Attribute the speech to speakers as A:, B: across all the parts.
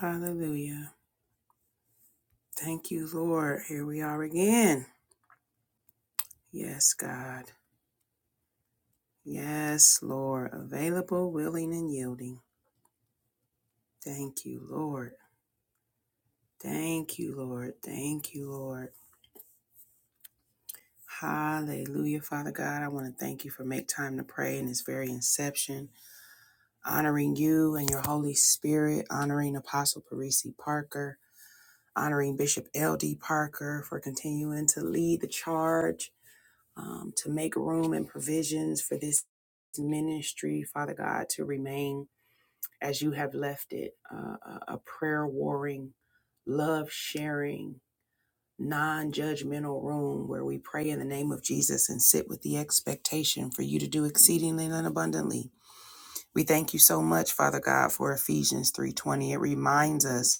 A: Hallelujah. Thank you, Lord. Here we are again. Yes, God. Yes, Lord. Available, willing, and yielding. Thank you, Lord. Thank you, Lord. Thank you, Lord. Hallelujah, Father God. I want to thank you for make time to pray in this very inception, honoring you and your Holy Spirit, honoring Apostle Parisi Parker, honoring Bishop L.D. Parker for continuing to lead the charge um, to make room and provisions for this ministry, Father God, to remain as you have left it uh, a a prayer warring, love sharing, non judgmental room where we pray in the name of Jesus and sit with the expectation for you to do exceedingly and abundantly. We thank you so much, Father God, for Ephesians 3:20. It reminds us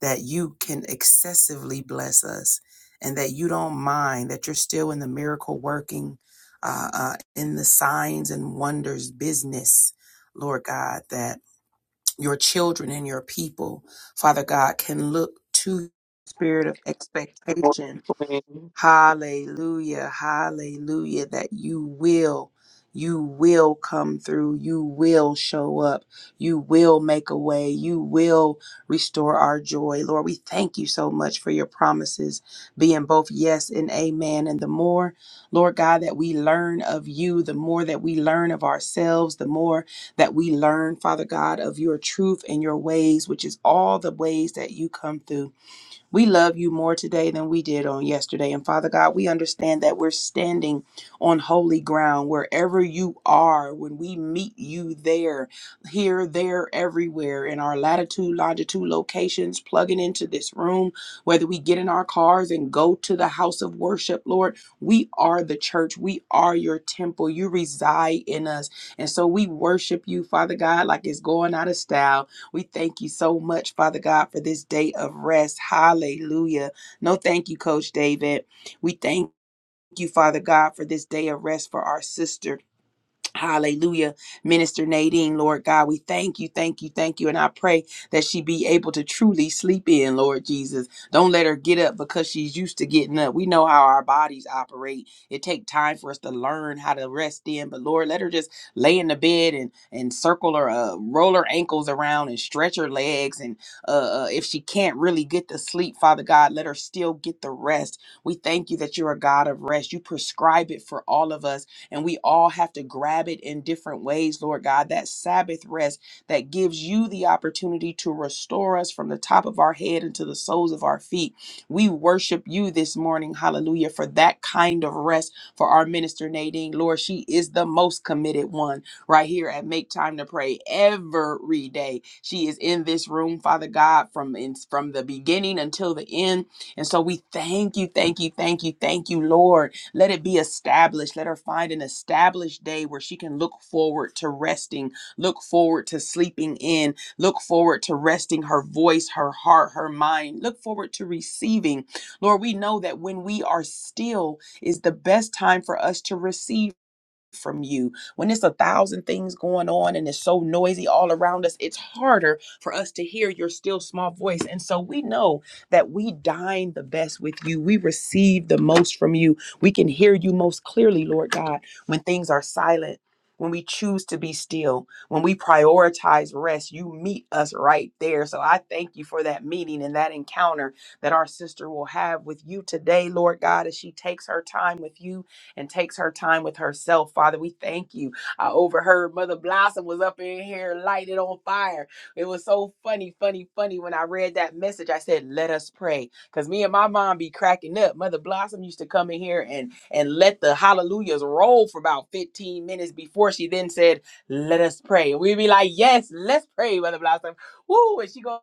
A: that you can excessively bless us and that you don't mind that you're still in the miracle working uh, uh, in the signs and wonders business lord god that your children and your people father god can look to spirit of
B: Good
A: expectation
B: morning, Queen.
A: Hallelujah. Hallelujah. That you will, you will come through. You will show up. You will make a way. You will restore our joy. Lord, we thank you so much for your promises being both yes and amen. And the more, Lord God, that we learn of you, the more that we learn of ourselves, the more that we learn, Father God, of your truth and your ways, which is all the ways that you come through. We love you more today than we did on yesterday. And Father God, we understand that we're standing on holy ground wherever you are. When we meet you there, here, there, everywhere, in our latitude, longitude locations, plugging into this room, whether we get in our cars and go to the house of worship, Lord, we are the church. We are your temple. You reside in us. And so we worship you, Father God, like it's going out of style. We thank you so much, Father God, for this day of rest. Hallelujah. No, thank you, Coach David. We thank you, Father God, for this day of rest for our sister. Hallelujah. Minister Nadine, Lord God, we thank you, thank you, thank you. And I pray that she be able to truly sleep in, Lord Jesus. Don't let her get up because she's used to getting up. We know how our bodies operate. It take time for us to learn how to rest in. But Lord, let her just lay in the bed and, and circle her, uh, roll her ankles around and stretch her legs. And uh, uh, if she can't really get to sleep, Father God, let her still get the rest. We thank you that you're a God of rest. You prescribe it for all of us and we all have to grab it in different ways, Lord God. That Sabbath rest that gives you the opportunity to restore us from the top of our head into the soles of our feet. We worship you this morning, hallelujah, for that kind of rest for our minister Nadine. Lord, she is the most committed one right here at Make Time to Pray every day. She is in this room, Father God, from in, from the beginning until the end. And so we thank you, thank you, thank you, thank you, Lord. Let it be established. Let her find an established day where she can look forward to resting, look forward to sleeping in, look forward to resting her voice, her heart, her mind, look forward to receiving. Lord, we know that when we are still is the best time for us to receive from you when it's a thousand things going on and it's so noisy all around us it's harder for us to hear your still small voice and so we know that we dine the best with you we receive the most from you we can hear you most clearly lord god when things are silent when we choose to be still, when we prioritize rest, you meet us right there. So I thank you for that meeting and that encounter that our sister will have with you today, Lord God, as she takes her time with you and takes her time with herself. Father, we thank you. I overheard Mother Blossom was up in here lighted on fire. It was so funny, funny, funny when I read that message. I said, "Let us pray," because me and my mom be cracking up. Mother Blossom used to come in here and and let the hallelujahs roll for about 15 minutes before she then said, "Let us pray." And we'd be like, "Yes, let's pray, Mother Blossom." Woo! And she go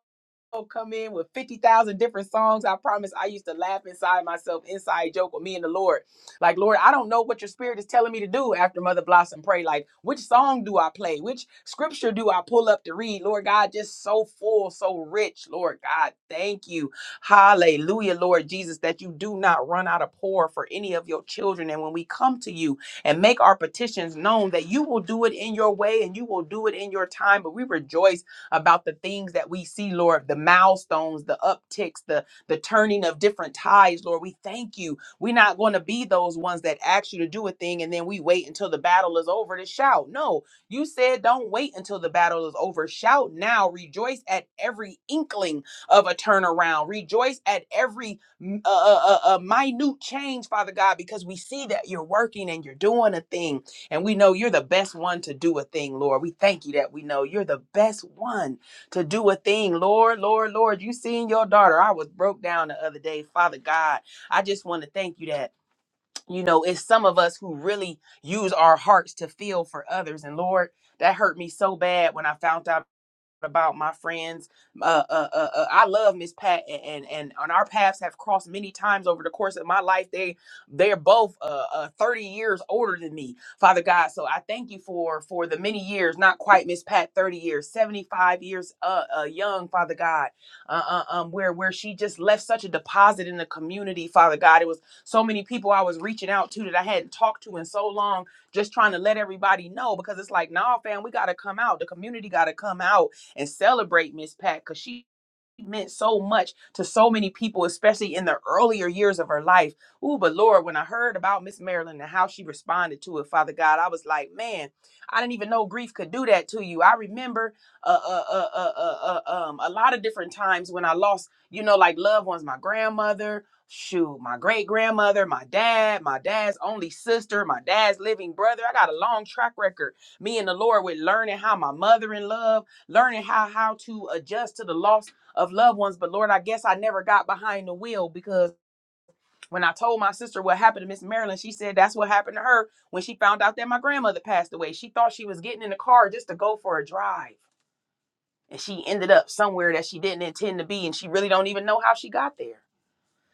A: i come in with 50,000 different songs. I promise I used to laugh inside myself, inside joke with me and the Lord. Like, Lord, I don't know what your spirit is telling me to do after Mother Blossom pray. Like, which song do I play? Which scripture do I pull up to read? Lord God, just so full, so rich. Lord God, thank you. Hallelujah, Lord Jesus, that you do not run out of pour for any of your children. And when we come to you and make our petitions known, that you will do it in your way and you will do it in your time. But we rejoice about the things that we see, Lord, the milestones, the upticks, the the turning of different tides, Lord. We thank you. We're not going to be those ones that ask you to do a thing and then we wait until the battle is over to shout. No, you said don't wait until the battle is over. Shout now. Rejoice at every inkling of a turnaround. Rejoice at every mm, uh, uh, uh, uh, minute change, Father God, because we see that you're working and you're doing a thing. And we know you're the best one to do a thing, Lord. We thank you that we know you're the best one to do a thing, Lord, Lord, Lord. You seen your daughter. I was broke down the other day. Father God, I just want to thank you that, you know, it's some of us who really use our hearts to feel for others. And Lord, that hurt me so bad when I found out about my friends. Uh, uh, uh, uh, I love Miss Pat, and, and and and our paths have crossed many times over the course of my life. They they're both uh, uh, thirty years older than me, Father God. So I thank you for for the many years, not quite Miss Pat, thirty years, seventy five years, uh, uh, young Father God, uh, uh, um, where where she just left such a deposit in the community, Father God. It was so many people I was reaching out to that I hadn't talked to in so long, just trying to let everybody know because it's like, nah, fam, we gotta come out. The community gotta come out and celebrate Miss Pat because she meant so much to so many people, especially in the earlier years of her life. Ooh, but Lord, when I heard about Miss Marilyn and how she responded to it, Father God, I was like, man, I didn't even know grief could do that to you. I remember uh, uh, uh, uh, uh, uh, um, a lot of different times when I lost, you know, like loved ones, my grandmother, shoot, my great grandmother, my dad, my dad's only sister, my dad's living brother. I got a long track record, me and the Lord, with learning how my mother in love learning how how to adjust to the loss of loved ones. But Lord, I guess I never got behind the wheel because when I told my sister what happened to Miss Marilyn, she said that's what happened to her when she found out that my grandmother passed away. She thought she was getting in the car just to go for a drive. And she ended up somewhere that she didn't intend to be, and she really don't even know how she got there.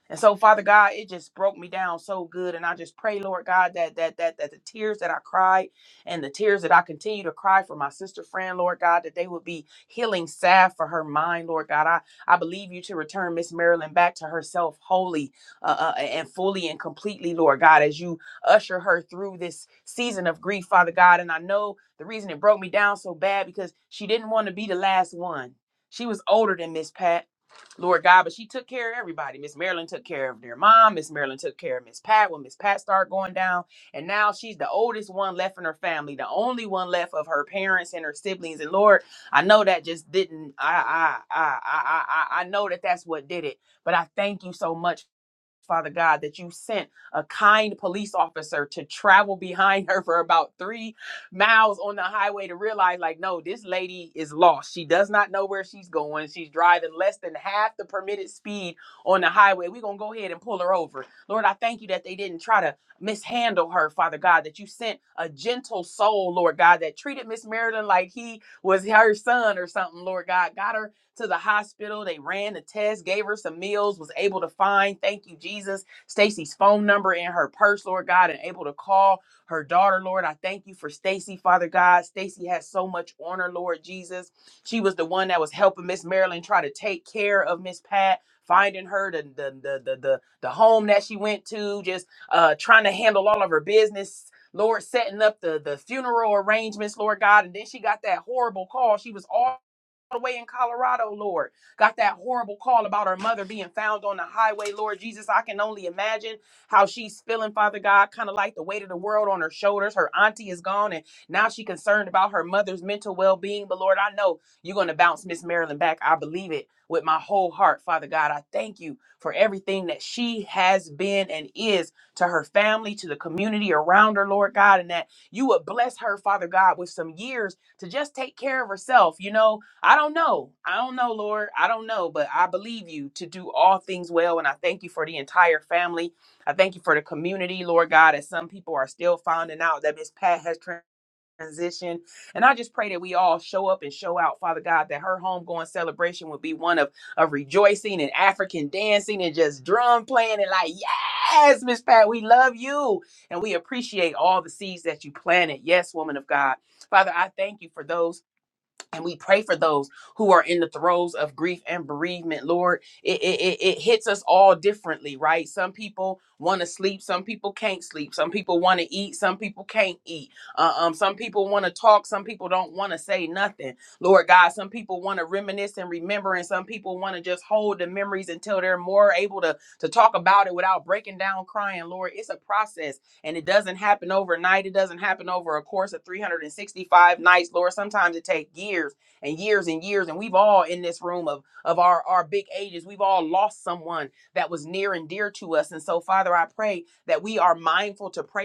A: And so, Father God, it just broke me down so good. And I just pray, Lord God, that that that that the tears that I cried and the tears that I continue to cry for my sister friend, Lord God, that they would be healing salve for her mind, Lord God. I, I believe you to return Miss Marilyn back to herself wholly uh, uh, and fully and completely, Lord God, as you usher her through this season of grief, Father God. And I know the reason it broke me down so bad because she didn't want to be the last one. She was older than Miss Pat. Lord God, but she took care of everybody. Miss Marilyn took care of their mom. Miss Marilyn took care of Miss Pat when Miss Pat started going down. And now she's the oldest one left in her family, the only one left of her parents and her siblings. And Lord, I know that just didn't, I, I, I, I, I, I I know that that's what did it. But I thank you so much Father God, that you sent a kind police officer to travel behind her for about three miles on the highway to realize, like, no, this lady is lost. She does not know where she's going. She's driving less than half the permitted speed on the highway. We're going to go ahead and pull her over. Lord, I thank you that they didn't try to mishandle her, Father God, that you sent a gentle soul, Lord God, that treated Miss Marilyn like he was her son or something, Lord God, got her to the hospital. They ran the test, gave her some meals, was able to find, thank you, Jesus, Stacy's phone number in her purse, Lord God, and able to call her daughter, Lord. I thank you for Stacy, Father God. Stacy has so much on her, Lord Jesus. She was the one that was helping Miss Marilyn try to take care of Miss Pat. Finding her the the, the the the the home that she went to, just uh trying to handle all of her business, Lord, setting up the the funeral arrangements, Lord God, and then she got that horrible call. She was all the way in Colorado, Lord. Got that horrible call about her mother being found on the highway, Lord Jesus. I can only imagine how she's feeling, Father God, kind of like the weight of the world on her shoulders. Her auntie is gone, and now she's concerned about her mother's mental well being. But Lord, I know you're going to bounce Miss Marilyn back. I believe it with my whole heart, Father God. I thank you for everything that she has been and is to her family, to the community around her, Lord God, and that you would bless her, Father God, with some years to just take care of herself, you know I don't know. I don't know, Lord. I don't know, but I believe you to do all things well. And I thank you for the entire family. I thank you for the community, Lord God, as some people are still finding out that Miss Pat has transitioned. And I just pray that we all show up and show out, Father God, that her homegoing celebration would be one of, of rejoicing and African dancing and just drum playing and like, yes, Miss Pat, we love you. And we appreciate all the seeds that you planted. Yes, woman of God. Father, I thank you for those and we pray for those who are in the throes of grief and bereavement lord it, it, it, it hits us all differently right some people want to sleep some people can't sleep some people want to eat some people can't eat uh, um, some people want to talk some people don't want to say nothing lord god some people want to reminisce and remember and some people want to just hold the memories until they're more able to to talk about it without breaking down crying lord it's a process and it doesn't happen overnight. It doesn't happen over a course of 365 nights, Lord. Sometimes it takes years and years and years. And we've all in this room of, of our, our big ages, we've all lost someone that was near and dear to us. And so, Father, I pray that we are mindful to pray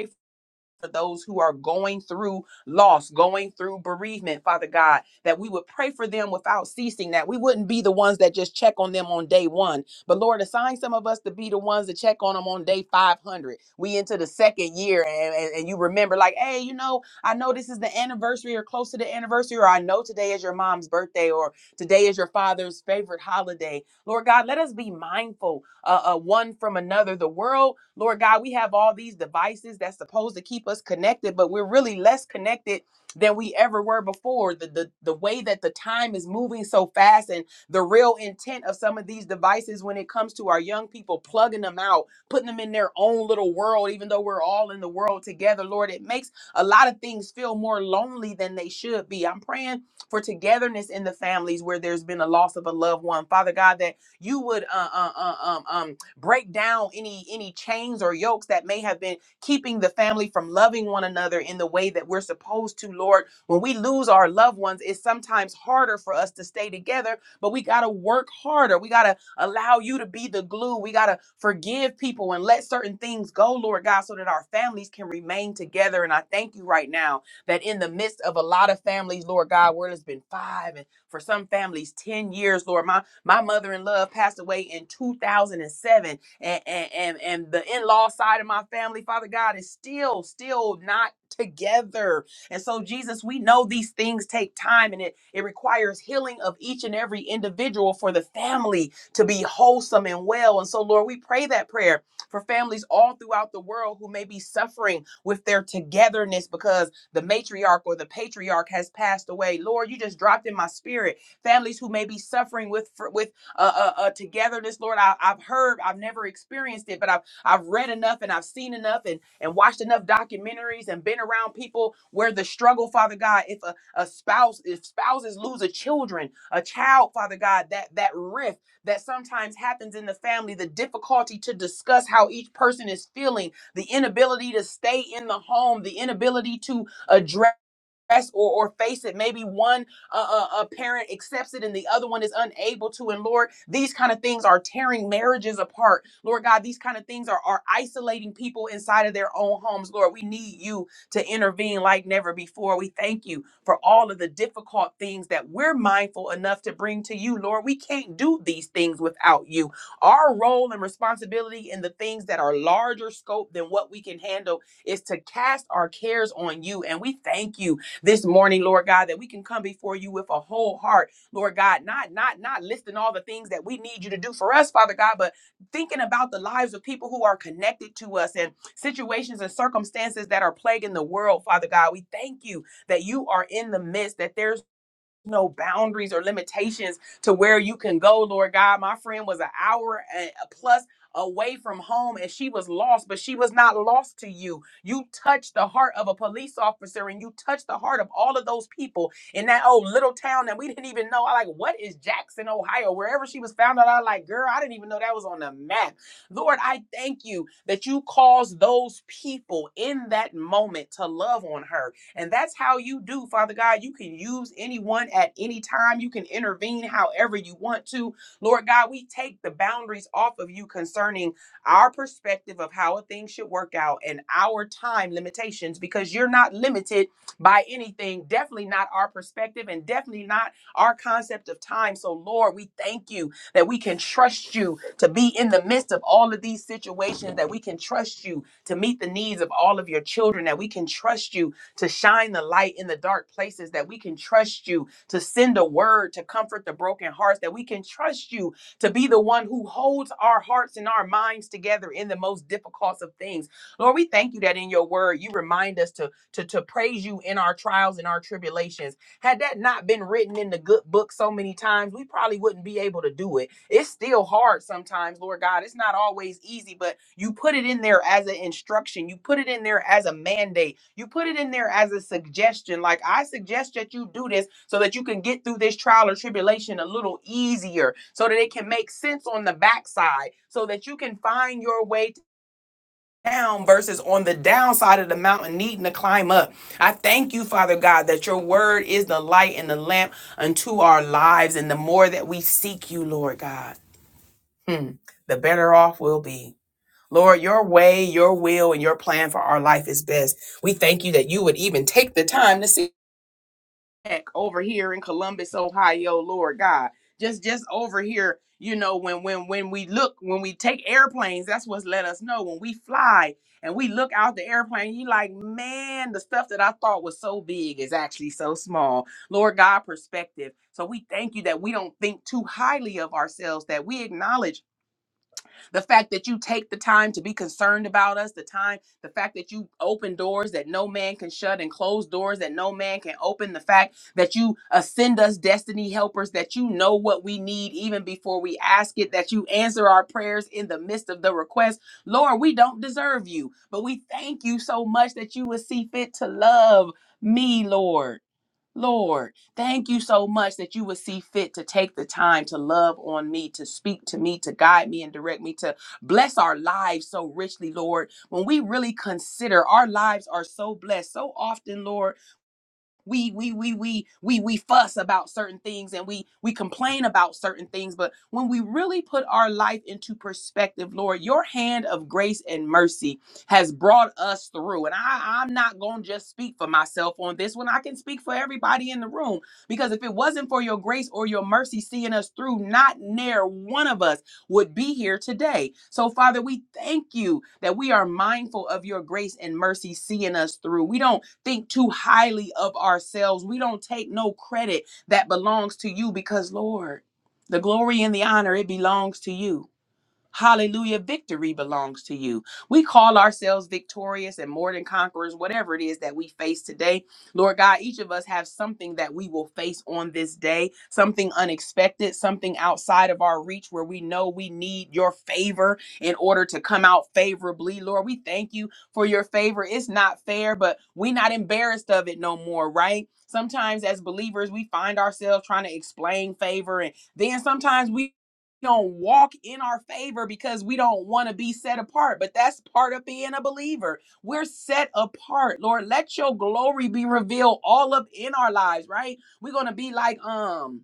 A: for those who are going through loss, going through bereavement, Father God, that we would pray for them without ceasing, that we wouldn't be the ones that just check on them on day one. But Lord, assign some of us to be the ones that check on them on day 500. We into the second year, and, and, and you remember, like, hey, you know, I know this is the anniversary or close to the anniversary, or I know today is your mom's birthday, or today is your father's favorite holiday. Lord God, let us be mindful uh, uh, one from another. The world, Lord God, we have all these devices that's supposed to keep us connected, but we're really less connected than we ever were before. The, the the way that the time is moving so fast and the real intent of some of these devices when it comes to our young people plugging them out, putting them in their own little world, even though we're all in the world together, Lord, it makes a lot of things feel more lonely than they should be. I'm praying for togetherness in the families where there's been a loss of a loved one. Father God, that you would uh, uh, uh, um, um, break down any any chains or yokes that may have been keeping the family from loving one another in the way that we're supposed to, Lord. When we lose our loved ones, it's sometimes harder for us to stay together, but we got to work harder. We got to allow you to be the glue. We got to forgive people and let certain things go, Lord God, so that our families can remain together. And I thank you right now that in the midst of a lot of families, Lord God, where it's been five and for some families, 10 years, Lord, my my mother in law passed away in 2007, and, and, and, and the in law side of my family, Father God, is still, still not together. And so, Jesus, we know these things take time and it, it requires healing of each and every individual for the family to be wholesome and well. And so, Lord, we pray that prayer for families all throughout the world who may be suffering with their togetherness because the matriarch or the patriarch has passed away. Lord, you just dropped in my spirit families who may be suffering with for, with uh, uh, uh, togetherness, Lord. I, I've heard, I've never experienced it, but I've I've read enough and I've seen enough and and watched enough documentaries and been around people where the struggle, Father God, if a, a spouse, if spouses lose a children, a child, Father God, that that rift that sometimes happens in the family, the difficulty to discuss how each person is feeling, the inability to stay in the home, the inability to address or, or face it maybe one uh, uh, uh, parent accepts it and the other one is unable to and lord these kind of things are tearing marriages apart lord god these kind of things are, are isolating people inside of their own homes lord we need you to intervene like never before we thank you for all of the difficult things that we're mindful enough to bring to you lord we can't do these things without you our role and responsibility in the things that are larger scope than what we can handle is to cast our cares on you and we thank you this morning, Lord God, that we can come before you with a whole heart, Lord God, not not not listing all the things that we need you to do for us, Father God, but thinking about the lives of people who are connected to us and situations and circumstances that are plaguing the world, Father God. We thank you that you are in the midst, that there's no boundaries or limitations to where you can go, Lord God. My friend was an hour and plus away from home and she was lost, but she was not lost to you. You touched the heart of a police officer and you touched the heart of all of those people in that old little town that we didn't even know. I like, what is Jackson, Ohio? Wherever she was found out, I like, girl, I didn't even know that was on the map. Lord, I thank you that you caused those people in that moment to love on her and that's how you do, Father God. You can use anyone at any time. You can intervene however you want to. Lord God, we take the boundaries off of you concerning our perspective of how a thing should work out and our time limitations because you're not limited by anything, definitely not our perspective and definitely not our concept of time. So, Lord, we thank you that we can trust you to be in the midst of all of these situations, that we can trust you to meet the needs of all of your children, that we can trust you to shine the light in the dark places, that we can trust you to send a word to comfort the broken hearts, that we can trust you to be the one who holds our hearts and our minds together in the most difficult of things. Lord, we thank you that in your word you remind us to, to, to praise you in our trials and our tribulations. Had that not been written in the good book so many times, we probably wouldn't be able to do it. It's still hard sometimes, Lord God. It's not always easy, but you put it in there as an instruction, you put it in there as a mandate you put it in there as a suggestion, like I suggest that you do this so that you can get through this trial or tribulation a little easier, so that it can make sense on the backside, so that you can find your way to down versus on the downside of the mountain needing to climb up. I thank you, Father God, that your word is the light and the lamp unto our lives. And the more that we seek you, Lord God, hmm, the better off we'll be. Lord, your way, your will, and your plan for our life is best. We thank you that you would even take the time to sit back over here in Columbus, Ohio, Lord God. Just just over here, you know, when when when we look, when we take airplanes, that's what's let us know. When we fly and we look out the airplane, you like, man, the stuff that I thought was so big is actually so small. Lord God, perspective. So we thank you that we don't think too highly of ourselves, that we acknowledge the fact that you take the time to be concerned about us, the time, the fact that you open doors that no man can shut and close doors that no man can open, the fact that you uh, send us destiny helpers, that you know what we need even before we ask it, that you answer our prayers in the midst of the request. Lord, we don't deserve you, but we thank you so much that you would see fit to love me, Lord. Lord, thank you so much that you would see fit to take the time to love on me, to speak to me, to guide me and direct me, to bless our lives so richly, Lord. When we really consider our lives are so blessed, so often, Lord we we we we we we fuss about certain things and we we complain about certain things but when we really put our life into perspective lord your hand of grace and mercy has brought us through and i i'm not going to just speak for myself on this one i can speak for everybody in the room because if it wasn't for your grace or your mercy seeing us through not near one of us would be here today so father we thank you that we are mindful of your grace and mercy seeing us through we don't think too highly of ourselves. We don't take no credit that belongs to you because, Lord, the glory and the honor, it belongs to you. Hallelujah. Victory belongs to you. We call ourselves victorious and more than conquerors, whatever it is that we face today. Lord God, each of us have something that we will face on this day, something unexpected, something outside of our reach where we know we need your favor in order to come out favorably. Lord, we thank you for your favor. It's not fair, but we're not embarrassed of it no more, right? Sometimes as believers, we find ourselves trying to explain favor and then sometimes we don't walk in our favor because we don't want to be set apart. But that's part of being a believer. We're set apart. Lord, let your glory be revealed all up in our lives, right? We're gonna be like um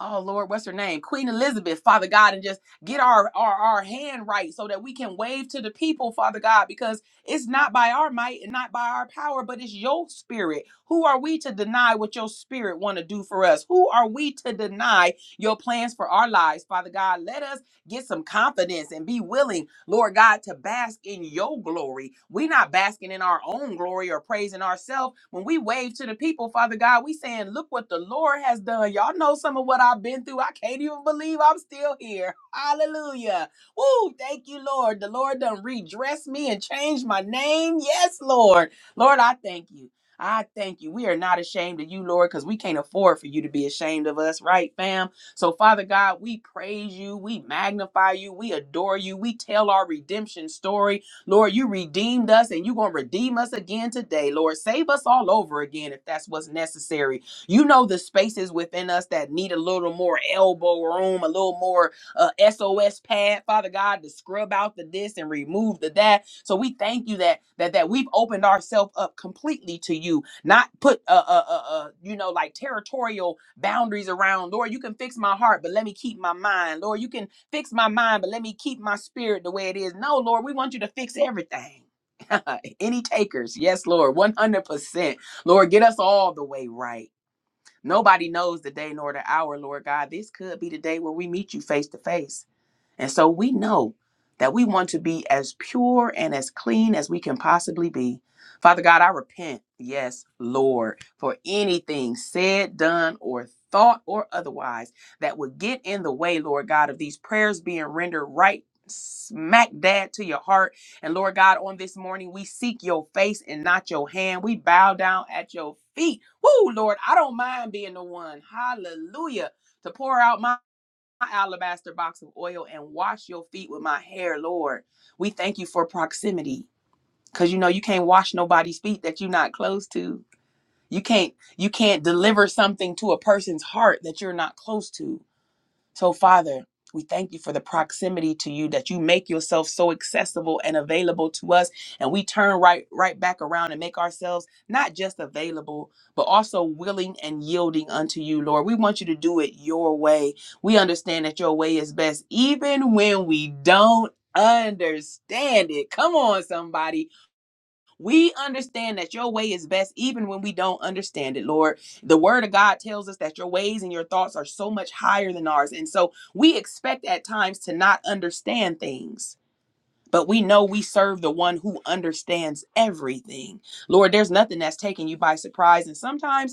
A: oh Lord, what's her name? Queen Elizabeth, Father God, and just get our, our our hand right so that we can wave to the people, Father God, because it's not by our might and not by our power, but it's your spirit. Who are we to deny what your spirit want to do for us? Who are we to deny your plans for our lives, Father God? Let us Get some confidence and be willing, Lord God, to bask in your glory. We're not basking in our own glory or praising ourselves. When we wave to the people, Father God, we saying, look what the Lord has done. Y'all know some of what I've been through. I can't even believe I'm still here. Hallelujah. Woo, thank you, Lord. The Lord done redress me and changed my name. Yes, Lord. Lord, I thank you. I thank you. We are not ashamed of you, Lord, because we can't afford for you to be ashamed of us, right, fam? So, Father God, we praise you, we magnify you, we adore you, we tell our redemption story. Lord, you redeemed us and you're going to redeem us again today. Lord, save us all over again if that's what's necessary. You know the spaces within us that need a little more elbow room, a little more uh, SOS pad, Father God, to scrub out the this and remove the that. So we thank you that that that we've opened ourselves up completely to you not put uh, uh uh uh you know like territorial boundaries around lord you can fix my heart but let me keep my mind lord you can fix my mind but let me keep my spirit the way it is no lord we want you to fix everything any takers yes lord 100% lord get us all the way right nobody knows the day nor the hour lord god this could be the day where we meet you face to face and so we know that we want to be as pure and as clean as we can possibly be. Father God, I repent, yes, Lord, for anything said, done, or thought or otherwise that would get in the way, Lord God, of these prayers being rendered right smack dab to your heart. And Lord God, on this morning, we seek your face and not your hand. We bow down at your feet. Woo, Lord, I don't mind being the one. Hallelujah. To pour out my my alabaster box of oil and wash your feet with my hair, Lord. We thank you for proximity because you know you can't wash nobody's feet that you're not close to. You can't you can't deliver something to a person's heart that you're not close to. So, Father, we thank you for the proximity to you that you make yourself so accessible and available to us and we turn right right back around and make ourselves not just available but also willing and yielding unto you lord we want you to do it your way we understand that your way is best even when we don't understand it come on somebody we understand that your way is best even when we don't understand it, Lord. The word of God tells us that your ways and your thoughts are so much higher than ours. And so we expect at times to not understand things, but we know we serve the one who understands everything. Lord, there's nothing that's taking you by surprise. And sometimes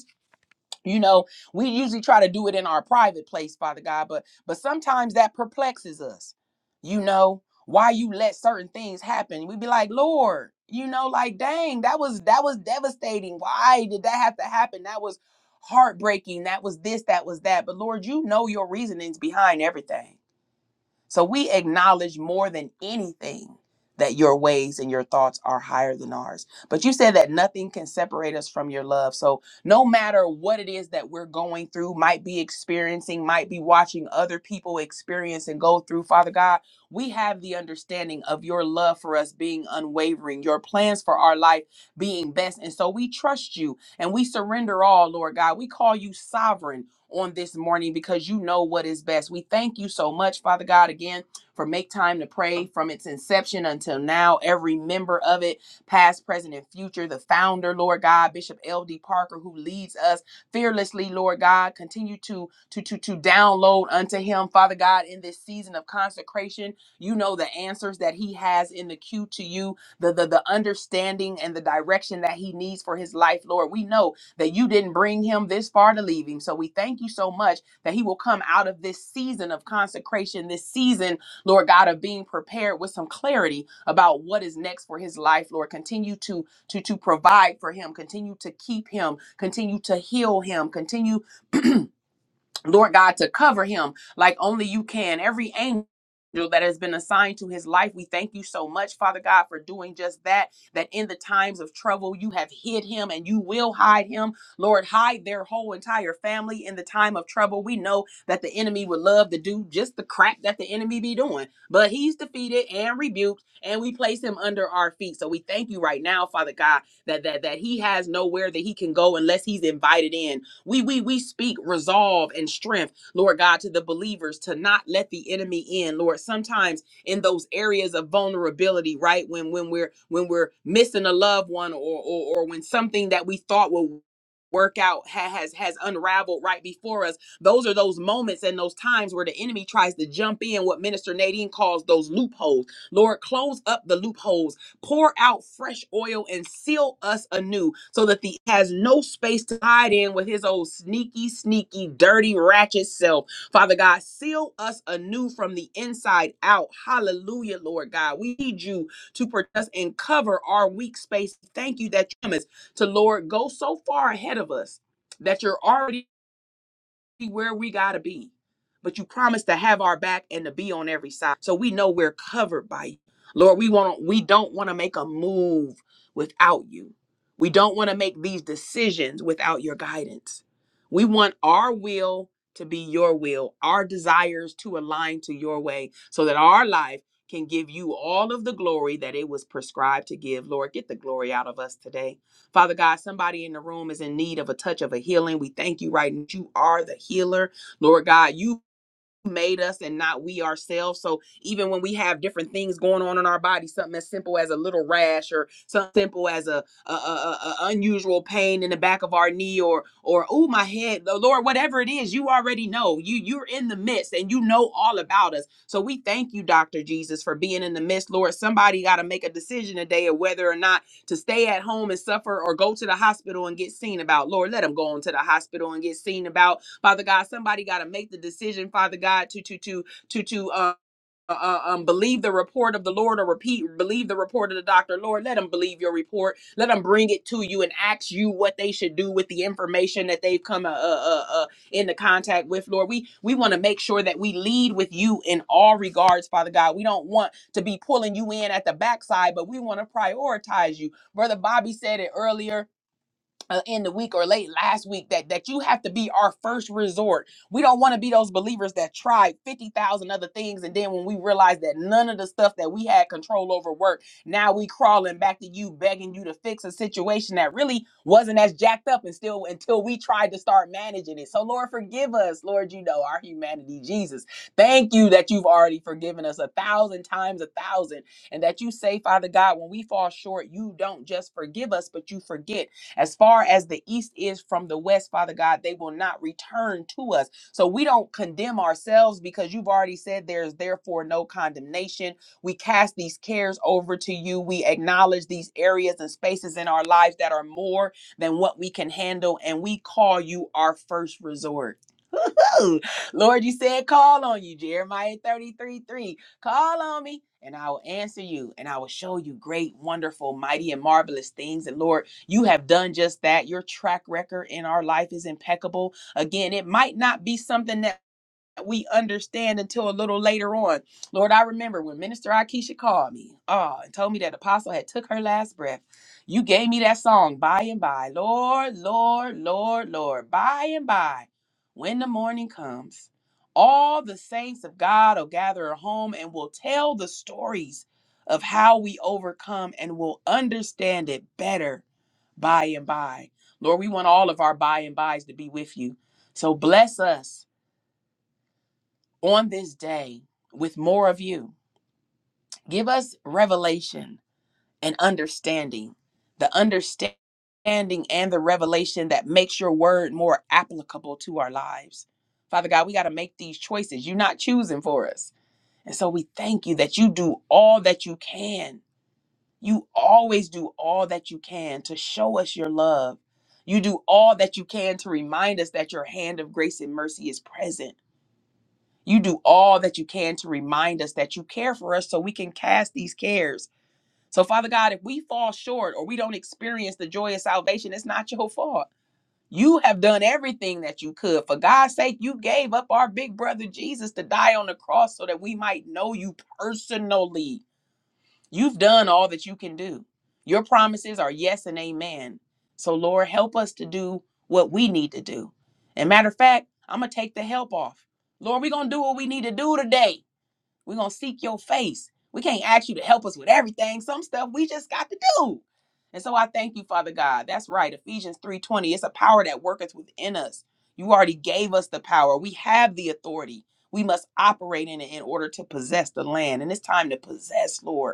A: you know we usually try to do it in our private place father god but but sometimes that perplexes us you know why you let certain things happen we be like lord you know like dang that was that was devastating why did that have to happen that was heartbreaking that was this that was that but lord you know your reasonings behind everything so we acknowledge more than anything that your ways and your thoughts are higher than ours. But you said that nothing can separate us from your love. So no matter what it is that we're going through, might be experiencing, might be watching other people experience and go through, Father God, we have the understanding of your love for us being unwavering, your plans for our life being best. And so we trust you and we surrender all, Lord God. We call you sovereign on this morning because you know what is best. We thank you so much, Father God, again for make time to pray from its inception until now, every member of it, past, present, and future, the founder, Lord God, Bishop L.D. Parker, who leads us fearlessly, Lord God, continue to, to, to, to download unto him, Father God, in this season of consecration. You know the answers that he has in the queue to you the the, the understanding and the direction that he needs for his life lord we know that you didn't bring him this far to leave him. So we thank you so much that he will come out of this season of consecration, this season, Lord God, of being prepared with some clarity about what is next for his life, Lord. Continue to to to provide for him, continue to keep him, continue to heal him, continue Lord God, to cover him like only you can. Every angel that has been assigned to his life, we thank you so much, Father God, for doing just that. That in the times of trouble, you have hid him and you will hide him. Lord, hide their whole entire family in the time of trouble. We know that the enemy would love to do just the crap that the enemy be doing, but he's defeated and rebuked, and we place him under our feet. So we thank you right now, Father God, that that that he has nowhere that he can go unless he's invited in. We we we speak resolve and strength, Lord God, to the believers to not let the enemy in, Lord. Sometimes in those areas of vulnerability, right? When when we're when we're missing a loved one or or, or when something that we thought would work out ha- has has unraveled right before us those are those moments and those times where the enemy tries to jump in what minister nadine calls those loopholes lord close up the loopholes Pour out fresh oil and seal us anew so that the has no space to hide in with his old sneaky, sneaky, dirty, ratchet self. Father God, seal us anew from the inside out. Hallelujah, Lord God. We need you to protect us and cover our weak space. Thank you that you promised to Lord go so far ahead of us. That you're already be where we got to be. But you promised to have our back and to be on every side. So we know we're covered by you. Lord, we want to we don't want to make a move without you. We don't want to make these decisions without your guidance. We want our will to be your will, our desires to align to your way so that our life can give you all of the glory that it was prescribed to give. Lord, get the glory out of us today. Father God, somebody in the room is in need of a touch of a healing. We thank you right now. You are the healer. Lord God, you made us and not we ourselves. So even when we have different things going on in our body, something as simple as a little rash or something simple as a, a, a, a- unusual pain in the back of our knee or or oh my head, the Lord, whatever it is, you already know. You you're in the midst and you know all about us. So we thank you, Dr. Jesus, for being in the midst. Lord, somebody got to make a decision today of whether or not to stay at home and suffer or go to the hospital and get seen about. Lord, let them go on to the hospital and get seen about Father God, somebody got to make the decision, Father God, to to to to to uh, uh, uh, um, believe the report of the Lord or repeat, believe the report of the doctor. Lord, let them believe your report. Let them bring it to you and ask you what they should do with the information that they've come uh, uh, uh, uh, into contact with, Lord. We we want to make sure that we lead with you in all regards, Father God. We don't want to be pulling you in at the backside, but we want to prioritize you. Brother Bobby said it earlier uh, in the week or late last week that that you have to be our first resort. We don't want to be those believers that tried 50,000 other things and then when we realize that none of the stuff that we had control over worked, now we crawling back to you begging you to fix a situation that really wasn't as jacked up and still until we tried to start managing it. So Lord forgive us, Lord, you know our humanity, Jesus. Thank you that you've already forgiven us a thousand times a thousand and that you say, Father God, when we fall short, you don't just forgive us, but you forget as far as the east is from the west, Father God, they will not return to us. So we don't condemn ourselves because you've already said there is therefore no condemnation. We cast these cares over to you. We acknowledge these areas and spaces in our lives that are more than what we can handle, and we call you our first resort. know. Lord, you said, call on you. Jeremiah 33 3. Call on me, and I will answer you, and I will show you great, wonderful, mighty, and marvelous things. And Lord, you have done just that. Your track record in our life is impeccable. Again, it might not be something that we understand until a little later on. Lord, I remember when Minister Akeisha called me ah, and told me that Apostle had took her last breath. You gave me that song, By and By. Lord, Lord, Lord, Lord, by and by, when the morning comes, all the saints of God will gather at home and will tell the stories of how we overcome and will understand it better by and by. Lord, we want all of our by and bys to be with you. So bless us on this day with more of you. Give us revelation and understanding, the understanding and the revelation that makes your word more applicable to our lives. Father God, we got to make these choices. You're not choosing for us. And so we thank you that you do all that you can. You always do all that you can to show us your love. You do all that you can to remind us that your hand of grace and mercy is present you do all that you can to remind us that you care for us so we can cast these cares. So, Father God, if we fall short or we don't experience the joy of salvation, it's not your fault. You have done everything that you could. For God's sake, you gave up our big brother Jesus to die on the cross so that we might know you personally. You've done all that you can do. Your promises are yes and amen. So, Lord, help us to do what we need to do. And matter of fact, I'm going to take the help off. Lord, we're going to do what we need to do today. We're going to seek your face. We can't ask you to help us with everything. Some stuff we just got to do. And so I thank you, Father God. That's right. Ephesians 3:20. It's a power that worketh within us. You already gave us the power. We have the authority. We must operate in it in order to possess the land. And it's time to possess, Lord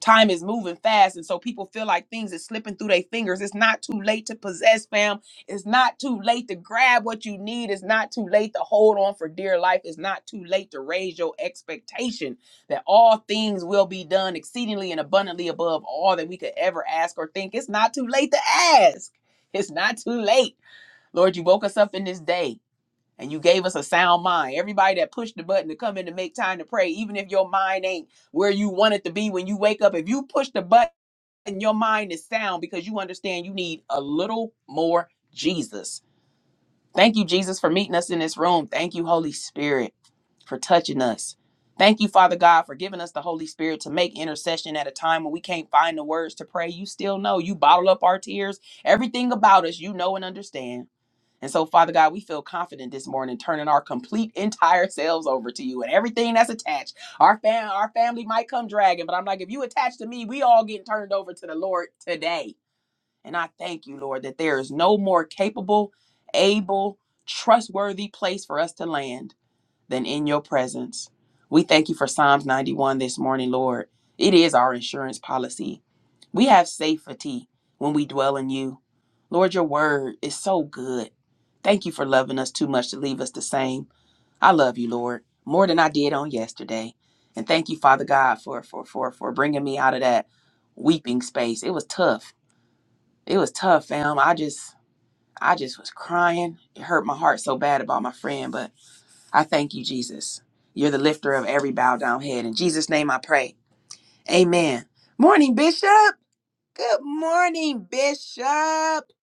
A: time is moving fast and so people feel like things is slipping through their fingers it's not too late to possess fam it's not too late to grab what you need it's not too late to hold on for dear life it's not too late to raise your expectation that all things will be done exceedingly and abundantly above all that we could ever ask or think it's not too late to ask it's not too late lord you woke us up in this day and you gave us a sound mind. Everybody that pushed the button to come in to make time to pray, even if your mind ain't where you want it to be when you wake up, if you push the button, your mind is sound because you understand you need a little more Jesus. Thank you, Jesus, for meeting us in this room. Thank you, Holy Spirit, for touching us. Thank you, Father God, for giving us the Holy Spirit to make intercession at a time when we can't find the words to pray. You still know. You bottle up our tears, everything about us, you know and understand. And so, Father God, we feel confident this morning, turning our complete entire selves over to you and everything that's attached. Our fam, our family might come dragging, but I'm like, if you attach to me, we all getting turned over to the Lord today. And I thank you, Lord, that there is no more capable, able, trustworthy place for us to land than in your presence. We thank you for Psalms 91 this morning, Lord. It is our insurance policy. We have safety when we dwell in you. Lord, your word is so good. Thank you for loving us too much to leave us the same. I love you, Lord, more than I did on yesterday. And thank you, Father God, for for for for bringing me out of that weeping space. It was tough. It was tough, fam. I just I just was crying. It hurt my heart so bad about my friend, but I thank you, Jesus. You're the lifter of every bowed down head. In Jesus' name I pray. Amen. Morning, Bishop. Good morning, Bishop. How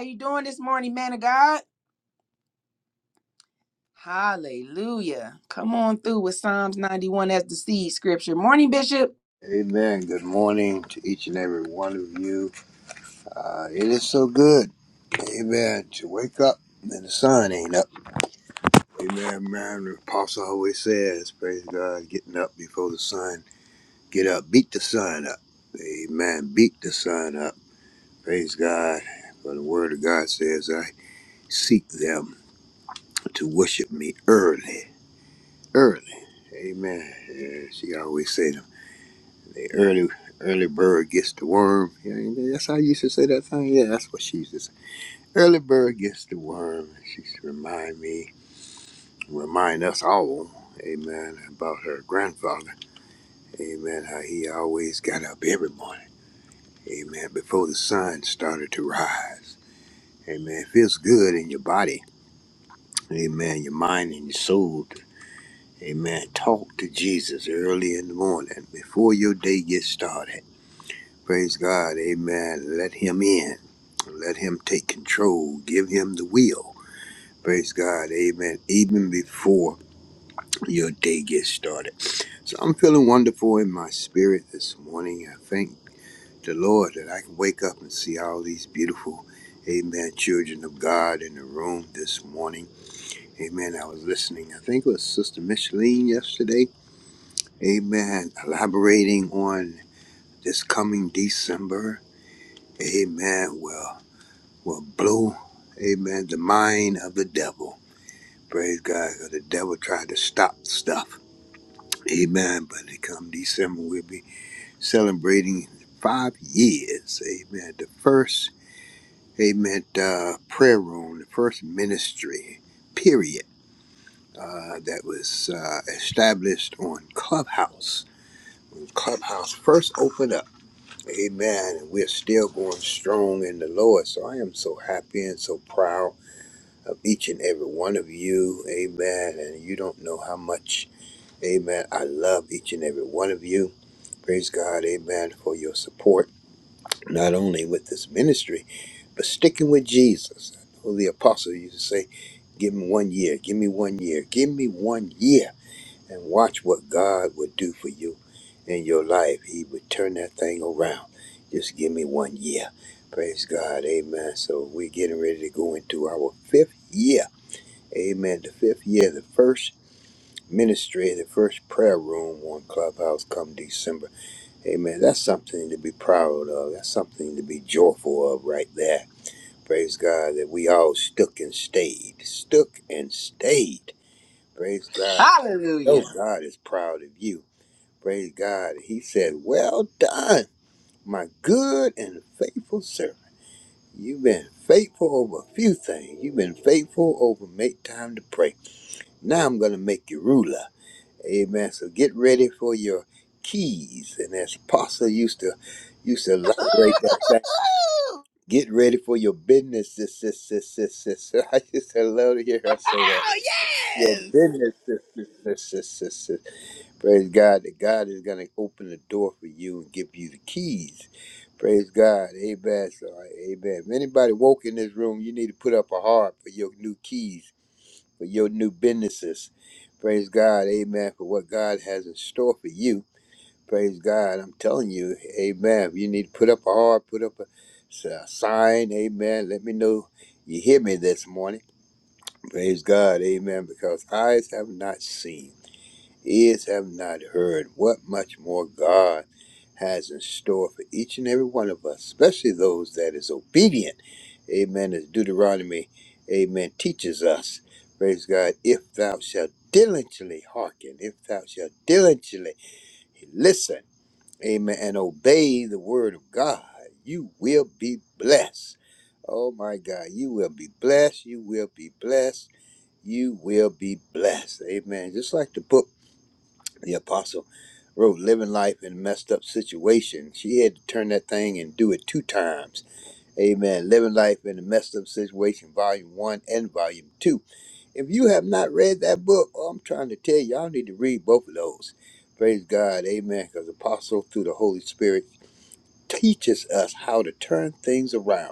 A: you doing this morning, man of God? Hallelujah. Come on through with Psalms 91 as the seed scripture. Morning, Bishop.
C: Amen. Good morning to each and every one of you. Uh, it is so good, amen, to wake up and the sun ain't up. Amen, man. The apostle always says, praise God, getting up before the sun. Get up, beat the sun up. Amen. Beat the sun up. Praise God. For the word of God says, I seek them to worship me early. Early. Amen. Yeah, she always says. The early early bird gets the worm. Yeah, that's how I used to say that thing. Yeah, that's what she used to say. Early bird gets the worm. She used to remind me, remind us all, amen, about her grandfather. Amen, how he always got up every morning. Amen, before the sun started to rise. Amen, it feels good in your body. Amen, your mind and your soul. Amen, talk to Jesus early in the morning before your day gets started. Praise God. Amen. Let him in. Let him take control. Give him the will. Praise God. Amen. Even before your day gets started. So I'm feeling wonderful in my spirit this morning. I thank the Lord that I can wake up and see all these beautiful, amen, children of God in the room this morning. Amen. I was listening. I think it was Sister Micheline yesterday. Amen. Elaborating on this coming December. Amen. Well, will blow, amen, the mind of the devil. Praise God, because the devil tried to stop stuff. Amen. But it come December, we'll be celebrating five years. Amen. The first, amen, uh, prayer room, the first ministry, period, uh, that was uh, established on Clubhouse. Clubhouse first opened up. Amen. And we're still going strong in the Lord. So I am so happy and so proud of each and every one of you. Amen. And you don't know how much, amen, I love each and every one of you. Praise God, amen, for your support, not only with this ministry, but sticking with Jesus. I know the apostle used to say, Give me one year, give me one year, give me one year, and watch what God would do for you in your life. He would turn that thing around. Just give me one year. Praise God, amen. So we're getting ready to go into our fifth year Amen. The fifth year, the first ministry, the first prayer room on Clubhouse come December. Amen. That's something to be proud of. That's something to be joyful of right there. Praise God that we all stuck and stayed. Stuck and stayed. Praise God. Oh,
A: Hallelujah.
C: God is proud of you. Praise God. He said, Well done, my good and faithful servant. You've been faithful over a few things. You've been faithful over make time to pray. Now I'm going to make you ruler. Amen. So get ready for your keys. And as Apostle used to used to elaborate that thing. Get ready for your business, sis, sis, sis, sis, sis. I just love to hear her say that.
A: Oh,
C: Your
A: yes.
C: business, sis, sis, sis, sis, sis, sis. Praise God that God is going to open the door for you and give you the keys. Praise God. Amen. So, amen. If anybody woke in this room, you need to put up a heart for your new keys for your new businesses. Praise God, amen, for what God has in store for you. Praise God, I'm telling you, amen. You need to put up a heart, put up a, s- a sign, amen. Let me know you hear me this morning. Praise God, amen, because eyes have not seen ears have not heard, what much more God has in store for each and every one of us, especially those that is obedient. Amen. As Deuteronomy, amen, teaches us, praise God, if thou shalt diligently hearken, if thou shalt diligently listen, amen, and obey the word of God, you will be blessed. Oh my God, you will be blessed. You will be blessed. You will be blessed. Amen. Just like the book the apostle wrote living life in a messed up situation she had to turn that thing and do it two times amen living life in a messed up situation volume one and volume two if you have not read that book oh, i'm trying to tell you y'all need to read both of those praise god amen because apostle through the holy spirit teaches us how to turn things around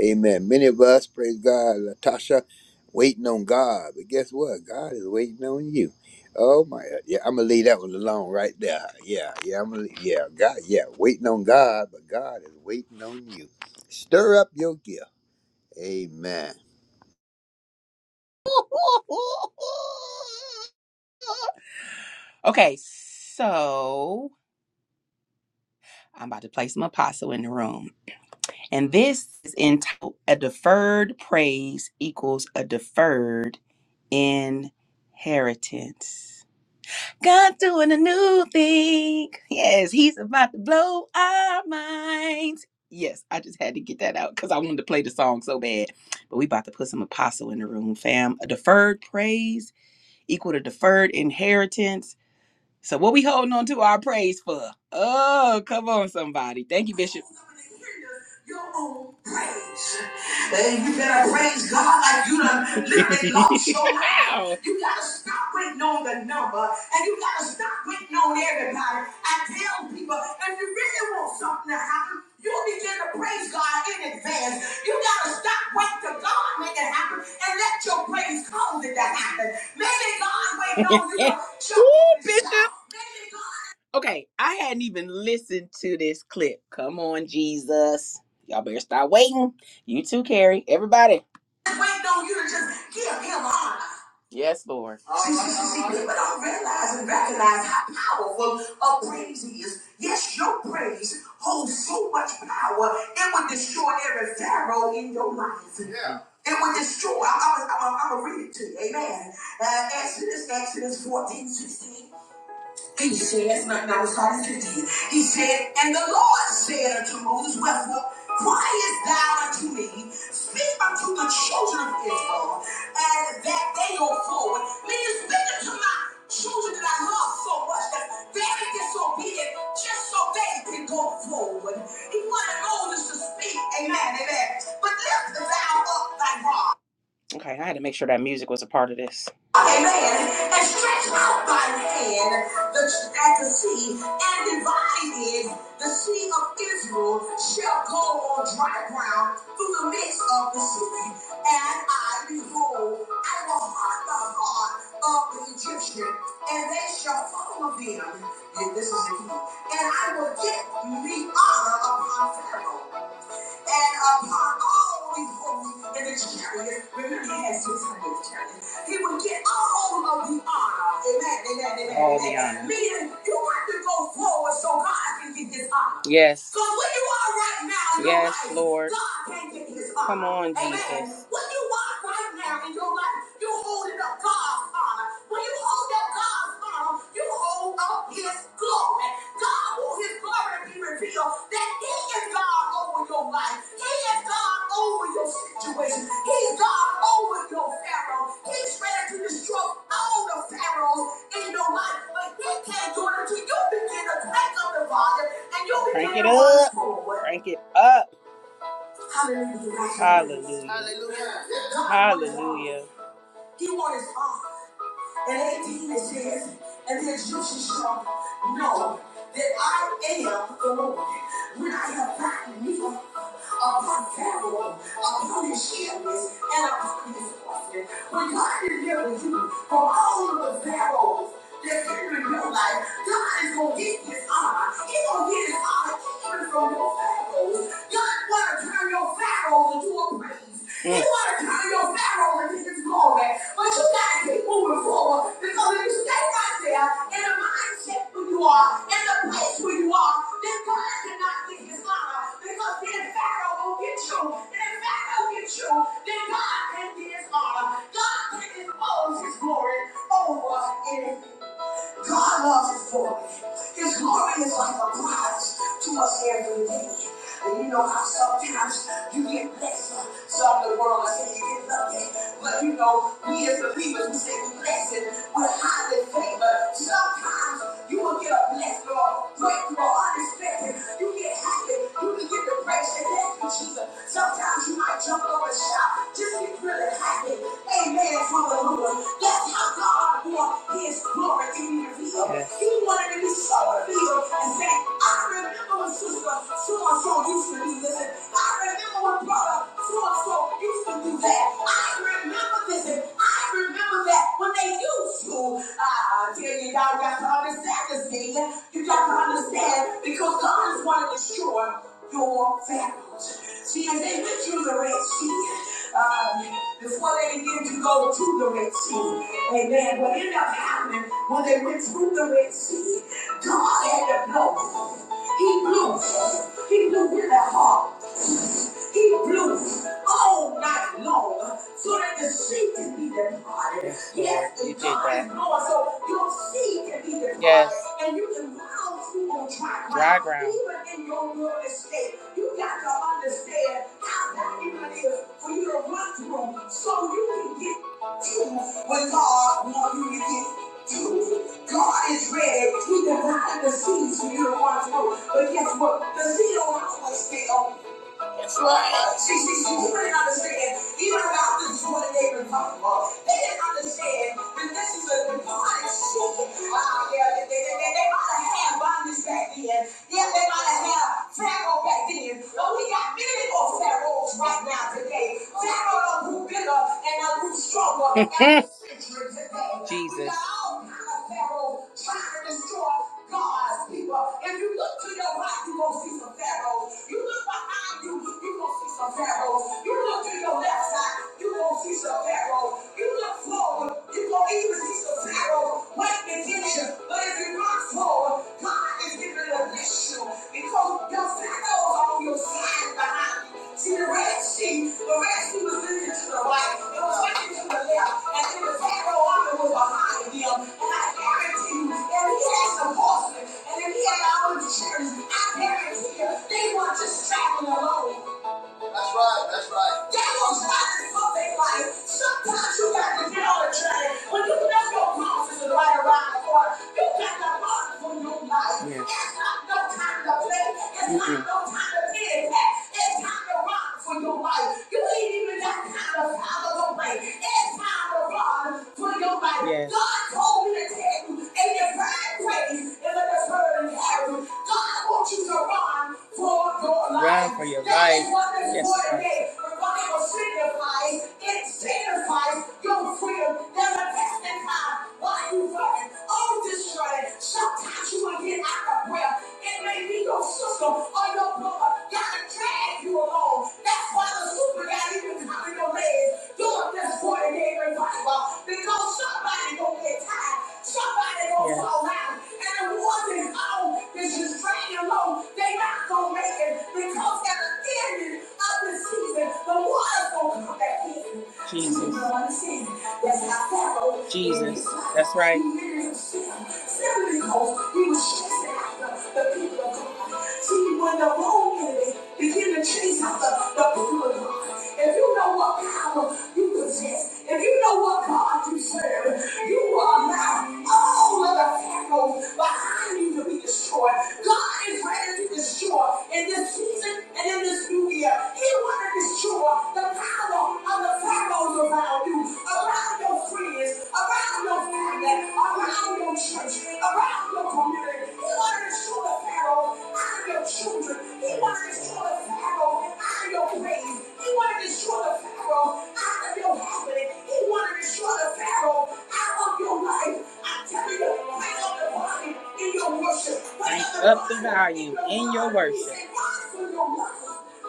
C: Amen. Many of us, praise God, Latasha, waiting on God. But guess what? God is waiting on you. Oh my yeah, I'm gonna leave that one alone right there. Yeah, yeah, I'm gonna yeah, God, yeah, waiting on God, but God is waiting on you. Stir up your gift. Amen.
A: Okay, so I'm about to play some apostle in the room. And this is entitled A Deferred Praise Equals a Deferred Inheritance. God's doing a new thing. Yes, He's about to blow our minds. Yes, I just had to get that out because I wanted to play the song so bad. But we about to put some apostle in the room, fam. A deferred praise equal to deferred inheritance so what we holding on to our praise for? Oh, come on, somebody. Thank you, Bishop. Your own praise. And you better praise God like you done literally lost your mind. Wow. You gotta stop waiting on the number and you gotta stop waiting on everybody. I tell people, if you really want something to happen, you begin to praise God in advance. You gotta stop waiting till God make it happen and let your praise cause it to happen. Ooh, Bishop. Okay, I hadn't even listened to this clip. Come on, Jesus. Y'all better start waiting. You too, Carrie. Everybody. Wait on you to just give him honor. Yes, Lord. See, see, see, see, people don't realize and recognize how powerful a praise is. Yes, your praise holds so much power, it would destroy every pharaoh in your life. It would destroy. I'm, I'm, I'm, I'm gonna read it to you. Amen. Uh, Exodus, Exodus 14, 16. He says, no, no, sorry, 15. He said, And the Lord said unto Moses, Wherefore criest thou unto me? Speak unto the children of Israel, and that they go forward. Meaning, speak unto my children that I love so much, that very disobedient, just so they can go forward. He wanted Moses to speak. Amen, amen. But lift thou up thy rod. Okay, I had to make sure that music was a part of this. Amen. And stretched out thy hand the, at the sea and divided the sea of Israel shall go on dry ground through the midst of the sea. And I behold, I will harden the heart of the Egyptian, and they shall follow them. And this is the key. And I will get me honor upon Pharaoh and upon all these folks in the chariot, remember he had 600 chariots, he would get all of the honor. Amen, amen, amen. All the honor. Meaning, you have to go forward so God can get his honor. Yes. Because where you are right now, in yes, your yes, life, Lord. God can get his honor. Come on, amen. Jesus. What you want right now in your life, you hold holding up God's honor. When you hold up God's honor, you hold up his glory. God wants his glory to be revealed that he is God over your life. He is God over your situation. He's God over your Pharaoh. He's ready to destroy all the Pharaohs in your life. But he can't do it until you begin to crank up the volume and you begin Crank it to run up. forward. Crank it up. Hallelujah. Hallelujah. Hallelujah. Hallelujah. He wants his arm and 18 it says, and the Egyptian shall know that I am the Lord. When I have gotten me upon Pharaoh, upon his chariots, and upon his horsemen, when God delivers you from all of the Pharaohs that's in your life, God is going to get his honor. He's going to get his honor even from your Pharaohs. God want to turn your Pharaohs into a praise. He want to cover your Pharaoh and his glory. But you got to keep moving forward because if you stay right there in the mindset where you are, in the place where you are, then God cannot get his honor because then Pharaoh will get you. And if Pharaoh gets you, then God can get his honor. God can't. All his glory over in God loves His glory. His glory is like a prize to us every day. And you know how sometimes you get blessed. Some of the world say you get lucky. But you know, we as believers, we say we blessed with highly favor. Sometimes you will get a blessed or breakthrough or unexpected. You get happy. You can get depression thank you, Jesus. Sometimes you might jump over and shout. Just get really happy. Amen. Hallelujah. That's how God wants his glory to be revealed. Yes. He wanted to be so revealed and say, I remember when sister so and so used to do this. And I remember when brother so and so used to do that. I remember this and I remember that when they used to. Ah, I tell you, y'all got to understand this thing. You got to understand because God is wanting to destroy your values. See, as they went through the Red Sea, um, before they began to go to the Red Sea, amen, what ended up happening when they went through the Red Sea, God had to blow. He blew. He blew with that heart. He blew all night long so that the sea can be departed. Yes, Yes, you did God that. is Lord, so your sea can be departed. Yes. And you can run Dry ground. Even in your real estate, you got to understand how that even is for you to run through so you can get to what God wants you to get to. God is ready. He divided the seeds for you to run through. But guess what? The seed don't always stay on. That's right. she see, see, didn't understand. Even about this is what they were talking about. They didn't understand that this is a divine seeking. Wow, yeah, they, they, they, they, they might have had bondage back then. Yeah, they might have had Pharaoh back then. But we got many more Pharaohs right now today. Pharaoh done grew bigger and done grew stronger. every century today. Jesus. We got Jesus. all kind of Pharaohs trying to destroy God's people. If you look to your right, you're going to see some pharaohs. You look behind you, you're going to see some pharaohs. You look to your left side, you're going to see some pharaohs. You look forward, you're going to even see some pharaohs waiting against you. But if you look forward, God is getting ready to bless you Because because your Pharaoh was on your side behind you. See, the Red Sea, the Red Sea was looking to the right, it was looking to the left, and then the Pharaoh army was behind him. And I guarantee you, if he had some horsemen, and if he had all the chariots, I guarantee you, they weren't just traveling alone. That's right, that's right. Devils fight before they life. Sometimes you got to get on the train. When you know your promises are right around the corner, you got to mark for your life. Yeah. It's not no time to play. It's mm-hmm. not Mm-mm. no time to pity pat. It's time to run for your life. You ain't even got time to follow the way. It's time to run for your life. Yes. God told me to tell you, and your pride praise is a deferred inheritance. God want you to run for your life. Run for your that life. Is what this yes, word sir. means. The Bible signifies, it signifies your freedom. There's a testing time. Why you running? Oh, destroyed. Sometimes you will get out of breath. It may be your sister or your brother gotta drag you along. That's why the super guy even covering your legs during this 40 day revival. Because somebody gonna get tired. Somebody gonna Yes. so loud, and the ones home that's just praying alone, they not gonna make it because at the end of the season, the water's gonna come back in. Jesus. That's how Pharaoh. Jesus. That's right. He was chasing after the people of God. See, when the wrong enemy begin to chase after the people of God. If you know what power you possess, if you know what God you serve, you are allow all of the pharaohs behind you to be destroyed. God is ready to destroy in this season and in this new year. He wants to destroy the power of the pharaohs around you, around your friends, around your family, around your church, around your community. He wants to destroy the pharaohs out of your children. He wants to destroy the pharaohs out of your praise. He wanted to destroy the Pharaoh out of your happening. He wanted to destroy the Pharaoh out of your life. I'm telling you, bring up the volume in your worship. Bring up the volume in your worship. He "Rise for your life.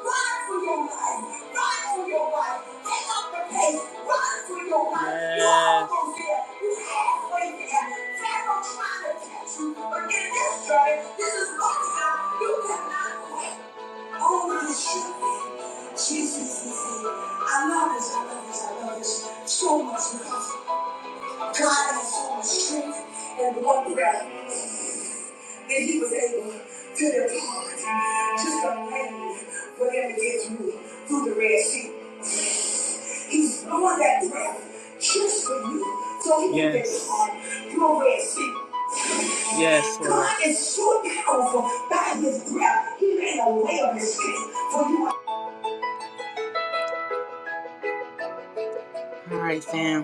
A: Rise for your life. Rise for your life. Take up the pace. Rise for your life. You are Yes. almost there. You halfway there. Pharaoh trying to catch you, but in this journey, this is your time. You cannot quit. Oh, this should be. Jesus is here. I love this, I love this, I love this so much because God has so much strength and wonder that He was able to depart just a man for them to get through through the Red Sea. He's blowing that breath just for you. So he can yes. depart your Red Sea. God is so powerful by his breath. He made a way of escape for you All right, fam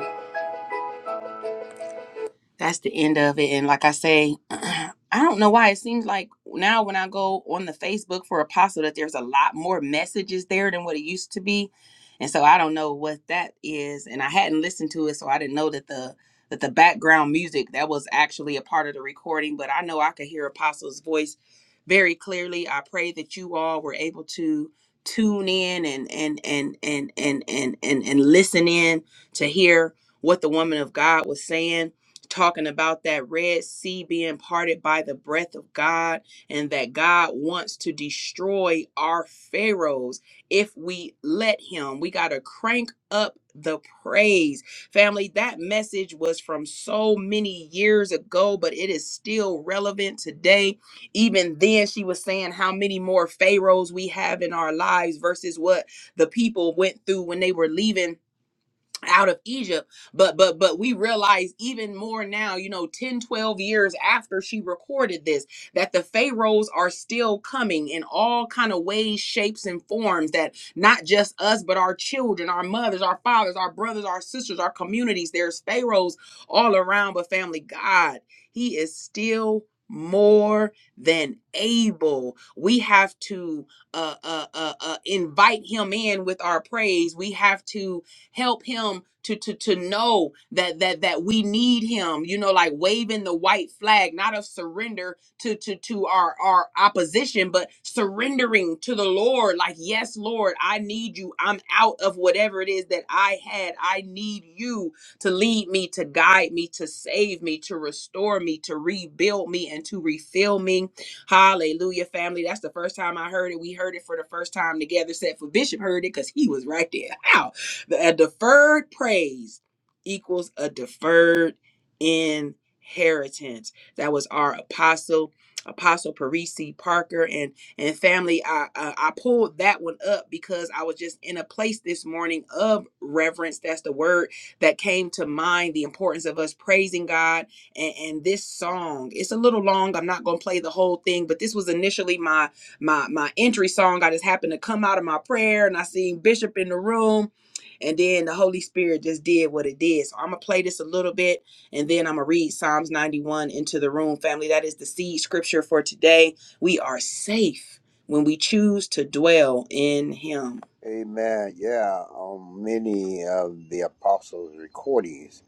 A: that's the end of it. And like I say, I don't know why it seems like now when I go on the Facebook for Apostle that there's a lot more messages there than what it used to be, and so I don't know what that is. And I hadn't listened to it, so I didn't know that the that the background music that was actually a part of the recording. But I know I could hear Apostle's voice very clearly. I pray that you all were able to tune in and and and and and and and, and listen in to hear what the woman of God was saying talking about that Red Sea being parted by the breath of God, and that God wants to destroy our Pharaohs if we let Him. We got to crank up the praise. Family, that message was from so many years ago, but it is still relevant today. Even then, she was saying how many more Pharaohs we have in our lives versus what the people went through when they were leaving out of Egypt but but but we realize even more now you know 10, 12 years after she recorded this that the pharaohs are still coming in all kind of ways shapes and forms that not just us but our children our mothers our fathers our brothers our sisters our communities there's pharaohs all around but family God he is still more than able we have to uh, uh uh uh invite him in with our praise we have to help him to to to know that that that we need him you know like waving the white flag not of surrender to to to our our opposition but surrendering to the lord like yes lord i need you i'm out of whatever it is that i had i need you to lead me to guide me to save me to restore me to rebuild me and to refill me hallelujah family that's the first time i heard it we heard it for the first time together except for bishop heard it because he was right there a deferred praise equals a deferred inheritance. That was our apostle, Apostle Parisi Parker, and and family. I, I I pulled that one up because I was just in a place this morning of reverence. That's the word that came to mind. The importance of us praising God and, and this song. It's a little long. I'm not gonna play the whole thing, but this was initially my my my entry song. I just happened to come out of my prayer and I seen Bishop in the room and then the Holy Spirit just did what it did. So I'm going to play this a little bit and then I'm going to read Psalms 91 into the room, family. That is the seed scripture for today. We are safe when we choose to dwell in Him.
C: Amen. Yeah, on many of the apostles' recordings,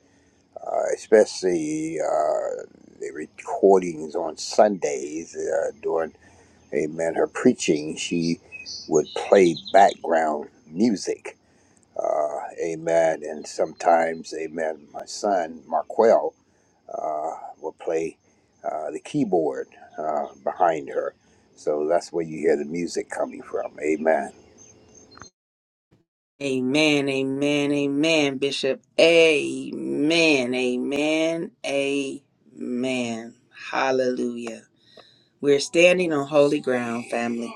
C: uh, especially uh, the recordings on Sundays uh, during Amen. Her preaching, she would play background music. Uh, amen. And sometimes, amen, my son, Marquel, uh, would play uh, the keyboard uh, behind her. So that's where you hear the music coming from. Amen.
A: Amen, amen, amen, Bishop. Amen, amen, amen. Hallelujah. We're standing on holy ground, family.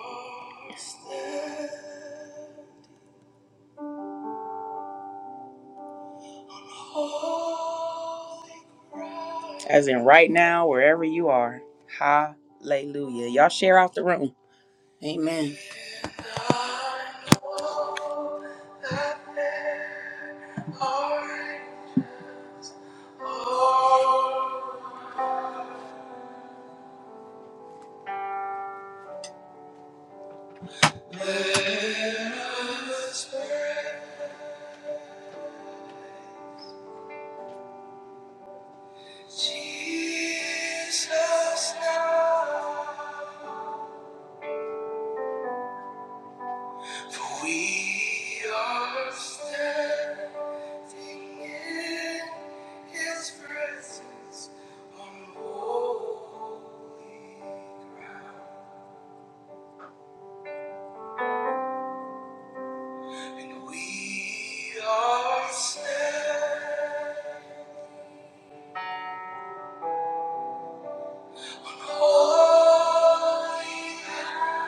A: As in right now, wherever you are. Hallelujah. Y'all share out the room. Amen. Jesus now. We are standing in His presence on holy, and we are standing holy. And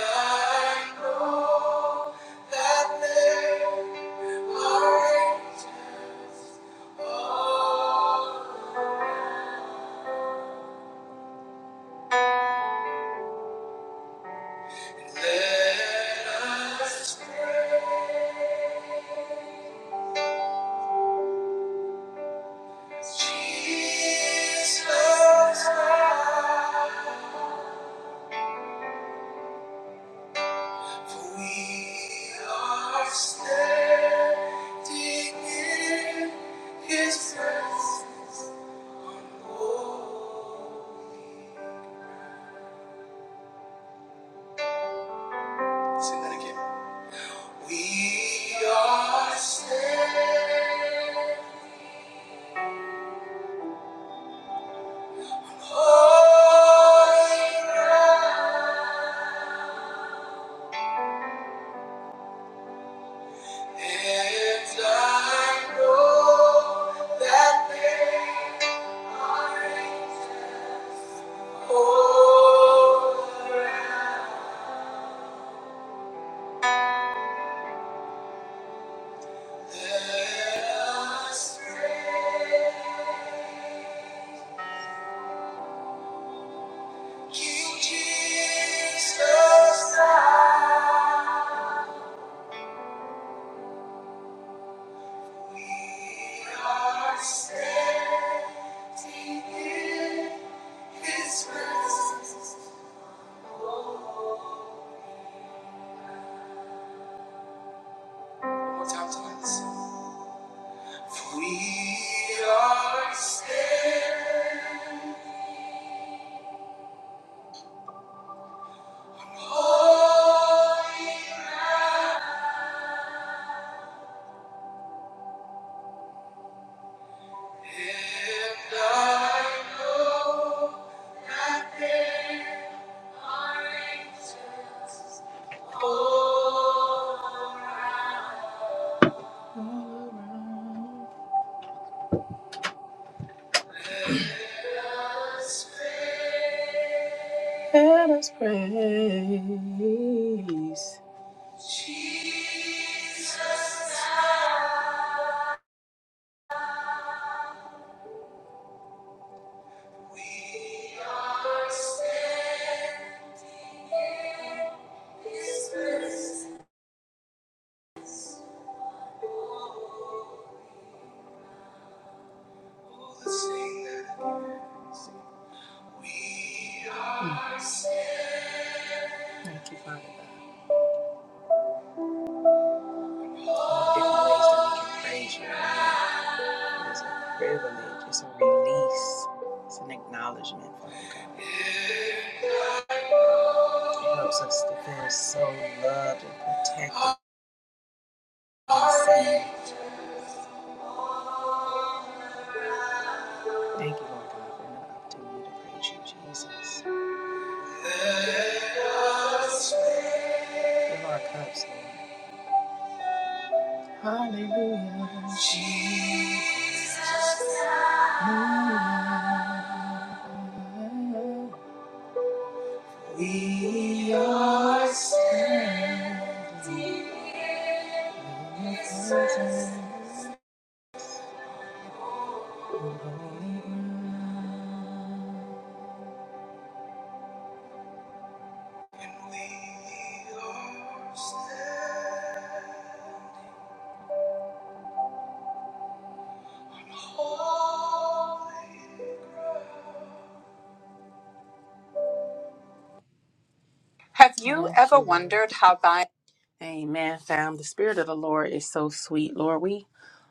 A: I know that there are angels Let us praise Jesus now, for we are standing in His presence. Holy. Sing that again. We are standing. You, Jesus, I are standing in His presence. We are standing holy and I know that there are angels. Let us praise. Jesus, now we are standing in His presence. Oh, let's sing that. We are standing. different ways that we can praise you. Lord. It's a privilege, it's a release, it's an acknowledgement, Father God. It helps us to feel so loved and protected and saved. Thank you, Lord God, for another opportunity to praise you, Jesus. Fill our cups, Lord. Hallelujah. We are standing holy ground. Amen, fam. The Spirit of the Lord is so sweet, Lord. We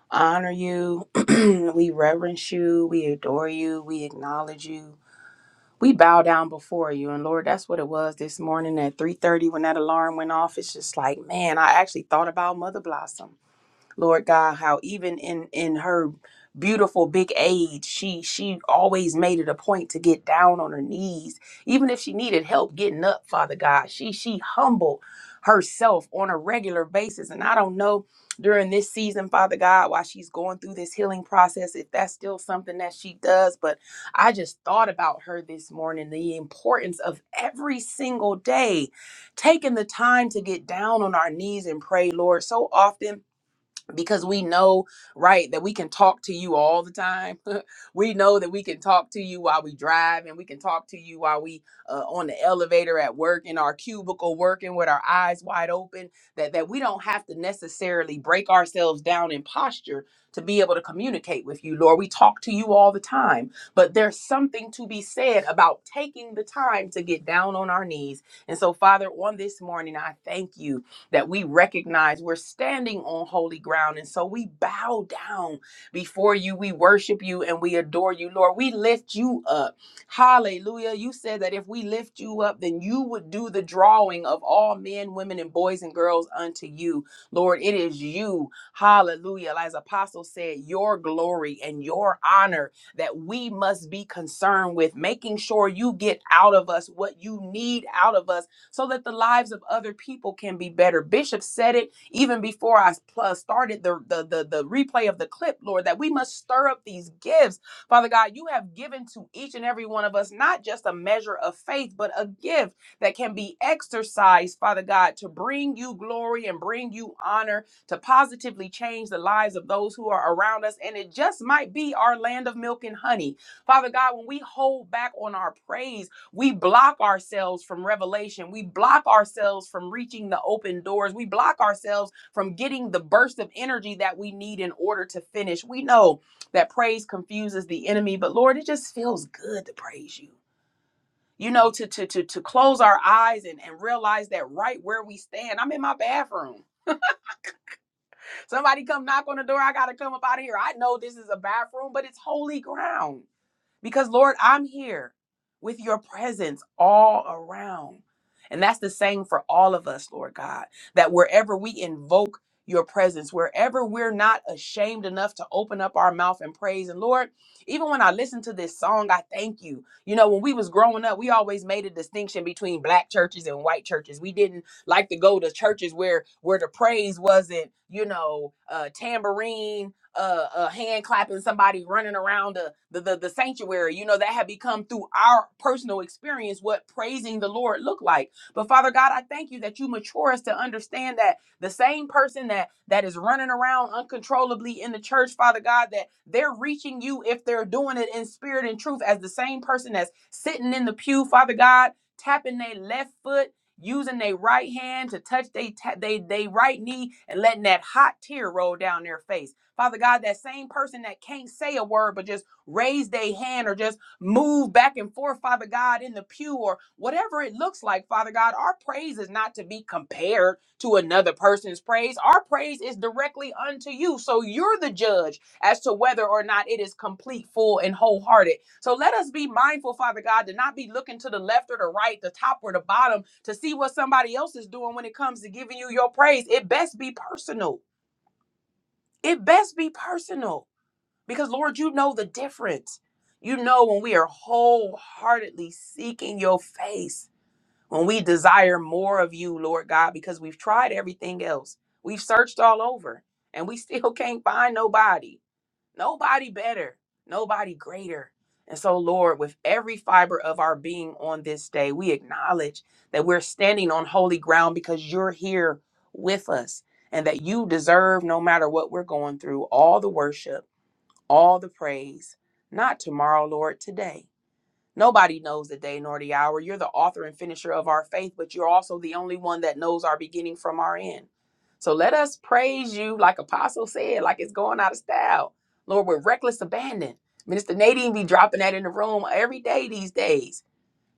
A: honor you. we reverence you. We adore you. We acknowledge you. We bow down before you. And Lord, that's what it was this morning at 3.30 when that alarm went off. It's just like, man, I actually thought about Mother Blossom. Lord God, how even in in her beautiful big age, she she always made it a point to get down on her knees, even if she needed help getting up, Father God. She she humbled herself on a regular basis. And I don't know during this season, Father God, while she's going through this healing process, if that's still something that she does, but I just thought about her this morning, the importance of every single day taking the time to get down on our knees and pray, Lord. So often because we know right that we can talk to you all the time we know that we can talk to you while we drive and we can talk to you while we uh, on the elevator at work in our cubicle working with our eyes wide open that that we don't have to necessarily break ourselves down in posture to be able to communicate with you lord we talk to you all the time but there's something to be said about taking the time to get down on our knees and so father on this morning i thank you that we recognize we're standing on holy ground. And so we bow down before you. We worship you and we adore you, Lord. We lift you up. Hallelujah. You said that if we lift you up, then you would do the drawing of all men, women, and boys and girls unto you. Lord, it is you. Hallelujah. As Apostle said, your glory and your honor that we must be concerned with, making sure you get out of us what you need out of us so that the lives of other people can be better. Bishop said it even before I pl- started the, the, the, the replay of the clip, Lord, that we must stir up these gifts. Father God, you have given to each and every one of us not just a measure of faith, but a gift that can be exercised, Father God, to bring you glory and bring you honor, to positively change the lives of those who are around us. And it just might be our land of milk and honey. Father God, when we hold back on our praise, we block ourselves from revelation we block ourselves from reaching the open doors we block ourselves from getting the burst of energy that we need in order to finish we know that praise confuses the enemy but lord it just feels good to praise you you know to to to, to close our eyes and, and realize that right where we stand i'm in my bathroom somebody come knock on the door i gotta come up out of here i know this is a bathroom but it's holy ground because, Lord, I'm here with your presence all around. And that's the same for all of us, Lord God, that wherever we invoke your presence, wherever we're not ashamed enough to open up our mouth and praise. And Lord, even when I listen to this song, I thank you. You know, when we was growing up, we always made a distinction between black churches and white churches. We didn't like to go to churches where where the praise wasn't, you know, uh, tambourine uh, uh hand clapping somebody running around the, the the the sanctuary you know that had become through our personal experience what praising the lord looked like but father god i thank you that you mature us to understand that the same person that that is running around uncontrollably in the church father god that they're reaching you if they're doing it in spirit and truth as the same person that's sitting in the pew father god tapping their left foot using their right hand to touch they ta- they they right knee and letting that hot tear roll down their face Father God, that same person that can't say a word but just raise their hand or just move back and forth, Father God, in the pew or whatever it looks like, Father God, our praise is not to be compared to another person's praise. Our praise is directly unto you. So you're the judge as to whether or not it is complete, full, and wholehearted. So let us be mindful, Father God, to not be looking to the left or the right, the top or the bottom to see what somebody else is doing when it comes to giving you your praise. It best be personal. It best be personal. Because, Lord, you know the difference. You know when we are wholeheartedly seeking your face, when we desire more of you, Lord God, because we've tried everything else. We've searched all over and we still can't find nobody, nobody better, nobody greater. And so, Lord, with every fiber of our being on this day, we acknowledge that we're standing on holy ground because you're here with us and that you deserve, no matter what we're going through, all the worship all the praise. Not tomorrow, Lord, today. Nobody knows the day nor the hour. You're the author and finisher of our faith, but you're also the only one that knows our beginning from our end. So let us praise you, like Apostle said, like it's going out of style. Lord, with reckless abandon. Minister Nadine be dropping that in the room every day these days.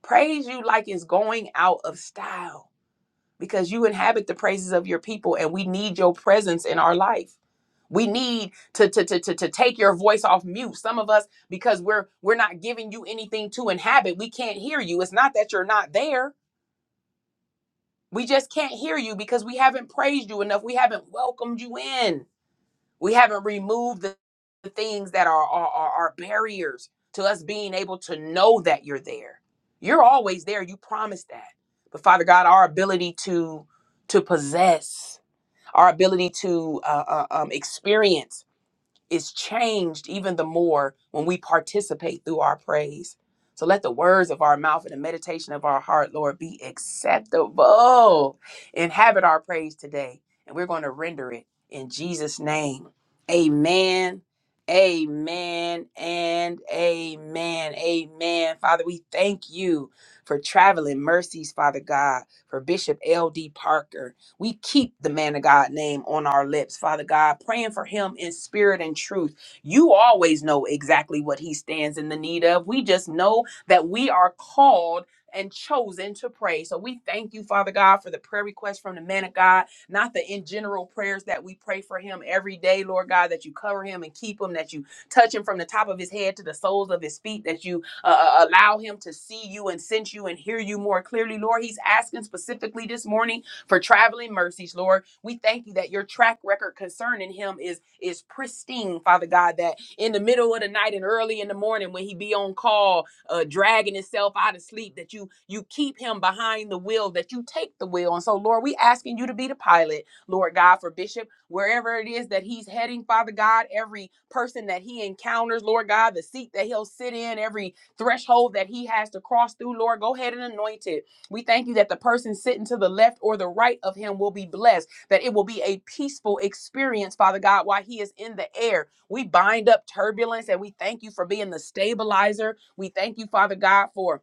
A: Praise you like it's going out of style because you inhabit the praises of your people and we need your presence in our life. We need to, to, to, to, to take your voice off mute. Some of us, because we're we're not giving you anything to inhabit, we can't hear you. It's not that you're not there. We just can't hear you because we haven't praised you enough. We haven't welcomed you in. We haven't removed the, the things that are, are, are are barriers to us being able to know that you're there. You're always there. You promised that. But Father God, our ability to to possess our ability to uh, uh, um, experience is changed even the more when we participate through our praise. So let the words of our mouth and the meditation of our heart, Lord, be acceptable. Inhabit our praise today, and we're going to render it in Jesus' name. Amen. Amen and amen. Amen. Father, we thank you for traveling mercies, Father God, for Bishop L.D. Parker. We keep the man of God name on our lips, Father God, praying for him in spirit and truth. You always know exactly what he stands in the need of. We just know that we are called and chosen to pray. So we thank you, Father God, for the prayer request from the man of God, not the in general prayers that we pray for him every day, Lord God, that you cover him and keep him, that you touch him from the top of his head to the soles of his feet, that you uh, uh, allow him to see you and sense you and hear you more clearly, Lord. He's asking specifically this morning for traveling mercies, Lord. We thank you that your track record concerning him is is pristine, Father God, that in the middle of the night and early in the morning when he be on call, uh, dragging himself out of sleep, that you you keep him behind the wheel, that you take the wheel. And so, Lord, we asking you to be the pilot, Lord God, for Bishop, wherever it is that he's heading, Father God, every person that he encounters, Lord God, the seat that he'll sit in, every threshold that he has to cross through, Lord, go ahead and anoint it. We thank you that the person sitting to the left or the right of him will be blessed, that it will be a peaceful experience, Father God, while he is in the air. We bind up turbulence and we thank you for being the stabilizer. We thank you, Father God, for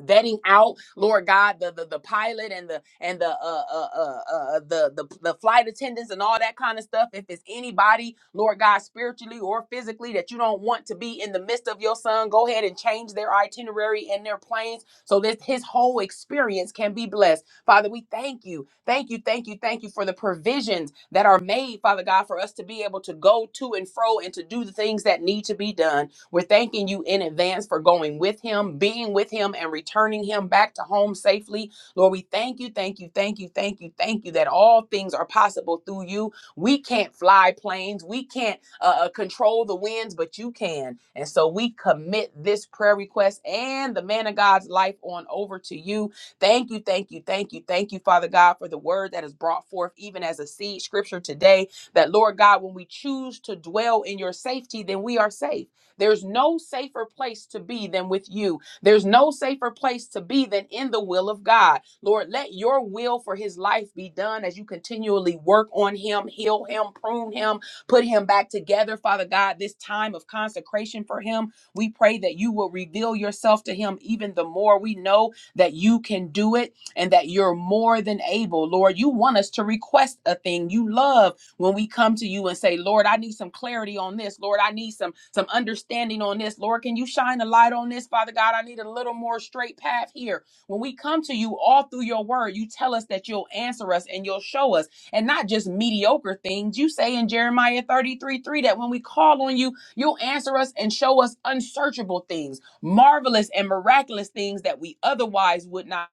A: vetting out lord god the the, the pilot and the and the uh, uh uh uh the, the the flight attendants and all that kind of stuff if it's anybody lord god spiritually or physically that you don't want to be in the midst of your son go ahead and change their itinerary and their planes so that his whole experience can be blessed father we thank you thank you thank you thank you for the provisions that are made father god for us to be able to go to and fro and to do the things that need to be done we're thanking you in advance for going with him, being with him, and returning him back to home safely. Lord, we thank you, thank you, thank you, thank you, thank you that all things are possible through you. We can't fly planes, we can't uh, uh, control the winds, but you can. And so we commit this prayer request and the man of God's life on over to you. Thank you, thank you, thank you, thank you, Father God, for the word that is brought forth, even as a seed scripture today. That, Lord God, when we choose to dwell in your safety, then we are safe. There's no safer place to be than with you. There's no safer place to be than in the will of God. Lord, let your will for his life be done as you continually work on him, heal him, prune him, put him back together. Father God, this time of consecration for him, we pray that you will reveal yourself to him even the more. We know that you can do it and that you're more than able. Lord, you want us to request a thing. You love when we come to you and say lord i need some clarity on this lord i need some some understanding on this lord can you shine a light on this father god i need a little more straight path here when we come to you all through your word you tell us that you'll answer us and you'll show us and not just mediocre things you say in jeremiah 33 3 that when we call on you you'll answer us and show us unsearchable things marvelous and miraculous things that we otherwise would not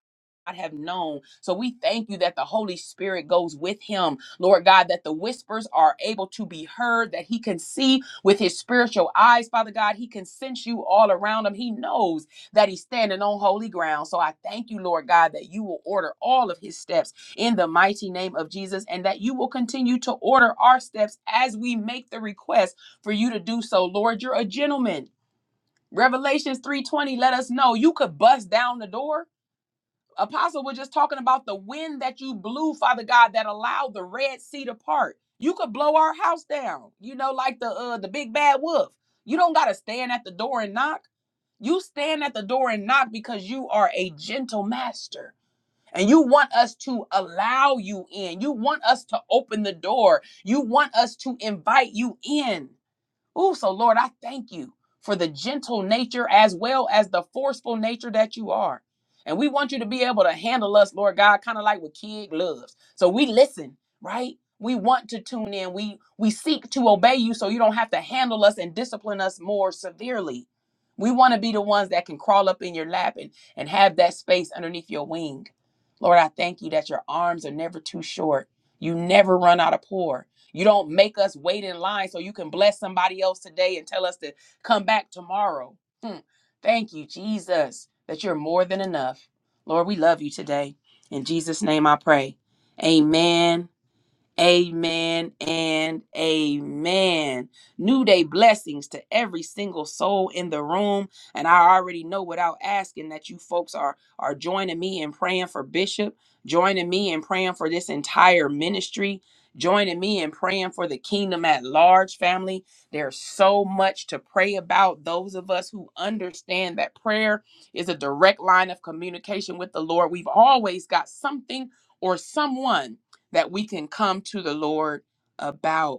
A: have known. So we thank you that the Holy Spirit goes with him Lord God, that the whispers are able to be heard, that he can see with his spiritual eyes, Father God. He can sense you all around him. He knows that he's standing on holy ground. So I thank you, Lord God, that you will order all of his steps in the mighty name of Jesus and that you will continue to order our steps as we make the request for you to do so. Lord, you're a gentleman. Revelations 3:20 let us know you could bust down the door Apostle, we're just talking about the wind that you blew, Father God, that allowed the Red Sea to part. You could blow our house down, you know, like the uh, the big bad wolf. You don't gotta stand at the door and knock. You stand at the door and knock because you are a gentle master. And you want us to allow you in. You want us to open the door. You want us to invite you in. Oh, so Lord, I thank you for the gentle nature as well as the forceful nature that you are. And we want you to be able to handle us, Lord God, kind of like what kid loves. So we listen, right? We want to tune in. We we seek to obey you so you don't have to handle us and discipline us more severely. We want to be the ones that can crawl up in your lap and, and have that space underneath your wing. Lord, I thank you that your arms are never too short. You never run out of pour. You don't make us wait in line so you can bless somebody else today and tell us to come back tomorrow. Hmm. Thank you, Jesus, that you're more than enough. Lord, we love you today. In Jesus' name I pray. Amen Amen and amen. New day blessings to every single soul in the room. And I already know without asking that you folks are, are joining me in praying for Bishop, joining me in praying for this entire ministry, joining me in praying for the kingdom at large, family. There's so much to pray about. Those of us who understand that prayer is a direct line of communication with the Lord, we've always got something or someone that we can come to the Lord about.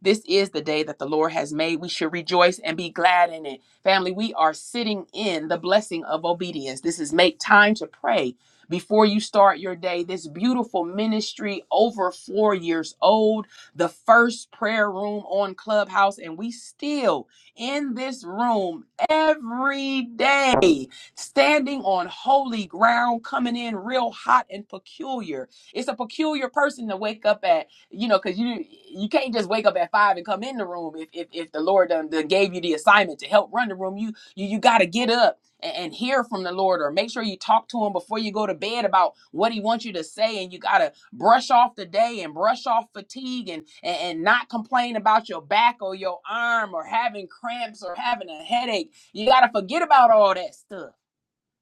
A: This is the day that the Lord has made. We should rejoice and be glad in it. Family, we are sitting in the blessing of obedience. This is make time to pray before you start your day. This beautiful ministry, over four years old, the first prayer room on Clubhouse, and we still in this room every day, standing on holy ground, coming in real hot and peculiar. It's a peculiar person to wake up at you know, because you you can't just wake up at five and come in the room if if, if the Lord done, done gave you the assignment to help run the room. You you you got to get up and, and hear from the Lord, or make sure you talk to Him before you go to bed about what He wants you to say, and you got to brush off the day and brush off fatigue and, and and not complain about your back or your arm or having cramps or having a headache. You got to forget about all that stuff.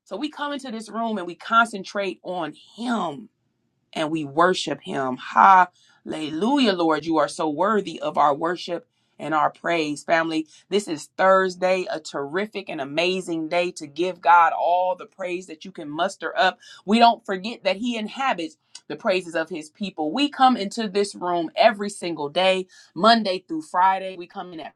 A: So we come into this room and we concentrate on Him and we worship him. Hallelujah, Lord. You are so worthy of our worship and our praise. Family, this is Thursday, a terrific and amazing day to give God all the praise that you can muster up. We don't forget that he inhabits the praises of his people. We come into this room every single day, Monday through Friday. We come in at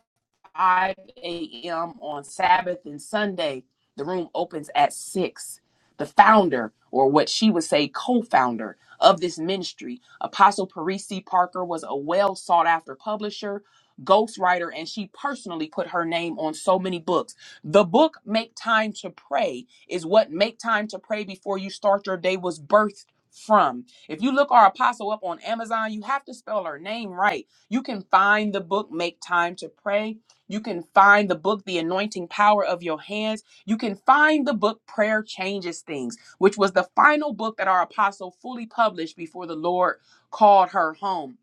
A: 5 a.m. on Sabbath and Sunday. The room opens at 6. The founder, or what she would say, co founder of this ministry, Apostle Parisi Parker, was a well sought after publisher, ghostwriter, and she personally put her name on so many books. The book, Make Time to Pray, is what Make Time to Pray Before You Start Your Day was birthed from. If you look our apostle up on Amazon, you have to spell her name right. You can find the book Make Time to Pray you can find the book, The Anointing Power of Your Hands. You can find the book, Prayer Changes Things, which was the final book that our apostle fully published before the Lord called her home.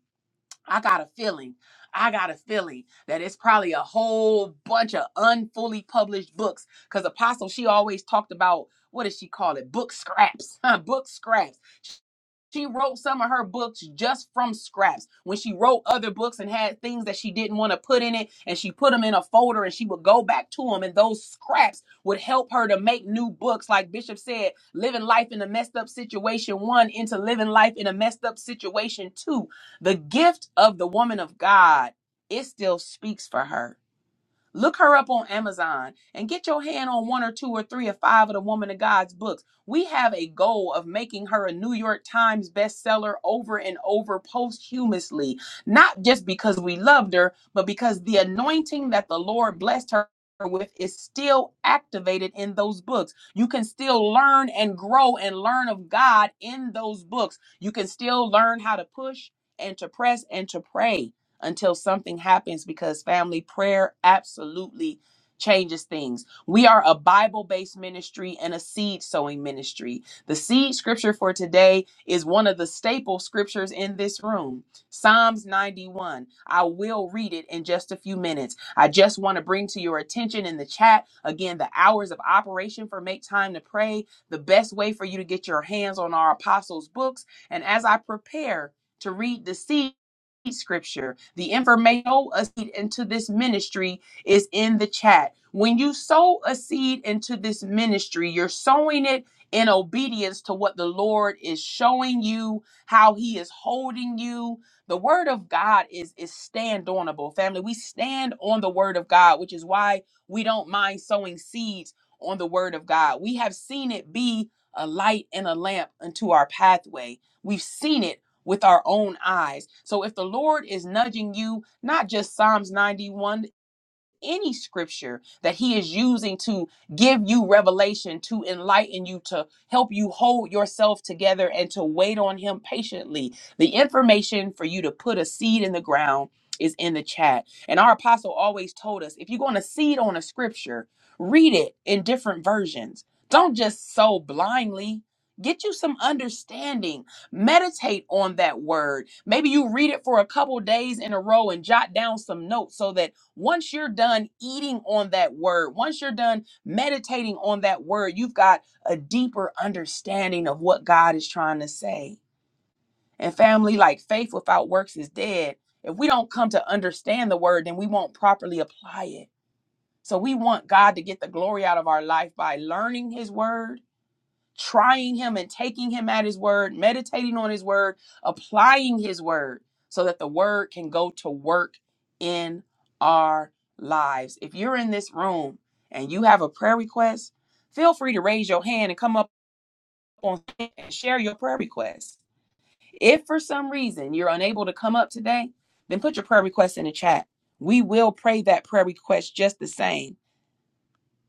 A: I got a feeling, I got a feeling that it's probably a whole bunch of unfully published books because apostle, she always talked about what does she call it? Book scraps, Book scraps. She wrote some of her books just from scraps. When she wrote other books and had things that she didn't want to put in it, and she put them in a folder and she would go back to them, and those scraps would help her to make new books. Like Bishop said, living life in a messed up situation one into living life in a messed up situation two. The gift of the woman of God, it still speaks for her Look her up on Amazon and get your hand on one or two or three or five of the Woman of God's books. We have a goal of making her a New York Times bestseller over and over posthumously, not just because we loved her, but because the anointing that the Lord blessed her. With is still activated in those books. You can still learn and grow and learn of God in those books. You can still learn how to push and to press and to pray until something happens because family prayer absolutely changes things. We are a Bible based ministry and a seed sowing ministry. The seed scripture for today is one of the staple scriptures in this room Psalms 91. I will read it in just a few minutes. I just want to bring to your attention in the chat again the hours of operation for Make Time to Pray, the best way for you to get your hands on our apostles' books. And as I prepare to read the seed, scripture. The information sow a seed into this ministry is in the chat. When you sow a seed into this ministry, you're sowing it in obedience to what the Lord is showing you, how he is holding you. The word of God is is stand onable, family. We stand on the word of God, which is why we don't mind sowing seeds on the word of God. We have seen it be a light and a lamp unto our pathway. We've seen it with our own eyes. So if the Lord is nudging you, not just Psalms 91 any scripture that he is using to give you revelation, to enlighten you, to help you hold yourself together and to wait on him patiently. The information for you to put a seed in the ground is in the chat. And our apostle always told us if you're going to seed on a scripture, read it in different versions. Don't just sow blindly. Get you some understanding. Meditate on that word. Maybe you read it for a couple days in a row and jot down some notes so that once you're done eating on that word, once you're done meditating on that word, you've got a deeper understanding of what God is trying to say. And family, like faith without works is dead. If we don't come to understand the word, then we won't properly apply it. So we want God to get the glory out of our life by learning his word trying him and taking him at his word, meditating on his word, applying his word so that the word can go to work in our lives. If you're in this room and you have a prayer request, feel free to raise your hand and come up on and share your prayer request. If for some reason you're unable to come up today, then put your prayer request in the chat. We will pray that prayer request just the same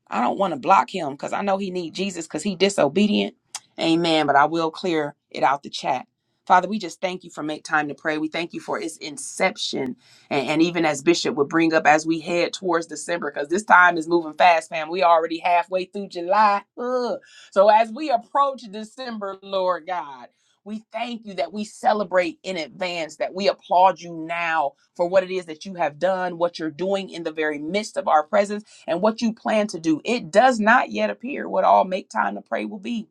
A: I don't want to block him because I know he need Jesus because he disobedient. Amen. But I will clear it out the chat. Father, we just thank you for make time to pray. We thank you for its inception. And, and even as Bishop would bring up as we head towards December, because this time is moving fast, fam. We already halfway through July. Ugh. So as we approach December, Lord God, we thank you that we celebrate in advance, that we applaud you now for what it is that you have done, what you're doing in the very midst of our presence and what you plan to do. It does not yet appear what all make time to pray will be.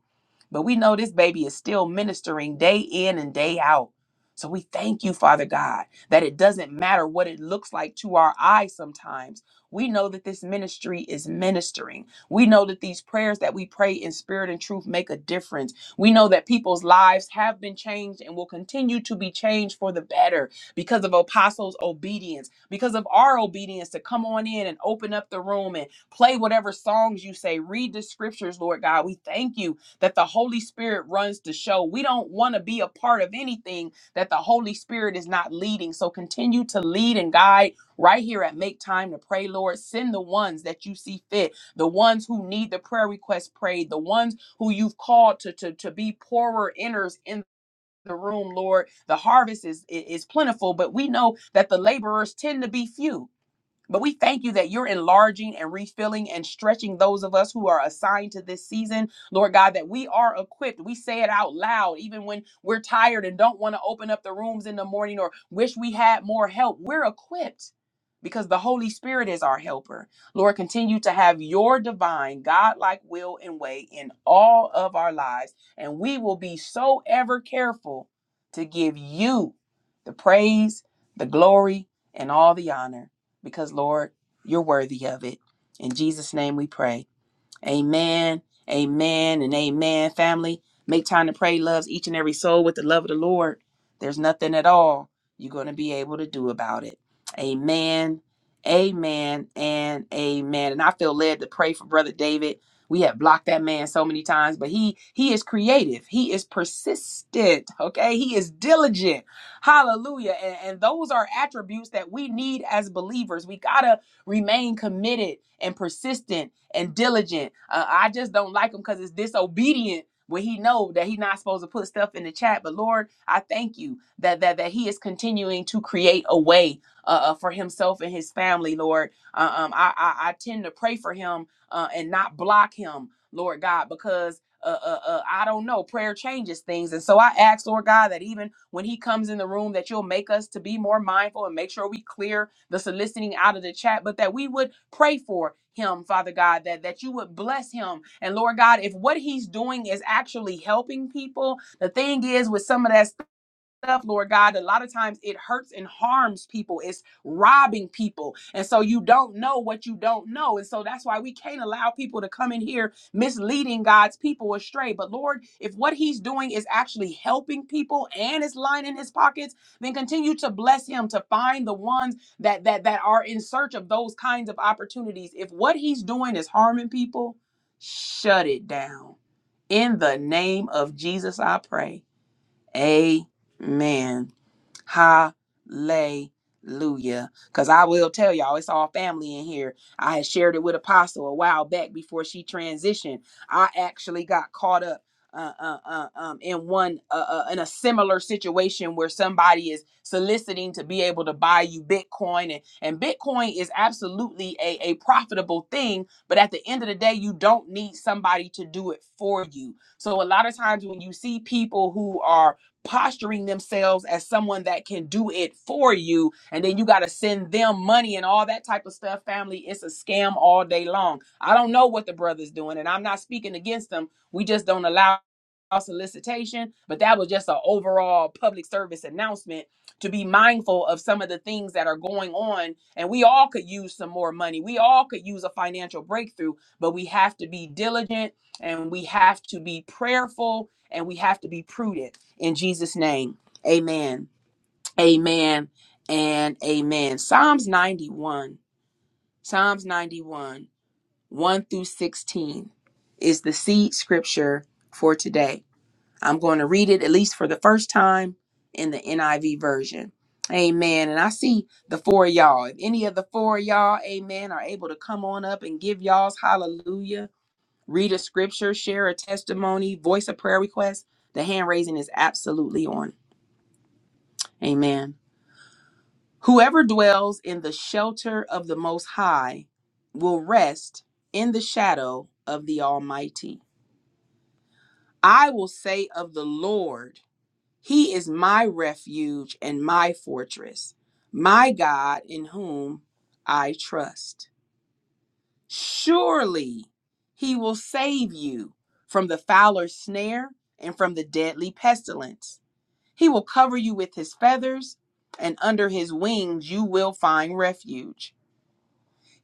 A: But we know this baby is still ministering day in and day out. So we thank you, Father God, that it doesn't matter what it looks like to our eyes sometimes. We know that this ministry is ministering. We know that these prayers that we pray in spirit and truth make a difference. We know that people's lives have been changed and will continue to be changed for the better because of Apostle's obedience, because of our obedience to come on in and open up the room and play whatever songs you say, read the scriptures, Lord God. We thank you that the Holy Spirit runs the show. We don't want to be a part of anything that the Holy Spirit is not leading. So continue to lead and guide right here at Make Time to Pray, Lord. Send the ones that you see fit, the ones who need the prayer request prayed, the ones who you've called to, to, to be poorer inners in the room, Lord. The harvest is is plentiful, but we know that the laborers tend to be few. But we thank you that you're enlarging and refilling and stretching those of us who are assigned to this season, Lord God, that we are equipped. We say it out loud, even when we're tired and don't want to open up the rooms in the morning or wish we had more help. We're equipped because the Holy Spirit is our helper. Lord, continue to have your divine, God-like will and way in all of our lives. And we will be so ever careful to give you the praise, the glory, and all the honor because, Lord, you're worthy of it. In Jesus' name we pray. Amen. Amen and amen, family. Make time to pray loves each and every soul with the love of the Lord. There's nothing at all you're going to be able to do about it. Amen. Amen and amen. And I feel led to pray for brother David. We have blocked that man so many times, but he he is creative. He is persistent, okay? He is diligent. Hallelujah. And, and those are attributes that we need as believers. We got to remain committed and persistent and diligent. Uh, I just don't like him because it's disobedient when he know that he not supposed to put stuff in the chat. But Lord, I thank you that that that he is continuing to create a way uh, uh, for himself and his family, Lord. Uh, um, I, I I tend to pray for him uh, and not block him. Lord God, because uh, uh, uh, I don't know. Prayer changes things. And so I ask, Lord God, that even when He comes in the room, that you'll make us to be more mindful and make sure we clear the soliciting out of the chat, but that we would pray for him, Father God, that, that you would bless him. And Lord God, if what he's doing is actually helping people, the thing is with some of that stuff, Lord God, a lot of times it hurts and harms people. It's robbing people. And so you don't know what you don't know. And so that's why we can't allow people to come in here misleading God's people astray. But Lord, if what he's doing is actually helping people and is lining his pockets, then continue to bless him to find the ones that that that are in search of those kinds of opportunities. If what he's doing is harming people, shut it down. In the name of Jesus, I pray. Amen. Hallelujah. Because I will tell y'all, it's all family in here. I had shared it with Apostle a while back before she transitioned. I actually got caught up. Uh, uh, uh, um, in one uh, uh, in a similar situation where somebody is soliciting to be able to buy you Bitcoin and, and Bitcoin is absolutely a, a profitable thing, but at the end of the day, you don't need somebody to do it for you. So a lot of times when you see people who are posturing themselves as someone that can do it for you and then you got to send them money and all that type of stuff family it's a scam all day long i don't know what the brother's doing and i'm not speaking against them we just don't allow solicitation but that was just an overall public service announcement to be mindful of some of the things that are going on and we all could use some more money we all could use a financial breakthrough but we have to be diligent and we have to be prayerful and we have to be prudent in Jesus' name, amen. Amen and amen. Psalms 91, Psalms 91, 1 through 16 is the seed scripture for today. I'm going to read it at least for the first time in the NIV version. Amen. And I see the four of y'all. If any of the four of y'all, amen, are able to come on up and give y'all's hallelujah, read a scripture, share a testimony, voice a prayer request, the hand raising is absolutely on. Amen. Whoever dwells in the shelter of the Most High will rest in the shadow of the Almighty. I will say of the Lord, He is my refuge and my fortress, my God in whom I trust. Surely He will save you from the fowler's snare and from the deadly pestilence. He will cover you with His feathers, and under His wings you will find refuge.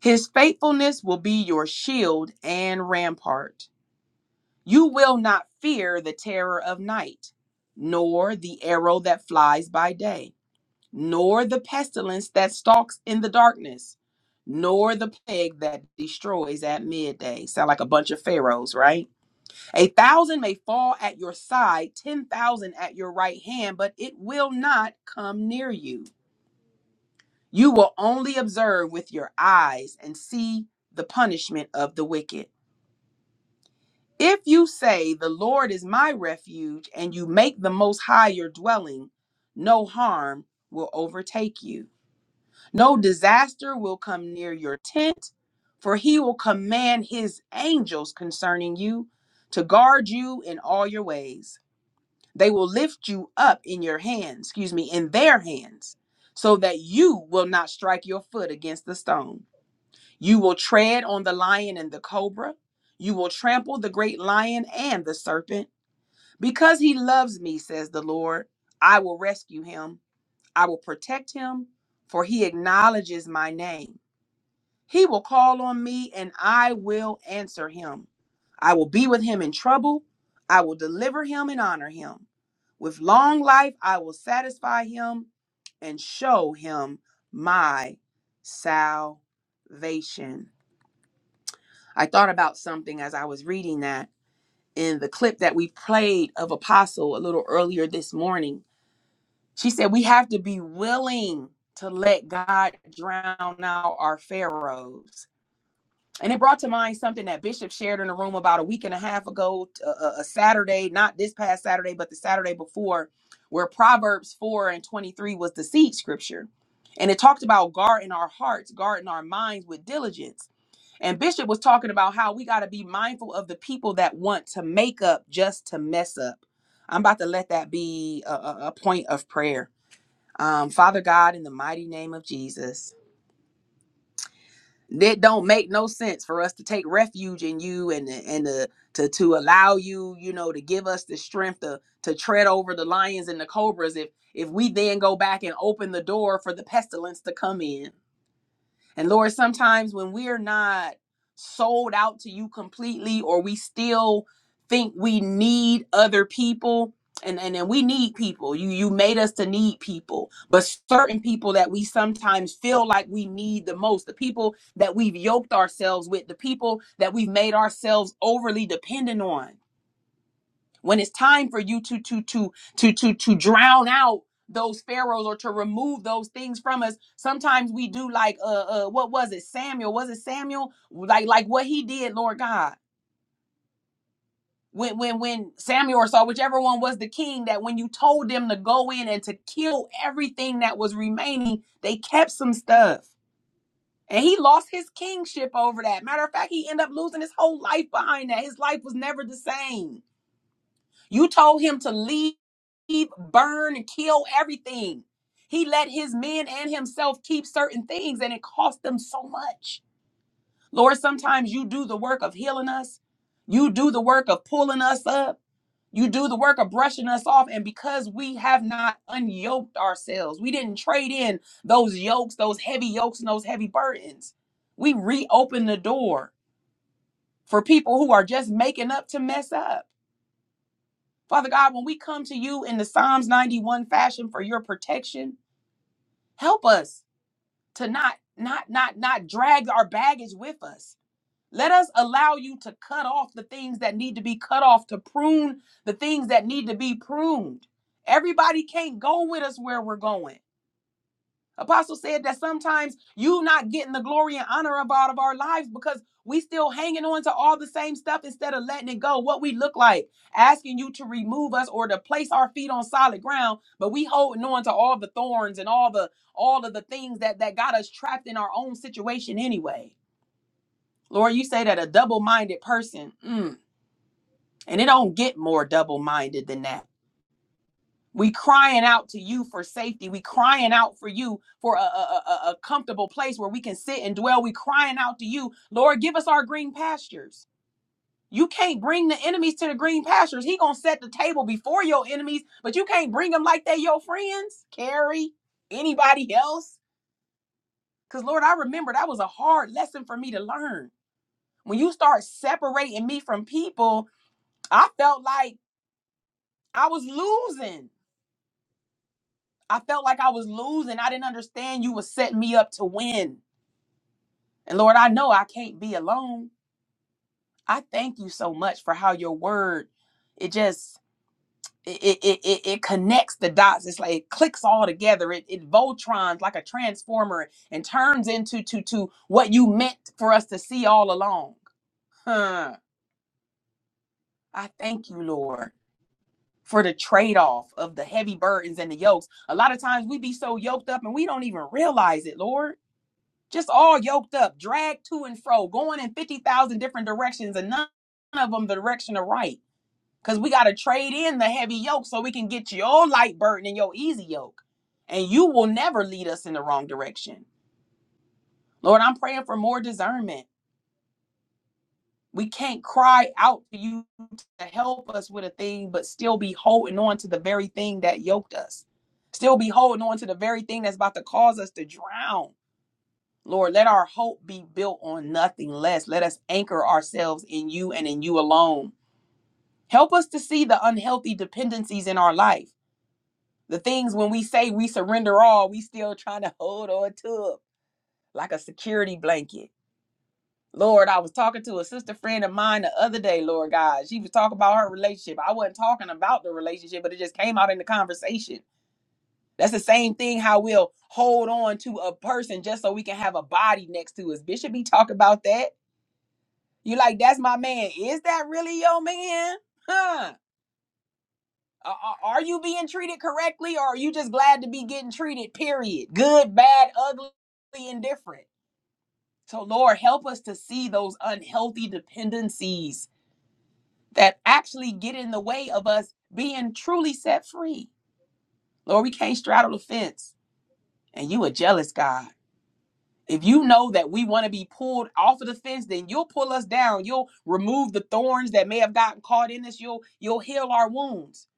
A: His faithfulness will be your shield and rampart. You will not fear the terror of night, nor the arrow that flies by day, nor the pestilence that stalks in the darkness, nor the plague that destroys at midday. Sound like a bunch of pharaohs, right? A thousand may fall at your side, ten thousand at your right hand, but it will not come near you. You will only observe with your eyes and see the punishment of the wicked. If you say, The Lord is my refuge, and you make the Most High your dwelling, no harm will overtake you. No disaster will come near your tent, for he will command his angels concerning you to guard you in all your ways. They will lift you up in your hands, excuse me, in their hands, so that you will not strike your foot against the stone. You will tread on the lion and the cobra. You will trample the great lion and the serpent. Because he loves me, says the Lord, I will rescue him. I will protect him, for he acknowledges my name. He will call on me, and I will answer him. I will be with him in trouble. I will deliver him and honor him. With long life, I will satisfy him and show him my salvation. I thought about something as I was reading that in the clip that we played of Apostle a little earlier this morning. She said, We have to be willing to let God drown out our Pharaohs. And it brought to mind something that Bishop shared in a room about a week and a half ago, a a- a Saturday, not this past Saturday, but the Saturday before, where Proverbs 4 and 23 was the seed scripture. And it talked about guarding our hearts, guarding our minds with diligence. And Bishop was talking about how we got to be mindful of the people that want to make up just to mess up. I'm about to let that be a, a- a point of prayer. Um, Father God, in the mighty name of Jesus, it don't make no sense for us to take refuge in you and and to to, to allow you, you know, to give us the strength to to tread over the lions and the cobras. If if we then go back and open the door for the pestilence to come in, And Lord, sometimes when we're not sold out to you completely, or we still think we need other people, and, and and we need people. You you made us to need people, but certain people that we sometimes feel like we need the most, the people that we've yoked ourselves with, the people that we've made ourselves overly dependent on when it's time for you to to to to to to drown out those pharaohs or to remove those things from us sometimes we do like uh uh what was it samuel was it samuel like like what he did lord god when when when samuel or saw whichever one was the king that when you told them to go in and to kill everything that was remaining they kept some stuff and he lost his kingship over that matter of fact he ended up losing his whole life behind that his life was never the same You told him to leave, burn, and kill everything. He let his men and himself keep certain things, and it cost them so much. Lord, sometimes you do the work of healing us, you do the work of pulling us up, you do the work of brushing us off. And because we have not unyoked ourselves, we didn't trade in those yokes, those heavy yokes, and those heavy burdens. We reopen the door for people who are just making up to mess up. Father God, when we come to you in the Psalms 91 fashion for your protection, help us to not not not not drag our baggage with us. Let us allow you to cut off the things that need to be cut off, to prune the things that need to be pruned. Everybody can't go with us where we're going. Apostle said that sometimes you not getting the glory and honor of out of our lives because we still hanging on to all the same stuff instead of letting it go. What we look like, asking you to remove us or to place our feet on solid ground, but we holding on to all the thorns and all the all of the things that that got us trapped in our own situation anyway. Lord, you say that a double-minded person, mm, and it don't get more double-minded than that. We crying out to you for safety. We crying out for you for a, a, a a- comfortable place where we can sit and dwell. We crying out to you, Lord, give us our green pastures. You can't bring the enemies to the green pastures. He gonna set the table before your enemies, but you can't bring them like they your friends. Carrie, anybody else? Cause Lord, I remember that was a hard lesson for me to learn. When you start separating me from people, I felt like I was losing. I felt like I was losing. I didn't understand you were setting me up to win. And Lord, I know I can't be alone. I thank you so much for how your word, it just it it it, it it connects the dots. It's like it clicks all together. It it Voltrons like a transformer and turns into to to what you meant for us to see all along. Huh. I thank you, Lord, for the trade-off of the heavy burdens and the yokes. A lot of times we be so yoked up and we don't even realize it, Lord. just all yoked up, dragged to and fro, going in 50,000 different directions, and none of them the direction of right. Because we got to trade in the heavy yoke so we can get your light burden and your easy yoke. And you will never lead us in the wrong direction. Lord, I'm praying for more discernment. We can't cry out to you to help us with a thing, but still be holding on to the very thing that yoked us. Still be holding on to the very thing that's about to cause us to drown Lord, let our hope be built on nothing less. Let us anchor ourselves in you and in you alone. Help us to see the unhealthy dependencies in our life. The things when we say we surrender all, we still trying to hold on to it like a security blanket. Lord, I was talking to a sister friend of mine the other day, Lord God. She was talking about her relationship. I wasn't talking about the relationship, but it just came out in the conversation. That's the same thing how we'll hold on to a person just so we can have a body next to us. Bishop be talking about that. You like, that's my man. Is that really your man? Huh? Are are- you being treated correctly or are you just glad to be getting treated, period? Good, bad, ugly, indifferent. So, Lord, help us to see those unhealthy dependencies that actually get in the way of us being truly set free. Lord, we can't straddle the fence. And you a jealous God. If you know that we want to be pulled off of the fence, then you'll pull us down. You'll remove the thorns that may have gotten caught in us. You'll you'll heal our wounds.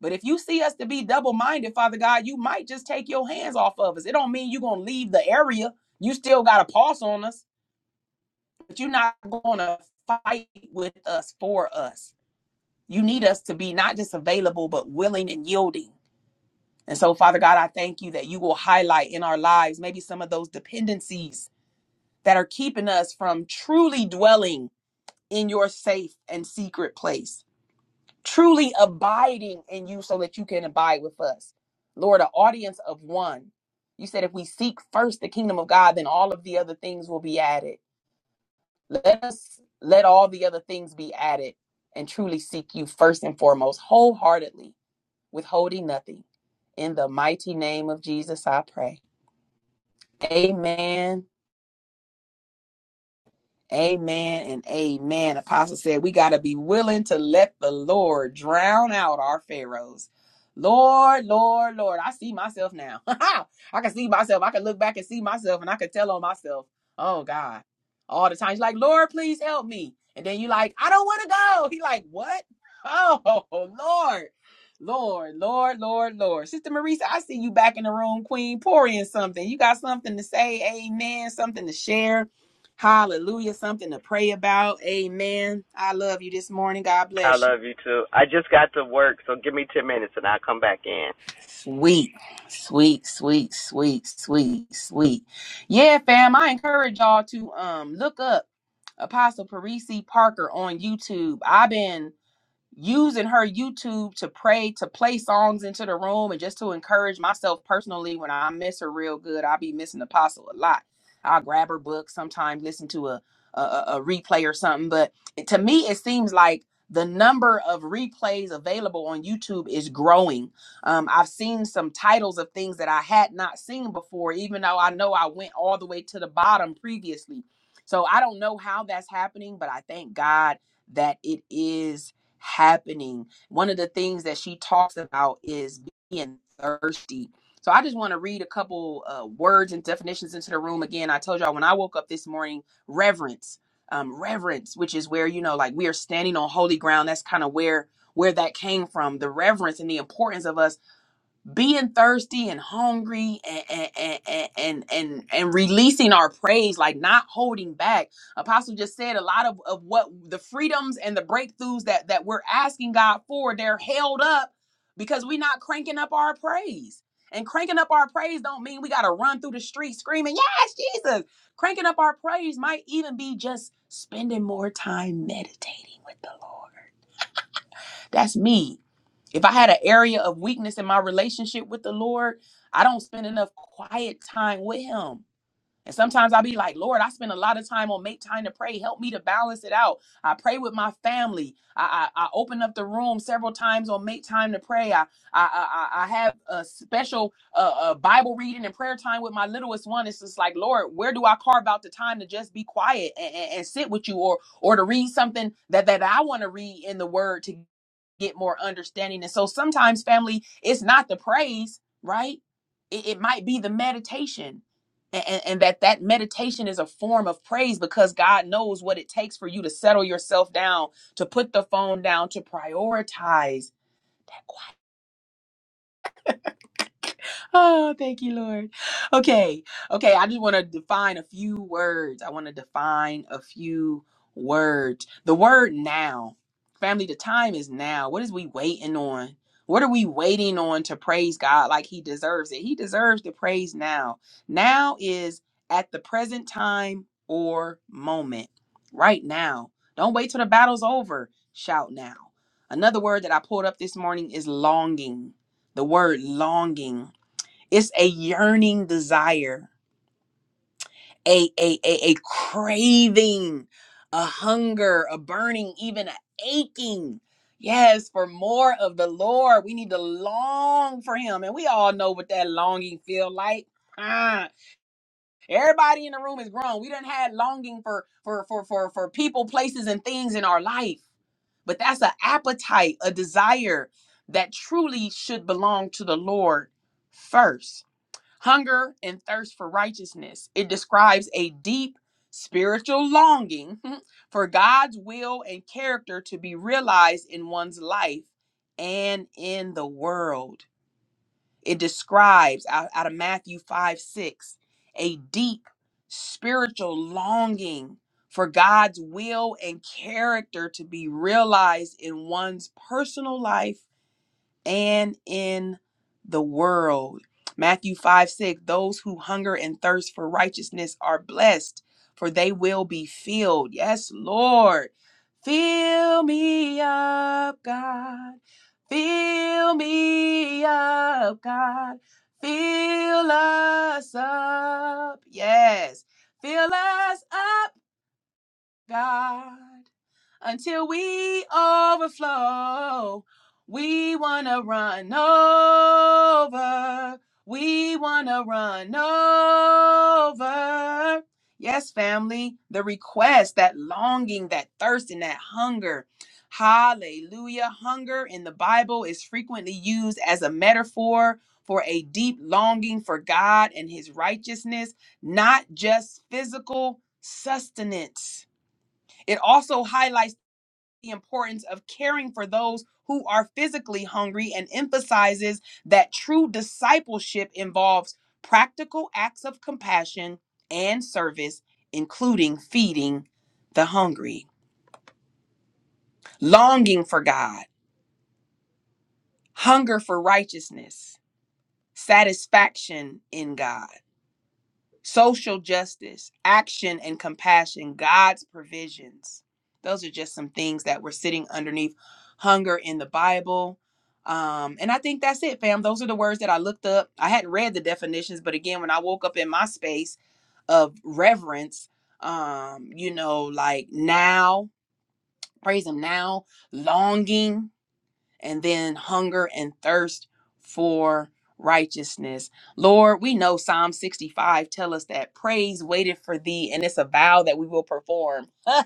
A: But if you see us to be double-minded, Father God, you might just take your hands off of us. It don't mean you're gonna leave the area. You still got a pulse on us, but you're not gonna fight with us for us. You need us to be not just available, but willing and yielding. And so, Father God, I thank you that you will highlight in our lives maybe some of those dependencies that are keeping us from truly dwelling in your safe and secret place, truly abiding in you so that you can abide with us. Lord, an audience of one. You said if we seek first the kingdom of God, then all of the other things will be added. Let us let all the other things be added and truly seek you first and foremost, wholeheartedly, withholding nothing. In the mighty name of Jesus, I pray. Amen Amen and amen. Apostle said we got to be willing to let the Lord drown out our pharaohs. Lord, Lord, Lord, I see myself now. I can see myself. I can look back and see myself and I can tell on myself. Oh God. All the time. He's like, Lord, please help me. And then you like, I don't want to go. He like, what? Oh Lord. Lord, Lord, Lord, Lord. Sister Marisa, I see you back in the room, Queen. Pour in something. You got something to say, amen, something to share Hallelujah. Something to pray about. Amen. I love you this morning. God
B: I
A: bless you.
B: love you too. I just got to work, so give me 10 minutes and I'll come back in.
A: Sweet, sweet, sweet, sweet, sweet, sweet. Yeah, fam. I encourage y'all to um look up Apostle Parisi Parker on YouTube. I've been using her YouTube to pray, to play songs into the room, and just to encourage myself personally when I miss her real good. i be missing Apostle a lot. I'll grab her book sometimes, listen to a, a, a replay or something. But to me, it seems like the number of replays available on YouTube is growing. Um, I've seen some titles of things that I had not seen before, even though I know I went all the way to the bottom previously. So I don't know how that's happening, but I thank God that it is happening. One of the things that she talks about is being thirsty. So I just want to read a couple uh, words and definitions into the room. Again, I told y'all when I woke up this morning, reverence, um, reverence, which is where you know, like we are standing on holy ground. That's kind of where where that came from. The reverence and the importance of us being thirsty and hungry and and, and and and and and releasing our praise like not holding back apostle just said a lot of, of what the freedoms and the breakthroughs that that we're asking god for they're held up because we're not cranking up our praise and cranking up our praise don't mean we got to run through the street screaming yes jesus cranking up our praise might even be just spending more time meditating with the lord that's me if I had an area of weakness in my relationship with the Lord, I don't spend enough quiet time with Him. And sometimes I'll be like, Lord, I spend a lot of time on make time to pray. Help me to balance it out. I pray with my family. I, I, I open up the room several times on make time to pray. I, I, I, I have a special uh, uh, Bible reading and prayer time with my littlest one. It's just like, Lord, where do I carve out the time to just be quiet and, and, and sit with you or, or to read something that, that I want to read in the word to get more understanding. And so sometimes, family, it's not the praise, right? It, it might be the meditation and, and and that that meditation is a form of praise because god knows what it takes for you to settle yourself down to put the phone down to prioritize that Oh, thank you, Lord. Okay. Okay. I just want to define a few words. I want to define a few words. The word now. Family, the time is now. What is we waiting on? What are we waiting on to praise God like He deserves it? He deserves the praise now. Now is at the present time or moment. Right now. Don't wait till the battle's over. Shout now. Another word that I pulled up this morning is longing the word longing it's a yearning desire a a a, a craving a hunger a burning even a aching yes for more of the lord we need to long for him and we all know what that longing feel like Ah, everybody in the room is grown we done had longing for for for for for people places and things in our life but that's an appetite a desire that truly should belong to the lord first hunger and thirst for righteousness. It describes a deep spiritual longing for God's will and character to be realized in one's life and in the world. It describes out, out of Matthew 5 6 a deep spiritual longing for God's will and character to be realized in one's personal life and in the world. Matthew 5 6 Those who hunger and thirst for righteousness are blessed, for they will be filled. Yes, Lord. Fill me up, God. Fill me up, God. Fill us up. Yes. Fill us up God, until we overflow. We want to run over. We want to run over. Yes, family, the request, that longing, that thirst, and that hunger. Hallelujah. Hunger in the Bible is frequently used as a metaphor for a deep longing for God and his righteousness, not just physical sustenance it also highlights the importance of caring for those who are physically hungry and emphasizes that true discipleship involves practical acts of compassion and service, including feeding the hungry, longing for God, hunger for righteousness, satisfaction in God. social justice, action and compassion, God's provisions. Those are just some things that were sitting underneath hunger in the Bible. Um, and I think that's it, fam. Those are the words that I looked up. I hadn't read the definitions, but again, when I woke up in my space of reverence, um, you know, like now, praise Him now, longing and then hunger and thirst for righteousness. Lord, we know Psalm 65 tell us that praise waited for thee and it's a vow that we will perform. I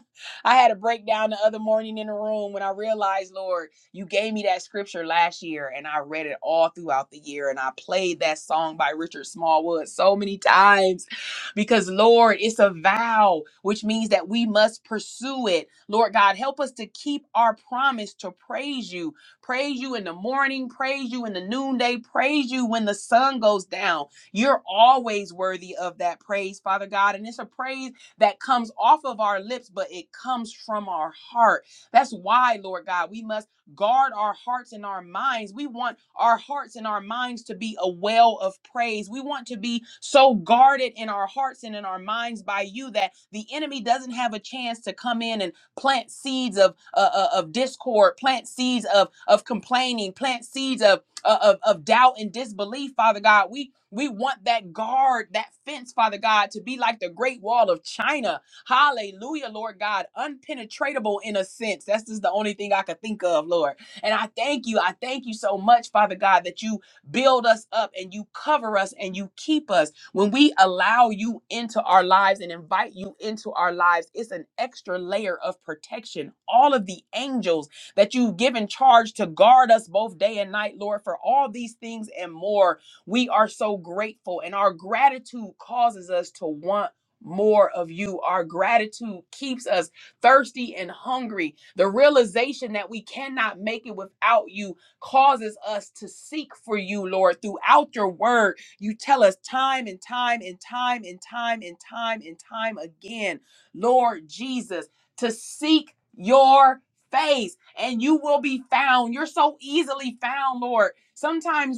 A: had a breakdown the other morning in the room when I realized, Lord, you gave me that scripture last year and I read it all throughout the year and I played that song by Richard Smallwood so many times because Lord, it's a vow, which means that we must pursue it. Lord God, help us to keep our promise to praise you Praise you in the morning, praise you in the noonday, praise you when the sun goes down. You're always worthy of that praise, Father God. And it's a praise that comes off of our lips, but it comes from our heart. That's why, Lord God, we must guard our hearts and our minds. We want our hearts and our minds to be a well of praise. We want to be so guarded in our hearts and in our minds by you that the enemy doesn't have a chance to come in and plant seeds of uh, uh, of discord, plant seeds of of complaining, plant seeds of uh, of of doubt and disbelief, Father God. We we want that guard, that fence, Father God, to be like the Great Wall of China. Hallelujah, Lord God, unpenetratable in a sense. That's just the only thing I could think of, Lord. And I thank you. I thank you so much, Father God, that you build us up and you cover us and you keep us when we allow you into our lives and invite you into our lives, it's an extra layer of protection. All of the angels that you've given charge to guard us both day and night, Lord, for all these things and more, we are so grateful. And our gratitude causes us to want more of you. Our gratitude keeps us thirsty and hungry. The realization that we cannot make it without you causes us to seek for you, Lord, throughout your word you tell us time and time and time and time and time and time again, Lord Jesus, to seek your face and you will be found. You're so easily found, Lord. Sometimes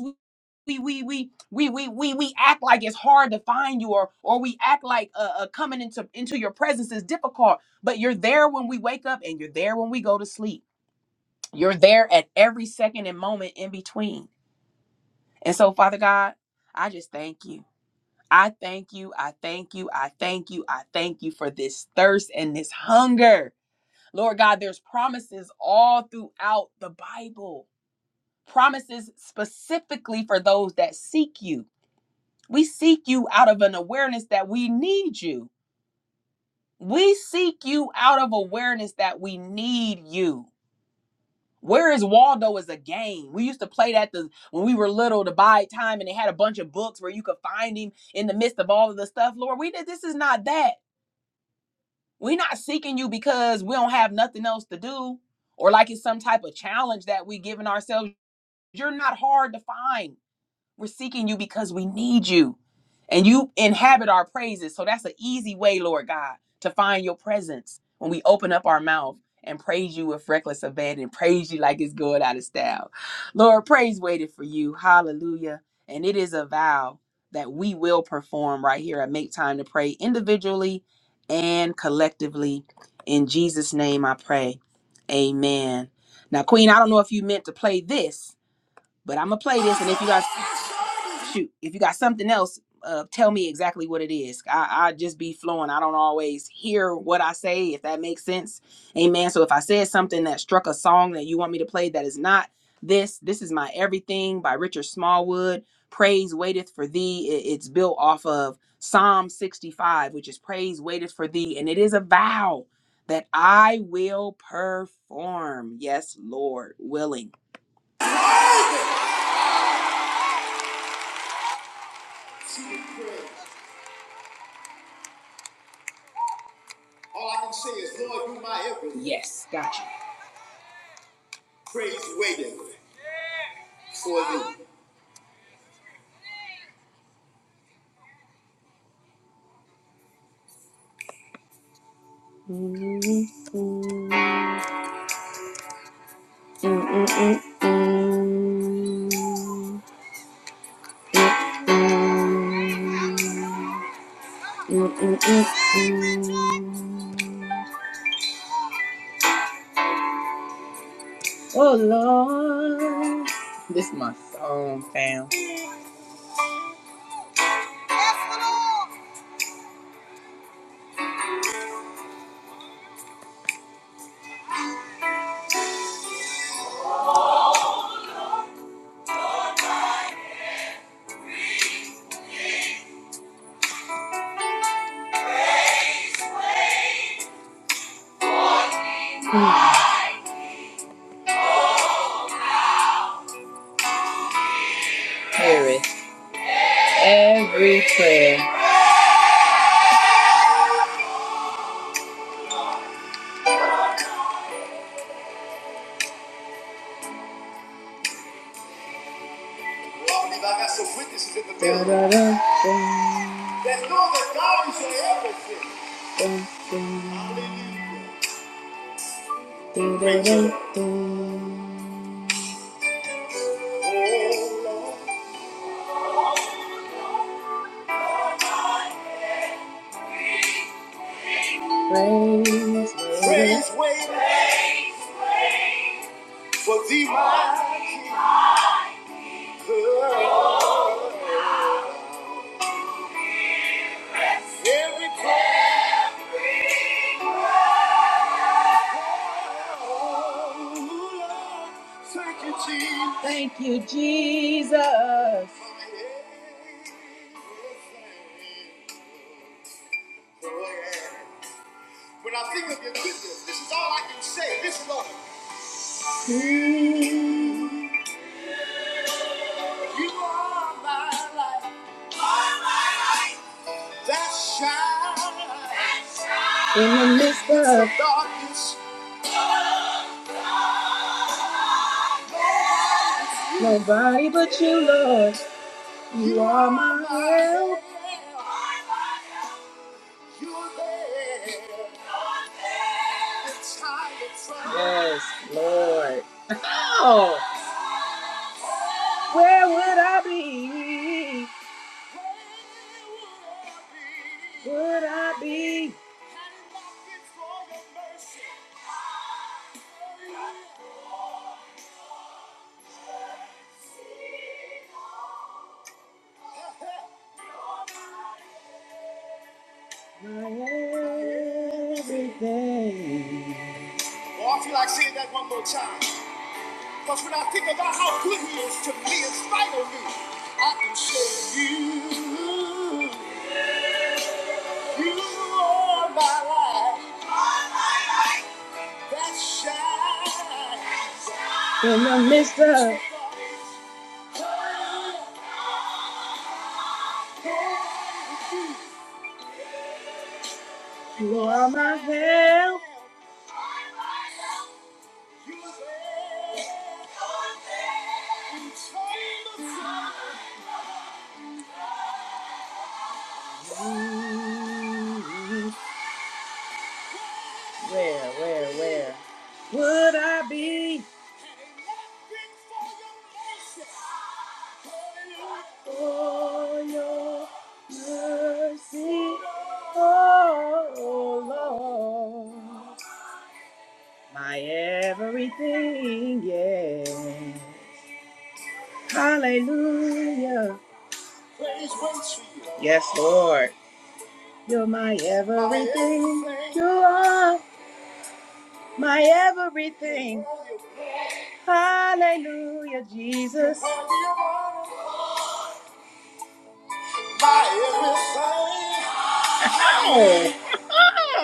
A: we we we we we we we, we act like it's hard to find you or or we act like uh, uh coming into into your presence is difficult, but you're there when we wake up and you're there when we go to sleep. You're there at every second and moment in between. And so, Father God, I just thank you. I thank you. I thank you. I thank you. I thank you for this thirst and this hunger. Lord God, there's promises all throughout the Bible, promises specifically for those that seek you. We seek you out of an awareness that we need you. We seek you out of awareness that we need you. Where is Waldo is a game. We used to play that the, when we were little to buy time and they had a bunch of books where you could find him in the midst of all of the stuff. Lord, we did this is not that. We're not seeking you because we don't have nothing else to do or like it's some type of challenge that we giving ourselves. You're not hard to find. We're seeking you because we need you. And you inhabit our praises. So that's an easy way, Lord God, to find your presence when we open up our mouth and praise you with reckless abandon, praise you like it's going out of style. Lord, praise waited for you. Hallelujah. And it is a vow that we will perform right here at Make Time to Pray individually and collectively. In Jesus' name I pray. Amen. Now, Queen, I don't know if you meant to play this but I'm gonna play this, and if you got shoot, if you got something else, uh, tell me exactly what it is. I, I just be flowing. I don't always hear what I say, if that makes sense. Amen. So if I said something that struck a song that you want me to play that is not this, this is my everything by Richard Smallwood. Praise waiteth for thee. It- it's built off of Psalm 65, which is praise waiteth for thee, and it is a vow that I will perform. Yes, Lord, willing. All I can say is, Lord, you my everything. Yes, gotcha. Praise waiting for you. Mm-hmm. Mm-mm-mm. Mm-mm-mm. Oh Lord, this is my song, fam. Mm. Here is every prayer. Well, I got some witnesses in the Da, building that know that God is your everything. da, da, Hallelujah. da, da. Praise Praise waiting for thee, my King. Every prayer, oh, Lord, thank you, Jesus. Thank you, Jesus. When I think of your goodness, this is all I can say. This Lord, you are my life. You are my life. that shine in the midst of darkness. Nobody but you, Lord. You are my help. You're there. Yes, Lord. Oh, where would I be? Would I be? My everything. Oh, I feel like saying that one more time. Because when I think about how good he is to me in spite of me, I can say you, you are my life. That shines In the midst of You are my help. Mm, Where, where, where would I be? For your mercy, oh Lord, my everything, yeah. Hallelujah. Praise waits for you. Yes, Lord. You're my everything. You are my everything. Hallelujah, Jesus. Ow.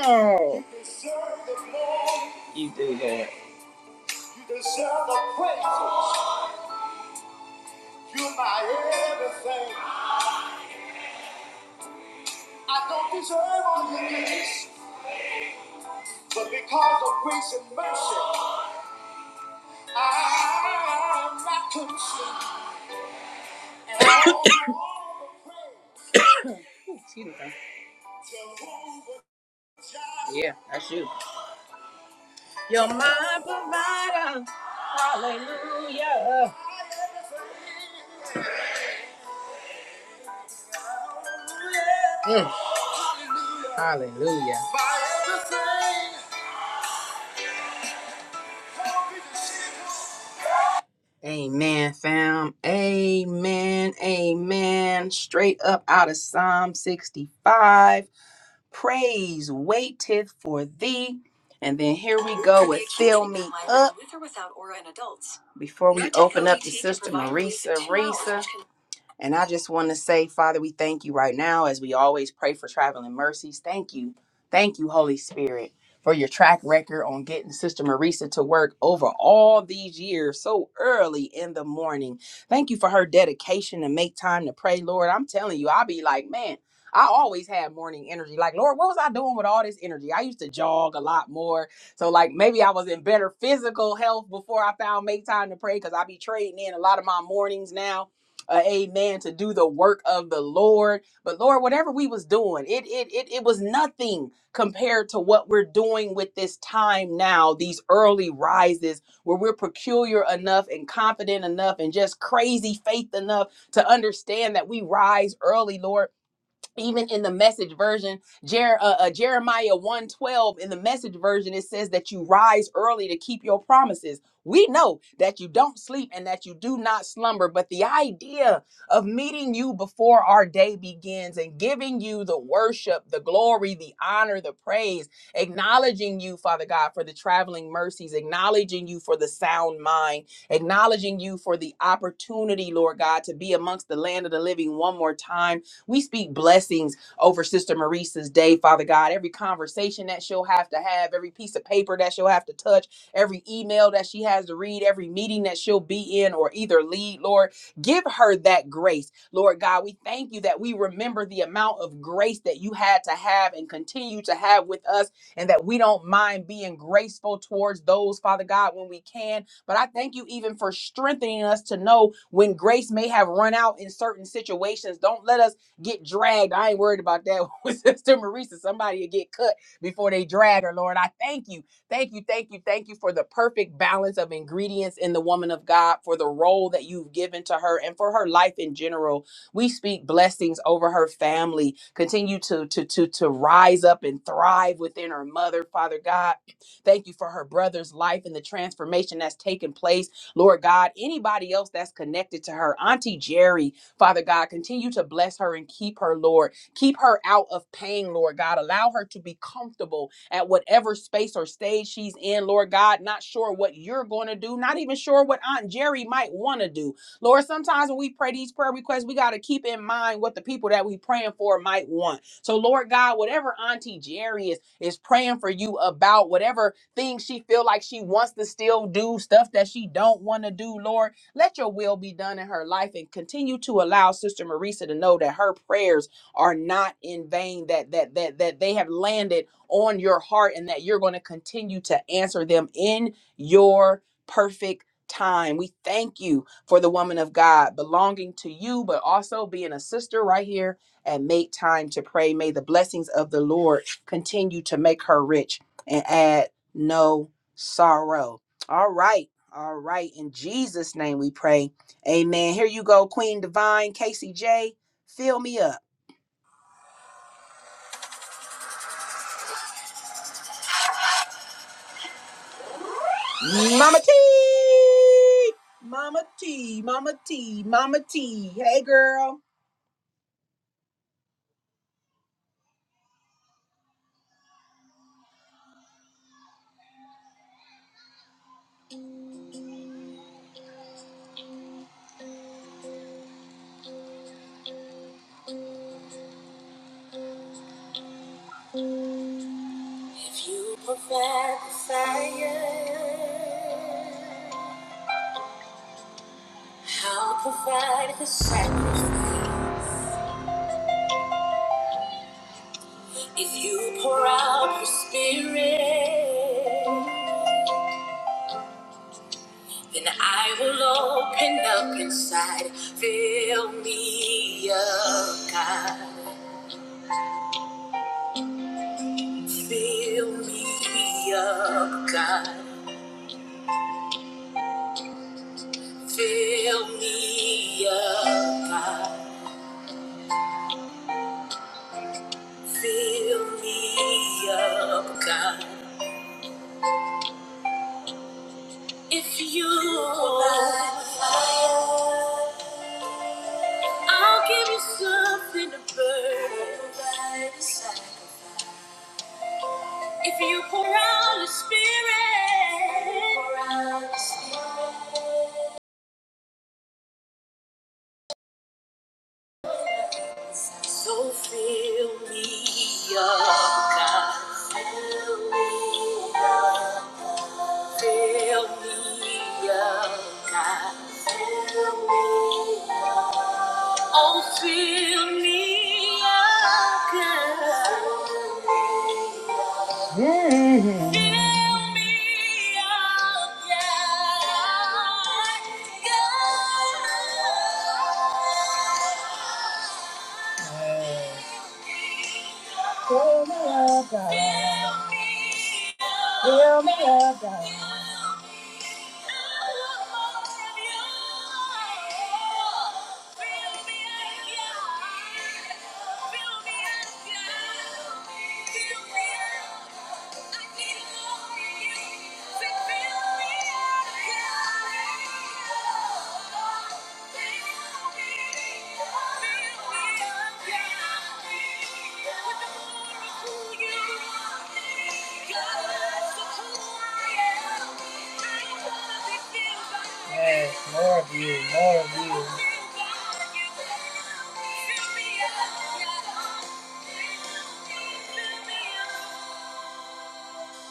A: Ow. You do that. You deserve the praises. You're my everything. I don't deserve all of this, but because of grace and mercy. Yeah, that's you. You're my provider. Hallelujah. Mm, Hallelujah. Amen, fam. Amen. Amen. Straight up out of Psalm 65. Praise waiteth for thee. And then here we go with Fill Me Up. With or without aura in adults. Before we open up to Sister team to Marisa, Marisa. And I just want to say, Father, we thank you right now as we always pray for traveling mercies. Thank you. Thank you, Holy Spirit, for your track record on getting Sister Marisa to work over all these years so early in the morning. Thank you for her dedication to make time to pray, Lord. I'm telling you, I'll be like, man. I always had morning energy. Like, Lord, what was I doing with all this energy? I used to jog a lot more. So, like, maybe I was in better physical health before I found Make Time to Pray because I be trading in a lot of my mornings now uh, amen to do the work of the lord but lord whatever we was doing it it it, it was nothing compared to what we're doing with this time now these early rises where we're peculiar enough and confident enough and just crazy faith enough to understand that we rise early lord even in the message version Jer- uh, uh, jeremiah 112 in the message version it says that you rise early to keep your promises we know that you don't sleep and that you do not slumber but the idea of meeting you before our day begins and giving you the worship the glory the honor the praise acknowledging you father god for the traveling mercies acknowledging you for the sound mind acknowledging you for the opportunity lord god to be amongst the land of the living one more time we speak blessings over Sister Marisa's day, Father God. Every conversation that she'll have to have, every piece of paper that she'll have to touch, every email that she has to read, every meeting that she'll be in or either lead, Lord, give her that grace. Lord God, we thank you that we remember the amount of grace that you had to have and continue to have with us, and that we don't mind being graceful towards those, Father God, when we can. But I thank you even for strengthening us to know when grace may have run out in certain situations. Don't let us get dragged. I ain't worried about that with Sister Marisa. Somebody will get cut before they drag her, Lord. I thank you. Thank you, thank you, thank you for the perfect balance of ingredients in the woman of God, for the role that you've given to her and for her life in general. We speak blessings over her family. Continue to to to to rise up and thrive within her mother, Father God. Thank you for her brother's life and the transformation that's taken place. Lord God, anybody else that's connected to her, Auntie Jerry, Father God, continue to bless her and keep her, Lord. Keep her out of pain, Lord God. Allow her to be comfortable at whatever space or stage she's in, Lord God. Not sure what you're going to do, not even sure what Aunt Jerry might want to do. Lord, sometimes when we pray these prayer requests, we got to keep in mind what the people that we praying for might want. So, Lord God, whatever Auntie Jerry is is praying for you about, whatever things she feel like she wants to still do, stuff that she don't want to do, Lord. Let your will be done in her life and continue to allow Sister Marisa to know that her prayers are not in vain, that that that that they have landed on your heart and that you're going to continue to answer them in your perfect time. We thank you for the woman of God belonging to you, but also being a sister right here and make time to pray. May the blessings of the Lord continue to make her rich and add no sorrow. All right. All right. In Jesus' name we pray. Amen. Here you go, Queen Divine, Casey J. Fill me up. Mama T. Mama T. Mama T. Mama T. Hey, girl. If you provide the fire, I'll provide the sacrifice. If you pour out your spirit, then I will open up inside. Fill me up, God. Fill me up, God. Fill me up, God. Fill me up, God. If you provide fire, I'll give you something to burn. If you pour out the spirit, so fill me up, God. Fill me up. Fill me up, God. Fill me up. Oh, fill me up, God. Fill me up. Mm. Fill me up, God. God. Fill me up, God. Fill me up, God. Yes, more of you, more of you.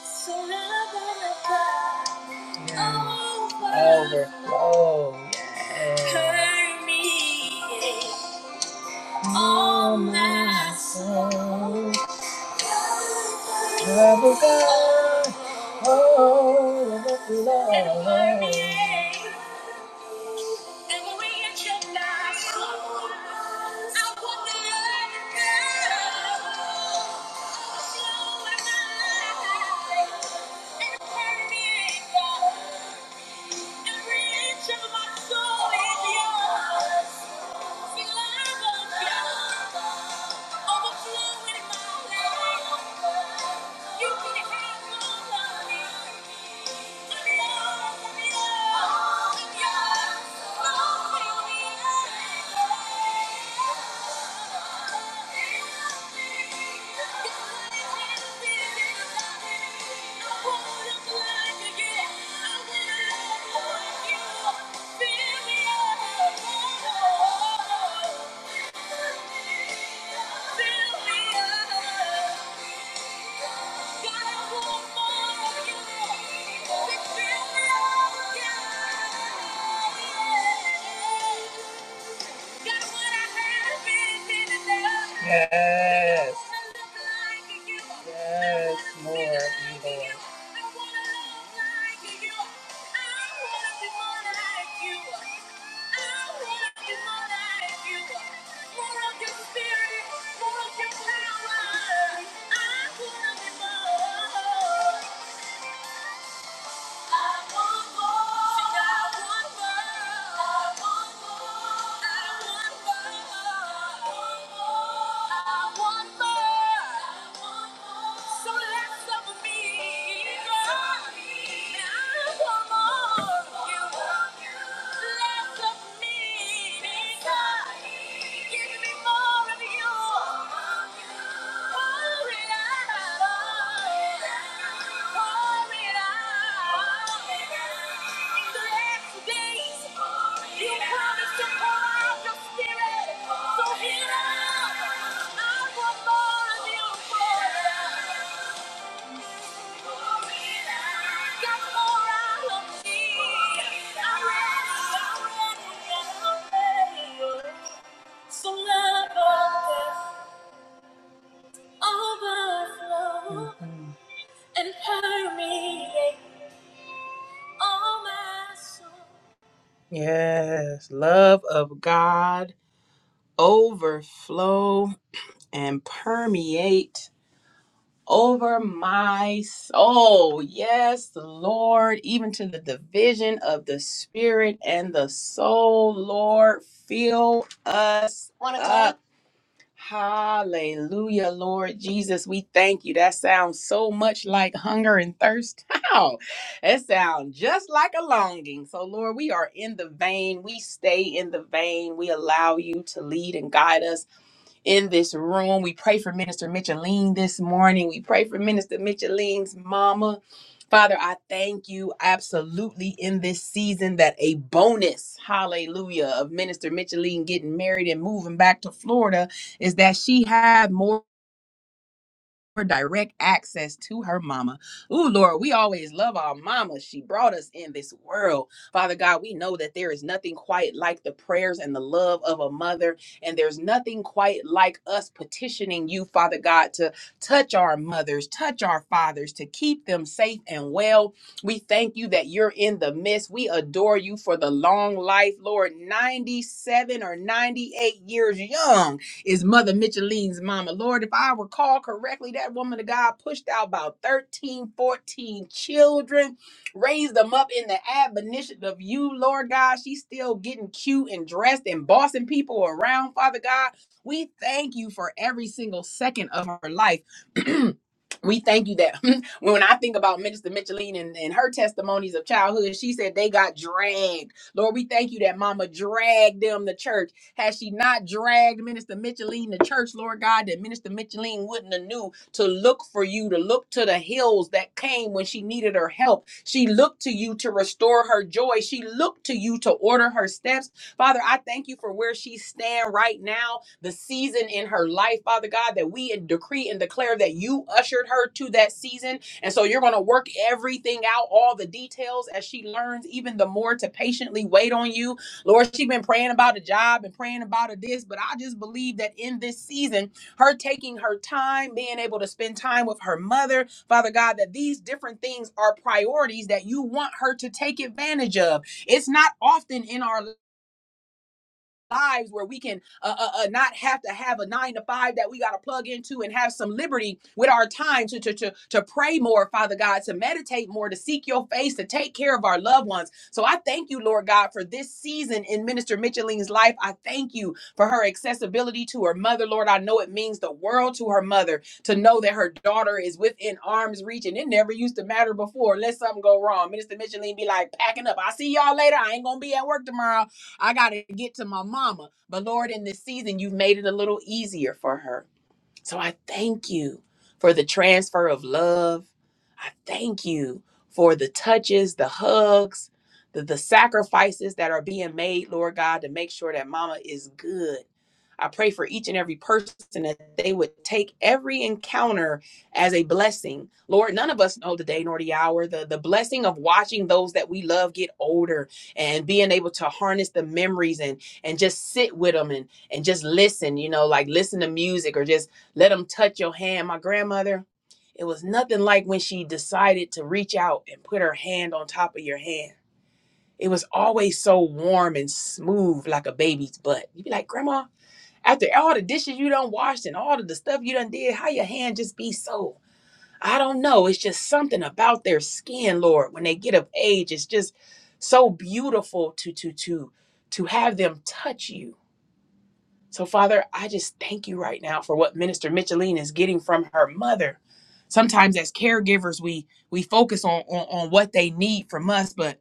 A: Overflow. Yeah. All my soul. Overflow. reach of my soul is yours. Feel love of God. Thank you. We feel it all again. Yes. Yes, Lord, you Lord. Less of me, desire. Thank you. So love of overflow and permeate all my soul. Yes, love of God overflow and permeate over my soul. Yes, Lord, even to the division of the spirit and the soul, Lord, fill us. up. Hallelujah, Lord Jesus. We thank you. That sounds so much like hunger and thirst. How? It sounds just like a longing. So, Lord, we are in the vein. We stay in the vein. We allow you to lead and guide us in this room. We pray for Minister Micheline this morning. We pray for Minister Micheline's mama. Father, I thank you absolutely in this season that a bonus, hallelujah, of Minister Micheline getting married and moving back to Florida is that she had more. For direct access to her mama. Ooh, Lord, we always love our mama. She brought us in this world. Father God, we know that there is nothing quite like the prayers and the love of a mother, and there's nothing quite like us petitioning you, Father God, to touch our mothers, touch our fathers, to keep them safe and well. We thank you that you're in the midst. We adore you for the long life, Lord, 97 or 98 years young is Mother Micheline's mama. Lord, if I recall correctly, that woman of God pushed out about 13, 14 children, raised them up in the admonition of you, Lord God. She's still getting cute and dressed and bossing people around, Father God. We thank you for every single second of her life. we thank you that when I think about Minister Micheline and, and her testimonies of childhood, she said they got dragged. Lord, we thank you that mama dragged them to church. Had she not dragged Minister Micheline to church, Lord God, that Minister Micheline wouldn't have knew to look for you, to look to the hills that came when she needed her help. She looked to you to restore her joy. She looked to you to order her steps. Father, I thank you for where she stand right now, the season in her life, Father God, that we decree and declare that you ushered her to that season. And so you're going to work everything out, all the details as she learns even the more to patiently wait on you Lord, she has been praying about a job and praying about a this, but I just believe that in this season, her taking her time, being able to spend time with her mother, Father God, that these different things are priorities that you want her to take advantage of. It's not often in our lives where we can uh, uh, uh, not have to have a nine to five that we got to plug into and have some liberty with our time to, to, to, to pray more, Father God, to meditate more, to seek your face, to take care of our loved ones. So I thank you, Lord God, for this season in Minister Micheline's life. I thank you for her accessibility to her mother, Lord. I know it means the world to her mother to know that her daughter is within arm's reach and it never used to matter before. Let something go wrong. Minister Micheline be like, packing up. i see y'all later. I ain't going to be at work tomorrow. I got to get to my mama. But Lord, in this season, you've made it a little easier for her. So I thank you for the transfer of love. I thank you for the touches, the hugs, the, the sacrifices that are being made, Lord God, to make sure that mama is good. I pray for each and every person that they would take every encounter as a blessing. Lord, none of us know the day nor the hour. The, the blessing of watching those that we love get older and being able to harness the memories and and just sit with them and and just listen, you know, like listen to music or just let them touch your hand. My grandmother, it was nothing like when she decided to reach out and put her hand on top of your hand. It was always so warm and smooth like a baby's butt. You'd be like, Grandma, after all the dishes you done washed and all of the stuff you done did, how your hand just be so? I don't know. It's just something about their skin, Lord. When they get of age, it's just so beautiful to to to to have them touch you so, Father, I just thank you right now for what Minister Micheline is getting from her mother. Sometimes as caregivers, we we focus on, on, on what they need from us, but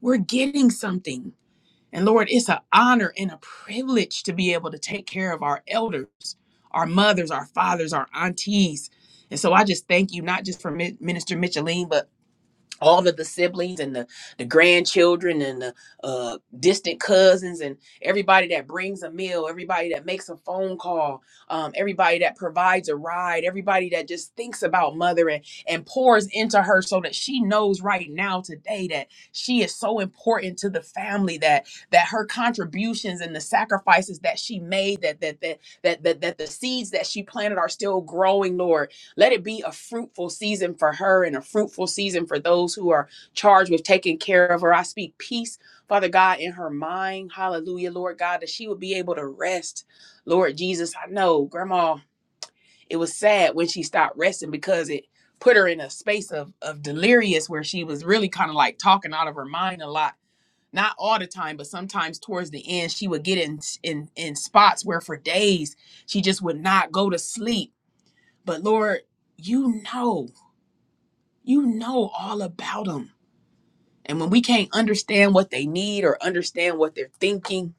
A: we're getting something. And Lord, it's an honor and a privilege to be able to take care of our elders, our mothers, our fathers, our aunties. And so I just thank you, not just for Mi- Minister Micheline, but all of the siblings and the, the grandchildren and the uh, distant cousins and everybody that brings a meal, everybody that makes a phone call, um, everybody that provides a ride, everybody that just thinks about mother and, and pours into her so that she knows right now today that she is so important to the family that that her contributions and the sacrifices that she made that that that that that, that the seeds that she planted are still growing, Lord let it be a fruitful season for her and a fruitful season for those who are charged with taking care of her. I speak peace, Father God, in her mind. Hallelujah, Lord God, that she would be able to rest. Lord Jesus, I know, Grandma, it was sad when she stopped resting because it put her in a space of, of delirious where she was really kind of like talking out of her mind a lot. Not all the time, but sometimes towards the end, she would get in in in spots where for days she just would not go to sleep. But Lord, you know you know all about them. And when we can't understand what they need or understand what they're thinking,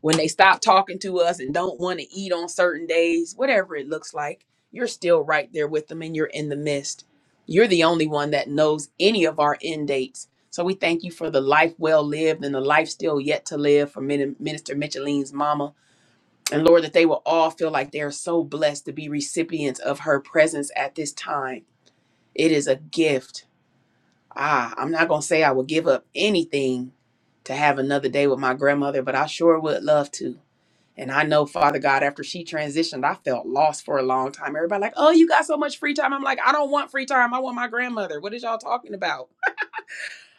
A: when they stop talking to us and don't want to eat on certain days, whatever it looks like, you're still right there with them and you're in the midst. You're the only one that knows any of our end dates. So we thank you for the life well lived and the life still yet to live for Min- Minister Micheline's mama. And Lord, that they will all feel like they're so blessed to be recipients of her presence at this time. It is a gift Ah, I'm not going to say I would give up anything to have another day with my grandmother, but I sure would love to. And I know, Father God, after she transitioned, I felt lost for a long time. Everybody, like, oh, you got so much free time. I'm like, I don't want free time. I want my grandmother. What is y'all talking about?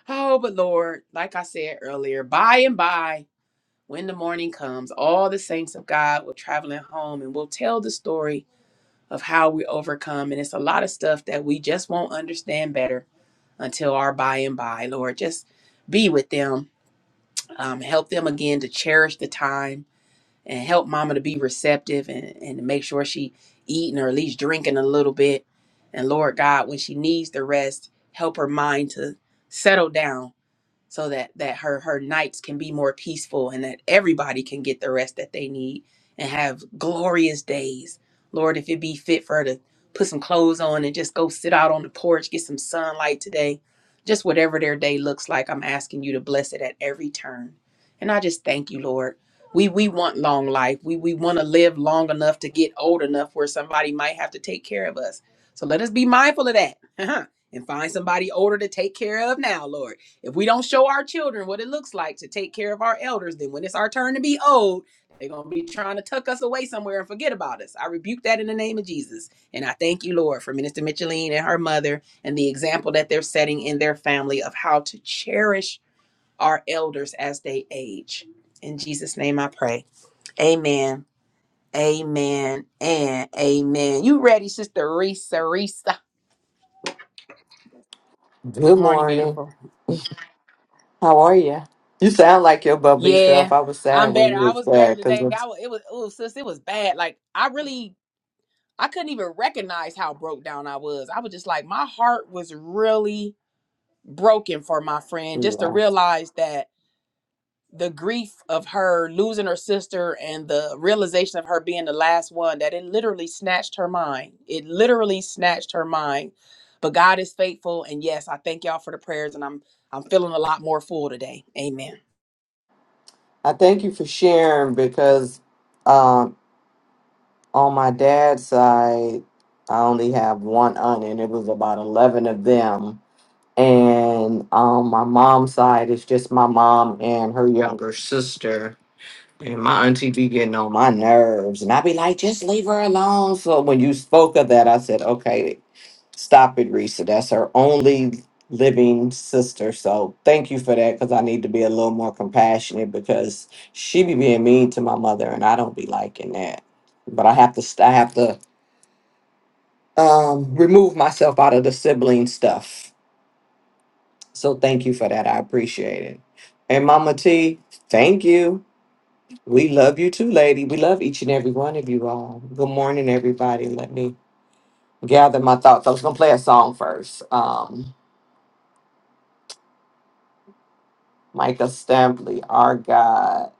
A: Oh, but Lord, like I said earlier, by and by, when the morning comes, all the saints of God will traveling home and will tell the story of how we overcome. And it's a lot of stuff that we just won't understand better until our by and by, Lord. Just be with them. Um, help them again to cherish the time and help mama to be receptive and, and to make sure she eating or at least drinking a little bit. And Lord God, when she needs the rest, help her mind to settle down so that that her her nights can be more peaceful and that everybody can get the rest that they need and have glorious days lord if it be fit for her to put some clothes on and just go sit out on the porch get some sunlight today just whatever their day looks like i'm asking you to bless it at every turn and i just thank you lord we we want long life we we want to live long enough to get old enough where somebody might have to take care of us so let us be mindful of that and find somebody older to take care of now lord if we don't show our children what it looks like to take care of our elders, then when it's our turn to be old, they're going to be trying to tuck us away somewhere and forget about us. I rebuke that in the name of Jesus. And I thank you, Lord, for Minister Micheline and her mother and the example that they're setting in their family of how to cherish our elders as they age. In Jesus' name I pray. Amen. Amen and amen. You ready, Sister Risa? Risa.
B: Good
A: Morning,
B: morning.
A: beautiful.
B: How are you? You sound like your bubbly self.
A: Yeah,
B: I was
A: I'm
B: sad when
A: better.
B: you
A: I
B: was
A: was better
B: sad because
A: today. I
B: it's
A: was, it was oh sis, it was bad. Like I really I couldn't even recognize how broke down I was. I was just like my heart was really broken for my friend just to
B: yeah.
A: realize that the grief of her losing her sister and the realization of her being the last one that it literally snatched her mind. It literally snatched her mind. But God is faithful and yes, I thank y'all for the prayers and I'm I'm feeling a lot more full today. Amen.
B: I thank you for sharing because um, on my dad's side, I only have one aunt, and it was about eleven of them. And on my mom's side, it's just my mom and her younger sister. And my auntie be getting on my nerves. And I be like, just leave her alone. So when you spoke of that, I said, okay, stop it, Risa. That's her only living sister. So thank you for that because I need to be a little more compassionate because she be being mean to my mother and I don't be liking that. But I have to, st- I have to um, remove myself out of the sibling stuff. So thank you for that. I appreciate it. And Mama T, thank you. We love you too, lady. We love each and every one of you all. Good morning, everybody. Let me gather my thoughts. I was gonna play a song first. Um, Micah Stampley, our God,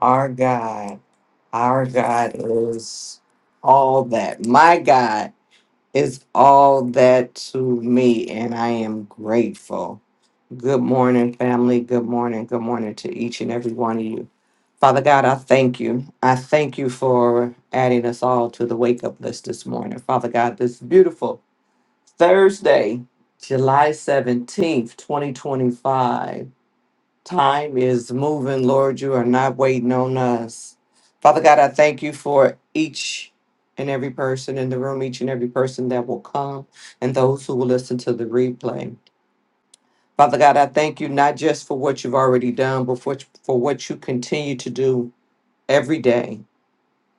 B: our God, our God is all that. My God is all that to me, and I am grateful. Good morning, family. Good morning. Good morning to each and every one of you. Father God, I thank you. I thank you for adding us all to the wake up list this morning. Father God, this beautiful Thursday, July 17th, 2025. Time is moving, Lord. You are not waiting on us. Father God, I thank you for each and every person in the room, each and every person that will come, and those who will listen to the replay. Father God, I thank you not just for what you've already done, but for, for what you continue to do every day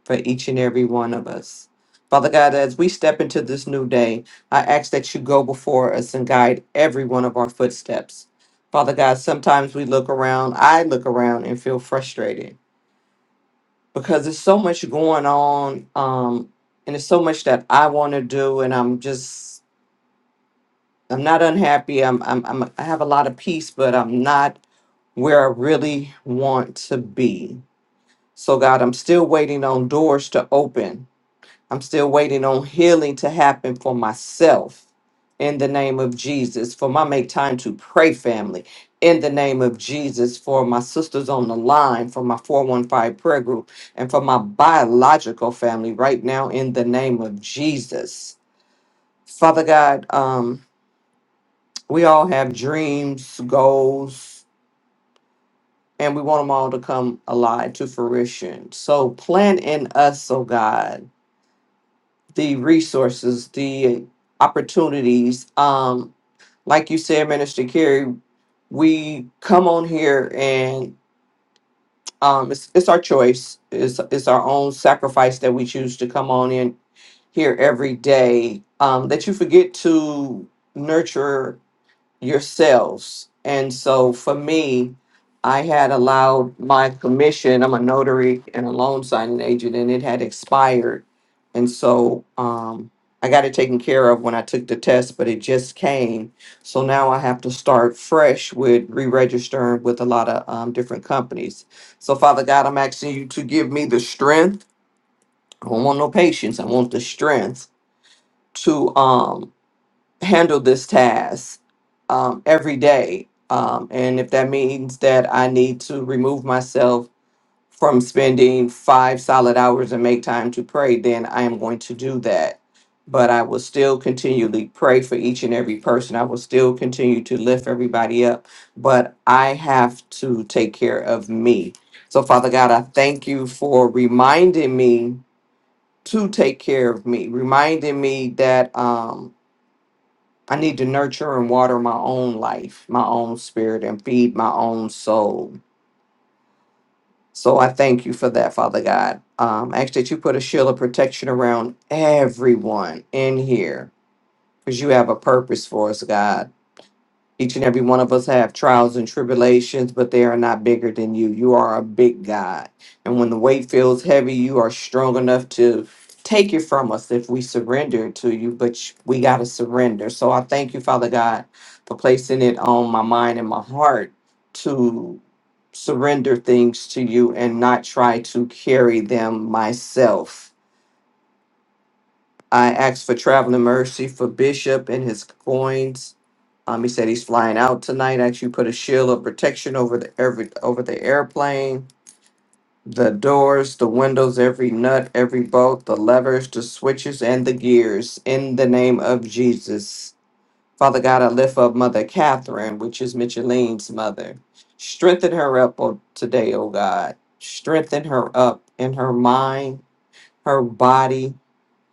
B: for each and every one of us. Father God, as we step into this new day, I ask that you go before us and guide every one of our footsteps. Father God, sometimes we look around, I look around and feel frustrated because there's so much going on um, and there's so much that I want to do and I'm just, I'm not unhappy. I'm, I'm, I'm, I have a lot of peace, but I'm not where I really want to be. So God, I'm still waiting on doors to open I'm still waiting on healing to happen for myself in the name of Jesus, for my make time to pray family in the name of Jesus, for my sisters on the line, for my 415 prayer group, and for my biological family right now in the name of Jesus. Father God, um, we all have dreams, goals, and we want them all to come alive to fruition. So plant in us, oh God the resources, the opportunities. Um, like you said, Minister Kerry, we come on here and um, it's, it's our choice. It's, it's our own sacrifice that we choose to come on in here every day. Um, that you forget to nurture yourselves. And so for me, I had allowed my commission, I'm a notary and a loan signing agent, and it had expired. And so um, I got it taken care of when I took the test, but it just came. So now I have to start fresh with re registering with a lot of um, different companies. So, Father God, I'm asking you to give me the strength. I don't want no patience, I want the strength to. Um, handle this task um, every day. Um, and if that means that I need to remove myself from spending five solid hours and make time to pray, then I am going to do that. But I will still continually pray for each and every person. I will still continue to lift everybody up. But I have to take care of me. So, Father God, I thank you for reminding me to take care of me, reminding me that. Um, I need to nurture and water my own life, my own spirit, and feed my own soul. So I thank you for that, Father God. Um, I ask that you put a shield of protection around everyone in here because you have a purpose for us, God. Each and every one of us have trials and tribulations, but they are not bigger than you. You are a big God. And when the weight feels heavy, you are strong enough to take it from us if we surrender it to you, but sh- we got to surrender. So I thank you, Father God, for placing it on my mind and my heart to surrender things to you and not try to carry them myself. I ask for traveling mercy for Bishop and his coins um, he said he's flying out tonight. Actually, put a shield of protection over the every over the airplane, the doors, the windows, every nut, every bolt, the levers, the switches, and the gears. In the name of Jesus, Father God, I lift up Mother Catherine, which is Micheline's mother. Strengthen her up oh, today, oh God. Strengthen her up in her mind, her body,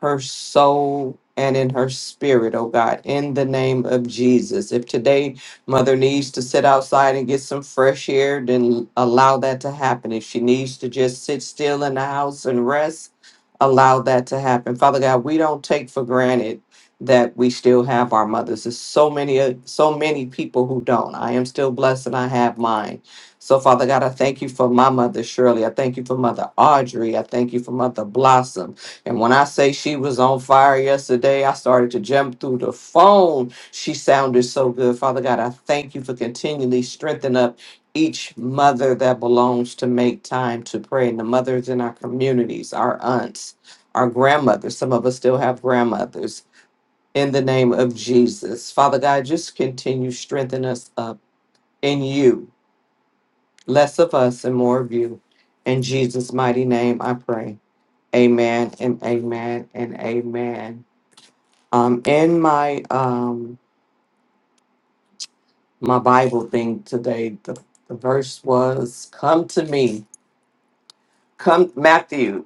B: her soul and in her spirit, oh God, in the name of Jesus. If today mother needs to sit outside and get some fresh air, then allow that to happen. If she needs to just sit still in the house and rest, allow that to happen. Father God, we don't take for granted that we still have our mothers. There's so many so many people who don't. I am still blessed and I have mine. So, Father God, I thank you for my mother Shirley. I thank you for mother Audrey. I thank you for mother Blossom. And when I say she was on fire yesterday, I started to jump through the phone. She sounded so good. Father God, I thank you for continually strengthening up each mother that belongs to make time to pray. And the mothers in our communities, our aunts, our grandmothers. Some of us still have grandmothers. In the name of Jesus. Father God, just continue strengthening us up in you Less of us and more of you. In Jesus' mighty name, I pray. Amen and amen and amen. Um, in my um my Bible thing today, the, the verse was come to me. Come Matthew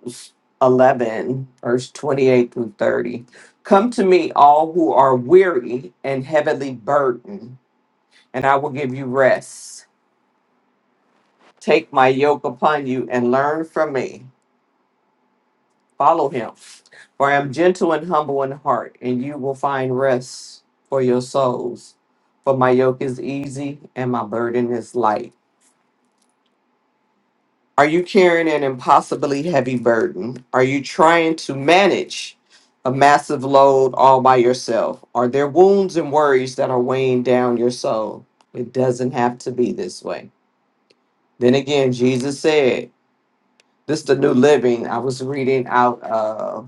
B: eleven, verse twenty-eight through thirty. Come to me all who are weary and heavily burdened, and I will give you rest. Take my yoke upon you and learn from me. Follow him For I am gentle and humble in heart, and you will find rest for your souls. For my yoke is easy and my burden is light. Are you carrying an impossibly heavy burden? Are you trying to manage a massive load all by yourself? Are there wounds and worries that are weighing down your soul? It doesn't have to be this way. Then again, Jesus said, This is the new living I was reading out of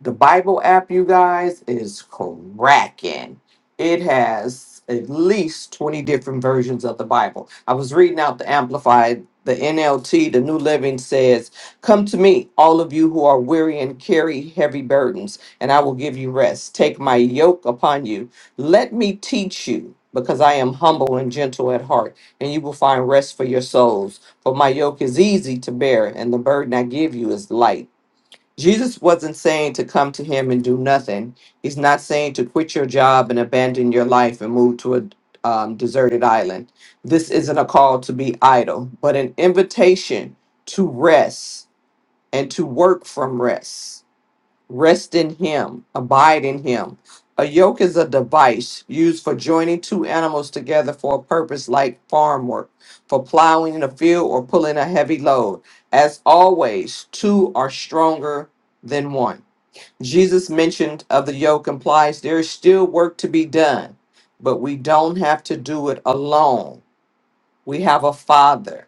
B: The Bible app, you guys, is cracking. It has at least 20 different versions of the Bible. I was reading out the Amplified, the NLT, the New Living says, Come to me, all of you who are weary and carry heavy burdens, and I will give you rest. Take my yoke upon you. Let me teach you, because I am humble and gentle at heart, and you will find rest for your souls. For my yoke is easy to bear, and the burden I give you is light. Jesus wasn't saying to come to him and do nothing. He's not saying to quit your job and abandon your life and move to a um, deserted island. This isn't a call to be idle, but an invitation to rest and to work from rest Rest in him, abide in him. A yoke is a device used for joining two animals together for a purpose like farm work, for plowing in a field or pulling a heavy load. As always, two are stronger than one. Jesus mentioned of the yoke implies there is still work to be done, but we don't have to do it alone. We have a father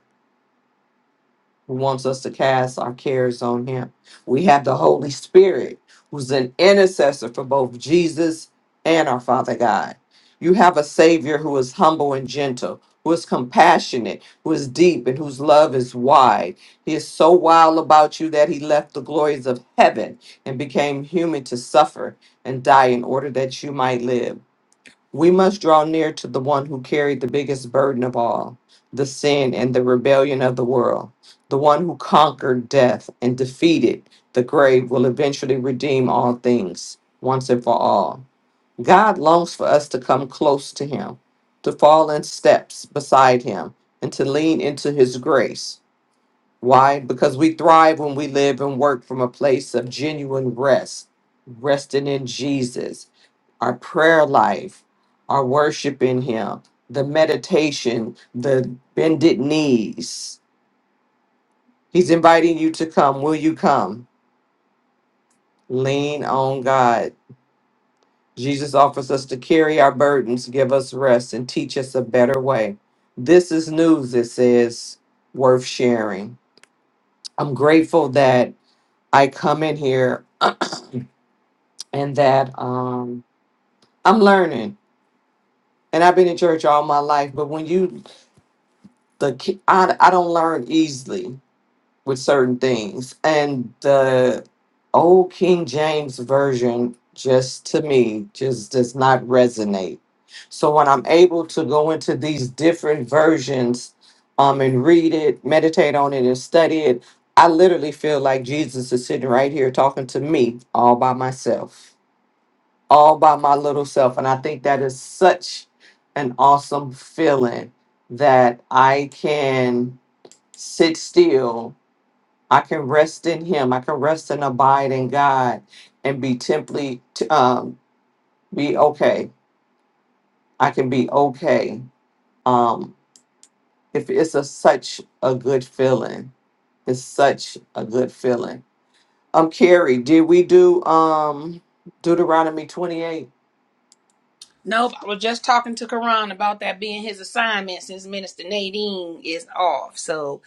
B: who wants us to cast our cares on him. We have the Holy Spirit, who's an intercessor for both Jesus and our Father God. You have a Savior who is humble and gentle, who is compassionate, who is deep, and whose love is wide. He is so wild about you that he left the glories of heaven and became human to suffer and die in order that you might live. We must draw near to the one who carried the biggest burden of all the sin and the rebellion of the world. The one who conquered death and defeated the grave will eventually redeem all things once and for all. God longs for us to come close to him, to fall in steps beside him, and to lean into his grace. Why? Because we thrive when we live and work from a place of genuine rest, resting in Jesus, our prayer life, our worship in Him, the meditation, the bended knees. He's inviting you to come. Will you come? Lean on God. Jesus offers us to carry our burdens, give us rest, and teach us a better way. This is news, it says, worth sharing. I'm grateful that I come in here and that um I'm learning. And I've been in church all my life, but when you the ki- I I don't learn easily with certain things. And the old King James version just to me just does not resonate. So when I'm able to go into these different versions um and read it, meditate on it and study it, I literally feel like Jesus is sitting right here talking to me all by myself all by my little self. And I think that is such an awesome feeling that I can sit still. I can rest in Him. I can rest and abide in God and be simply, t- um, be okay. I can be okay. Um, if it's a, such a good feeling, it's such a good feeling. Um, Carrie, did we do um Deuteronomy 28?
A: Nope, I was just talking to Karan about that being his assignment since Minister Nadine is off. So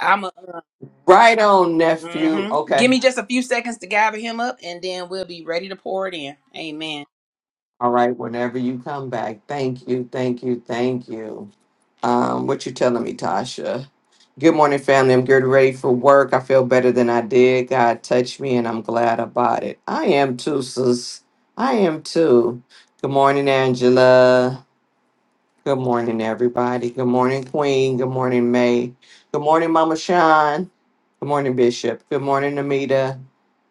A: I'm a
B: Right on, nephew.
A: hmm
B: Okay.
A: give me just a few seconds to gather him up, and then we'll be ready to pour it in. Amen.
B: All right, whenever you come back. Thank you, thank you, thank you. Um, what you telling me, Tasha? Good morning, family. I'm getting ready for work. I feel better than I did. God touched me and I'm glad about it. I am too, sis. I am too. Good morning, Angela. Good morning, everybody. Good morning, Queen. Good morning, May. Good morning, Mama Sean. Good morning, Bishop. Good morning, Amita.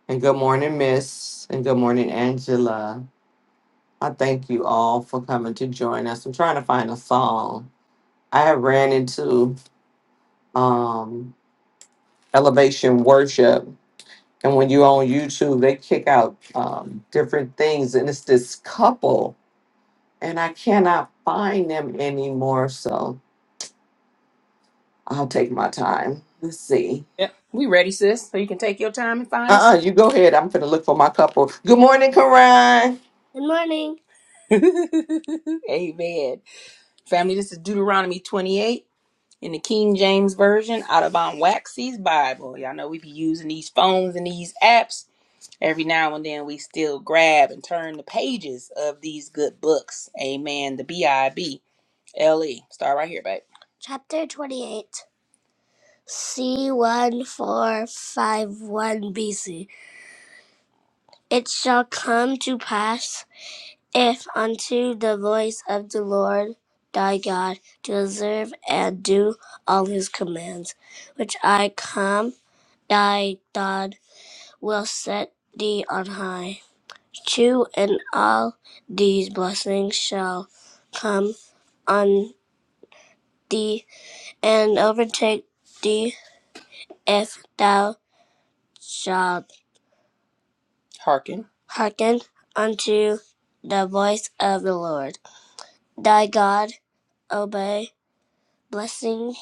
B: And good morning, Miss. And good morning, Angela. I thank you all for coming to join us. I'm trying to find a song. I have ran into um, Elevation Worship, and when you're on YouTube, they kick out um, different things, and it's this couple, and I cannot find them anymore. So I'll take my time. Let's see.
A: Yep, we ready, sis. So you can take your time and find us.
B: Uh uh you go ahead. I'm gonna look for my couple. Good morning, Karan.
A: Amen. Family, this is Deuteronomy 28 in the King James Version out of Von Waxy's Bible. Y'all know we be using these phones and these apps every now and then we still grab and turn the pages of these good books. Amen. The B I B L E. Start right here, babe. Chapter 28 C1451 BC. It shall come to pass if unto the voice of the Lord thy God to observe and do all his commands, which I come, thy God will set thee on high you, and all these blessings shall come on thee and overtake thee if thou shalt Hearken. hearken unto the voice of the Lord thy God, obey. Blessing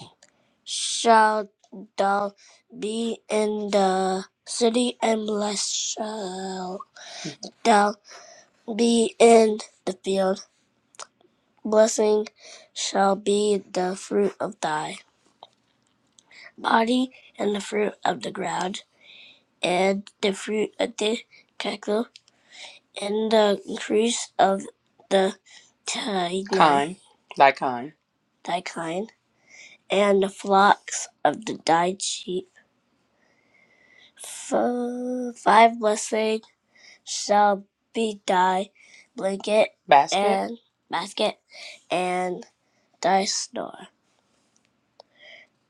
A: shall thou be in the city, and blessed shall thou be in the field. Blessing shall be the fruit of thy body and the fruit of the ground, and the fruit of the tekel, and the increase of the tiny Kine, thy kine, thy kind, and the flocks of the dyed sheep. F- Five blessings shall be thy blanket basket, and basket and thy store.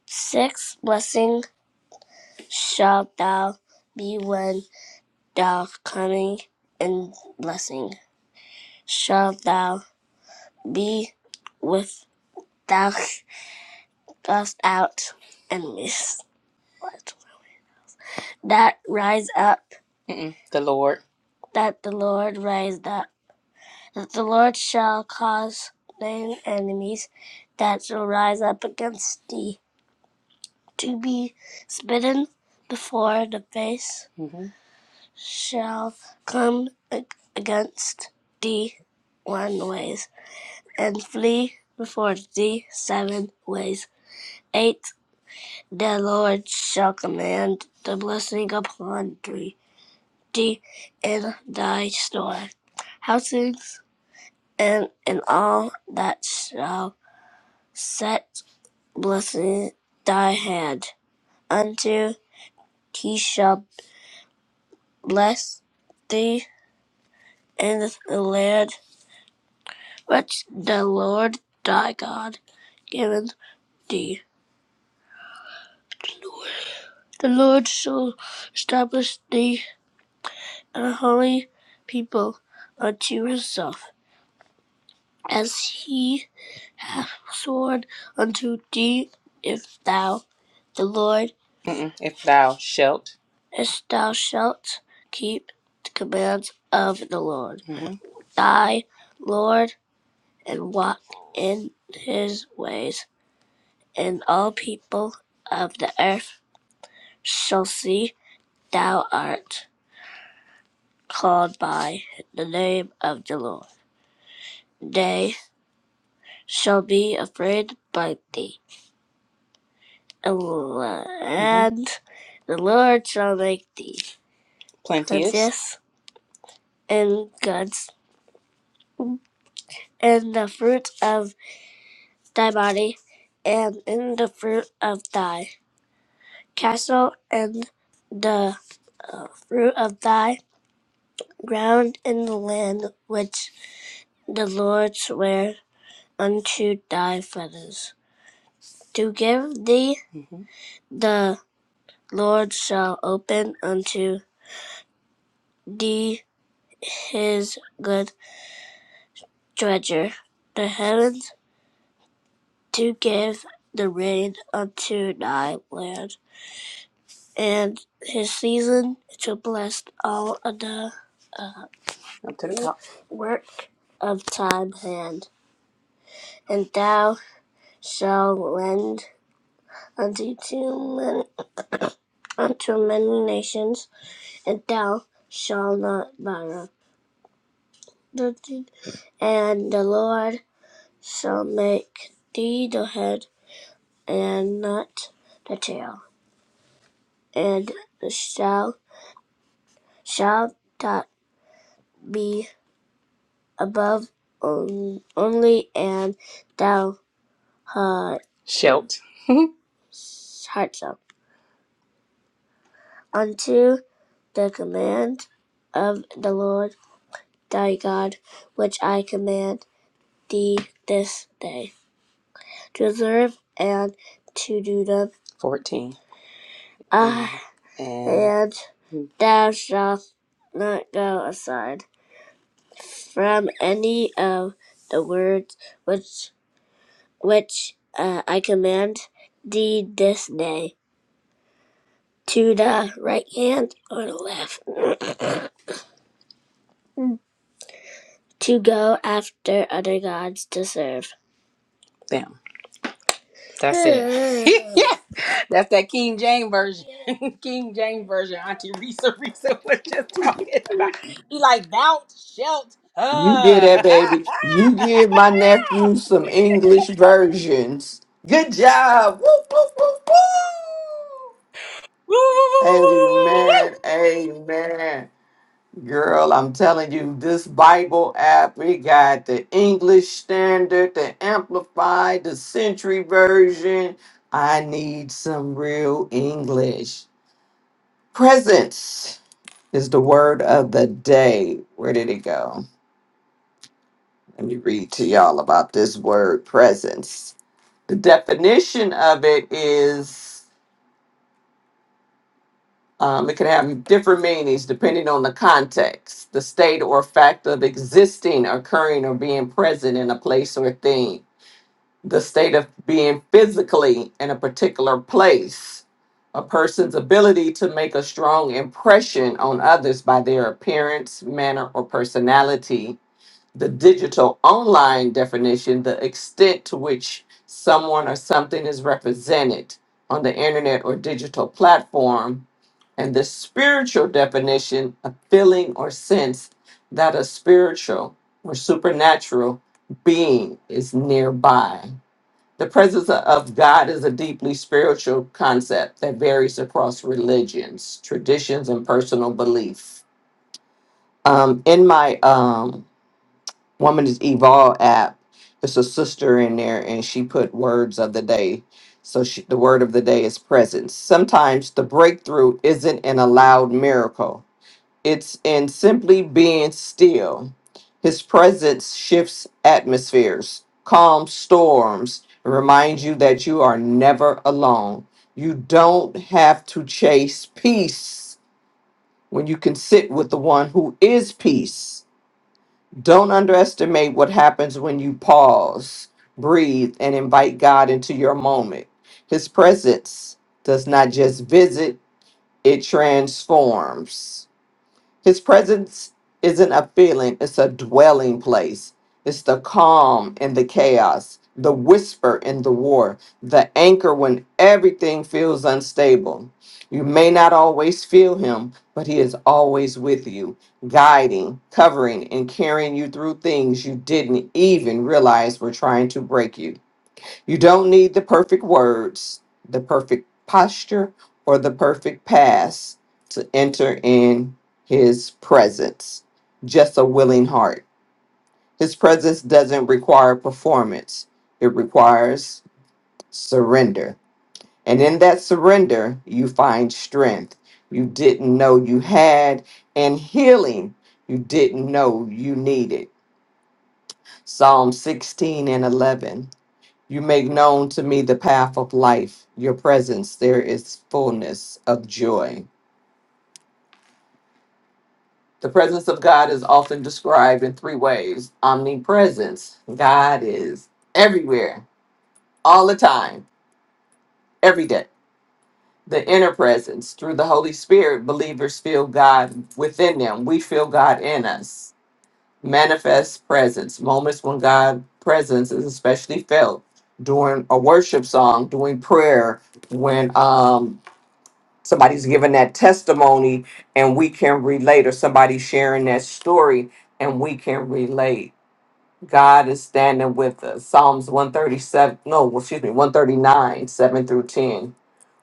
A: Six blessings shalt thou be when. thou coming and blessing shall thou be with thou cast out enemies that rise up Mm-mm. the Lord that the Lord raised up that the Lord shall cause thine enemies that shall rise up against thee to be smitten before the face Mhm. shall come against thee one ways and flee before thee seven ways. Eight, the Lord shall command the blessing upon thee, thee in thy store, housings, and in all that shall set blessing thy hand unto he shall bless thee in the land which the Lord thy God giveth thee. The Lord shall establish thee an holy people unto himself, as he hath sworn unto thee, if thou, the Lord, as thou shalt keep the commands of the Lord Mhm. thy Lord and walk in his ways, and all people of the earth shall see thou art called by the name of the Lord. they shall be afraid by thee. And mm-hmm. the Lord shall make thee plenteous plenteous in goods, in the fruit of thy body, and in the fruit of thy castle, and the uh, fruit of thy ground, in the land which the Lord sware unto thy fathers to give thee. The Lord shall open unto thee his good treasure, the heavens to give the rain unto thy land, and his season to bless all of the to the top. work of time hand. And thou shalt lend unto too many, unto many nations, and thou shalt not borrow. And the Lord shall make thee the head and not the tail. and shall shall not be above on- only and thou heart heart shall unto the command of the Lord thy God which I command thee this day to observe and to do them. 14. Ah, And and thou shalt not go aside from any of the words which. which uh, I command thee this day to the right hand or the left to go after other gods to serve. Bam. That's it. yeah. That's that King James version. King James version. Auntie Risa Risa was just talking about. He like thou shalt.
B: You get
A: Uh.
B: that, baby. You give my nephew some English versions. Good job. Woo, woo, woo, woo.
A: Woo, woo, woo, woo, woo,
B: Amen. Amen. Girl, I'm telling you, this Bible app, we got the English Standard, the Amplified, the Century Version. I need some real English. Presence is the word of the day. Where did it go? Let me read to y'all about this word presence. The definition of it is um, it can have different meanings depending on the context, the state or fact of existing, occurring, or being present in a place or thing, the state of being physically in a particular place, a person's ability to make a strong impression on others by their appearance, manner, or personality the digital online definition, the extent to which someone or something is represented on the internet or digital platform, and the spiritual definition, a feeling or sense that a spiritual or supernatural being is nearby. The presence of God is a deeply spiritual concept that varies across religions, traditions, and personal belief. Um, in my um, Woman is Evol app. It's a sister in there, and she put words of the day. So she, the word of the day is presence. Sometimes the breakthrough isn't in a loud miracle. It's in simply being still. His presence shifts atmospheres, calms storms, and reminds you that you are never alone. You don't have to chase peace when you can sit with the one who is peace don't underestimate what happens when you pause, breathe, and invite God into your moment. His presence does not just visit, it transforms. His presence isn't a feeling, it's a dwelling place. It's the calm in the chaos, the whisper in the war, the anchor when everything feels unstable. You may not always feel him, but he is always with you, guiding, covering, and carrying you through things you didn't even realize were trying to break you. You don't need the perfect words, the perfect posture, or the perfect pass to enter in His presence. Just a willing heart. His presence doesn't require performance, it requires surrender. And in that surrender, you find strength you didn't know you had and healing you didn't know you needed. Psalm 16 and 11. You make known to me the path of life. Your presence, there is fullness of joy. The presence of God is often described in three ways omnipresence, God is everywhere, all the time, every day. The inner presence, through the Holy Spirit, believers feel God within them. We feel God in us. Manifest presence, moments when God' presence is especially felt during a worship song, during prayer, when um somebody's giving that testimony and we can relate or somebody's sharing that story and we can relate god is standing with us psalms 137 no well, excuse me 139 7 through 10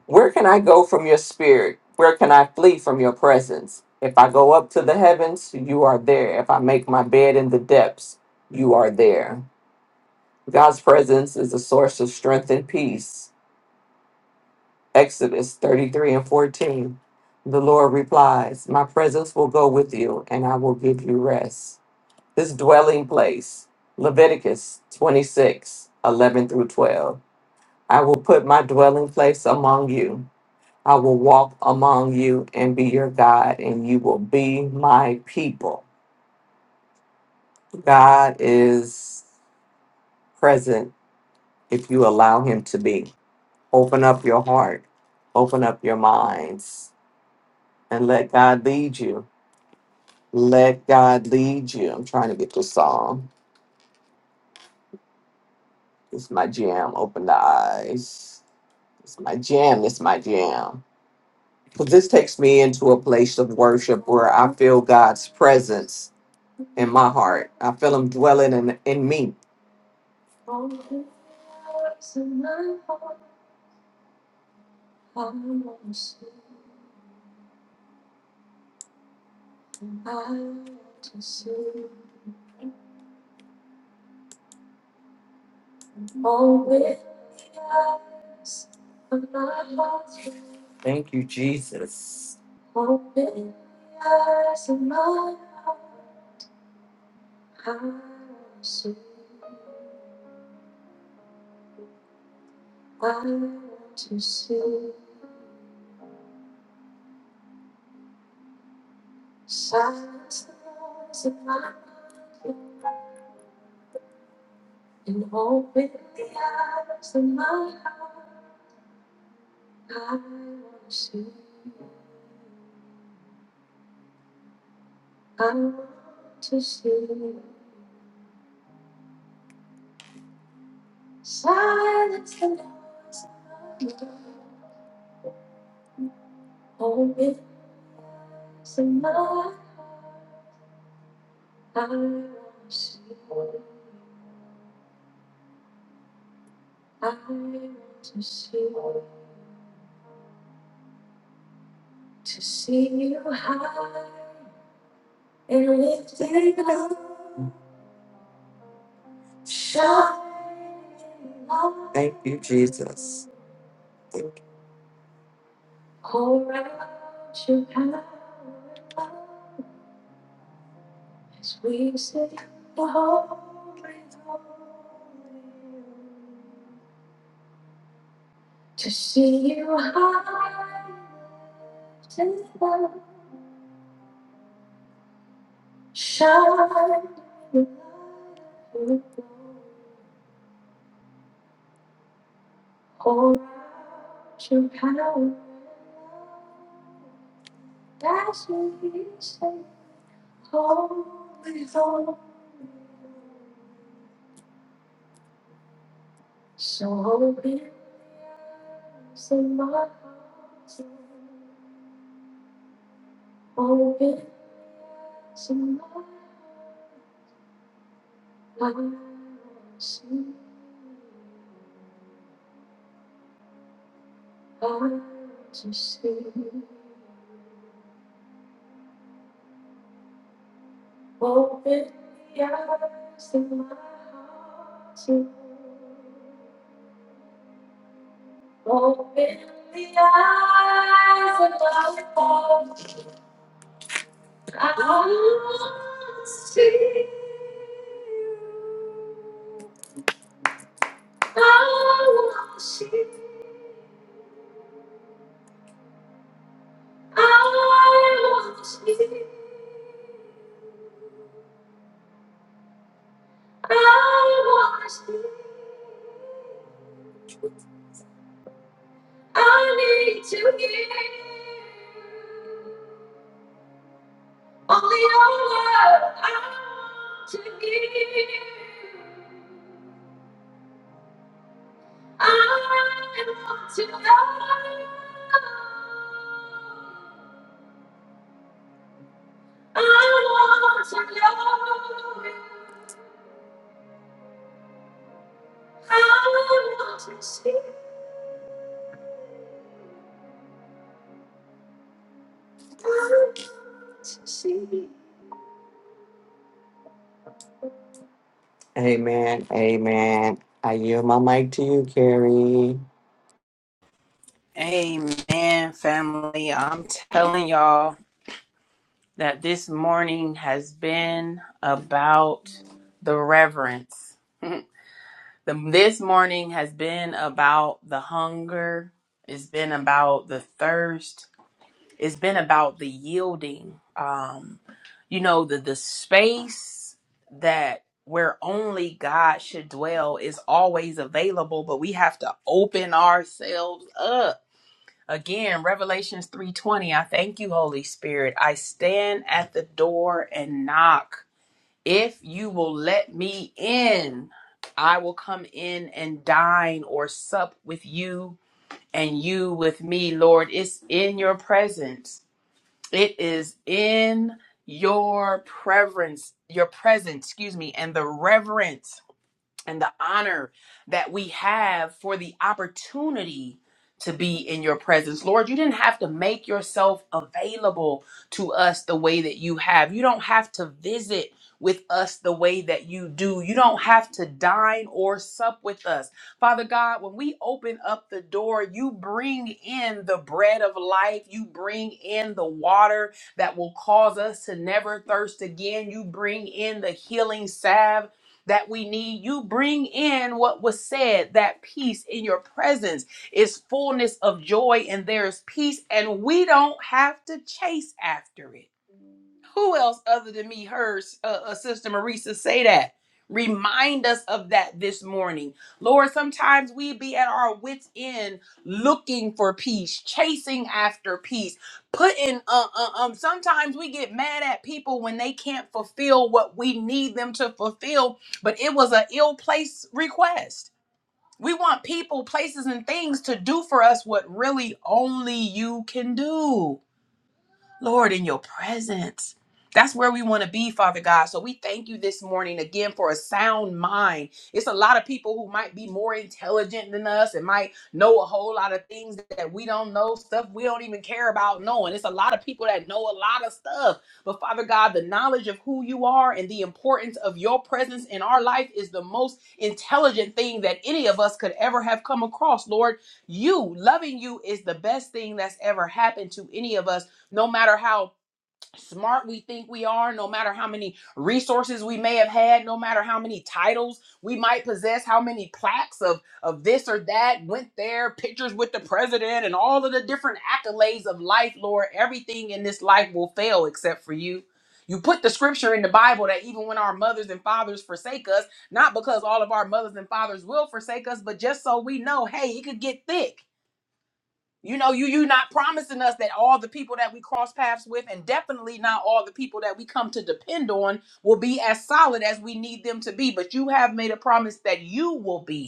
B: where can i go from your spirit where can i flee from your presence if i go up to the heavens you are there if i make my bed in the depths you are there god's presence is a source of strength and peace Exodus 33 and 14. The Lord replies, My presence will go with you, and I will give you rest. This dwelling place, Leviticus 26 11 through 12. I will put my dwelling place among you. I will walk among you and be your God, and you will be my people. God is present if you allow him to be. Open up your heart, open up your minds, and let God lead you Let God lead you. I'm trying to get this song. It's my jam. Open the eyes. It's my jam. It's my jam. Because this takes me into a place of worship where I feel God's presence in my heart. I feel Him dwelling in, in me. Thank you, Jesus. Shine light. Thank you, Jesus. Thank you. Amen. Amen. I yield my mic to you, Carrie.
A: woo, Amen, family. I'm telling y'all. that this morning has been about the reverence. The, this morning has been about the hunger. It's been about the thirst. It's been about the yielding. Um, you know, the, the space that where only God should dwell is always available, but we have to open ourselves up Again, Revelations 3:20. I thank you, Holy Spirit. I stand at the door and knock. If you will let me in, I will come in and dine or sup with you and you with me, Lord. It's in your presence. It is in your preference, your presence, excuse me, and the reverence and the honor that we have for the opportunity to be in your presence. Lord, you didn't have to make yourself available to us the way that you have. You don't have to visit with us the way that you do. You don't have to dine or sup with us. Father God, when we open up the door, you bring in the bread of life, you bring in the water that will cause us to never thirst again. You bring in the healing salve that we need. You bring in what was said, that peace in your presence is fullness of joy and there is peace, and we don't have to chase after it. Who else other than me heard uh, uh, Sister Marisa say that? Remind us of that this morning. Lord, sometimes we be at our wits' end looking for peace, chasing after peace, putting, uh, uh, um, sometimes we get mad at people when they can't fulfill what we need them to fulfill, but it was an ill placed request. We want people, places, and things to do for us what really only you can do. Lord, in your presence. That's where we want to be, Father God. So we thank you this morning again for a sound mind. It's a lot of people who might be more intelligent than us and might know a whole lot of things that we don't know, stuff we don't even care about knowing. It's a lot of people that know a lot of stuff. But Father God, the knowledge of who you are and the importance of your presence in our life is the most intelligent thing that any of us could ever have come across, Lord. You, loving you, is the best thing that's ever happened to any of us no matter how smart we think we are, no matter how many resources we may have had, no matter how many titles we might possess, how many plaques of of this or that went there, pictures with the president and all of the different accolades of life, Lord, everything in this life will fail except for you. You put the scripture in the Bible that even when our mothers and fathers forsake us, not because all of our mothers and fathers will forsake us, but just so we know, hey, it could get thick you know, you you not promising us that all the people that we cross paths with, and definitely not all the people that we come to depend on, will be as solid as we need them to be. But you have made a promise that you will be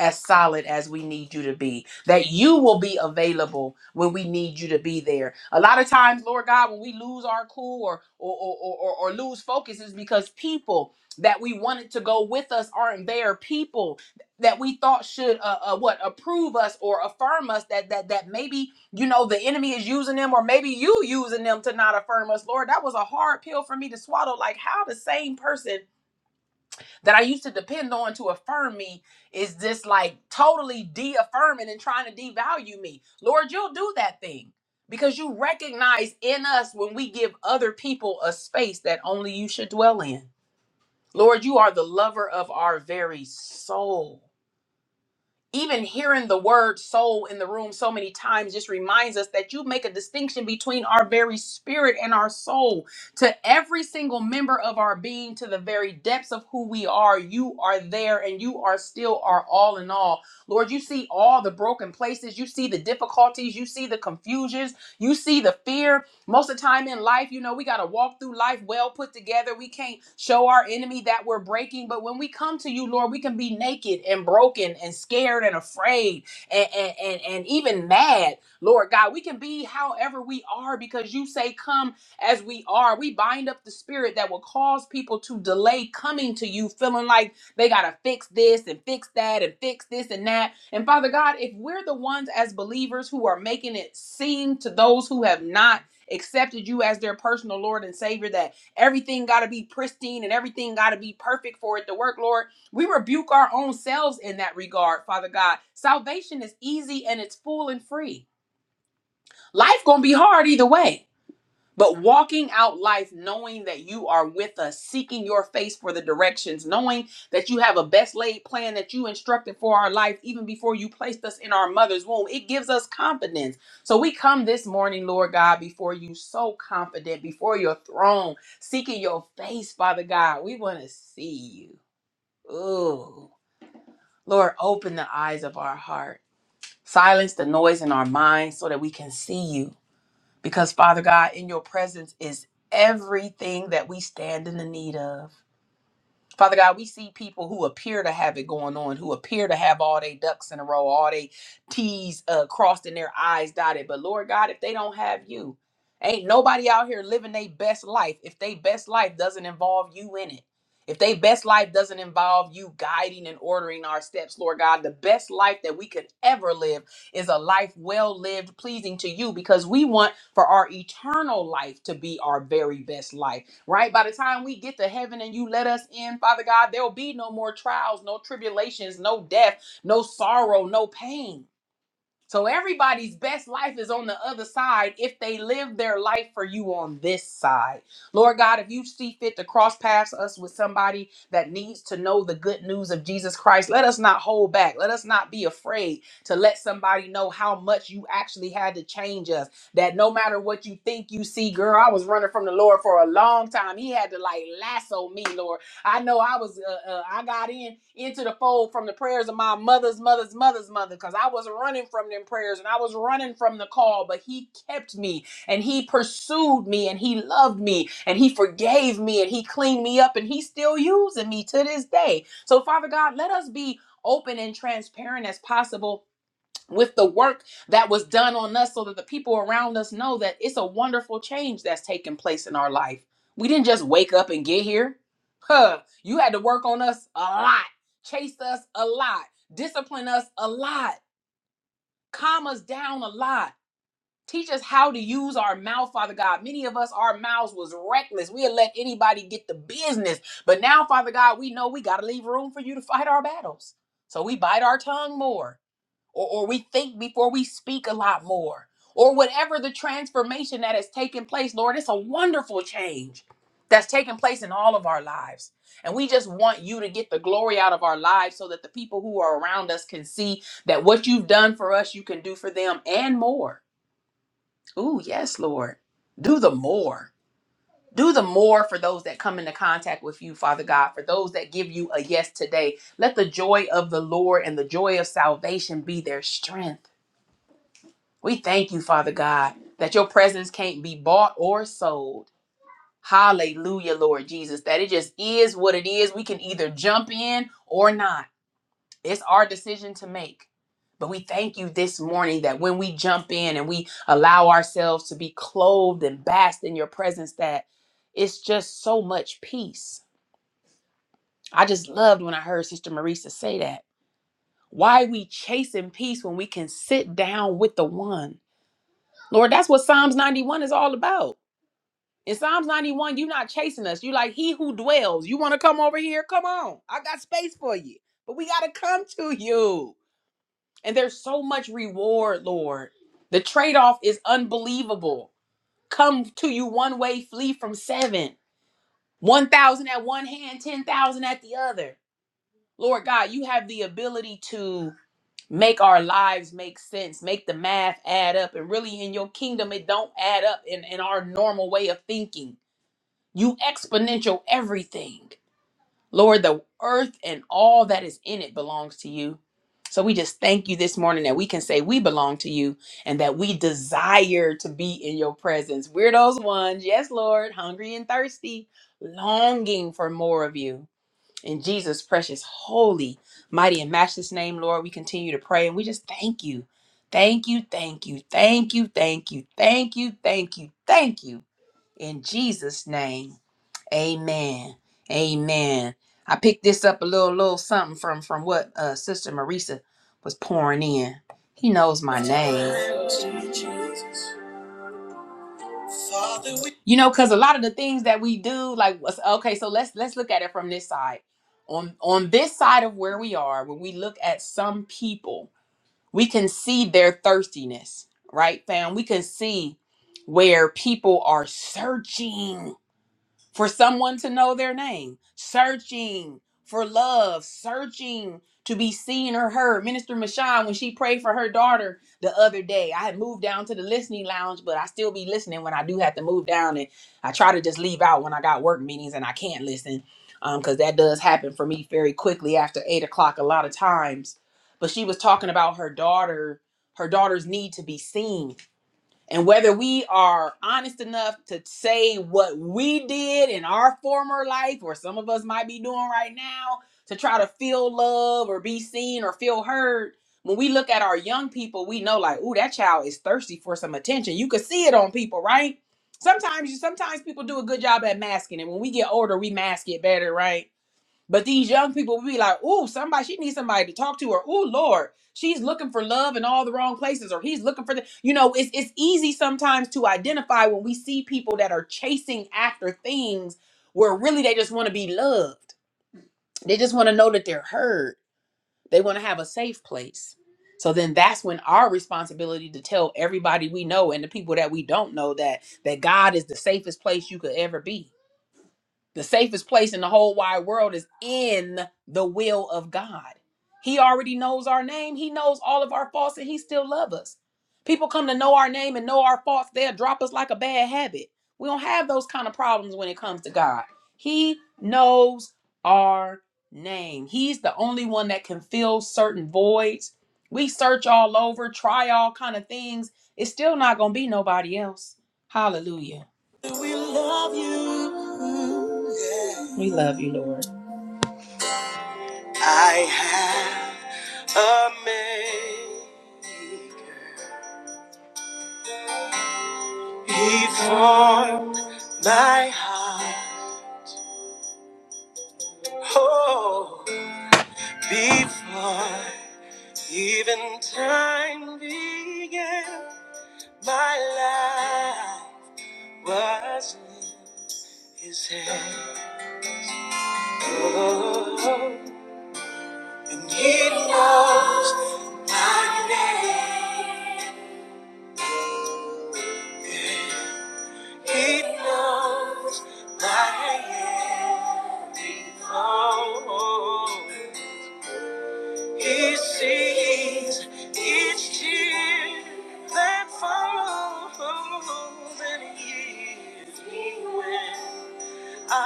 A: as solid as we need you to be, that you will be available when we need you to be there. A lot of times, Lord God, when we lose our cool or or or, or, or or lose focus is because people that we wanted to go with us aren't there. People that we thought should uh, uh what approve us or affirm us that that that maybe you know the enemy is using them or maybe you using them to not affirm us lord that was a hard pill for me to swallow like how the same person that I used to depend on to affirm me is just like totally de affirming and trying to devalue me. Lord, you'll do that thing because you recognize in us when we give other people a space that only you should dwell in. Lord, you are the lover of our very soul even hearing the word soul in the room so many times just reminds us that you make a distinction between our very spirit and our soul to every single member of our being to the very depths of who we are you are there and you are still our all in all lord you see all the broken places you see the difficulties you see the confusions you see the fear most of the time in life, you know, we got to walk through life well put together. We can't show our enemy that we're breaking. But when we come to you, Lord, we can be naked and broken and scared and afraid and, and, and, and even mad. Lord God, we can be however we are because you say, Come as we are. We bind up the spirit that will cause people to delay coming to you, feeling like they got to fix this and fix that and fix this and that. And Father God, if we're the ones as believers who are making it seem to those who have not accepted you as their personal Lord and Savior, that everything got to be pristine and everything got to be perfect for it to work, Lord. We rebuke our own selves in that regard, Father God. Salvation is easy and it's full and free. Life going to be hard either way. But walking out life knowing that you are with us, seeking your face for the directions, knowing that you have a best laid plan that you instructed for our life even before you placed us in our mother's womb, it gives us confidence. So we come this morning, Lord God, before you, so confident, before your throne, seeking your face, Father God. We want to see you. Ooh. Lord, open the eyes of our heart, silence the noise in our minds so that we can see you because Father God, in your presence is everything that we stand in the need of. Father God, we see people who appear to have it going on, who appear to have all they ducks in a row, all they T's uh, crossed and their I's dotted. But Lord God, if they don't have you, ain't nobody out here living their best life if they best life doesn't involve you in it. If they best life doesn't involve you guiding and ordering our steps, Lord God, the best life that we could ever live is a life well lived, pleasing to you, because we want for our eternal life to be our very best life, right? By the time we get to heaven and you let us in, Father God, there will be no more trials, no tribulations, no death, no sorrow, no pain so everybody's best life is on the other side if they live their life for you on this side. Lord God, if you see fit to cross paths us with somebody that needs to know the good news of Jesus Christ, let us not hold back. Let us not be afraid to let somebody know how much you actually had to change us. That no matter what you think you see, girl, I was running from the Lord for a long time. He had to like lasso me, Lord. I know I was, uh, uh, I got in into the fold from the prayers of my mother's mother's mother's mother because I was running from them prayers and I was running from the call, but He kept me and He pursued me and He loved me and He forgave me and He cleaned me up and He's still using me to this day. So, Father God, let us be open and transparent as possible with the work that was done on us so that the people around us know that it's a wonderful change that's taking place in our life. We didn't just wake up and get here. Huh. You had to work on us a lot, chase us a lot, discipline us a lot, calm us down a lot. Teach us how to use our mouth, Father God. Many of us, our mouths was reckless. We'll let anybody get the business. But now, Father God, we know we got to leave room for you to fight our battles. So we bite our tongue more or, or we think before we speak a lot more, or whatever the transformation that has taken place, Lord, it's a wonderful change that's taken place in all of our lives. And we just want you to get the glory out of our lives so that the people who are around us can see that what you've done for us, you can do for them and more. Ooh, yes, Lord. Do the more. Do the more for those that come into contact with you, Father God, for those that give you a yes today. Let the joy of the Lord and the joy of salvation be their strength. We thank you, Father God, that your presence can't be bought or sold. Hallelujah, Lord Jesus, that it just is what it is. We can either jump in or not. It's our decision to make. But we thank you this morning that when we jump in and we allow ourselves to be clothed and bathed in your presence, that it's just so much peace. I just loved when I heard Sister Marisa say that. Why we chasing peace when we can sit down with the one? Lord, that's what Psalms 91 is all about. In Psalms 91, you're not chasing us. You like he who dwells. You want to come over here? Come on. I got space for you. But we gotta come to you. And there's so much reward, Lord. The trade-off is unbelievable. Come to you one way, flee from seven. One thousand at one hand, ten thousand at the other. Lord God, you have the ability to make our lives make sense, make the math add up. And really in your kingdom, it don't add up in, in our normal way of thinking you exponential everything. Lord, the earth and all that is in it belongs to you. So we just thank you this morning that we can say we belong to you and that we desire to be in your presence. We're those ones, yes, Lord, hungry and thirsty, longing for more of you. In Jesus' precious, holy, mighty, and matchless name, Lord, we continue to pray and we just thank you. Thank you, thank you, thank you, thank you, thank you, thank you, thank you. In Jesus' name. Amen. Amen. I picked this up a little little something from from what uh Sister Marisa was pouring in. He knows my name. You know, cause a lot of the things that we do, like what's- okay, so let's let's look at it from this side. On on this side of where we are, when we look at some people, we can see their thirstiness, right, fam? We can see where people are searching for someone to know their name, searching for love, searching to be seen or heard. Minister Michon, when she prayed for her daughter the other day, I had moved down to the listening lounge, but I still be listening when I do have to move down, and I try to just leave out when I got work meetings and I can't listen, because that does happen for me very quickly after eight o'clock a lot of times. But she was talking about her daughter, her daughter's need to be seen and whether we are honest enough to say what we did in our former life, or some of us might be doing right now, to try to feel love or be seen or feel heard, when we look at our young people, we know like, ooh, that child is thirsty for some attention. You could see it on people, right? Sometimes you sometimes people do a good job at masking it. When we get older, we mask it better, right? But these young people will be like, ooh, somebody, she needs somebody to talk to, or ooh, Lord, she's looking for love in all the wrong places, or he's looking for the, you know, it's it's easy sometimes to identify when we see people that are chasing after things where really they just want to be loved. They just want to know that they're heard. They want to have a safe place. So then that's when our responsibility to tell everybody we know and the people that we don't know that that God is the safest place you could ever be the safest place in the whole wide world is in the will of God. He already knows our name. He knows all of our faults and he still loves us. People come to know our name and know our faults, they'll drop us like a bad habit. We don't have those kind of problems when it comes to God. He knows our name. He's the only one that can fill certain voids. We search all over, try all kind of things. It's still not going to be nobody else. Hallelujah. We love. Oh. Before even time began, my life was in His hand. Oh, and He knows my name. He knows my home. He sees each tear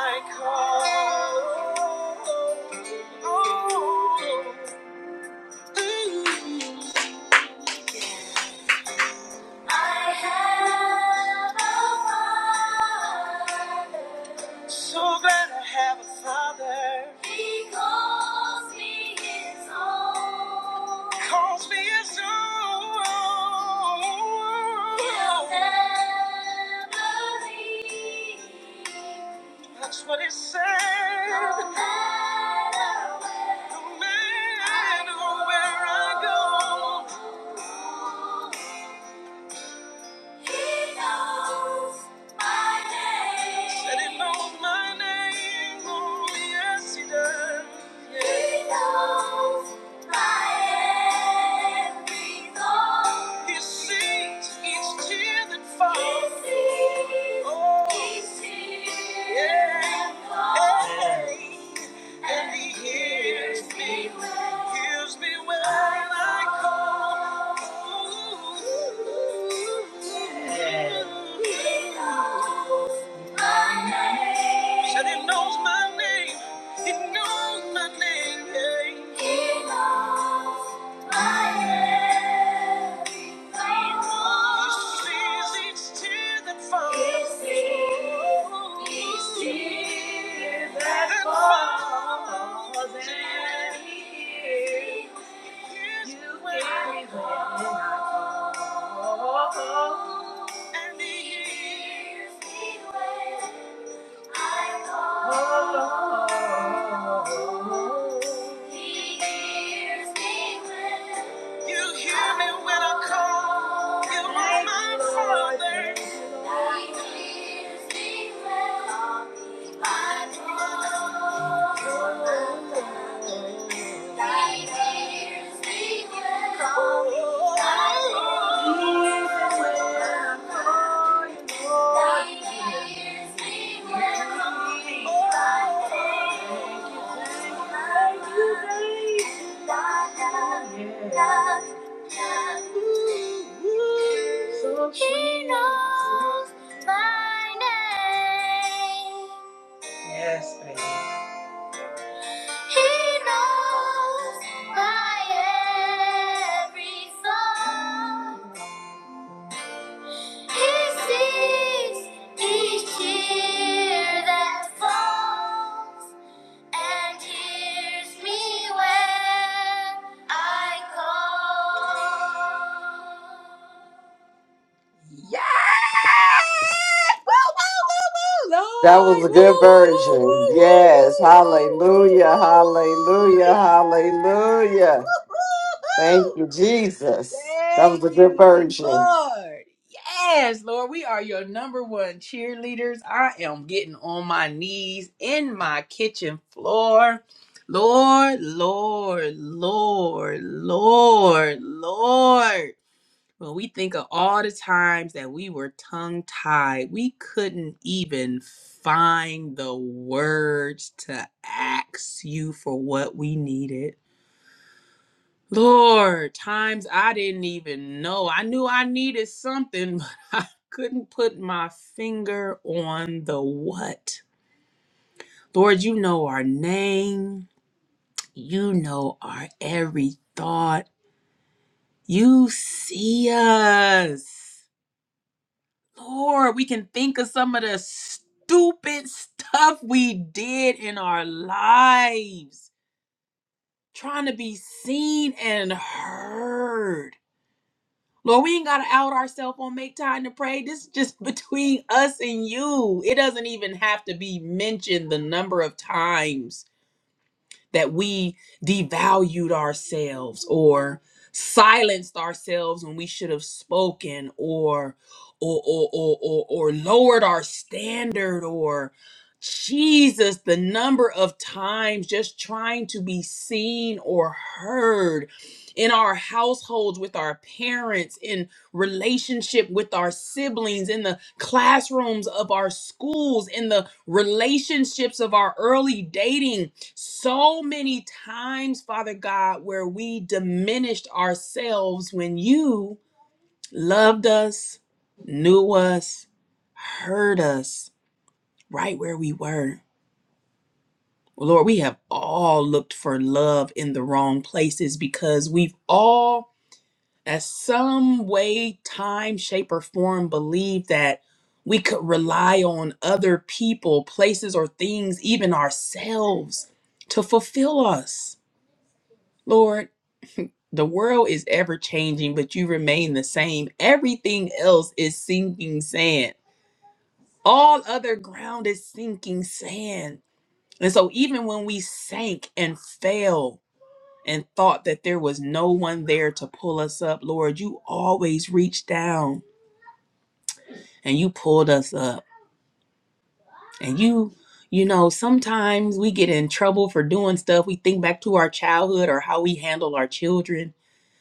A: I cry. I have a father. So glad I have a father. He calls me his own. Come on. He'll never leave. But it's no matter where. No matter where I go. He knows my name. Said it knows. Said he knows my name, my name. He knows my name. Oh, and he hears me when he hears me when I call. You are my father. He hears me when I call. He hears me when I call. He knows my name. Yes, baby. He knows my every thought. This is each tear that falls, and hears me when I call. Yes! Woo, woo, woo, woo,
B: That was
A: Lord!
B: a
A: Woo,
B: good
A: woo, woo, woo,
B: version.
A: woo, woo, woo,
B: Yes.
A: woo, woo, woo,
B: Hallelujah.
A: woo, woo.
B: Hallelujah.
A: Yes! Woo,
B: Hallelujah.
A: woo,
B: Thank
A: woo.
B: you, Jesus. That was
A: Thank
B: a good
A: you,
B: version.
A: Lord. Yes, Lord, we are your number one cheerleaders. I am getting on my knees in my kitchen floor. Lord, Lord, Lord, Lord, Lord. When we think of all the times that we were tongue tied, we couldn't even find the words to ask you for what we needed. Lord, times I didn't even know. I knew I needed something, but I couldn't put my finger on the what. Lord, you know our name. You know our every thought. You see us. Lord, we can think of some of the stupid stuff we did in our lives, trying to be seen and heard. Lord, we ain't gotta out ourselves on make time to pray. This is just between us and you. It doesn't even have to be mentioned the number of times that we devalued ourselves or silenced ourselves when we should have spoken or or or or or, or lowered our standard or Jesus, the number of times just trying to be seen or heard in our households with our parents, in relationship with our siblings, in the classrooms of our schools, in the relationships of our early dating so many times, Father God, where we diminished ourselves when you loved us, knew us, heard us right where we were. Lord, we have all looked for love in the wrong places because we've all, at some way, time, shape, or form, believed that we could rely on other people, places, or things, even ourselves to fulfill us. Lord, The world is ever changing, but you remain the same. Everything else is sinking sand. All other ground is sinking sand. And so, even when we sank and fell and thought that there was no one there to pull us up, Lord, you always reached down and you pulled us up. And you, you know, sometimes we get in trouble for doing stuff. We think back to our childhood or how we handled our children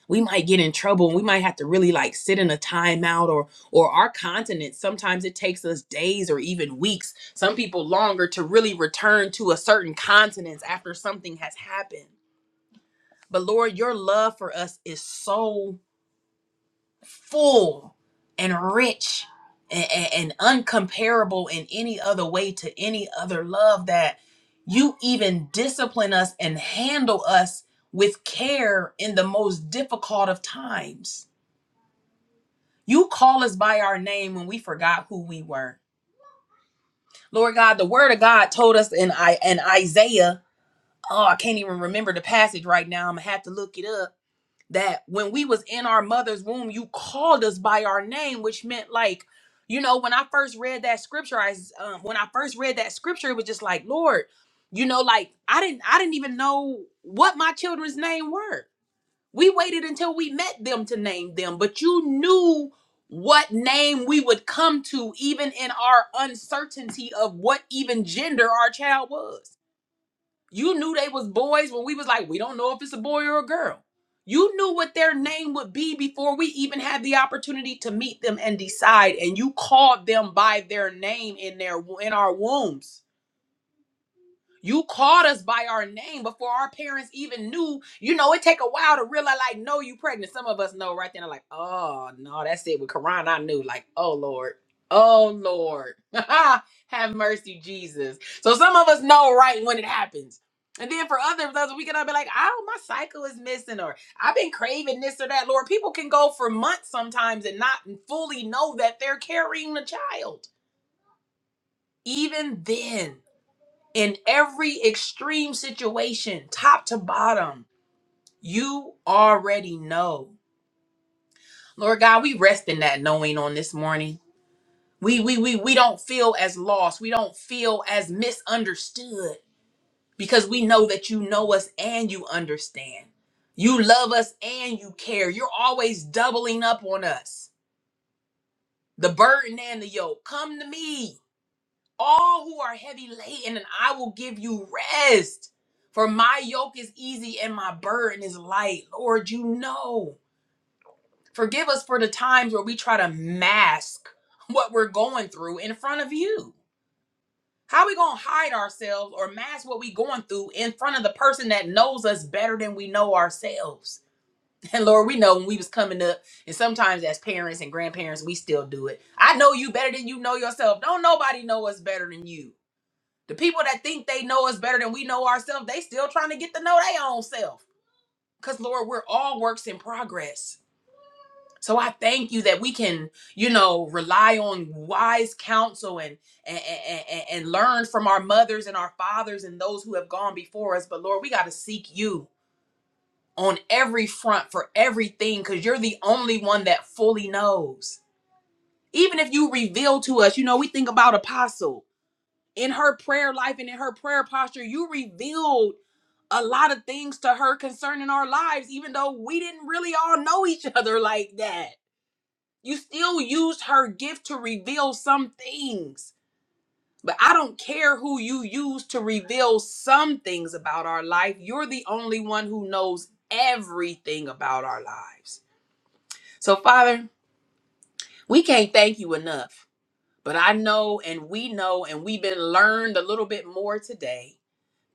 A: we might get in trouble and we might have to really like sit in a timeout or or our continent sometimes it takes us days or even weeks some people longer to really return to a certain continent after something has happened but lord your love for us is so full and rich and, and, and uncomparable in any other way to any other love that you even discipline us and handle us with care in the most difficult of times You call us by our name when we forgot who we were. Lord God, the word of God told us in I in Isaiah, oh, I can't even remember the passage right now. I'm gonna have to look it up. That when we was in our mother's womb, you called us by our name, which meant like, you know, when I first read that scripture, I um, when I first read that scripture, it was just like, Lord, you know, like I didn't I didn't even know what my children's name were we waited until we met them to name them, but you knew what name we would come to, even in our uncertainty of what even gender our child was. You knew they was boys when we was like, we don't know if it's a boy or a girl. You knew what their name would be before we even had the opportunity to meet them and decide, and you called them by their name in their in our wombs. You called us by our name before our parents even knew. You know, it take a while to realize, like, no, you pregnant. Some of us know right then, like, oh no, that's it. With Quran, I knew, like, oh Lord, oh Lord, have mercy, Jesus. So some of us know right when it happens. And then for others, others we can all be like, oh, my cycle is missing, or I've been craving this or that. Lord, people can go for months sometimes and not fully know that they're carrying the child. Even then in every extreme situation, top to bottom. You already know. Lord God, we rest in that knowing on this morning. We we we we don't feel as lost. We don't feel as misunderstood because we know that you know us and you understand. You love us and you care. You're always doubling up on us. The burden and the yoke. Come to me. all who are heavy laden, and I will give you rest. For my yoke is easy and my burden is light. Lord, you know. Forgive us for the times where we try to mask what we're going through in front of you. How are we going to hide ourselves or mask what we going through in front of the person that knows us better than we know ourselves? And Lord, we know when we was coming up, and sometimes as parents and grandparents, we still do it. I know you better than you know yourself. Don't nobody know us better than you. The people that think they know us better than we know ourselves, they still trying to get to know their own self. Cause Lord, we're all works in progress. So I thank you that we can, you know, rely on wise counsel and and, and, and learn from our mothers and our fathers and those who have gone before us. But Lord, we got to seek you on every front for everything because you're the only one that fully knows. Even if you reveal to us, you know, we think about Apostle in her prayer life and in her prayer posture, you revealed a lot of things to her concerning our lives, even though we didn't really all know each other like that. You still used her gift to reveal some things. But I don't care who you use to reveal some things about our life. You're the only one who knows everything about our lives. So, Father, we can't thank you enough. But I know and we know, and we've been learned a little bit more today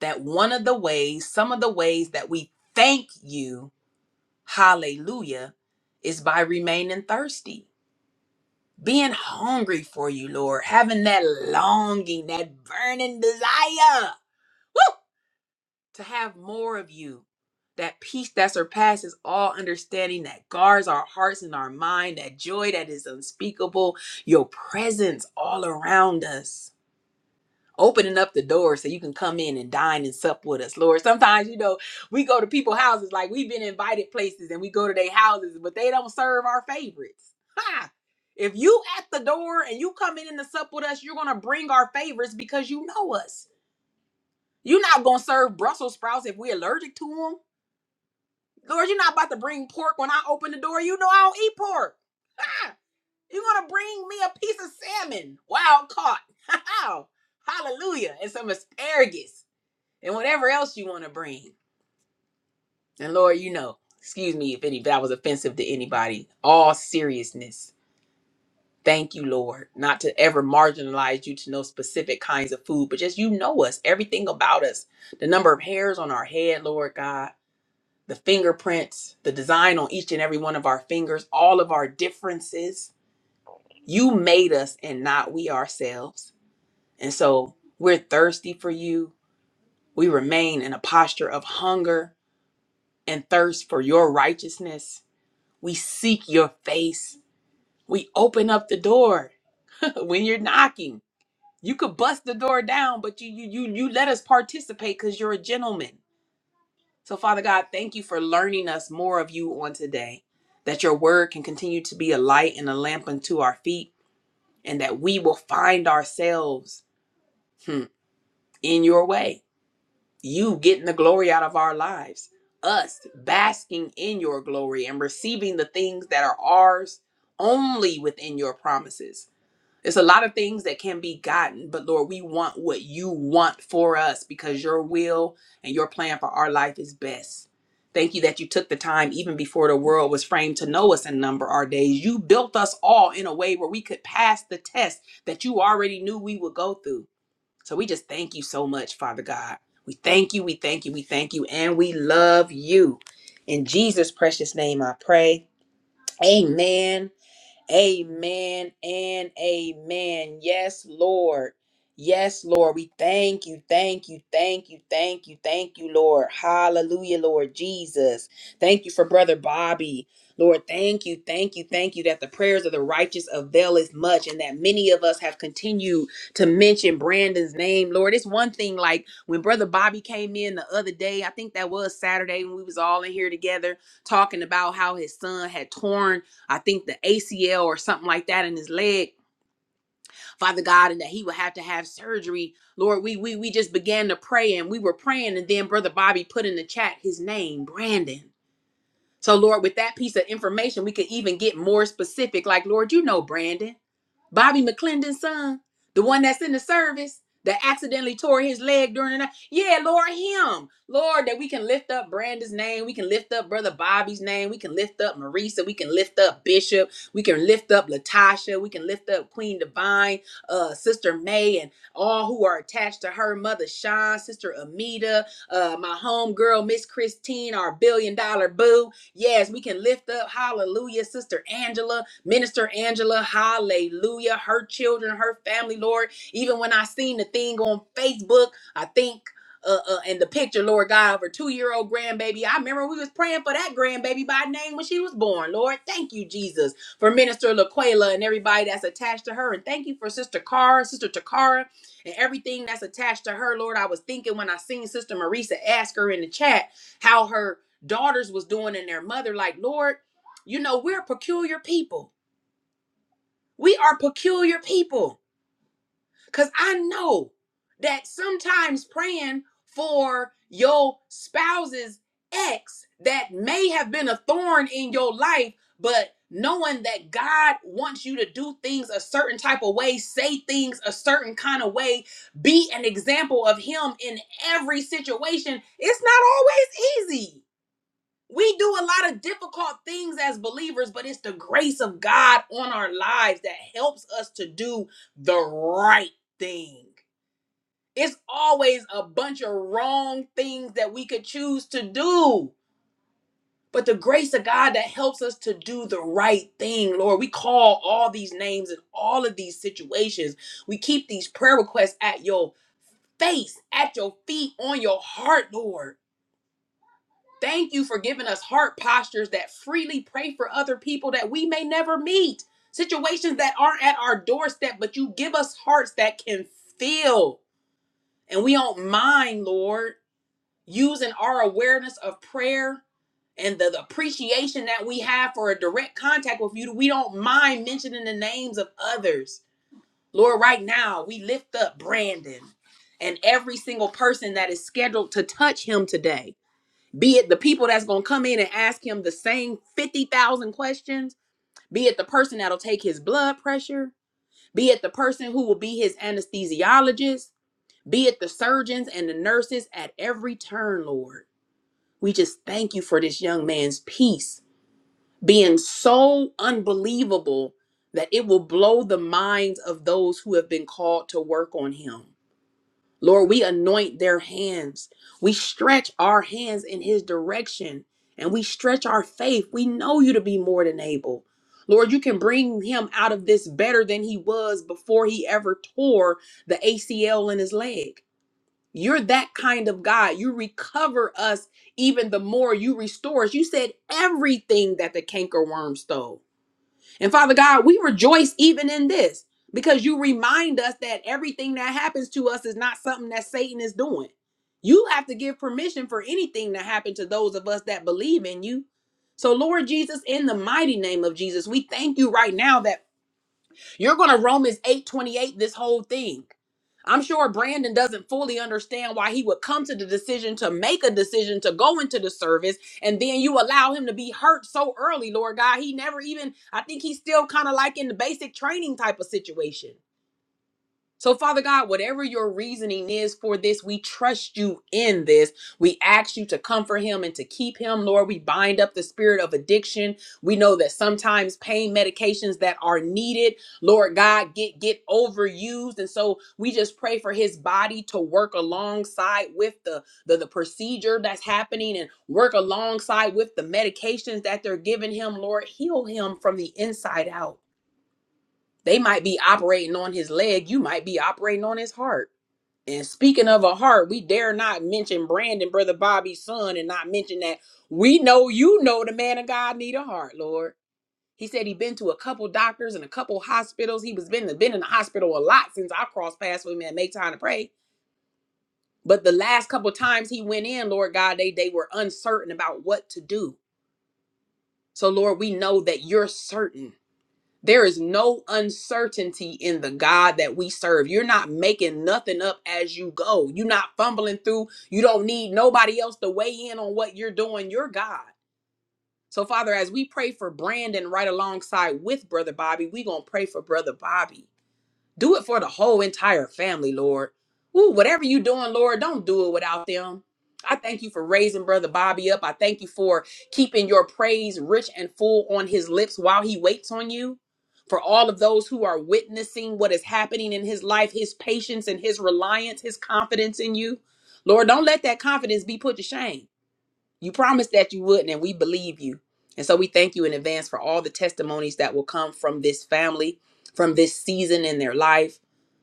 A: that one of the ways, some of the ways that we thank you Hallelujah is by remaining thirsty, being hungry for you, Lord, having that longing, that burning desire woo, to have more of you. That peace that surpasses all understanding, that guards our hearts and our mind, that joy that is unspeakable, your presence all around us opening up the door so you can come in and dine and sup with us, Lord. Sometimes, you know, we go to people's houses, like we've been invited places and we go to their houses, but they don't serve our favorites. Ha! If you at the door and you come in and sup with us, you're gonna bring our favorites because you know us. You're not gonna serve Brussels sprouts if we're allergic to them. Lord, you're not about to bring pork when I open the door. You know I don't eat pork. Ha! You're gonna bring me a piece of salmon, wild caught. Hallelujah. And some asparagus and whatever else you want to bring. And Lord, you know, excuse me if any, that was offensive to anybody. All seriousness. Thank you, Lord, not to ever marginalize you to no specific kinds of food, but just you know us, everything about us, the number of hairs on our head, Lord God, the fingerprints, the design on each and every one of our fingers, all of our differences. You made us and not we ourselves. And so we're thirsty for you. We remain in a posture of hunger and thirst for your righteousness. We seek your face. We open up the door when you're knocking. You could bust the door down, but you you you you let us participate because you're a gentleman. So Father God, thank you for learning us more of you on today. That your word can continue to be a light and a lamp unto our feet, and that we will find ourselves hmm, in your way. you getting the glory out of our lives, us basking in your glory and receiving the things that are ours only within your promises. It's a lot of things that can be gotten, but Lord, we want what you want for us because your will and your plan for our life is best. Thank you that you took the time, even before the world was framed, to know us and number our days. You built us all in a way where we could pass the test that you already knew we would go through. So we just thank you so much, Father God. We thank you, we thank you, we thank you, and we love you. In Jesus' precious name, I pray. Amen. Amen and amen. Yes, Lord. Yes, Lord. We thank you, thank you, thank you, thank you, thank you, Lord. Hallelujah, Lord Jesus. Thank you for Brother Bobby. Lord, thank you, thank you, thank you that the prayers of the righteous avail as much and that many of us have continued to mention Brandon's name. Lord, it's one thing like when Brother Bobby came in the other day, I think that was Saturday when we was all in here together talking about how his son had torn I think the ACL or something like that in his leg, Father God, and that he would have to have surgery. Lord, we we we just began to pray and we were praying, and then Brother Bobby put in the chat his name, Brandon. So Lord, with that piece of information, we could even get more specific. Like, Lord, you know Brandon. Bobby McClendon's son, the one that's in the service that accidentally tore his leg during the night. Yeah, Lord, him. Lord, that we can lift up Brandon's name. We can lift up Brother Bobby's name. We can lift up Marisa. We can lift up Bishop. We can lift up Latasha. We can lift up Queen Divine, uh, Sister May, and all who are attached to her, Mother Sean, Sister Amita, uh, my homegirl, Miss Christine, our billion dollar boo. Yes, we can lift up, hallelujah, Sister Angela, Minister Angela, hallelujah, her children, her family, Lord. Even when I seen the thing on Facebook, I think. Uh, uh, and the picture, Lord God, of her two-year-old grandbaby. I remember we was praying for that grandbaby by name when she was born. Lord, thank you, Jesus, for Minister Laquela and everybody that's attached to her, and thank you for Sister Cara, Sister Takara, and everything that's attached to her. Lord, I was thinking when I seen Sister Marisa ask her in the chat how her daughters was doing in their mother like lord you know we're peculiar people we are peculiar people because i know that sometimes praying for your spouse's ex that may have been a thorn in your life but knowing that god wants you to do things a certain type of way say things a certain kind of way be an example of him in every situation it's not always easy we do a lot of difficult things as believers, but it's the grace of God on our lives that helps us to do the right thing. It's always a bunch of wrong things that we could choose to do, but the grace of God that helps us to do the right thing, Lord. We call all these names in all of these situations. We keep these prayer requests at your face, at your feet, on your heart, Lord. Thank you for giving us heart postures that freely pray for other people that we may never meet, situations that aren't at our doorstep, but you give us hearts that can feel. And we don't mind, Lord, using our awareness of prayer and the, the appreciation that we have for a direct contact with you. We don't mind mentioning the names of others. Lord, right now, we lift up Brandon and every single person that is scheduled to touch him today be it the people that's going to come in and ask him the same 50,000 questions, be it the person that'll take his blood pressure, be it the person who will be his anesthesiologist, be it the surgeons and the nurses at every turn, Lord. We just thank you for this young man's peace being so unbelievable that it will blow the minds of those who have been called to work on him. Lord, we anoint their hands. We stretch our hands in His direction and we stretch our faith. We know you to be more than able. Lord, you can bring him out of this better than he was before he ever tore the ACL in his leg. You're that kind of God. You recover us even the more you restore us. You said everything that the canker worm stole. And Father God, we rejoice even in this because you remind us that everything that happens to us is not something that Satan is doing. You have to give permission for anything to happen to those of us that believe in you. So, Lord Jesus, in the mighty name of Jesus, we thank you right now that you're going to Romans eight twenty eight this whole thing. I'm sure Brandon doesn't fully understand why he would come to the decision to make a decision to go into the service and then you allow him to be hurt so early, Lord God. He never even, I think he's still kind of like in the basic training type of situation. So, Father God, whatever your reasoning is for this, we trust you in this. We ask you to comfort him and to keep him. Lord, we bind up the spirit of addiction. We know that sometimes pain medications that are needed, Lord God, get get overused. And so we just pray for his body to work alongside with the, the, the procedure that's happening and work alongside with the medications that they're giving him. Lord, heal him from the inside out. They might be operating on his leg, you might be operating on his heart. And speaking of a heart, we dare not mention Brandon, brother Bobby's son, and not mention that we know you know the man of God need a heart, Lord. He said he been to a couple doctors and a couple hospitals. He was been been in the hospital a lot since I crossed paths with him and make time to pray. But the last couple times he went in, Lord God, they they were uncertain about what to do. So Lord, we know that you're certain There is no uncertainty in the God that we serve. You're not making nothing up as you go. You're not fumbling through. You don't need nobody else to weigh in on what you're doing. You're God. So, Father, as we pray for Brandon right alongside with Brother Bobby, we're going to pray for Brother Bobby. Do it for the whole entire family, Lord. Ooh, whatever you doing, Lord, don't do it without them. I thank you for raising Brother Bobby up. I thank you for keeping your praise rich and full on his lips while he waits on you. For all of those who are witnessing what is happening in his life, his patience and his reliance, his confidence in you. Lord, don't let that confidence be put to shame. You promised that you wouldn't, and we believe you. And so we thank you in advance for all the testimonies that will come from this family, from this season in their life.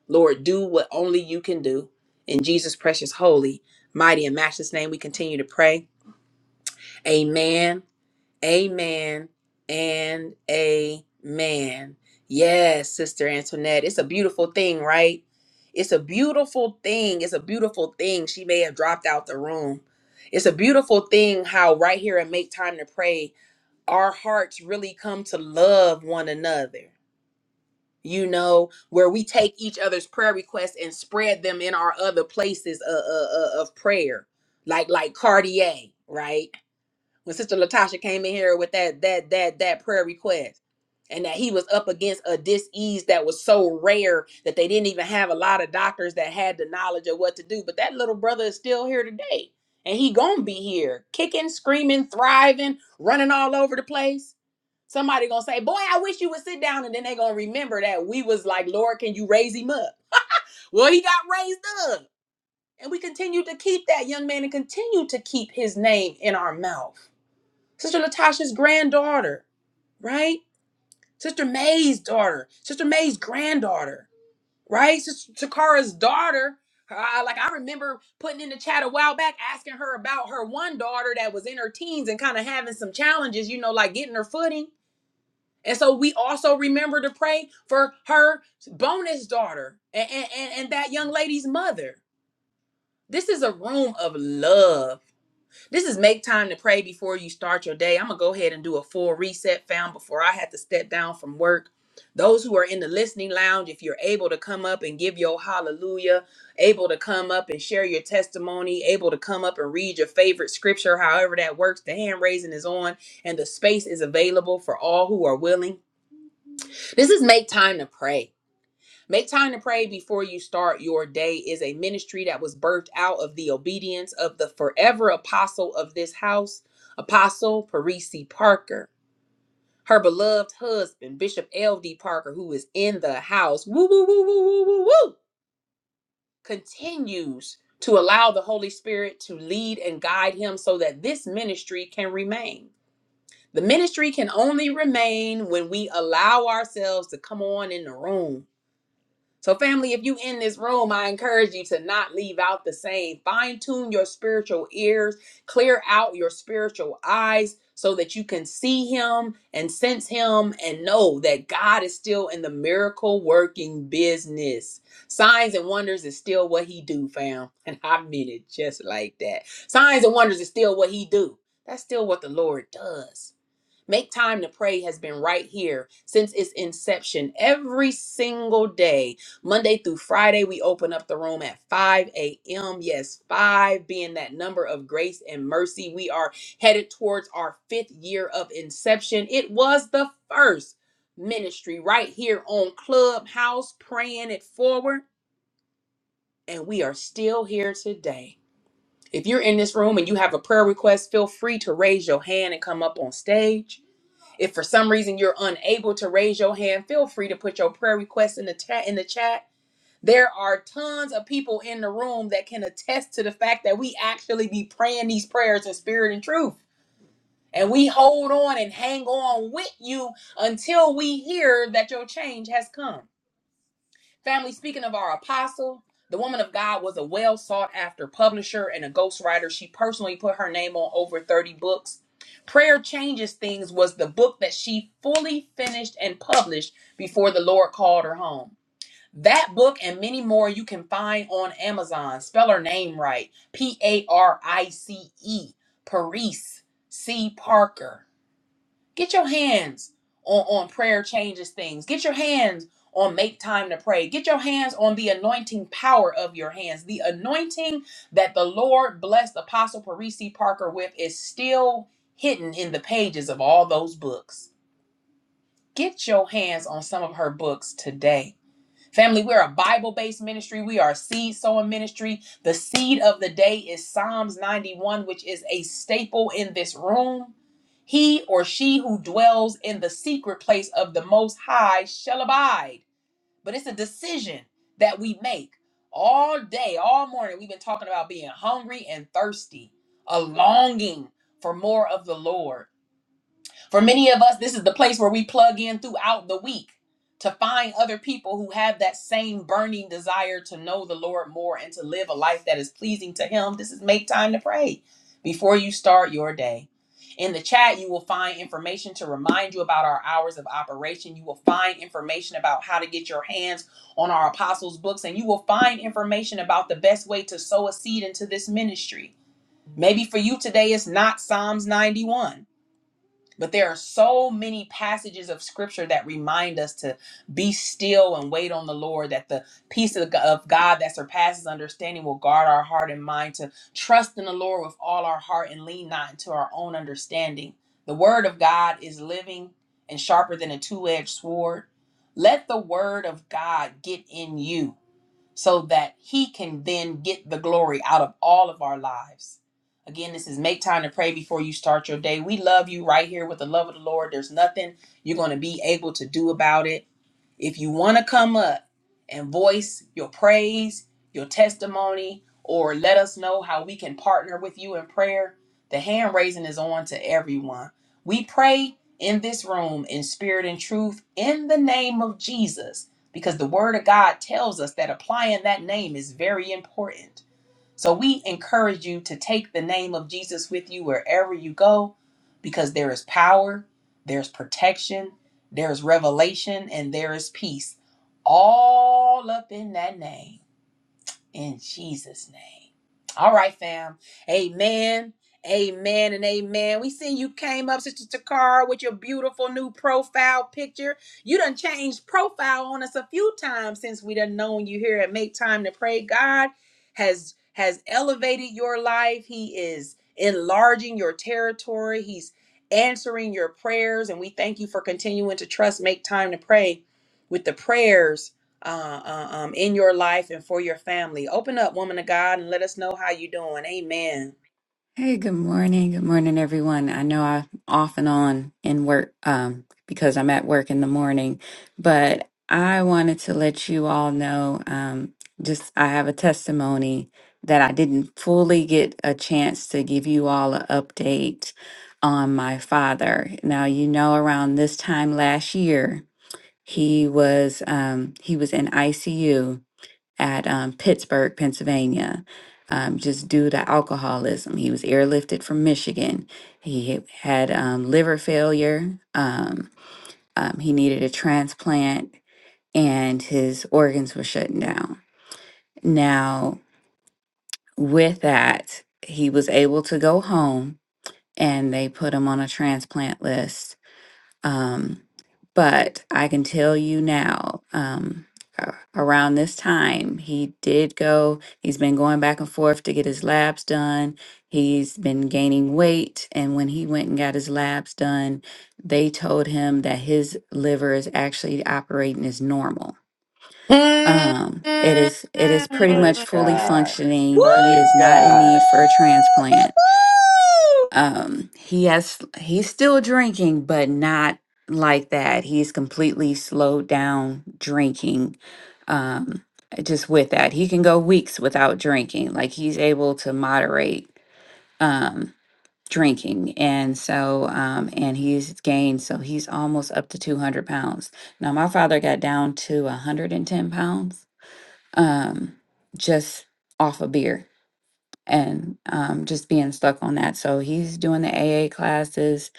A: Lord, do what only you can do. In Jesus' precious, holy, mighty, and matchless name, we continue to pray. Amen, amen, and amen. Yes, Sister Antoinette, it's a beautiful thing, right? It's a beautiful thing. It's a beautiful thing. She may have dropped out the room. It's a beautiful thing how, right here and Make Time to Pray, our hearts really come to love one another you know, where we take each other's prayer requests and spread them in our other places of, of of prayer, like like Cartier, right? When Sister Latasha came in here with that that that that prayer request, and that he was up against a disease that was so rare that they didn't even have a lot of doctors that had the knowledge of what to do. But that little brother is still here today, and he gonna be here, kicking, screaming, thriving, running all over the place Somebody gonna say, "Boy, I wish you would sit down," and then they gonna remember that we was like, "Lord, can you raise him up?" Well, he got raised up, and we continue to keep that young man and continue to keep his name in our mouth. Sister Latasha's granddaughter, right? Sister May's daughter, Sister May's granddaughter, right? Sister Takara's daughter. Uh, like I remember putting in the chat a while back, asking her about her one daughter that was in her teens and kind of having some challenges, you know, like getting her footing And so we also remember to pray for her bonus daughter and, and, and, and that young lady's mother. This is a room of love. This is make time to pray before you start your day. I'm going to go ahead and do a full reset fam before I had to step down from work. Those who are in the listening lounge, if you're able to come up and give your hallelujah, able to come up and share your testimony, able to come up and read your favorite scripture, however that works, the hand raising is on and the space is available for all who are willing. This is make time to pray. Make time to pray before you start your day is a ministry that was birthed out of the obedience of the forever apostle of this house, Apostle Parisi Parker, her beloved husband, Bishop L.D. Parker, who is in the house. Woo, woo, woo, woo, woo, woo, woo. Continues to allow the Holy Spirit to lead and guide him so that this ministry can remain. The ministry can only remain when we allow ourselves to come on in the room So, family, if you in this room, I encourage you to not leave out the same. Fine tune your spiritual ears, clear out your spiritual eyes so that you can see him and sense him and know that God is still in the miracle working business. Signs and wonders is still what he do, fam. And I mean it just like that. Signs and wonders is still what he do. That's still what the Lord does. Make Time to Pray has been right here since its inception every single day, Monday through Friday. We open up the room at 5 a.m. Yes, 5 being that number of grace and mercy. We are headed towards our fifth year of inception. It was the first ministry right here on Clubhouse, praying it forward, and we are still here today. If you're in this room and you have a prayer request, feel free to raise your hand and come up on stage. If for some reason you're unable to raise your hand, feel free to put your prayer request in the chat in the chat. There are tons of people in the room that can attest to the fact that we actually be praying these prayers in spirit and truth. And we hold on and hang on with you until we hear that your change has come. Family, speaking of our apostle, the woman of God was a well sought after publisher and a ghostwriter. She personally put her name on over 30 books. Prayer Changes Things was the book that she fully finished and published before the Lord called her home. That book and many more you can find on Amazon. Spell her name right P A R I C E, Parise C. Parker. Get your hands on, on prayer changes things. Get your hands on make time to pray. Get your hands on the anointing power of your hands. The anointing that the Lord blessed Apostle Parisi Parker with is still hidden in the pages of all those books. Get your hands on some of her books today Family, we're a Bible based ministry. We are a seed sowing ministry. The seed of the day is Psalms 91, which is a staple in this room. He or she who dwells in the secret place of the Most High shall abide. But it's a decision that we make all day, all morning. We've been talking about being hungry and thirsty, a longing for more of the Lord. For many of us, this is the place where we plug in throughout the week to find other people who have that same burning desire to know the Lord more and to live a life that is pleasing to Him. This is make time to pray before you start your day. In the chat, you will find information to remind you about our hours of operation. You will find information about how to get your hands on our apostles' books, and you will find information about the best way to sow a seed into this ministry. Maybe for you today, it's not Psalms 91 but there are so many passages of scripture that remind us to be still and wait on the Lord, that the peace of of God that surpasses understanding will guard our heart and mind, to trust in the Lord with all our heart and lean not into our own understanding. The word of God is living and sharper than a two edged sword. Let the word of God get in you so that He can then get the glory out of all of our lives. Again, this is make time to pray before you start your day. We love you right here with the love of the Lord. There's nothing you're going to be able to do about it. If you want to come up and voice your praise, your testimony, or let us know how we can partner with you in prayer, the hand raising is on to everyone. We pray in this room in spirit and truth in the name of Jesus because the word of God tells us that applying that name is very important. So we encourage you to take the name of Jesus with you wherever you go because there is power, there's protection, there's revelation, and there is peace all up in that name in Jesus' name. All right, fam. Amen. Amen and amen. We seen you came up, Sister Takara, with your beautiful new profile picture. You done changed profile on us a few times since we done known you here at Make Time to Pray. God has has elevated your life. He is enlarging your territory. He's answering your prayers. And we thank you for continuing to trust Make Time to Pray with the prayers uh, uh, um, in your life and for your family. Open up, woman of God, and let us know how you doing. Amen.
D: Hey, good morning. Good morning, everyone. I know I'm off and on in work um, because I'm at work in the morning, but I wanted to let you all know um, just I have a testimony that I didn't fully get a chance to give you all an update on my father. Now, you know, around this time last year, he was um, he was in ICU at um, Pittsburgh, Pennsylvania, um, just due to alcoholism. He was airlifted from Michigan. He had had, um, liver failure. Um, um, he needed a transplant, and his organs were shutting down. Now, with that, he was able to go home, and they put him on a transplant list Um, but I can tell you now, um, a- around this time, he did go, he's been going back and forth to get his labs done. He's been gaining weight. And when he went and got his labs done, they told him that his liver is actually operating as normal.
A: Mm.
D: Um, it is it is pretty much
B: Praise
D: fully
B: God.
D: functioning. He
B: Praise
D: is not in need
B: God.
D: for a transplant um he has he's still drinking but not like that he's completely slowed down drinking um just with that he can go weeks without drinking like he's able to moderate um drinking and so um and he's gained so he's almost up to 200 pounds now my father got down to 110 pounds um just off of beer and um, just being stuck on that. So he's doing the AA classes,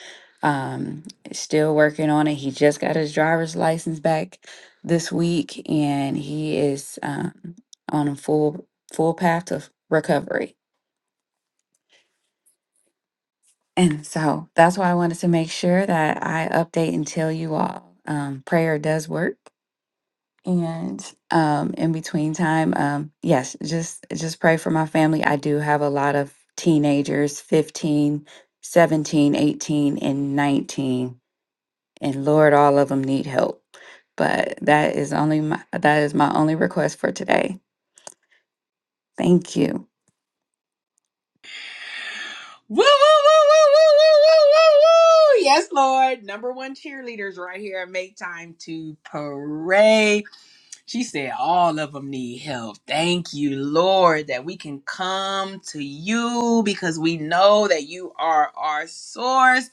D: um, still working on it. He just got his driver's license back this week, and he is um, on a full full path to recovery. And so that's why I wanted to make sure that I update and tell you all um, prayer does work. And um, in between time, um, yes, just just pray for my family. I do have a lot of teenagers, 15, 17, 18, and 19. And Lord, all of them need help. But that is only my that is my only request for today. Thank you.
A: Woo, woo, woo, woo, woo, woo, woo, woo, woo. Yes, Lord. Number one cheerleaders right here. Make time to pray. She said all of them need help. Thank you, Lord, that we can come to you because we know that you are our source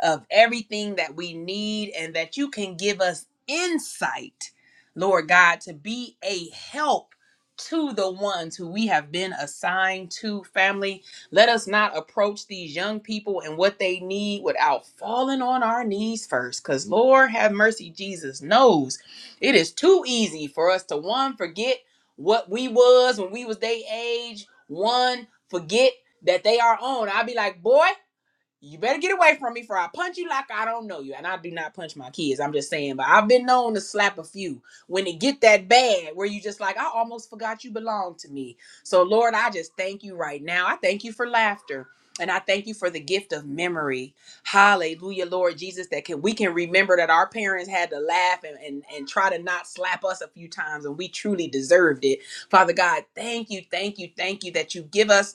A: of everything that we need and that you can give us insight, Lord God, to be a help to the ones who we have been assigned to, family. Let us not approach these young people and what they need without falling on our knees first. Because, Lord, have mercy, Jesus knows it is too easy for us to one, forget what we was when we was their age, one, forget that they are on. I'll be like, boy. You better get away from me for I punch you like I don't know you. And I do not punch my kids. I'm just saying, but I've been known to slap a few when it get that bad where you just like, I almost forgot you belong to me. So Lord, I just thank you right now. I thank you for laughter. And I thank you for the gift of memory. Hallelujah, Lord Jesus, that can we can remember that our parents had to laugh and, and, and try to not slap us a few times and we truly deserved it. Father God, thank you, thank you, thank you that you give us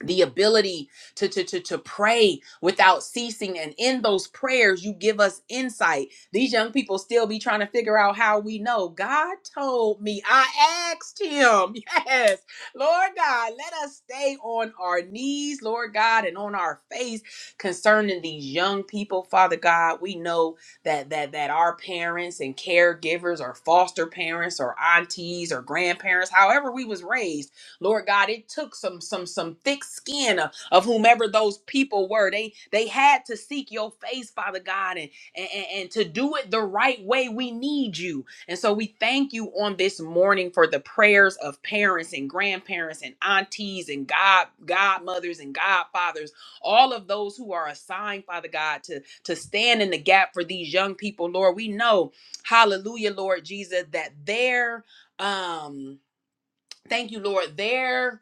A: the ability to, to to to pray without ceasing and in those prayers you give us insight these young people still be trying to figure out how we know god told me i asked him yes lord god let us stay on our knees lord god and on our face concerning these young people father god we know that that that our parents and caregivers or foster parents or aunties or grandparents however we was raised Lord God, it took some some some thick skin of, of whomever those people were. They they had to seek your face, Father God, and, and and and to do it the right way. We need you, and so we thank you on this morning for the prayers of parents and grandparents and aunties and god godmothers and godfathers, all of those who are assigned, Father God, to to stand in the gap for these young people. Lord, we know, Hallelujah, Lord Jesus, that their um. Thank you, Lord. Their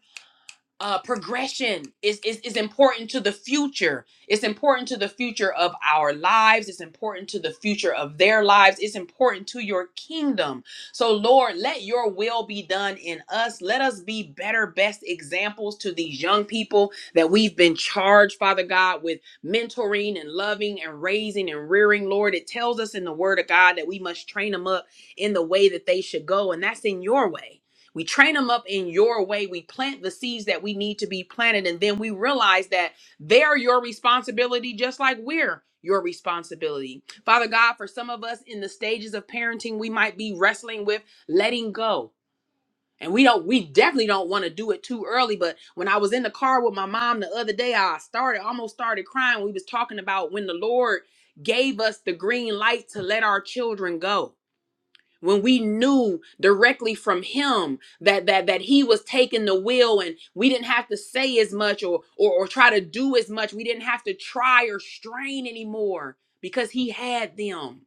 A: uh, progression is, is is important to the future. It's important to the future of our lives. It's important to the future of their lives. It's important to your kingdom. So, Lord, let your will be done in us. Let us be better, best examples to these young people that we've been charged, Father God, with mentoring and loving and raising and rearing. Lord, it tells us in the Word of God that we must train them up in the way that they should go, and that's in your way. We train them up in your way. We plant the seeds that we need to be planted. And then we realize that they're your responsibility, just like we're your responsibility. Father God, for some of us in the stages of parenting, we might be wrestling with letting go. And we don't, we definitely don't want to do it too early. But when I was in the car with my mom the other day, I started almost started crying. We was talking about when the Lord gave us the green light to let our children go when we knew directly from him that that that he was taking the wheel and we didn't have to say as much or or, or try to do as much we didn't have to try or strain anymore because he had them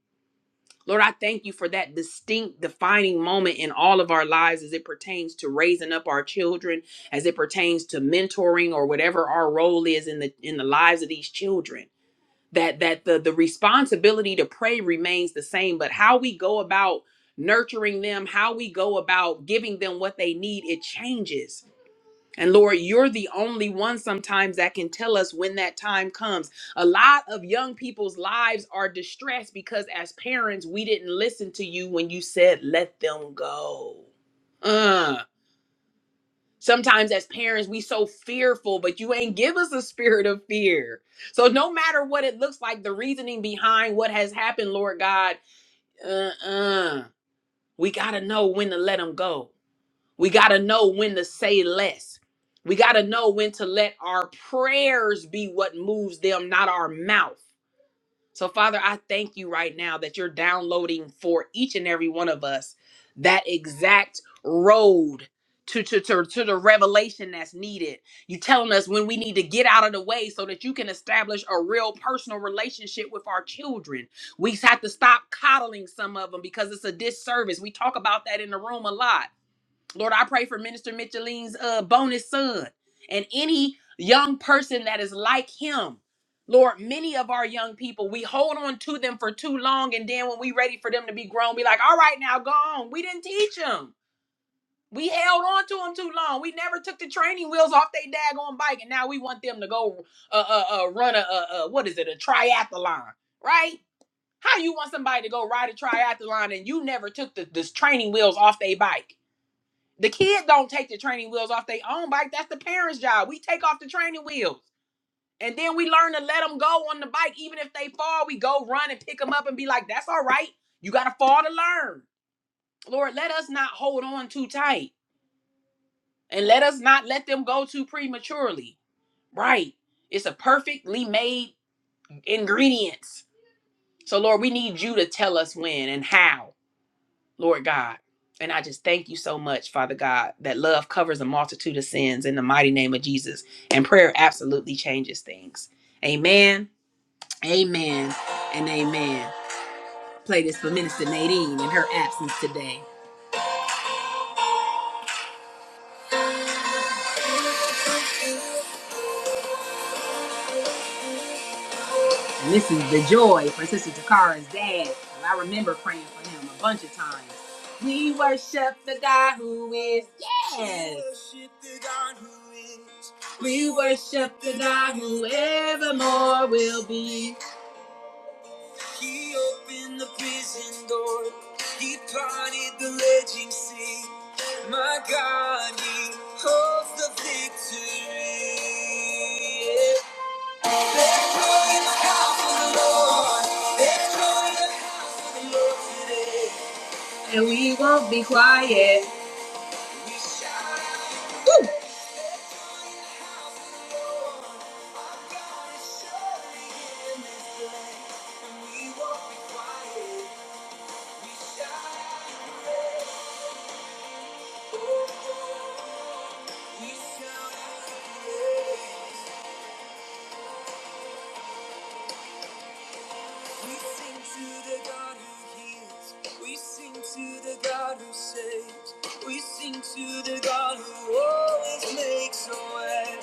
A: lord i thank you for that distinct defining moment in all of our lives as it pertains to raising up our children as it pertains to mentoring or whatever our role is in the in the lives of these children that that the the responsibility to pray remains the same but how we go about nurturing them how we go about giving them what they need it changes and lord you're the only one sometimes that can tell us when that time comes a lot of young people's lives are distressed because as parents we didn't listen to you when you said let them go Uh. Sometimes as parents, we so fearful, but you ain't give us a spirit of fear. So no matter what it looks like, the reasoning behind what has happened, Lord God, uh-uh. We gotta know when to let them go. We gotta know when to say less. We gotta know when to let our prayers be what moves them, not our mouth. So, Father, I thank you right now that you're downloading for each and every one of us that exact road to, to, to, to the revelation that's needed. you telling us when we need to get out of the way so that you can establish a real personal relationship with our children. We have to stop coddling some of them because it's a disservice. We talk about that in the room a lot Lord, I pray for Minister Micheline's uh, bonus son and any young person that is like him. Lord, many of our young people, we hold on to them for too long. And then when we ready for them to be grown, be like, all right, now go on. We didn't teach them. We held on to them too long. We never took the training wheels off their daggone bike. And now we want them to go uh, uh, uh, run a, uh, uh, what is it, a triathlon, right? How you want somebody to go ride a triathlon and you never took the, the training wheels off their bike? The kid don't take the training wheels off their own bike. That's the parents' job. We take off the training wheels. And then we learn to let them go on the bike. Even if they fall, we go run and pick them up and be like, that's all right. You got to fall to learn. Lord, let us not hold on too tight and let us not let them go too prematurely. Right. It's a perfectly made ingredients. So, Lord, we need you to tell us when and how Lord God. And I just thank you so much, Father God, that love covers a multitude of sins in the mighty name of Jesus. And prayer absolutely changes things. Amen, amen, and amen. Play this for Minister Nadine in her absence today. And this is the joy for Sister Takara's dad. And I remember praying for him a bunch of times. We worship the God who is, yes. We worship the God who is. In the prison door, he parted the raging sea. My God, He holds the victory. Glory in the house of the Lord. There's glory in the house of the Lord today. And we won't be quiet. We shout. out Woo! Our God is surely in this place. And we won't be quiet. We shout out praise. Ooh, we shout out praise. We sing to the God who heals. We sing to the God who saves. We sing to the God who always makes a way.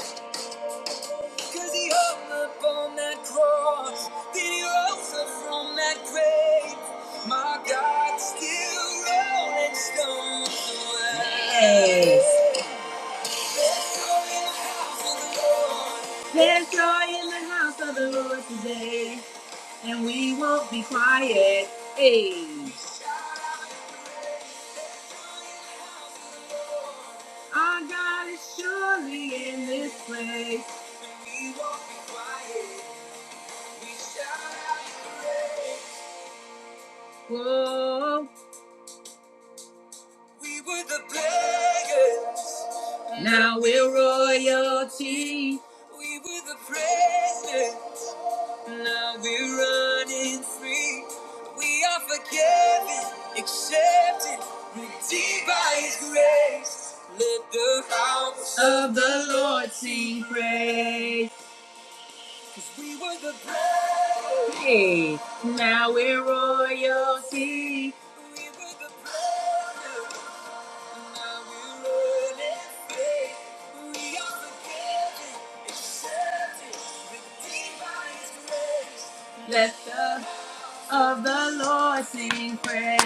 A: Cause he hung up on that cross. Then he rose up from that grave. My God still rolling stones away. Yes. There's joy in the house of the Lord today. And we won't be quiet. Hey. Our God is surely in this place. We won't be quiet. We shout out praise. We were the beggars. Now we're royalty. We were the prisoners. Now we're running free. We are forgiven, accepted, redeemed by of the Lord. Sing praise. Hey, now. Let the of the Lord sing praise.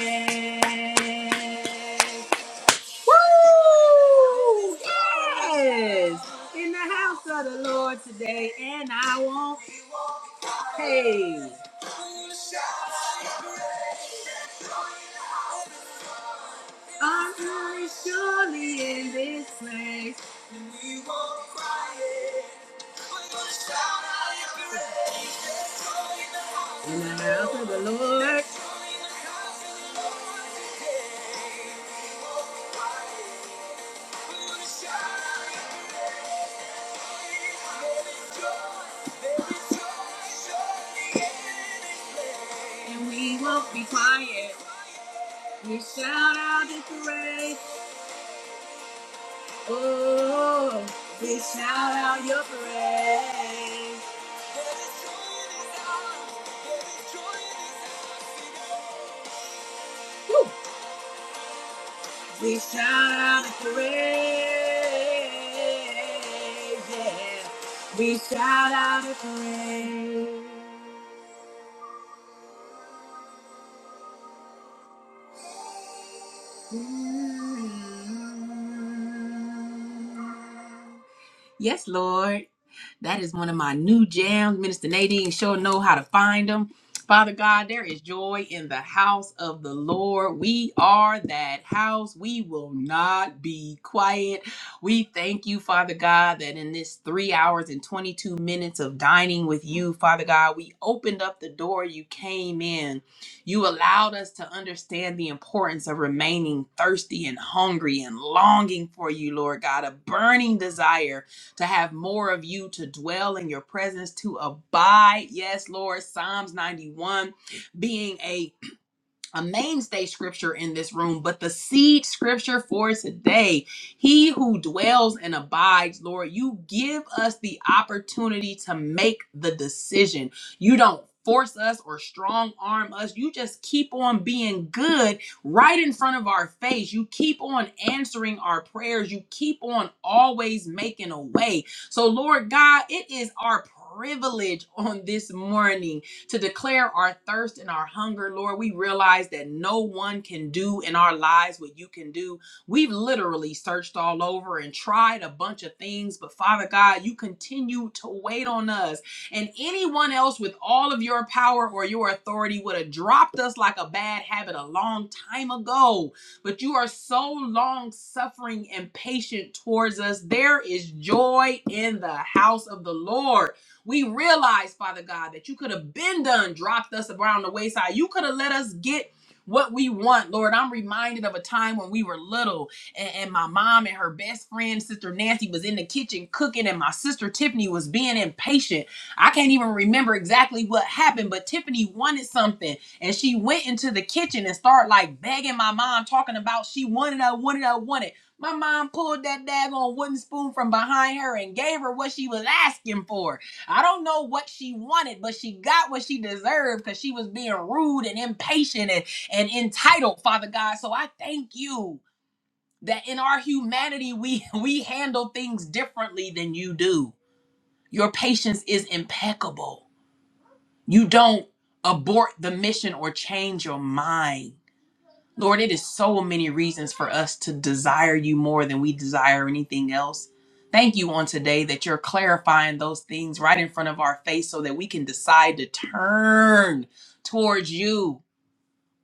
A: Woo! Yes! In the house of the Lord today, and I won't pay. I'm really surely in this place. And we won't cry. Yes, Lord. That is one of my new jams. Minister Nadine sure know how to find them. Father God, there is joy in the house of the Lord. We are that house. We will not be quiet. We thank you, Father God, that in this three hours and 22 minutes of dining with you, Father God, we opened up the door. You came in. You allowed us to understand the importance of remaining thirsty and hungry and longing for you, Lord God, a burning desire to have more of you, to dwell in your presence, to abide. Yes, Lord. Psalms 91 being a a mainstay scripture in this room, but the seed scripture for today. He who dwells and abides, Lord, you give us the opportunity to make the decision. You don't force us or strong arm us. You just keep on being good right in front of our face. You keep on answering our prayers. You keep on always making a way. So, Lord God, it is our privilege on this morning to declare our thirst and our hunger, Lord. We realize that no one can do in our lives what you can do. We've literally searched all over and tried a bunch of things, but Father God, you continue to wait on us. And anyone else with all of your power or your authority would have dropped us like a bad habit a long time ago. But you are so long suffering and patient towards us. There is joy in the house of the Lord. We realize, Father God, that you could have been done, dropped us around the wayside. You could have let us get what we want, Lord. I'm reminded of a time when we were little and, and my mom and her best friend, Sister Nancy, was in the kitchen cooking, and my sister Tiffany was being impatient. I can't even remember exactly what happened, but Tiffany wanted something and she went into the kitchen and started like begging my mom, talking about she wanted, I wanted, I wanted. My mom pulled that daggone wooden spoon from behind her and gave her what she was asking for. I don't know what she wanted, but she got what she deserved because she was being rude and impatient and, and entitled, Father God. So I thank you that in our humanity we we handle things differently than you do. Your patience is impeccable. You don't abort the mission or change your mind. Lord, it is so many reasons for us to desire you more than we desire anything else. Thank you on today that you're clarifying those things right in front of our face so that we can decide to turn towards you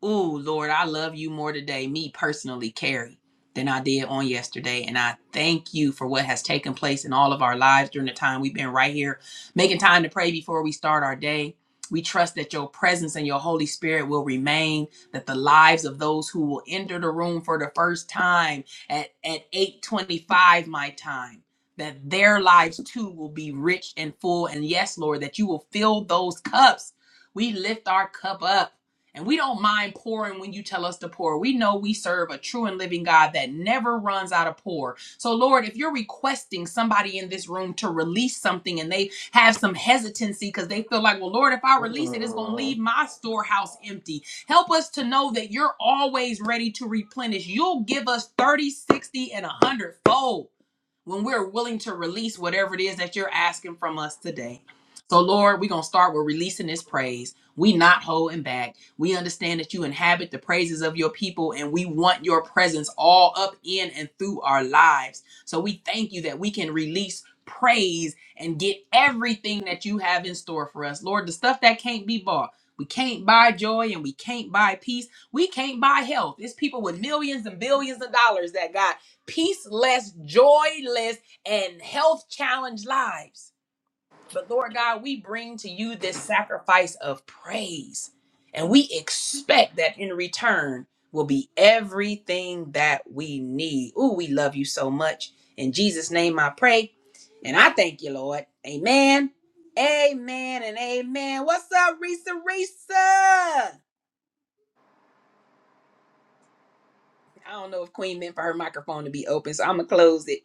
A: Ooh, Lord, I love you more today, me personally, Carrie, than I did on yesterday. And I thank you for what has taken place in all of our lives during the time we've been right here, making time to pray before we start our day. We trust that your presence and your Holy Spirit will remain, that the lives of those who will enter the room for the first time at, at 825 my time, that their lives too will be rich and full. And yes, Lord, that you will fill those cups. We lift our cup up and we don't mind pouring when you tell us to pour. We know we serve a true and living God that never runs out of pour. So, Lord, if you're requesting somebody in this room to release something and they have some hesitancy because they feel like, well, Lord, if I release it, it's going to
B: Mm.
A: leave my storehouse empty. Help us to know that you're always ready to replenish. You'll give us thirty, sixty, 60, and 100 fold when we're willing to release whatever it is that you're asking from us today. So, Lord, we're going to start with releasing this praise. We not holding back. We understand that you inhabit the praises of your people and we want your presence all up in and through our lives. So we thank you that we can release praise and get everything that you have in store for us. Lord, the stuff that can't be bought. We can't buy joy and we can't buy peace. We can't buy health. It's people with millions and billions of dollars that got peaceless, joyless, and health challenged lives. But Lord God, we bring to you this sacrifice of praise, and we expect that in return will be everything that we need. Ooh, we love you so much. In Jesus' name I pray, and I thank you, Lord. Amen. Amen and amen. What's up, Risa? Risa? I don't know if Queen meant for her microphone to be open, so I'm gonna close it.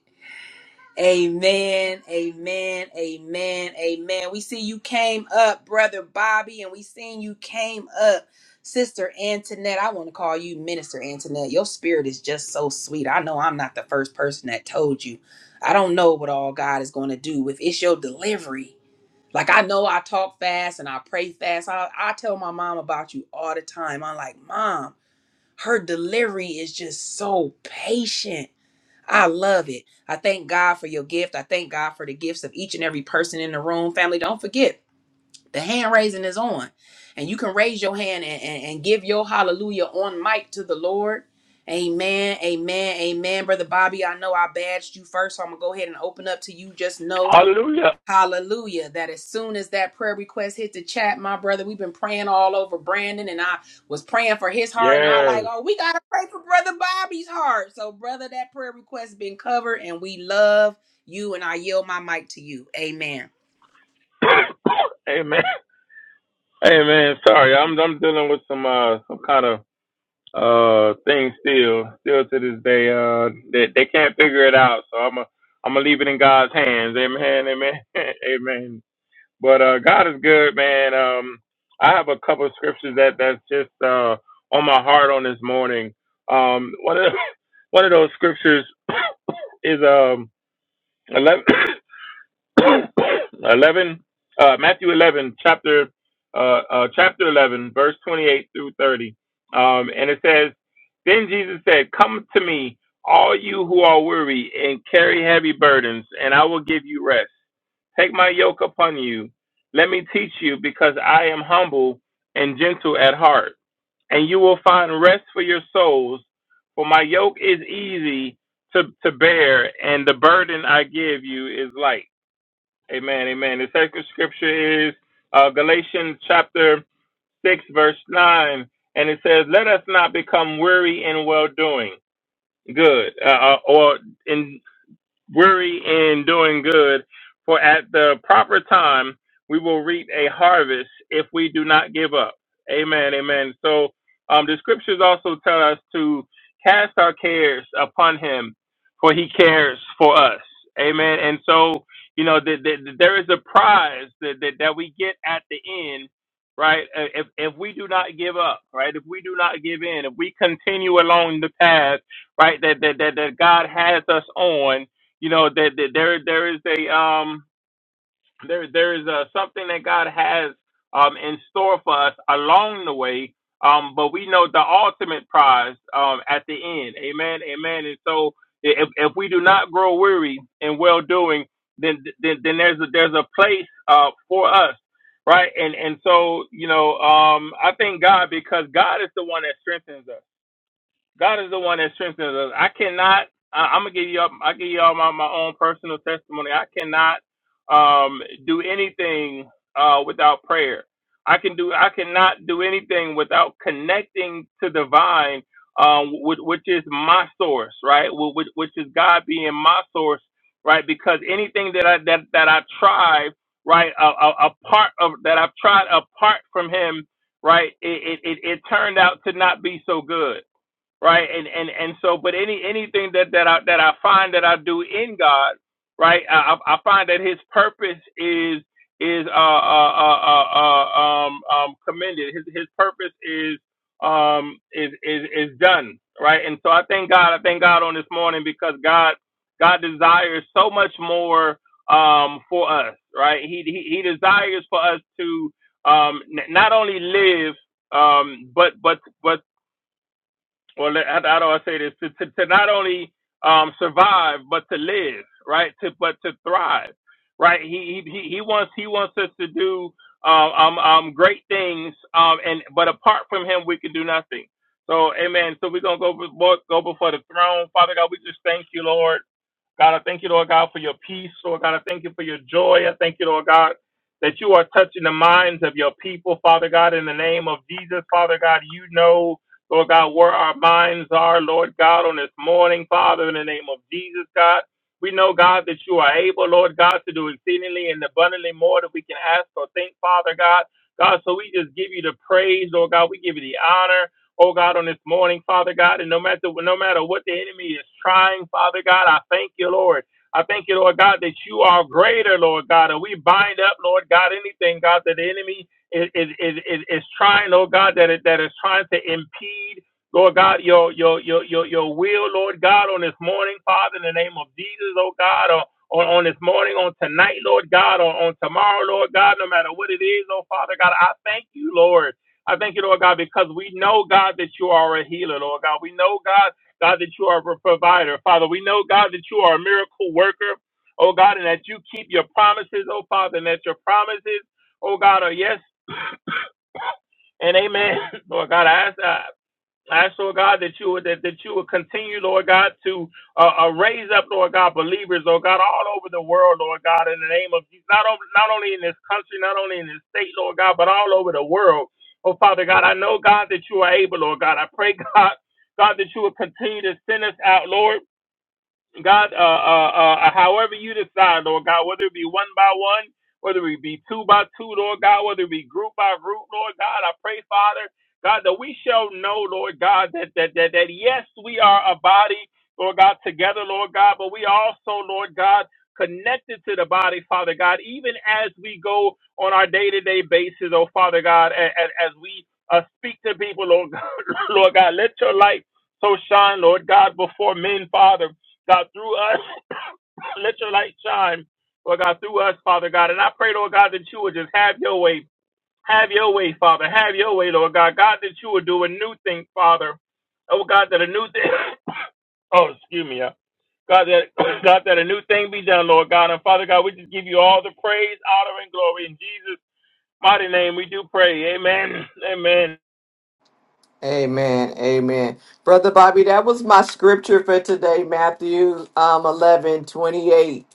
A: Amen, amen, amen, amen. We see you came up, brother Bobby, and we seen you came up, sister Antoinette. I want to call you Minister Antoinette. Your spirit is just so sweet. I know I'm not the first person that told you. I don't know what all God is going to do with it's your delivery. Like I know I talk fast and I pray fast. I, I tell my mom about you all the time. I'm like, mom, her delivery is just so patient I love it. I thank God for your gift. I thank God for the gifts of each and every person in the room. Family, don't forget the hand raising is on. And you can raise your hand and, and, and give your hallelujah on mic to the Lord. Amen. Amen. Amen. Brother Bobby, I know I badged you first, so I'm going to go ahead and open up to you. Just know.
E: Hallelujah.
A: Hallelujah. That as soon as that prayer request hit the chat, my brother, we've been praying all over Brandon and I was praying for his heart. And I like,
E: Yes.
A: oh, we gotta pray for brother Bobby's heart. So, brother, that prayer request been covered, and we love you. And I yield my mic to you. Amen.
E: Amen. Amen. Sorry, I'm I'm dealing with some uh some kind of uh thing still still to this day. Uh, they they can't figure it out. So I'm a I'm gonna leave it in God's hands. Amen. Amen. Amen. But uh, God is good, man. Um, I have a couple of scriptures that that's just uh on my heart on this morning. Um, one of the, one of those scriptures is um 11. 11 uh, Matthew 11 chapter uh, uh, chapter 11 verse 28 through 30 um, and it says then Jesus said, 'Come to me all you who are weary and carry heavy burdens and I will give you rest take my yoke upon you let me teach you because I am humble and gentle at heart and you will find rest for your souls for my yoke is easy to, to bear and the burden I give you is light Amen. Amen. The sacred scripture is uh, Galatians chapter 6, verse 9. And it says, Let us not become weary in well doing, good, uh, uh, or in weary in doing good, for at the proper time we will reap a harvest if we do not give up. Amen. Amen. So um, the scriptures also tell us to cast our cares upon Him, for He cares for us. Amen. And so you know that that- that there is a prize that, that that we get at the end. Right, Uh, if if we do not give up, right, if we do not give in, if we continue along the path, right, that that that, that God has us on, you know that that there there is a um there there is a something that God has um in store for us along the way um but we know the ultimate prize um at the end amen amen and so if if we do not grow weary in well doing then then then there's a there's a place uh for us right and and so you know um I thank God because God is the one that strengthens us God is the one that strengthens us. I cannot. I, I'm gonna give you. all I give you all my my own personal testimony. I cannot um, do anything uh, without prayer. I can do. I cannot do anything without connecting to divine, um, which, which is my source, right? Wh- Which, which is God being my source, right? Because anything that I that that I try, right, a, a, a part of that I've tried apart from Him, right, it, it it it turned out to not be so good right? And and and so, but any anything that that I that I find that I do in God, right? I I I find that His purpose is is uh uh uh, uh uh, um um commended. His His purpose is um is is is done, right? And so I thank God. I thank God on this morning because God God desires so much more um for us, right? He He, he desires for us to um n- not only live um but but but or let- how, do I say this? To, to, to not only um, survive, but to live, right? To but to thrive, right? He he he he wants he wants us to do um, um, um great things, um, and but apart from him, we can do nothing. So, Amen. So we're gonna go before, go before the throne, Father God. We just thank you, Lord. God, I thank you, Lord God, for your peace. Lord God, I thank you for your joy. I thank you, Lord God, that you are touching the minds of your people, Father God, in the name of Jesus. Father God, you know, Lord God, where our minds are, Lord God, on this morning, Father, in the name of Jesus, God. We know, God, that you are able, Lord God, to do exceedingly and abundantly more than we can ask or think, Father God. God, so we just give you the praise, Lord God. We give you the honor oh God, on this morning, Father God, and no matter no matter what the enemy is trying, Father God, I thank you, Lord. I thank you, Lord God, that you are greater, Lord God, and we bind up, Lord God, anything, God, that the enemy is is is, is trying, Lord God, that it, that is trying to impede. Lord God, your your your your your will, Lord God, on this morning, Father, in the name of Jesus, oh God, on on, on this morning, on tonight, Lord God, on, on tomorrow, Lord God, no matter what it is, oh Father God, I thank you, Lord. I thank you, Lord God, because we know, God, that you are a healer, Lord God. We know, God, God, that you are a provider. Father, we know, God, that you are a miracle worker, oh God, and that you keep your promises, oh Father, and that your promises, oh God, are yes and amen. Lord God, I ask that. I ask, Lord God, that you would that, that you would continue, Lord God, to uh, uh, raise up, Lord God, believers, Lord God, all over the world, Lord God, in the name of Jesus, not only not only in this country, not only in this state, Lord God, but all over the world. Oh Father God, I know God that you are able, Lord God. I pray God, God that you would continue to send us out, Lord. God, uh, uh, uh, uh, however you decide, Lord God, whether it be one by one, whether it be two by two, Lord God, whether it be group by group, Lord God, I pray, Father, God, that we shall know, Lord God, that that that, that yes, we are a body, Lord God, together, Lord God, but we also, Lord God, connected to the body, Father God, even as we go on our day-to-day basis, oh Father God, as, as we uh, speak to people, Lord God, Lord God, let your light so shine, Lord God, before men, Father. God, through us, let your light shine, Lord God, through us, Father God. And I pray, Lord God, that you would just have your way. Have your way, Father. Have your way, Lord God. God, that you would do a new thing, Father. Oh, God, that a new thing. oh, excuse me. uh, God that, God, that a new thing be done, Lord God. And Father God, we just give you all the praise, honor, and glory. In Jesus' mighty name, we do pray. Amen. Amen.
B: Amen. Amen. Brother Bobby, that was my scripture for today, Matthew um, 11 28.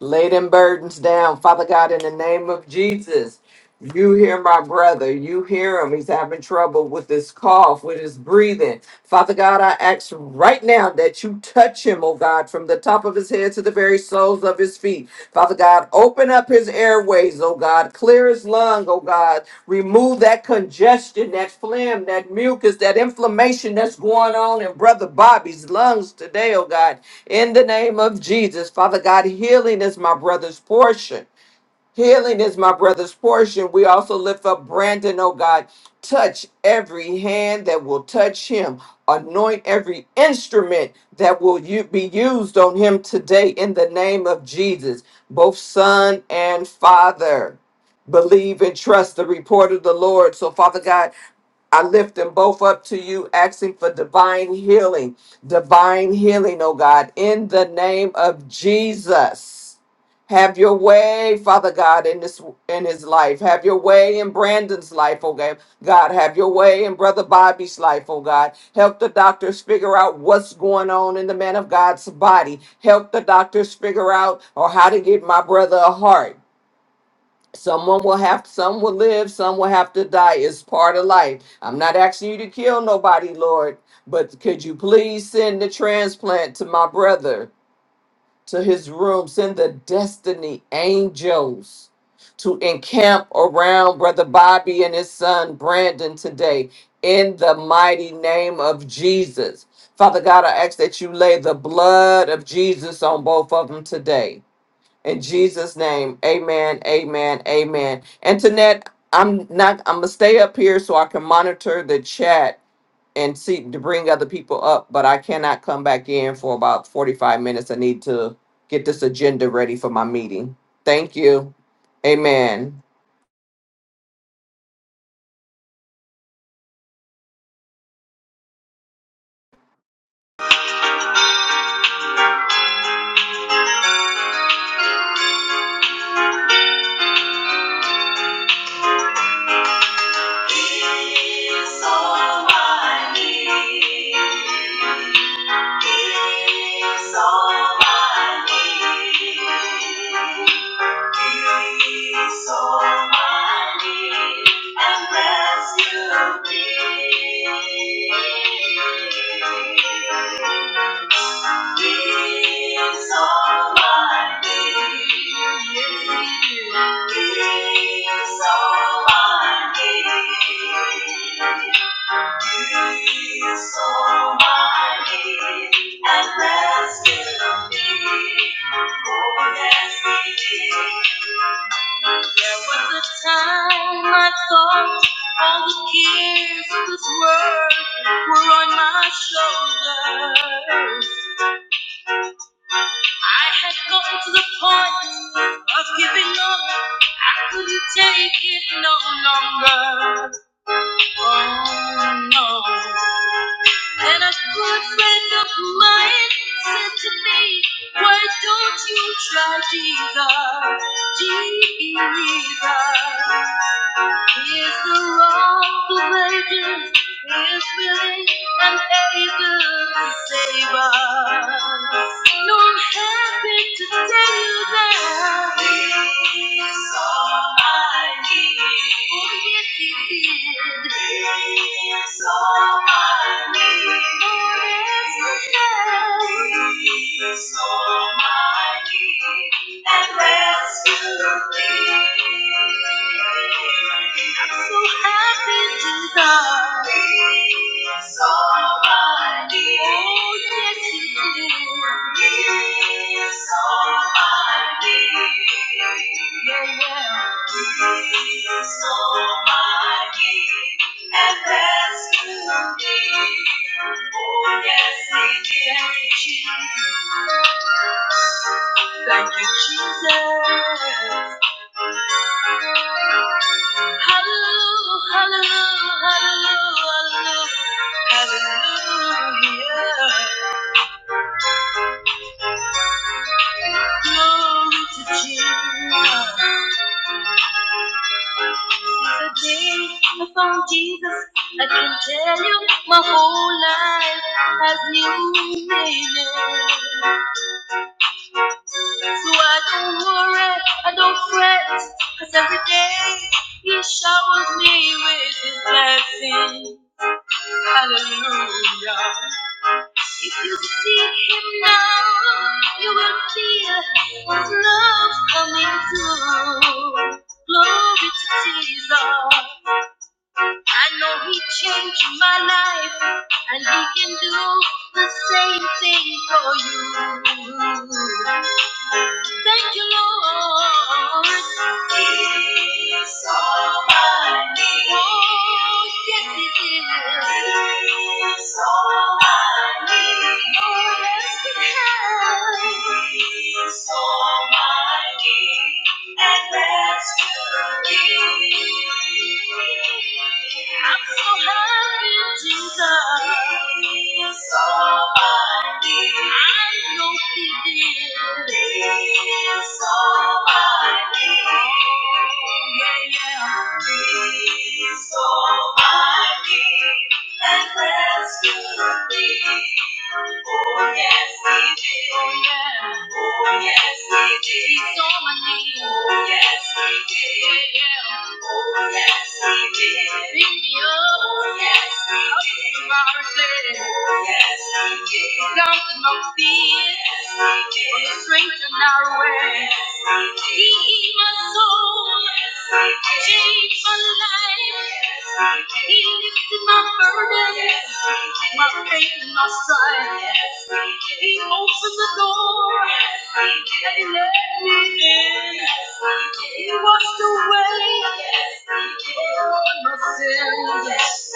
B: Lay them burdens down, Father God, in the name of Jesus. You hear my brother. You hear him. He's having trouble with his cough, with his breathing. Father God, I ask right now that you touch him, oh God, from the top of his head to the very soles of his feet. Father God, open up his airways, oh God. Clear his lung, oh God. Remove that congestion, that phlegm, that mucus, that inflammation that's going on in Brother Bobby's lungs today, oh God. In the name of Jesus, Father God, healing is my brother's portion. Healing is my brother's portion. We also lift up Brandon, oh God. Touch every hand that will touch him. Anoint every instrument that will u- be used on him today in the name of Jesus, both son and father. Believe and trust the report of the Lord. So, Father God, I lift them both up to you, asking for divine healing, divine healing, oh God, in the name of Jesus. Have your way, Father God, in this in his life. Have your way in Brandon's life, oh God. God, have your way in Brother Bobby's life, oh God. Help the doctors figure out what's going on in the man of God's body. Help the doctors figure out or how to give my brother a heart. Someone will have some will live, some will have to die. It's part of life. I'm not asking you to kill nobody, Lord, but could you please send the transplant to my brother? to his room. Send the destiny angels to encamp around Brother Bobby and his son Brandon today in the mighty name of Jesus. Father God, I ask that you lay the blood of Jesus on both of them today. In Jesus' name, amen, amen, amen. And I'm not I'm gonna stay up here so I can monitor the chat and see to bring other people up, but I cannot come back in for about 45 minutes. I need to get this agenda ready for my meeting. Thank you. Amen.
F: He's all I need. He's all Peace Almighty, and rest you be. Peace Almighty, Peace Almighty. He is so mighty, and there's still need. Oh, yes, he did. There was a time I thought all the cares of this world were on my shoulders. I had gotten to the point of giving up. I couldn't take it no longer. Oh no. And a good friend of mine said to me, Why don't you try Jesus? Jesus. Is the wrongful wages is willing and able to save us. No, I'm happy to tell you that these are my needs. Oh, yes, he did. These are my needs. Oh, yes, he does. These are And needs. I'm so happy to know it's almighty. Oh, yes, it is. He is. It's almighty. Yeah, yeah. It's almighty. And that's who He Oh, yes, it is. Thank you, Jesus. Hallelujah, Hallelujah, Hallelujah, Hallelujah. Glory to Jesus. The day I found Jesus, I can tell you my whole life has new meaning. So I don't worry, I don't fret, 'cause every day He showers me with His blessing. Hallelujah. If you seek Him now, you will feel His love coming through. Glory to Jesus. I know He changed my life, and He can do the same thing for you. Thank you, Lord. Almighty and rescue me. I'm so happy, Jesus. So mighty. I know He is. He is so mighty. Oh, yeah, yeah. He is so mighty and rescue me. Oh, yes, yeah. on my knees. yeah. pick me up, our our city. Down to no sea, strengthen our way. my my soul, save my life. He lifted my burden. in my side. He opened the door and he let me in. He washed away all my sins.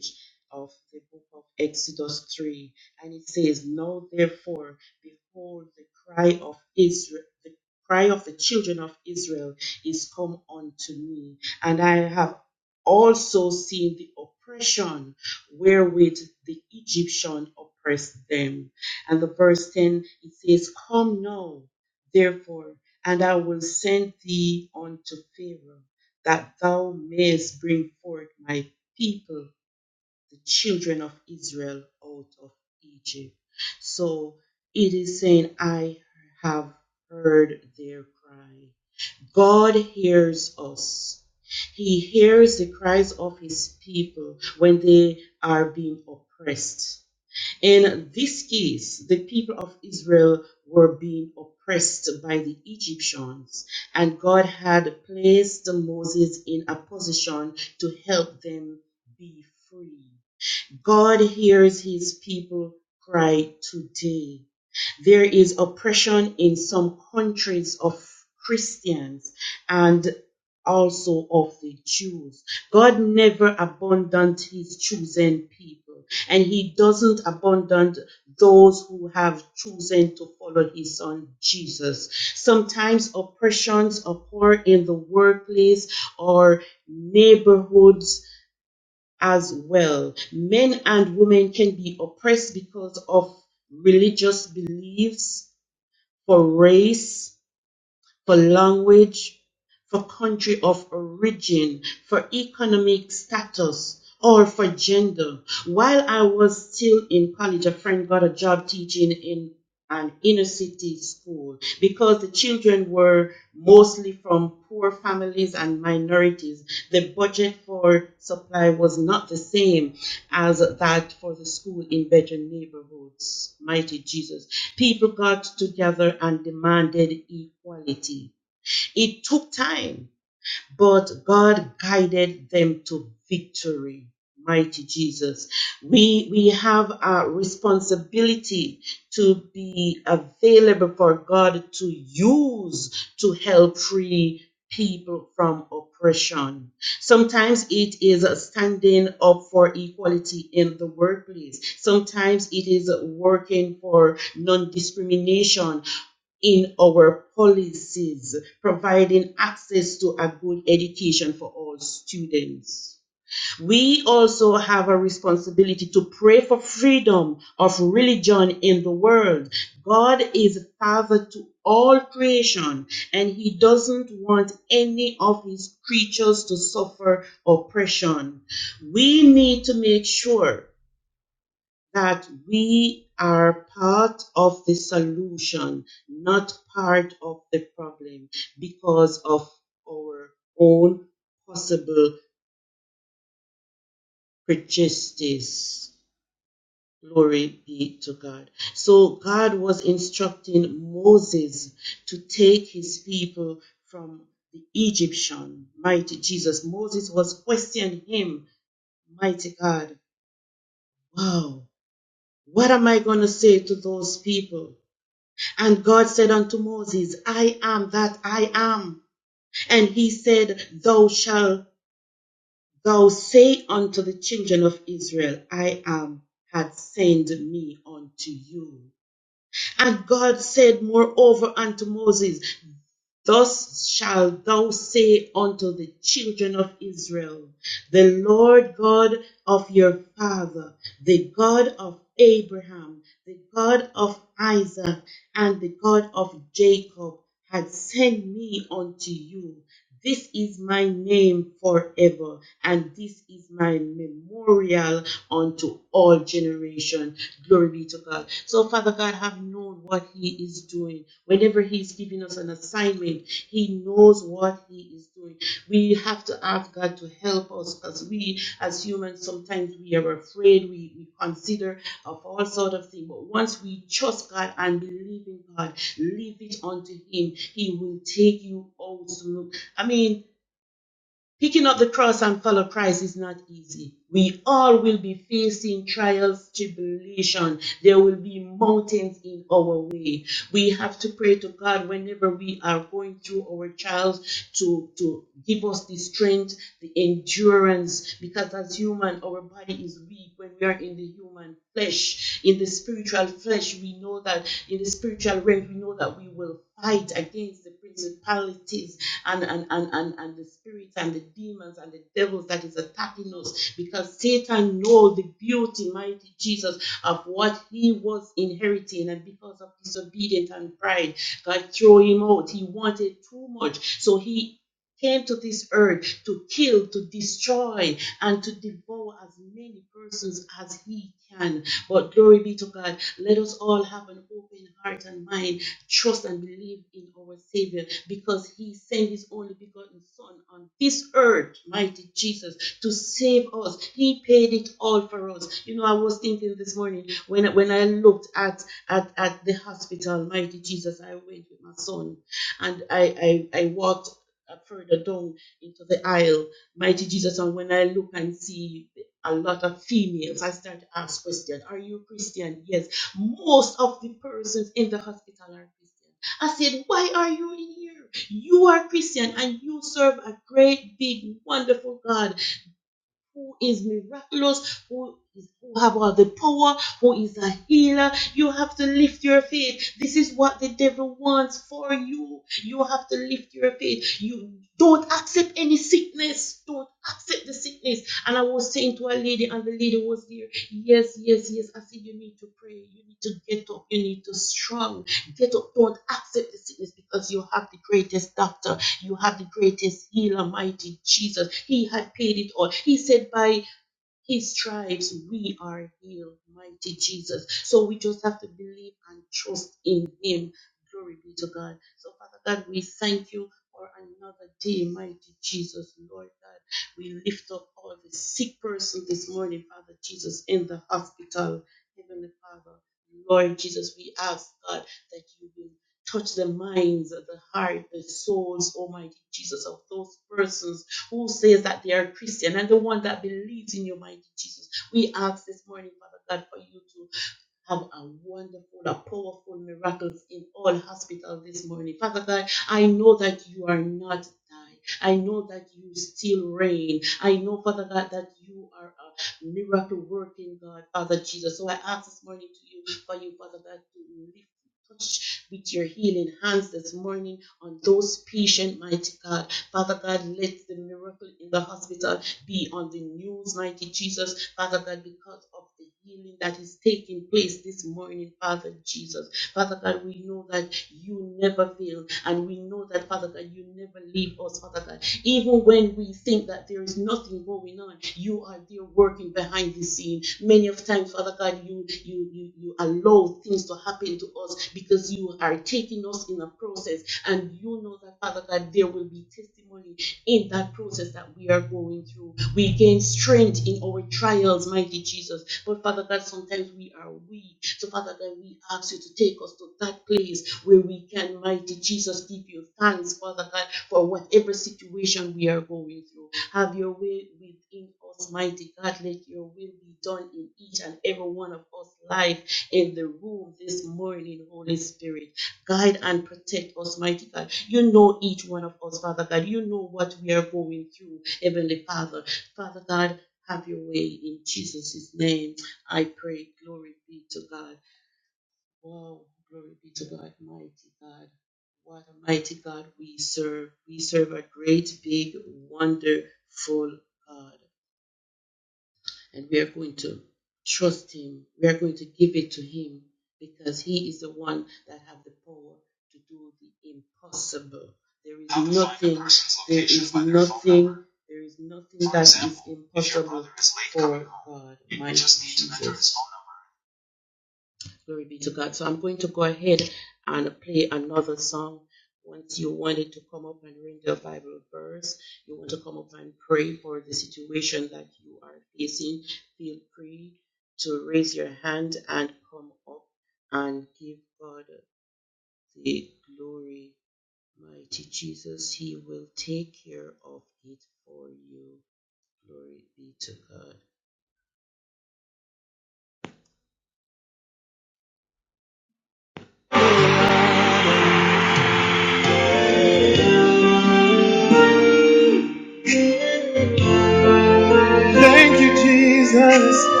F: Thank you, Jesus.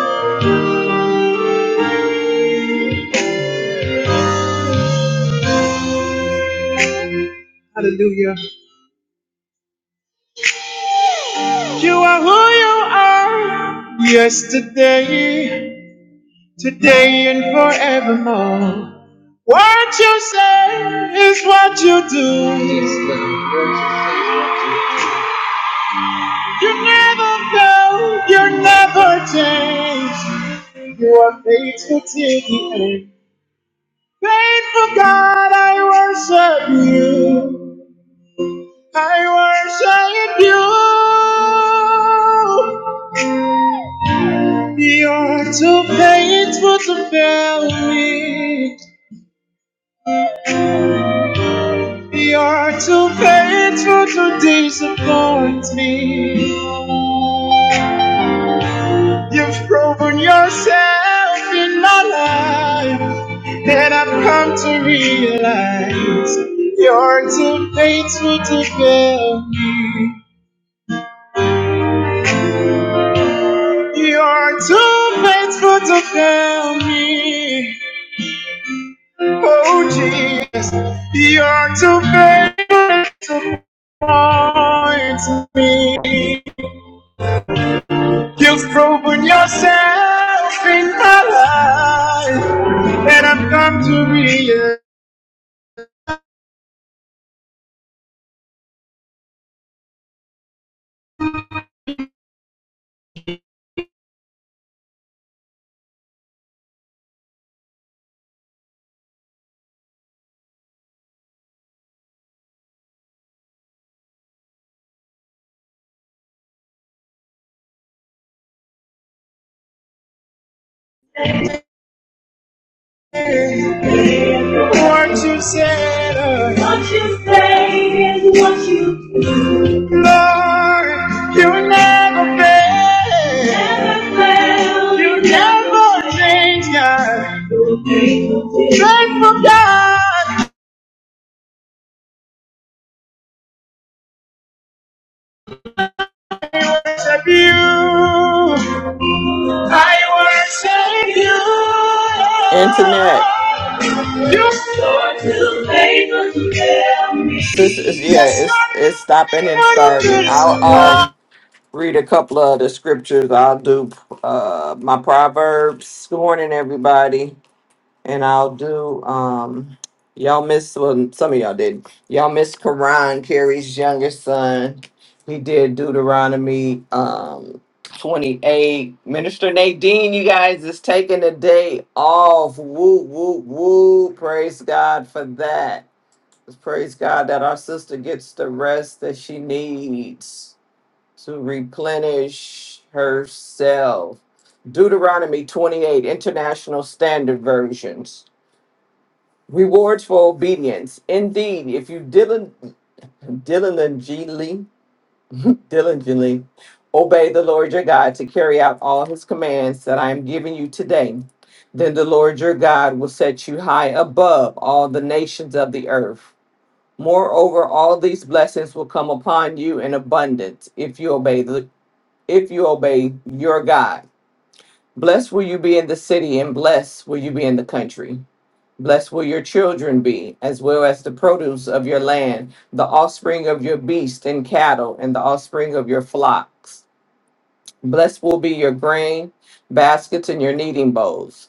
F: Hallelujah. You are who you are. Yesterday, today, and forevermore. What you say is what you do. You never fail, you never change. You are faithful till the end. Faithful God, I worship you. I worship you. You're too faithful to fail me. You're too faithful to disappoint me. You've proven yourself in my life, and I've come to realize you're too faithful to fail me. You are too faithful to fail me. Oh, Jesus. You are too faithful to point me. You've proven yourself in my life. And I've come to realize what you said. Lord, you never fail. You never change, God. Faithful God, worship you. I
B: Internet.
F: worship you. You Lord will never fail me.
B: Sis is yeah,
F: Yes, your
B: it's it's stopping and
F: Lord, you will never
B: starting. I'll
F: disappoint.
B: um read a couple of the scriptures. I'll do uh my proverbs. Good morning, everybody. and I'll do um y'all miss well some of y'all did. Y'all miss Karan, Carrie's younger son. He did Deuteronomy um 28. Minister Nadine, you guys is taking the day off. Woo woo woo. Praise God for that. Praise God that our sister gets the rest that she needs to replenish herself. Deuteronomy 28 International Standard Versions. Rewards for obedience. Indeed, if you dilin- diligently, diligently obey the Lord your God to carry out all his commands that I am giving you today, then the Lord your God will set you high above all the nations of the earth. Moreover, all these blessings will come upon you in abundance if you obey the if you obey your God. Blessed will you be in the city and blessed will you be in the country. Blessed will your children be, as well as the produce of your land, the offspring of your beast and cattle, and the offspring of your flocks. Blessed will be your grain, baskets, and your kneading bowls.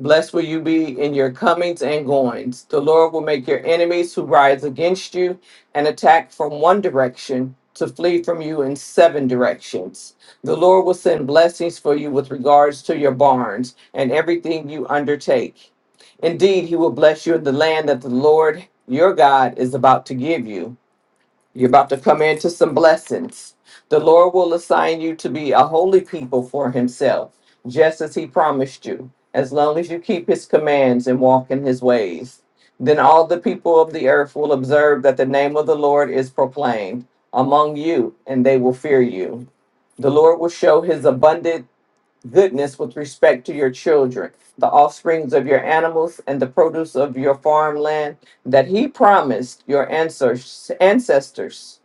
B: Blessed will you be in your comings and goings. The Lord will make your enemies who rise against you and attack from one direction to flee from you in seven directions. The Lord will send blessings for you with regards to your barns and everything you undertake. Indeed, he will bless you in the land that the Lord your God is about to give you. You're about to come into some blessings. The Lord will assign you to be a holy people for himself, just as he promised you, as long as you keep his commands and walk in his ways. Then all the people of the earth will observe that the name of the Lord is proclaimed among you, and they will fear you. The Lord will show his abundant goodness with respect to your children, the offsprings of your animals, and the produce of your farmland that he promised your ancestors, ancestors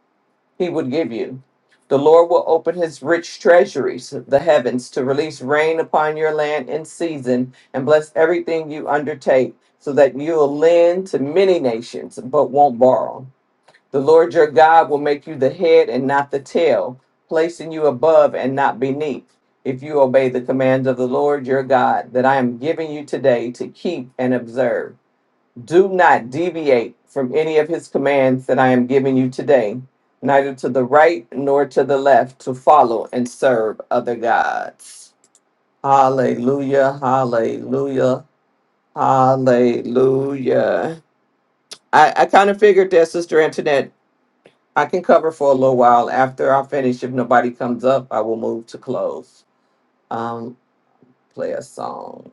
B: he would give you. The Lord will open his rich treasuries, the heavens, to release rain upon your land in season and bless everything you undertake, so that you will lend to many nations but won't borrow. The Lord your God will make you the head and not the tail, placing you above and not beneath, if you obey the commands of the Lord your God that I am giving you today to keep and observe. Do not deviate from any of his commands that I am giving you today, neither to the right nor to the left, to follow and serve other gods. Hallelujah, hallelujah, hallelujah. I, I kind of figured that, Sister Antoinette I can cover for a little while. After I finish, if nobody comes up, I will move to close. Um, play a song.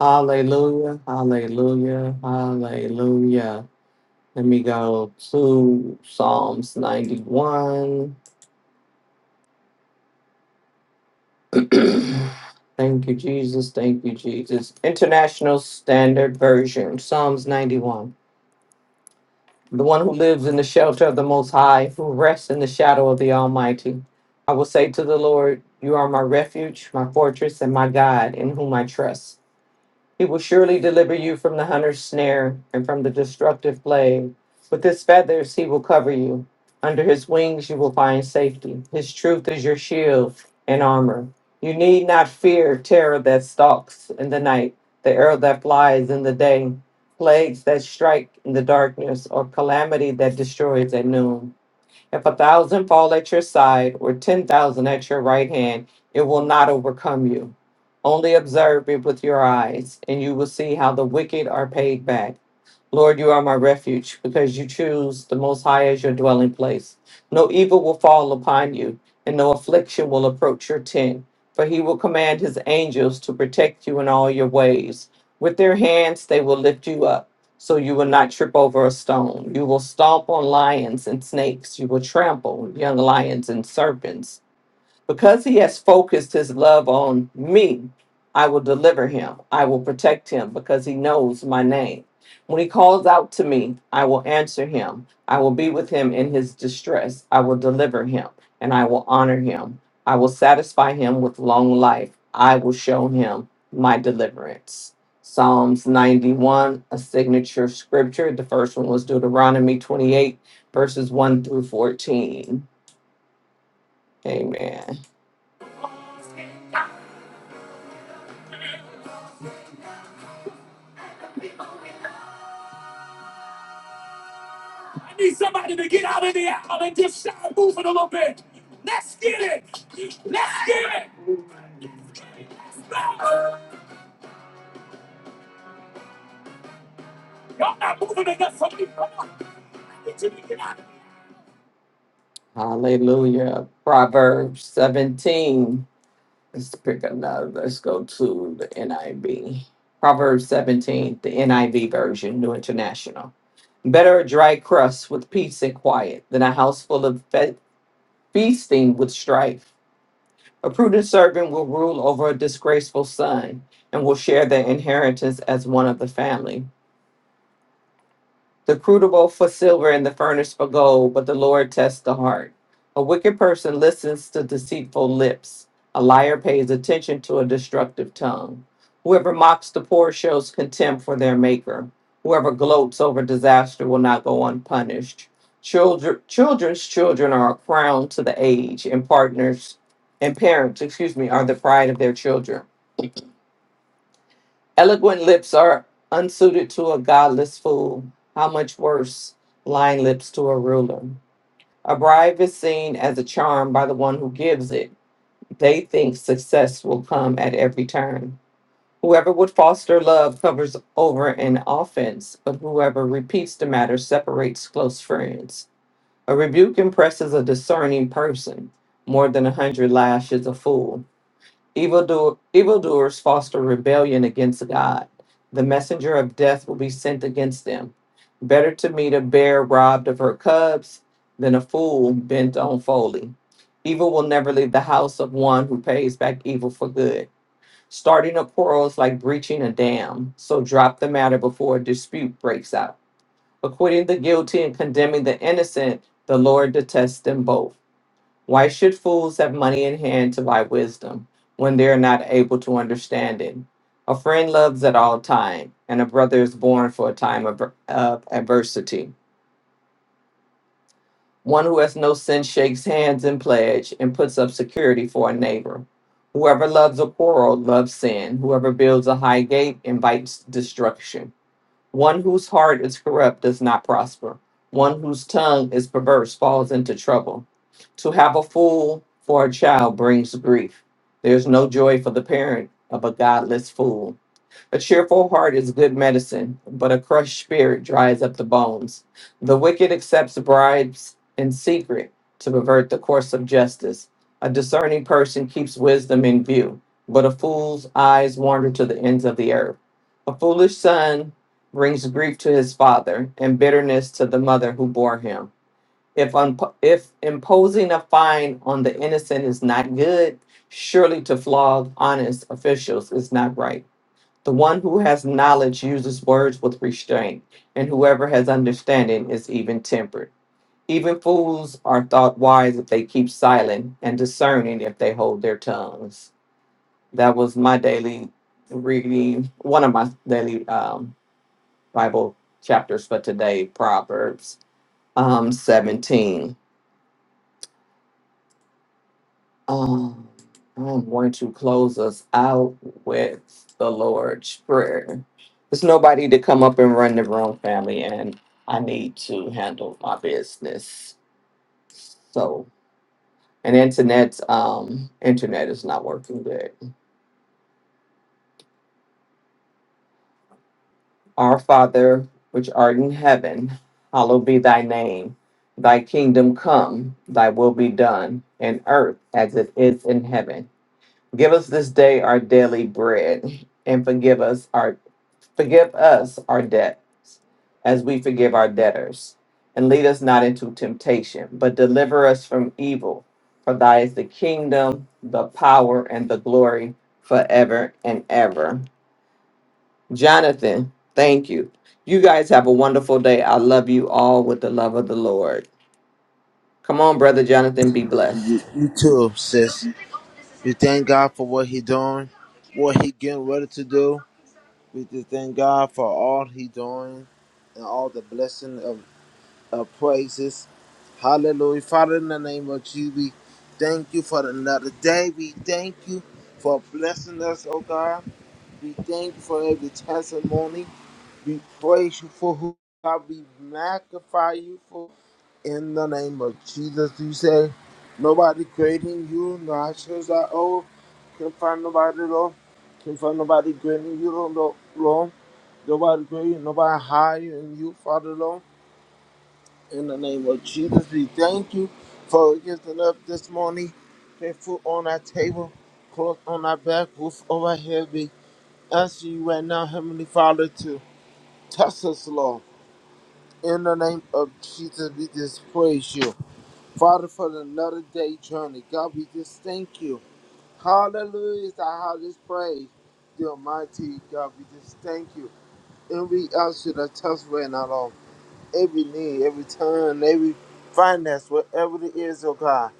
B: Hallelujah, hallelujah, hallelujah. Let me go to Psalms 91. Thank you, Jesus. Thank you, Jesus. International Standard Version, Psalms 91. the one who lives in the shelter of the Most High, who rests in the shadow of the Almighty. I will say to the Lord, You are my refuge, my fortress, and my God, in whom I trust. He will surely deliver you from the hunter's snare and from the destructive plague. With his feathers he will cover you. Under his wings you will find safety. His truth is your shield and armor. You need not fear terror that stalks in the night, the arrow that flies in the day, plagues that strike in the darkness, or calamity that destroys at noon. If a thousand fall at your side or ten thousand at your right hand, it will not overcome you. Only observe it with your eyes, and you will see how the wicked are paid back. Lord, you are my refuge because you choose the Most High as your dwelling place. No evil will fall upon you, and no affliction will approach your tent. For he will command his angels to protect you in all your ways. With their hands, they will lift you up so you will not trip over a stone. You will stomp on lions and snakes. You will trample young lions and serpents because he has focused his love on me, I will deliver him. I will protect him because he knows my name. When he calls out to me, I will answer him. I will be with him in his distress. I will deliver him and I will honor him. I will satisfy him with long life. I will show him my deliverance. Psalms 91, a signature scripture. The first one was Deuteronomy 28, verses 1 through 14. Amen. Hallelujah. Proverbs 17. Let's pick another. Let's go to the NIV. Proverbs 17, the NIV version, New International. Better a dry crust with peace and quiet than a house full of fe- feasting with strife. A prudent servant will rule over a disgraceful son and will share their inheritance as one of the family. The crucible for silver and the furnace for gold, but the Lord tests the heart. A wicked person listens to deceitful lips. A liar pays attention to a destructive tongue. Whoever mocks the poor shows contempt for their maker. Whoever gloats over disaster will not go unpunished. Children, children's children are a crown to the age, and partners and parents, excuse me, are the pride of their children. Eloquent lips are unsuited to a godless fool. How much worse lying lips to a ruler? A bribe is seen as a charm by the one who gives it. They think success will come at every turn. Whoever would foster love covers over an offense, but whoever repeats the matter separates close friends. A rebuke impresses a discerning person more than a hundred lashes a fool. Evildoer, evildoers foster rebellion against God. The messenger of death will be sent against them. Better to meet a bear robbed of her cubs than a fool bent on folly. Evil will never leave the house of one who pays back evil for good. Starting a quarrel is like breaching a dam, so drop the matter before a dispute breaks out. Acquitting the guilty and condemning the innocent, the Lord detests them both. Why should fools have money in hand to buy wisdom when they are not able to understand it? A friend loves at all time, and a brother is born for a time of, of adversity. One who has no sin shakes hands in pledge and puts up security for a neighbor. Whoever loves a quarrel loves sin. Whoever builds a high gate invites destruction. One whose heart is corrupt does not prosper. One whose tongue is perverse falls into trouble. To have a fool for a child brings grief. There's no joy for the parent of a godless fool. A cheerful heart is good medicine, but a crushed spirit dries up the bones. The wicked accepts bribes in secret to pervert the course of justice. A discerning person keeps wisdom in view, but a fool's eyes wander to the ends of the earth. A foolish son brings grief to his father and bitterness to the mother who bore him. If, unpo- if imposing a fine on the innocent is not good, surely to flog honest officials is not right. The one who has knowledge uses words with restraint, and whoever has understanding is even tempered. Even fools are thought wise if they keep silent, and discerning if they hold their tongues. That was my daily reading, one of my daily um, Bible chapters for today, Proverbs um, 17. Um, I'm going to close us out with the Lord's Prayer. There's nobody to come up and run the room, family, and I need to handle my business. So, and internet, um, internet is not working good. Our Father, which art in heaven, hallowed be thy name. Thy kingdom come, thy will be done, in earth as it is in heaven. Give us this day our daily bread, and forgive us our Forgive us our debts as we forgive our debtors. And lead us not into temptation, but deliver us from evil. For thy is the kingdom, the power, and the glory forever and ever. Jonathan, thank you. You guys have a wonderful day. I love you all with the love of the Lord. Come on, Brother Jonathan, be
G: You,
B: blessed.
G: you too, sis. We thank God for what He doing, what He getting ready to do. We just thank God for all He doing and all the blessing of, of praises. Hallelujah. Father, in the name of Jesus, we thank you for another day. We thank you for blessing us, oh God. We thank you for every testimony. We praise you for who you are. We magnify you for in the name of Jesus, you say, nobody grading you, no actions I all. Can't find nobody, Lord. Can't find nobody grading you, Lord. Lord. Nobody grading, nobody higher than you, Father, Lord. In the name of Jesus, we thank you for getting up this morning, put food on our table, clothes on our back, roof over our head. We ask you right now, Heavenly Father, to touch us, Lord. In the name of Jesus, we just praise you. Father, for another day journey. God, we just thank you. Hallelujah is the highest praise. The Almighty God, we just thank you. And we ask you to touch right now, Lord. Every need, every turn, every finance, whatever it is, oh God.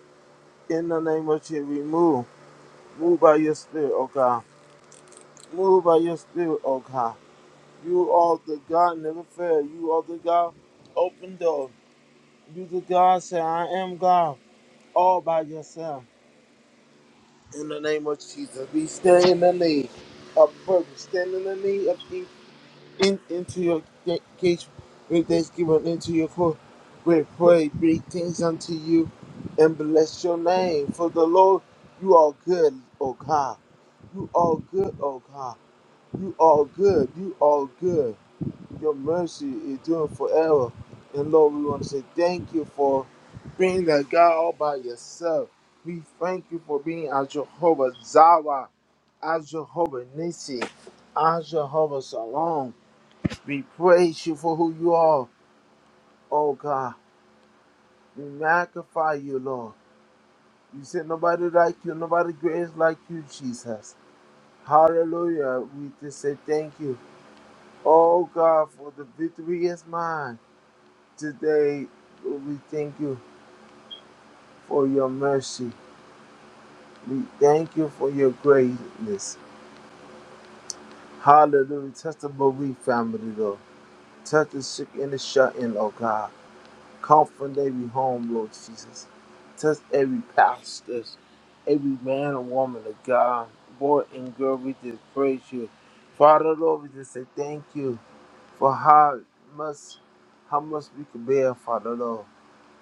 G: In the name of Jesus, we move. Move by your spirit, oh God. Move by your spirit, oh God. You are the God never fail. You are the God open door. You the God say, I am God all by yourself. In the name of Jesus, we stand in the need of purpose. Stand in the need of in, in- into your ga- gates with thanksgiving, into your court with praise. Bring things unto you and bless your name. For the Lord, you are good, O God. You are good, O God. You are good. You are good. Your mercy is doing forever. And Lord, we want to say thank you for being the God all by yourself. We thank you for being our Jehovah Jireh as Jehovah Nissi, as Jehovah Salom. We praise you for who you are, oh God. We magnify you, Lord. You said nobody like you, nobody great is like you, Jesus. Hallelujah. We just say thank you. Oh God, for the victory is mine. Today, we thank you for your mercy. We thank you for your greatness. Hallelujah. Touch the bereaved family, Lord. Touch the sick and the shut in, oh God. Comfort every home, Lord Jesus. Touch every pastor, every man and woman of God, boy and girl, we just praise you. Father, Lord, we just say thank you for how much, how much we can bear, Father, Lord,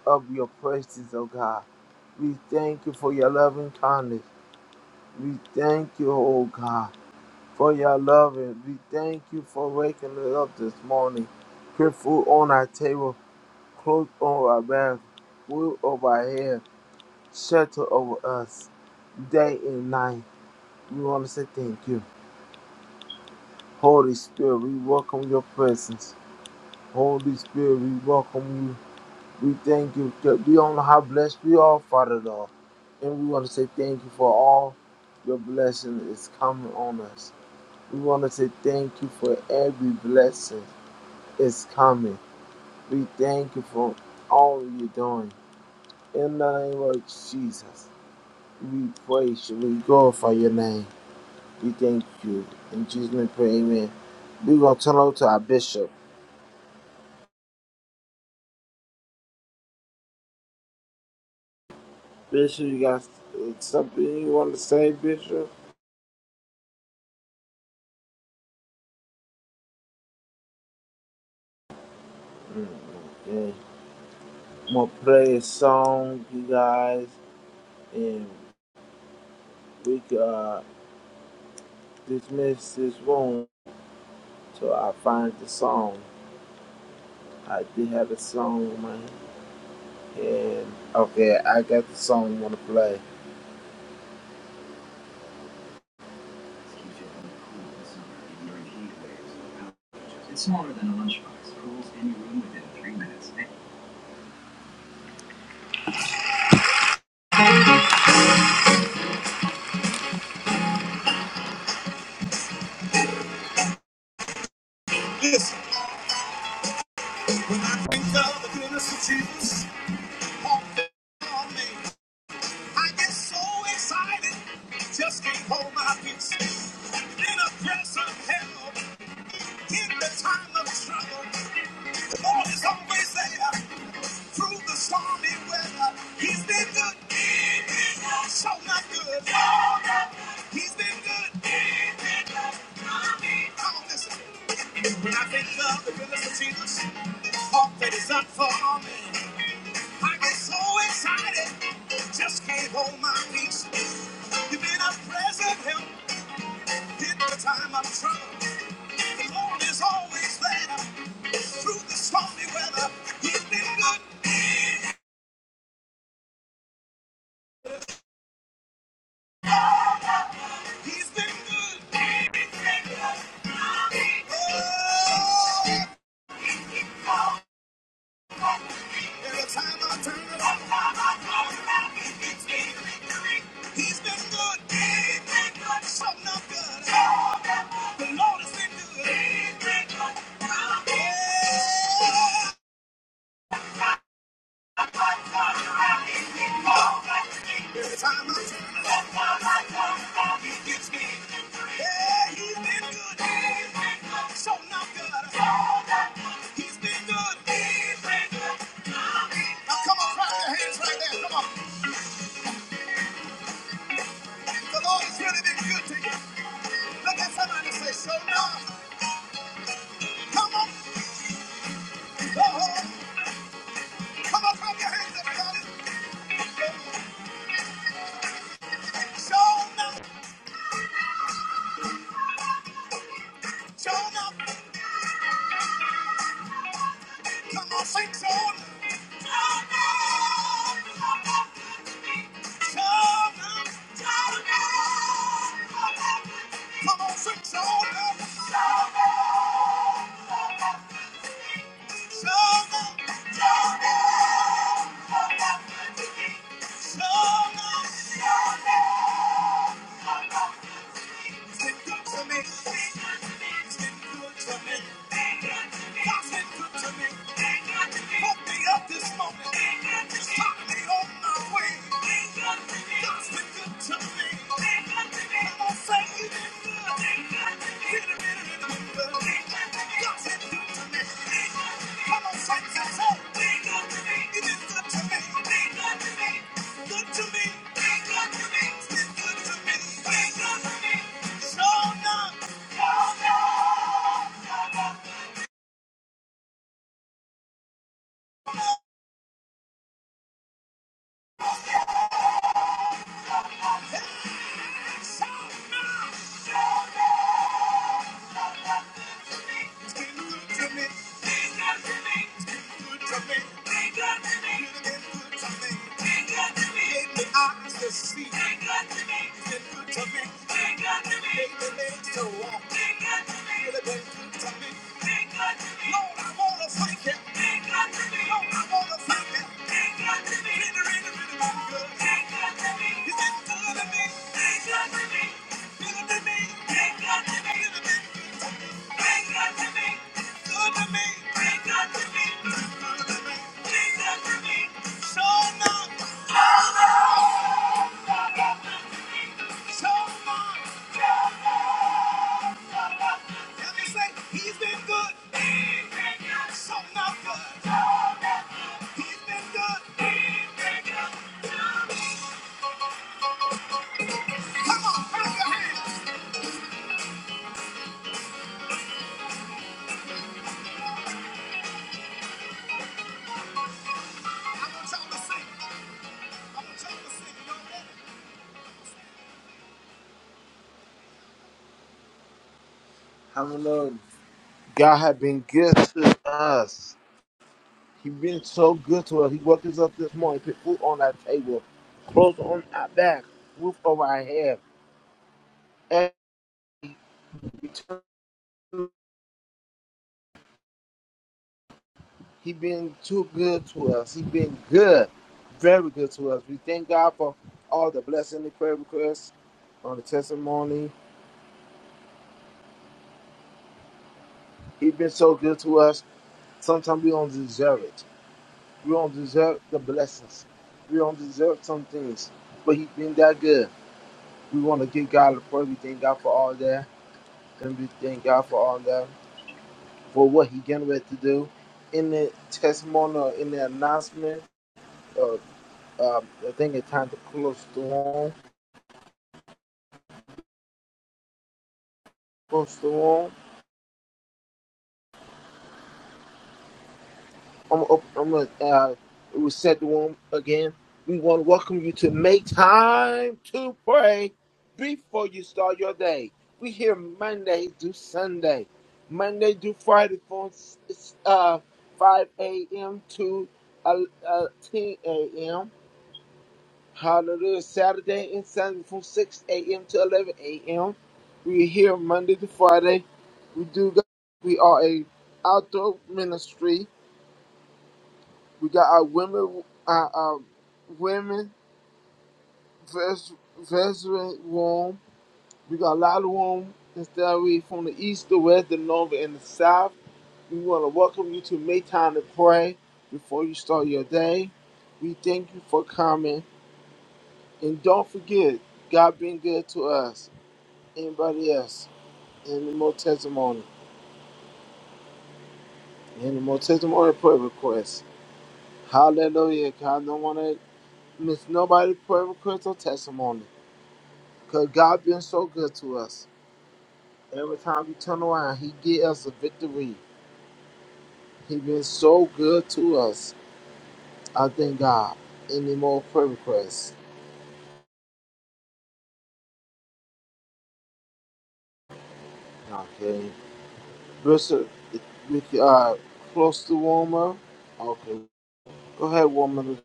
G: of your praises, oh God. We thank you for your loving kindness. We thank you, oh God, for your loving. We thank you for waking us up this morning. Put food on our table clothed on our back, wool over our head, shelter over us, day and night. We want to say thank you. Holy Spirit, we welcome your presence. Holy Spirit, we welcome you. We thank you. We don't know how blessed we are, Father Lord. And we want to say thank you for all your blessing is coming on us. We want to say thank you for every blessing is coming. We thank you for all you're doing. In the name of Jesus. We praise you. We glorify your name. We thank you. In Jesus' name, pray, amen. We're going to turn over to our bishop. Bishop, you got uh, something you want to say, Bishop? And I'm going to play a song, you guys, and we can uh, dismiss this room till I find the song. I did have a song in my head. Okay, I got the song you want to play. Listen, when I think of the goodness of Jesus, all things are made. I get so excited, just can't hold my peace. In a press of hell, in the time of trouble, the Lord is always there. Through the stormy weather, He's been good. He's been good. So not good. So not good. He's been good. He's been good. I mean, oh, listen. when I think of the goodness of Jesus, all that is done for me. I get so excited, just can't hold my peace. You've been a present help in the time of trouble. The Lord is always there through the stormy weather. He's been good. He's been good. He's been good. Oh, Every time I turn around, he gives me victory. He's been good. He's been good. So not good. So has been good. He's been good. Yeah. Every time I turn around, he gives me victory. Yeah, he's been good. He's been So good. So not good. He's been good. He's been good. Now come on, clap your hands right there. Come on. The Lord has really been good to you. Look at somebody and say, "Show now. Come on. Oh, come on, clap your hands, everybody. Show now. show now. Come on, sing show now. show now. show now. Come on, sing show now. show now. show now. show now. Show now. It's been good to me. It's been good to me. It's been good to me. It's been good to me. It's been good to me. It's been good to me. It's been good to me. It's been good to me. It's been good to me. It's been good to me. Thank you. How the Lord God has been good to us. He been so good to us. He woke us up this morning, put food on our table, clothes on our back, roof over our head. And we turn- he been too good to us. He been good, very good to us. We thank God for all the blessing, the prayer requests, on the testimony. He been so good to us. Sometimes we don't deserve it. We don't deserve the blessings. We don't deserve some things, but he been that good. We want to give God the praise. We thank God for all that, and we thank God for all that. for what he getting ready to do. In the testimonial, in the announcement, uh, um, I think it's time to close the room. Close the room. I'm, gonna I'm gonna uh, reset the room again. We want to welcome you to make time to pray before you start your day. We here Monday to Sunday, Monday to Friday from uh, 5 a.m. to uh, uh, 10 a.m Hallelujah. Saturday and Sunday from 6 a.m. to 11 a.m. We are here Monday to Friday. We do. Got, we are a outdoor ministry. We got our women, our, our women vers- veteran room. We got a lot of room. Instead, we from the east, the west, the north, and the south. We want to welcome you to make time to pray before you start your day. We thank you for coming, and don't forget, God been good to us. Anybody else? Any more testimony? Any more testimony or prayer requests? Hallelujah. 'cause I don't want to miss nobody prayer request or testimony. Because God been so good to us. Every time we turn around, he give us a victory. He been so good to us. I thank God. Any more prayer requests? Okay. Bishop, we uh, close to woman. Okay. Go ahead, woman. of-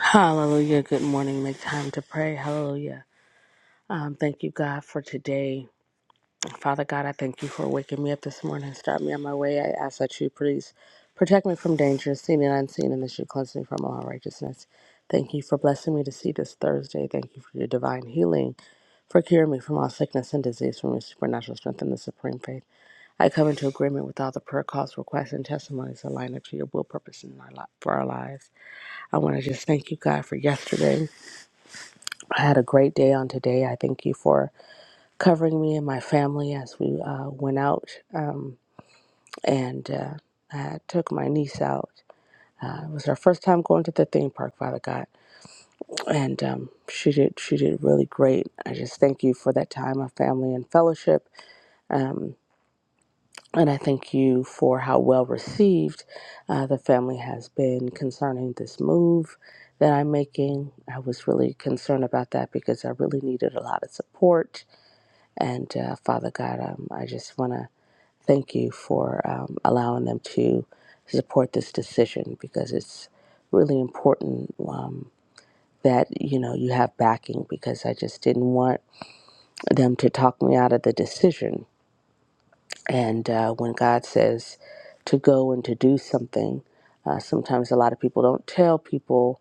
H: Hallelujah. Good morning. Make time to pray. Hallelujah. Um, thank you, God, for today. Father God, I thank you for waking me up this morning. Start me on my way. I ask that you please protect me from danger, seen and unseen, and that you cleanse me from all righteousness. Thank you for blessing me to see this Thursday. Thank you for your divine healing, for curing me from all sickness and disease, from your supernatural strength and the supreme faith. I come into agreement with all the prayer calls, requests, and testimonies aligned up to your will, purpose, and our li- for our lives. I want to just thank you, God, for yesterday. I had a great day on today. I thank you for covering me and my family as we uh, went out um, and uh, I took my niece out. Uh, it was her first time going to the theme park, Father God, and um, she did she did really great. I just thank you for that time of family and fellowship, um, and I thank you for how well received uh, the family has been concerning this move that I'm making. I was really concerned about that because I really needed a lot of support And uh, Father God, um, I just want to thank you for um, allowing them to support this decision because it's really important um, that you know you have backing. Because I just didn't want them to talk me out of the decision. And uh, when God says to go and to do something, uh, sometimes a lot of people don't tell people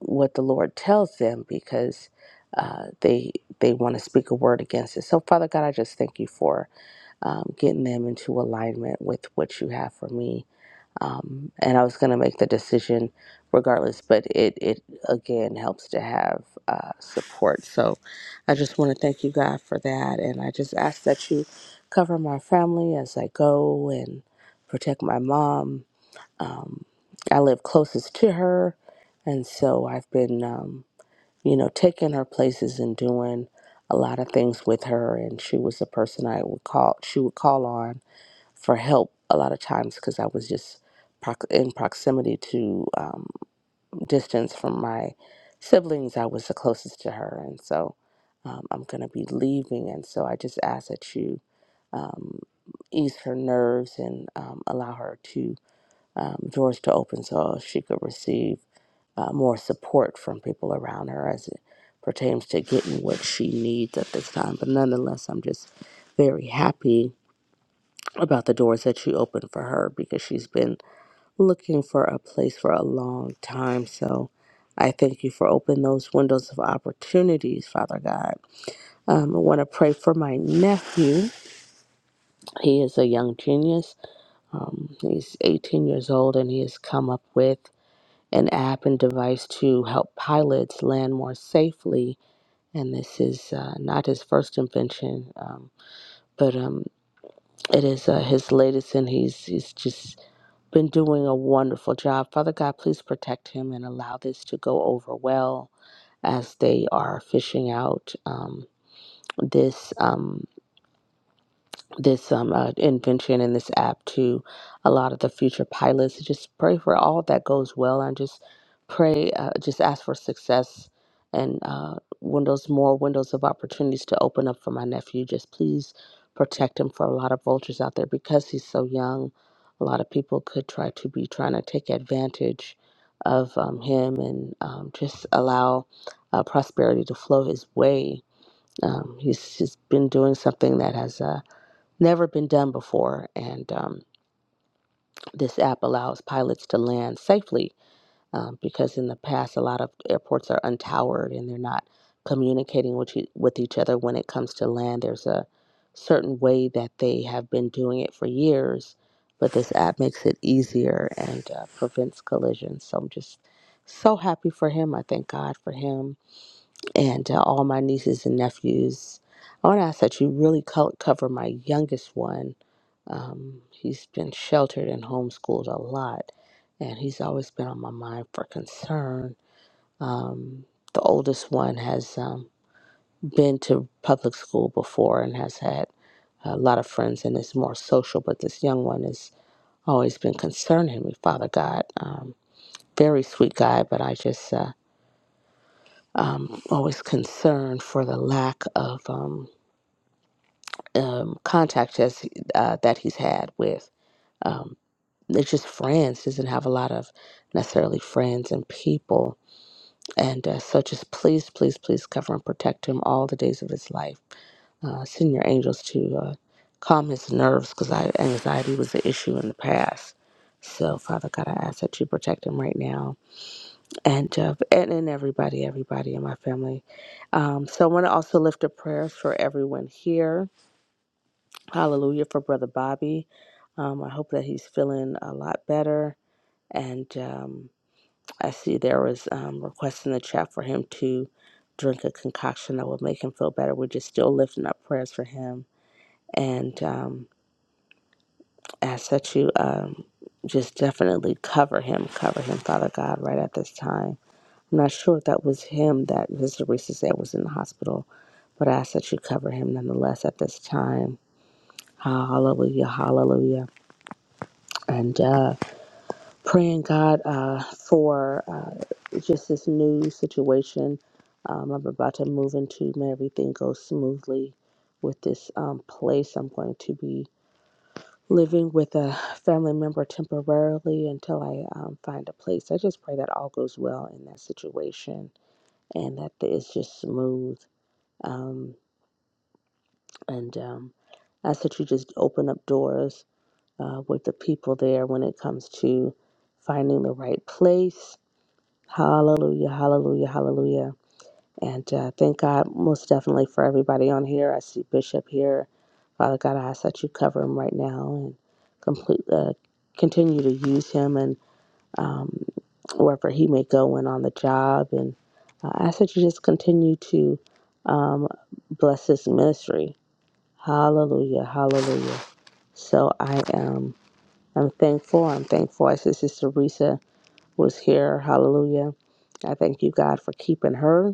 H: what the Lord tells them because uh, they they want to speak a word against it. So Father God, I just thank you for um, getting them into alignment with what you have for me. Um, and I was going to make the decision regardless, but it, it again helps to have uh, support. So I just want to thank you, God, for that. And I just ask that you cover my family as I go and protect my mom. Um, I live closest to her. And so I've been. Um, you know, taking her places and doing a lot of things with her. And she was the person I would call, she would call on for help a lot of times because I was just prox- in proximity to um, distance from my siblings. I was the closest to her. And so um, I'm going to be leaving. And so I just ask that you um, ease her nerves and um, allow her to, um, doors to open so she could receive uh, more support from people around her as it pertains to getting what she needs at this time. But nonetheless, I'm just very happy about the doors that you opened for her because she's been looking for a place for a long time. So I thank you for opening those windows of opportunities, Father God. Um, I want to pray for my nephew. He is a young genius. Um, he's 18 years old and he has come up with an app and device to help pilots land more safely and this is uh, not his first invention, um, but um, it is uh, his latest, and he's he's just been doing a wonderful job. Father God, please protect him and allow this to go over well as they are fishing out um, this. Um, this um, uh, invention and this app to a lot of the future pilots. Just pray for all that goes well and just pray, uh, just ask for success and uh, windows, more windows of opportunities to open up for my nephew. Just please protect him for a lot of vultures out there because he's so young. A lot of people could try to be trying to take advantage of um, him and um, just allow uh, prosperity to flow his way. Um, he's, he's been doing something that has. Uh, never been done before. And um, this app allows pilots to land safely um, because in the past, a lot of airports are untowered and they're not communicating with, e- with each other when it comes to land. There's a certain way that they have been doing it for years, but this app makes it easier and uh, prevents collisions. So I'm just so happy for him. I thank God for him and to all my nieces and nephews. I want to ask that you really co- cover my youngest one. Um, he's been sheltered and homeschooled a lot, and he's always been on my mind for concern. Um, the oldest one has um, been to public school before and has had a lot of friends and is more social, but this young one has always been concerning me, Father God. Um, very sweet guy, but I just uh, um, always concerned for the lack of. Um, um, contact us uh, that he's had with. Um, they're just friends. He doesn't have a lot of necessarily friends and people. And uh, so just please, please, please cover and protect him all the days of his life. Uh, send your angels to uh, calm his nerves because anxiety was an issue in the past. So, Father God, I ask that you protect him right now and uh, and, and everybody, everybody in my family. Um, so, I want to also lift up prayers for everyone here Hallelujah for Brother Bobby. Um, I hope that he's feeling a lot better. And um, I see there was um, requests in the chat for him to drink a concoction that will make him feel better. We're just still lifting up prayers for him and um, ask that you um, just definitely cover him, cover him, Father God, right at this time. I'm not sure if that was him that Mr. Reese said was in the hospital, but I ask that you cover him nonetheless at this time. Hallelujah, hallelujah. And uh, praying God uh, for uh, just this new situation. Um, I'm about to move into. May everything go smoothly with this um, place. I'm going to be living with a family member temporarily until I um, find a place. I just pray that all goes well in that situation and that it's just smooth. Um, and um, I ask that you just open up doors uh, with the people there when it comes to finding the right place Hallelujah, hallelujah, hallelujah. And uh, thank God most definitely for everybody on here. I see Bishop here. Father God, I ask that you cover him right now and complete, uh, continue to use him and um, wherever he may go and on the job. And I ask that you just continue to um, bless his ministry. Hallelujah, hallelujah. So I am I'm thankful. I'm thankful. I see Sister Risa was here. Hallelujah. I thank you, God, for keeping her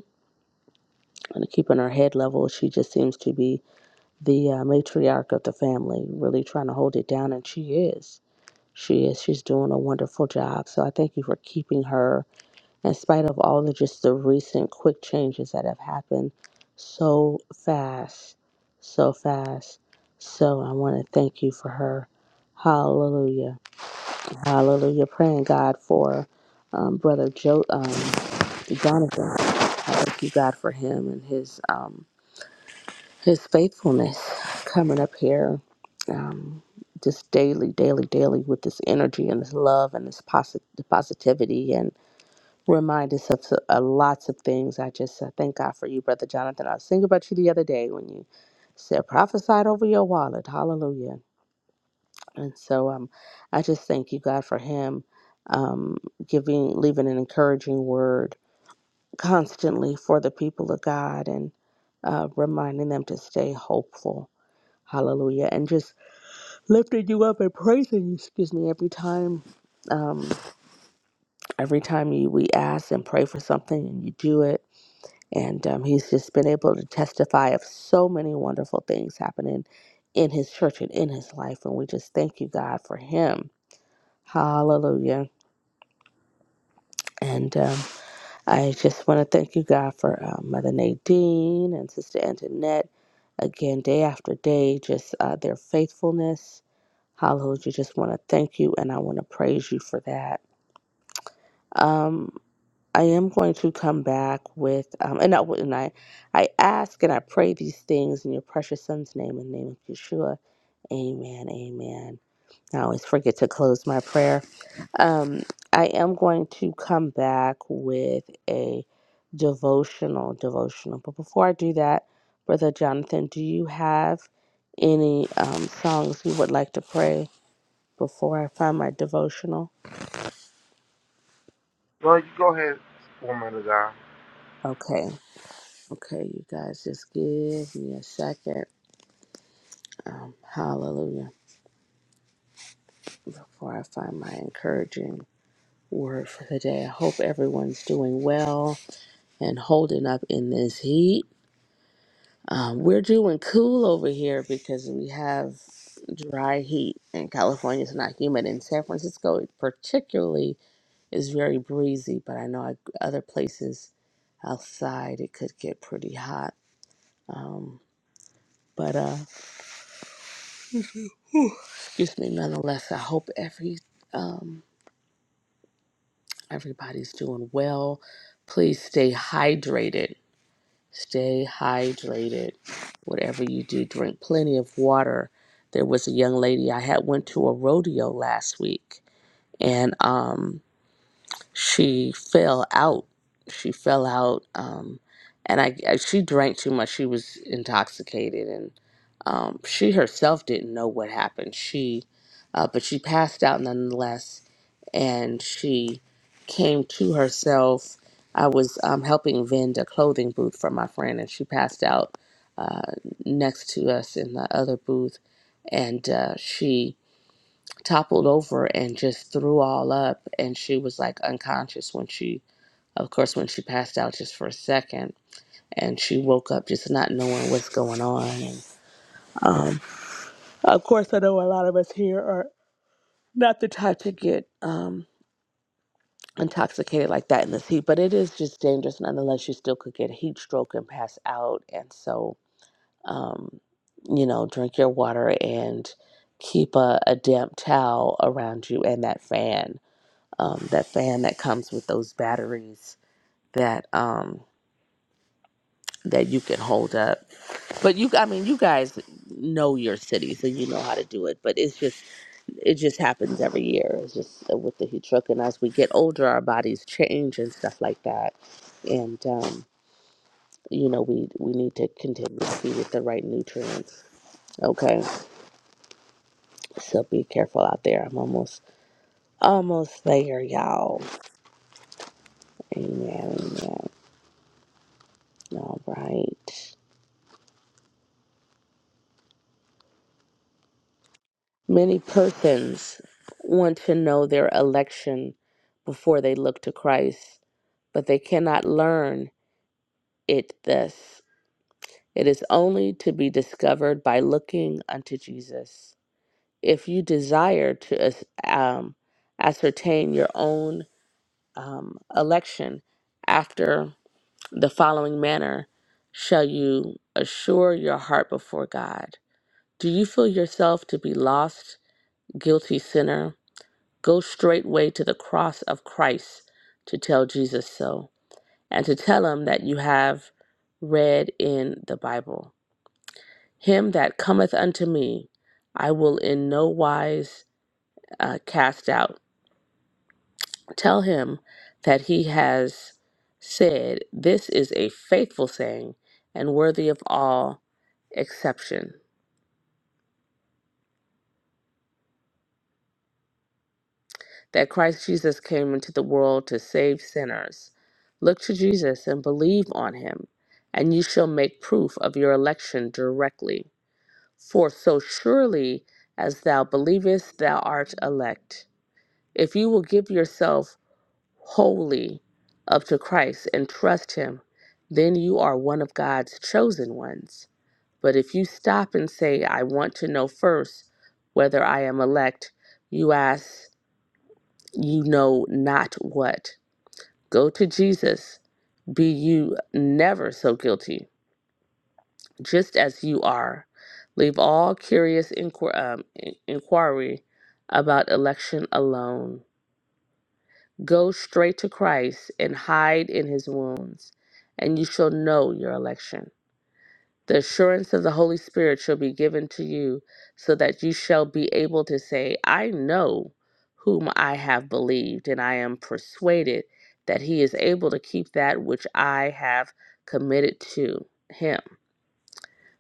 H: and keeping her head level. She just seems to be the uh, matriarch of the family, really trying to hold it down, and she is. She is. She's doing a wonderful job. So I thank you for keeping her, in spite of all the just the recent quick changes that have happened so fast, so fast. So I want to thank you for her. Hallelujah. Hallelujah. Praying God for um, brother Joe. um, to Jonathan. I thank you, God, for him and his um, his faithfulness coming up here um, just daily, daily, daily with this energy and this love and this posi- positivity and remind us of so- uh, lots of things. I just uh, thank God for you, Brother Jonathan. I was thinking about you the other day when you said prophesied over your wallet. Hallelujah. And so um, I just thank you, God, for him um, giving, leaving an encouraging word constantly for the people of God and uh, reminding them to stay hopeful. Hallelujah. And just lifting you up and praising you, excuse me, every time. Um, every time you, we ask and pray for something and you do it. And um, he's just been able to testify of so many wonderful things happening in his church and in his life. And we just thank you, God, for him. Hallelujah. And um, I just want to thank you, God, for uh, Mother Nadine and Sister Antoinette. Again, day after day, just uh, their faithfulness. Hallelujah. Just want to thank you and I want to praise you for that. Um, I am going to come back with, um, and, I, and I, I ask and I pray these things in your precious son's name, in the name of Yeshua. Amen. Amen. I always forget to close my prayer. Um, I am going to come back with a devotional, devotional. But before I do that, Brother Jonathan, do you have any um, songs you would like to pray before I find my devotional?
G: Well, you go ahead, woman of God.
H: Okay, okay, you guys, just give me a second. Um, hallelujah. Before I find my encouraging word for the day, I hope everyone's doing well and holding up in this heat. Um, we're doing cool over here because we have dry heat, and California is not humid. In San Francisco, it particularly, is very breezy, but I know I, other places outside it could get pretty hot. Um, but uh, excuse me, nonetheless, I hope every um, everybody's doing well. Please stay hydrated Stay hydrated. Whatever you do, drink plenty of water. There was a young lady I had went to a rodeo last week, and um, she fell out. She fell out, um, and I, I she drank too much. She was intoxicated, and um, she herself didn't know what happened. She, uh, but she passed out nonetheless, and she came to herself. I was um, helping vend a clothing booth for my friend, and she passed out uh, next to us in the other booth, and uh, she toppled over and just threw all up and she was like unconscious when she of course when she passed out just for a second and she woke up just not knowing what's going on and um, of course i know a lot of us here are not the type to get um, intoxicated like that in this heat but it is just dangerous nonetheless you still could get heat stroke and pass out and so um, you know drink your water and keep a, a damp towel around you and that fan um, that fan that comes with those batteries that um, that you can hold up. But you, I mean, you guys know your city, so you know how to do it. But it's just, it just happens every year. It's just uh, with the heat stroke, and as we get older, our bodies change and stuff like that. And um, you know, we we need to continue to feed it the right nutrients. Okay, so be careful out there. I'm almost almost there, y'all. Amen. Amen. All right. Many persons want to know their election before they look to Christ, but they cannot learn it thus. It is only to be discovered by looking unto Jesus. If you desire to as- um, ascertain your own um, election after the following manner, shall you assure your heart before God? Do you feel yourself to be lost, guilty sinner? Go straightway to the cross of Christ to tell Jesus so, and to tell him that you have read in the Bible. Him that cometh unto me, I will in no wise uh, cast out. Tell him that he has said, This is a faithful saying and worthy of all exception. that Christ Jesus came into the world to save sinners. Look to Jesus and believe on him, and you shall make proof of your election directly. For so surely as thou believest, thou art elect. If you will give yourself wholly up to Christ and trust him, then you are one of God's chosen ones. But if you stop and say, I want to know first whether I am elect, you ask, you know not what. Go to Jesus. Be you never so guilty, just as you are. Leave all curious inquir- um, in- inquiry about election alone. Go straight to Christ and hide in his wounds, and you shall know your election. The assurance of the Holy Spirit shall be given to you, so that you shall be able to say, I know whom I have believed, and I am persuaded that he is able to keep that which I have committed to him.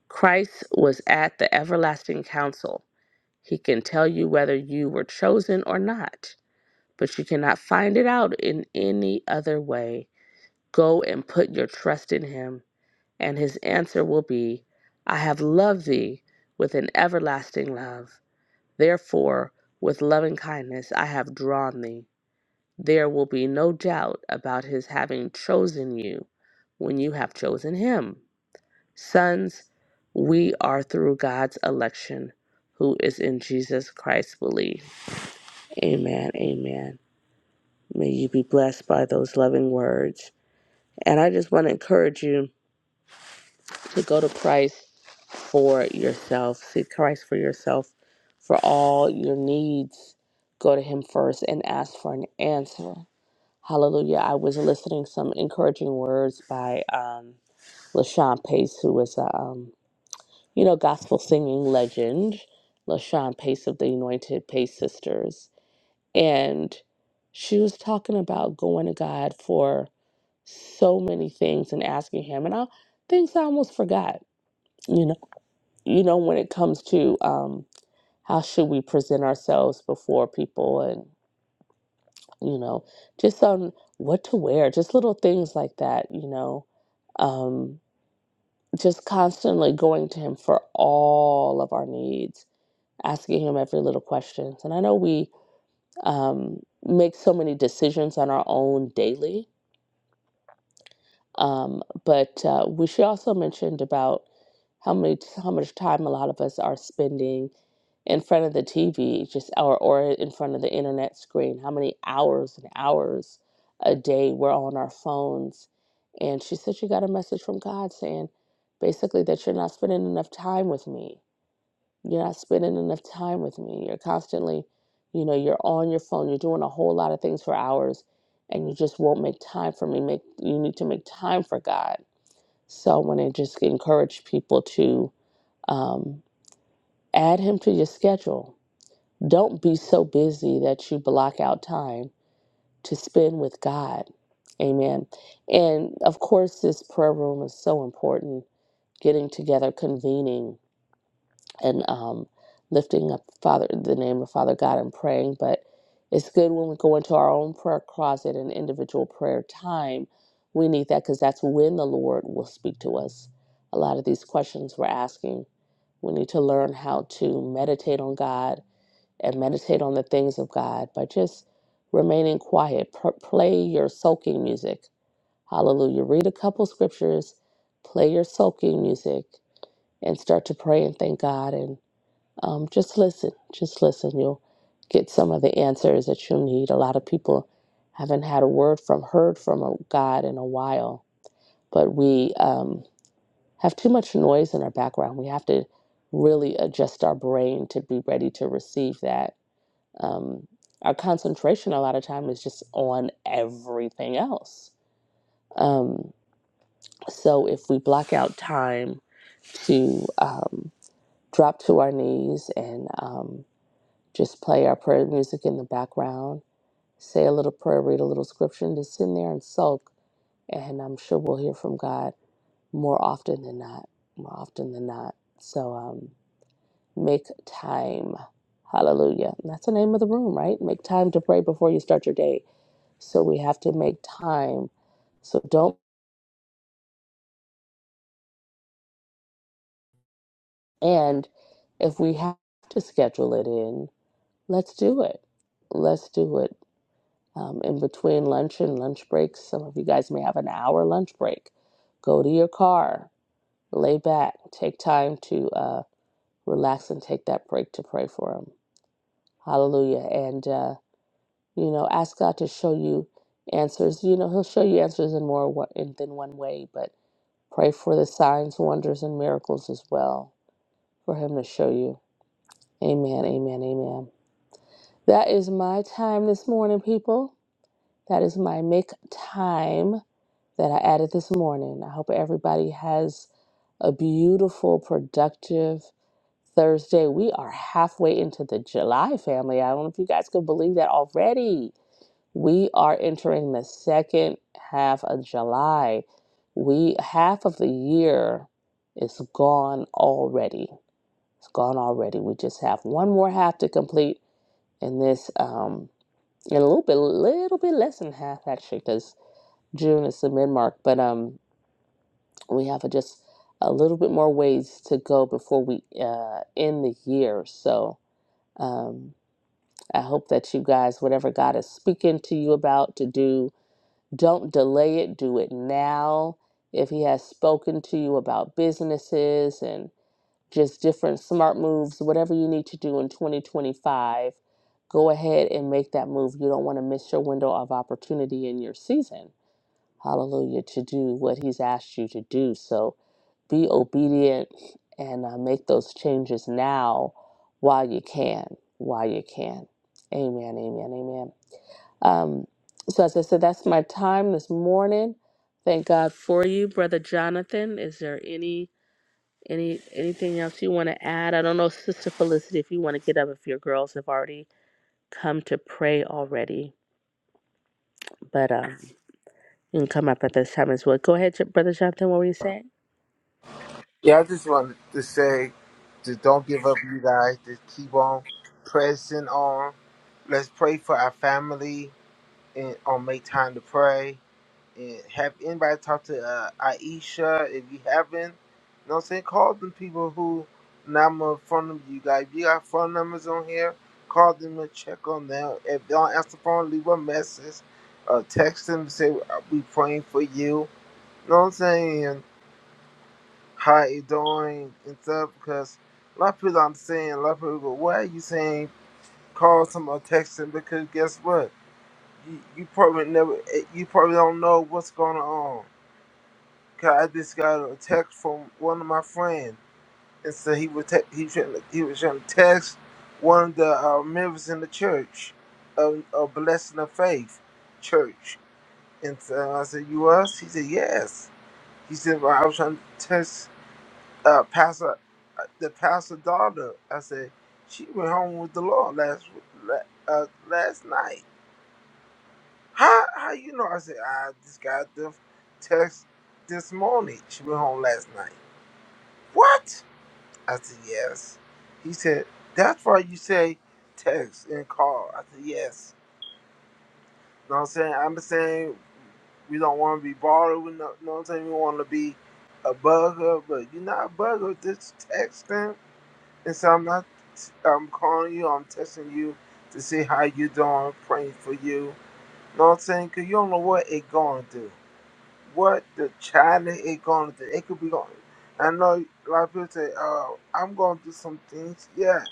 H: Christ was at the everlasting council. He can tell you whether you were chosen or not, but you cannot find it out in any other way. Go and put your trust in him. And his answer will be, I have loved thee with an everlasting love. Therefore, with loving kindness I have drawn thee. There will be no doubt about his having chosen you when you have chosen him. Sons, we are through God's election, who is in Jesus Christ believe. Amen. Amen. May you be blessed by those loving words. And I just want to encourage you to go to Christ for yourself. Seek Christ for yourself for all your needs. Go to Him first and ask for an answer. Hallelujah. I was listening some encouraging words by um, LaShawn Pace, who is a um, you know gospel singing legend, LaShawn Pace of the Anointed Pace Sisters, and she was talking about going to God for so many things and asking Him, and I, things I almost forgot. you know you know, when it comes to um, how should we present ourselves before people and, you know, just on what to wear, just little things like that, you know, um, just constantly going to him for all of our needs, asking him every little questions. And I know we um, make so many decisions on our own daily, Um, but uh, we she also mentioned about how many how much time a lot of us are spending in front of the TV, just or or in front of the internet screen. How many hours and hours a day we're on our phones? And she said she got a message from God saying, basically that you're not spending enough time with me. You're not spending enough time with me. You're constantly, you know, you're on your phone. You're doing a whole lot of things for hours and you just won't make time for me. Make you need to make time for God. So I want to just encourage people to um, add him to your schedule. Don't be so busy that you block out time to spend with God. Amen. And of course, this prayer room is so important. Getting together, convening. and um, lifting up Father the name of Father God and praying. But it's good when we go into our own prayer closet and individual prayer time. We need that because that's when the Lord will speak to us. A lot of these questions we're asking, we need to learn how to meditate on God and meditate on the things of God by just remaining quiet. Pr- play your soaking music. Hallelujah. Read a couple scriptures, play your soaking music, and start to pray and thank God. and. Um, just listen, just listen. You'll get some of the answers that you need. A lot of people haven't had a word from, heard from a God in a while, but we um, have too much noise in our background. We have to really adjust our brain to be ready to receive that. Um, our concentration a lot of time is just on everything else. Um, so if we block out time to um, drop to our knees and um, Just play our prayer music in the background, say a little prayer, read a little scripture, and just sit in there and sulk. And I'm sure we'll hear from God more often than not, more often than not. So um, make time. Hallelujah. And that's the name of the room, right? Make time to pray before you start your day. So we have to make time. So don't, and if we have to schedule it in, let's do it. Let's do it um, in between lunch and lunch breaks. Some of you guys may have an hour lunch break. Go to your car, lay back, take time to uh, relax and take that break to pray for Him. Hallelujah. And, uh, you know, ask God to show you answers. You know, He'll show you answers in more wa- in, than one way, but pray for the signs, wonders, and miracles as well for Him to show you. Amen, amen, amen. That is my time this morning, people. That is my make time. that I added this morning. I hope everybody has a beautiful, productive Thursday. We are halfway into the July family. I don't know if you guys can believe that already. We are entering the second half of July. We half of the year is gone already. It's gone already. We just have one more half to complete in this um in a little bit little bit less than half actually because June is the mid mark. But um we have a, just a little bit more ways to go before we uh, end the year. So um, I hope that you guys, whatever God is speaking to you about to do, don't delay it. Do it now. If He has spoken to you about businesses and just different smart moves, whatever you need to do in 2025, go ahead and make that move. You don't want to miss your window of opportunity in your season. Hallelujah, to do what He's asked you to do. So, be obedient and uh, make those changes now while you can, while you can. Amen, amen, amen. Um, so, as I said, that's my time this morning. Thank God for you, Brother Jonathan. Is there any any anything else you want to add? I don't know, Sister Felicity, if you want to get up, if your girls have already come to pray already, but um, you can come up at this time as well. Go ahead, Brother Jonathan. What were you saying?
G: Yeah, I just wanted to say, to don't give up, you guys. Just keep on pressing on. Let's pray for our family and on make time to pray. And have anybody talk to uh, Aisha if you haven't. You know what I'm saying? Call them people who number phone number you guys. If you got phone numbers on here, call them and check on them. If they don't answer the phone, leave a message. Uh, text them and say, we praying for you. You know what I'm saying? how you doing and stuff because a lot of people I'm saying, a lot of people go, Why are you saying call someone texting? Because guess what? You, you probably never eh, you probably don't know what's going on. Cause I just got a text from one of my friends and so he was te- he trying to, he was trying to text one of the uh, members in the church of, of Blessing of Faith Church. And so I said, You us? He said, Yes. He said, well, I was trying to text uh, Pastor, uh, the pastor daughter. I said she went home with the Lord last la- uh, last night. How how you know? I said I just got the text this morning. She went home last night. What? I said yes. He said that's why you say text and call. I said yes. You know what I'm saying? I'm saying we don't want to be bothered with no. You know what I'm saying? We want to be a bugger, but you're not a bugger. Just texting And so I'm not I'm calling you, I'm testing you to see how you doing, praying for you. know what I'm saying? 'Cause you don't know what it gonna do. What the child it gonna do. It could be going I know a lot of people say, Oh, I'm gonna do some things. Yeah.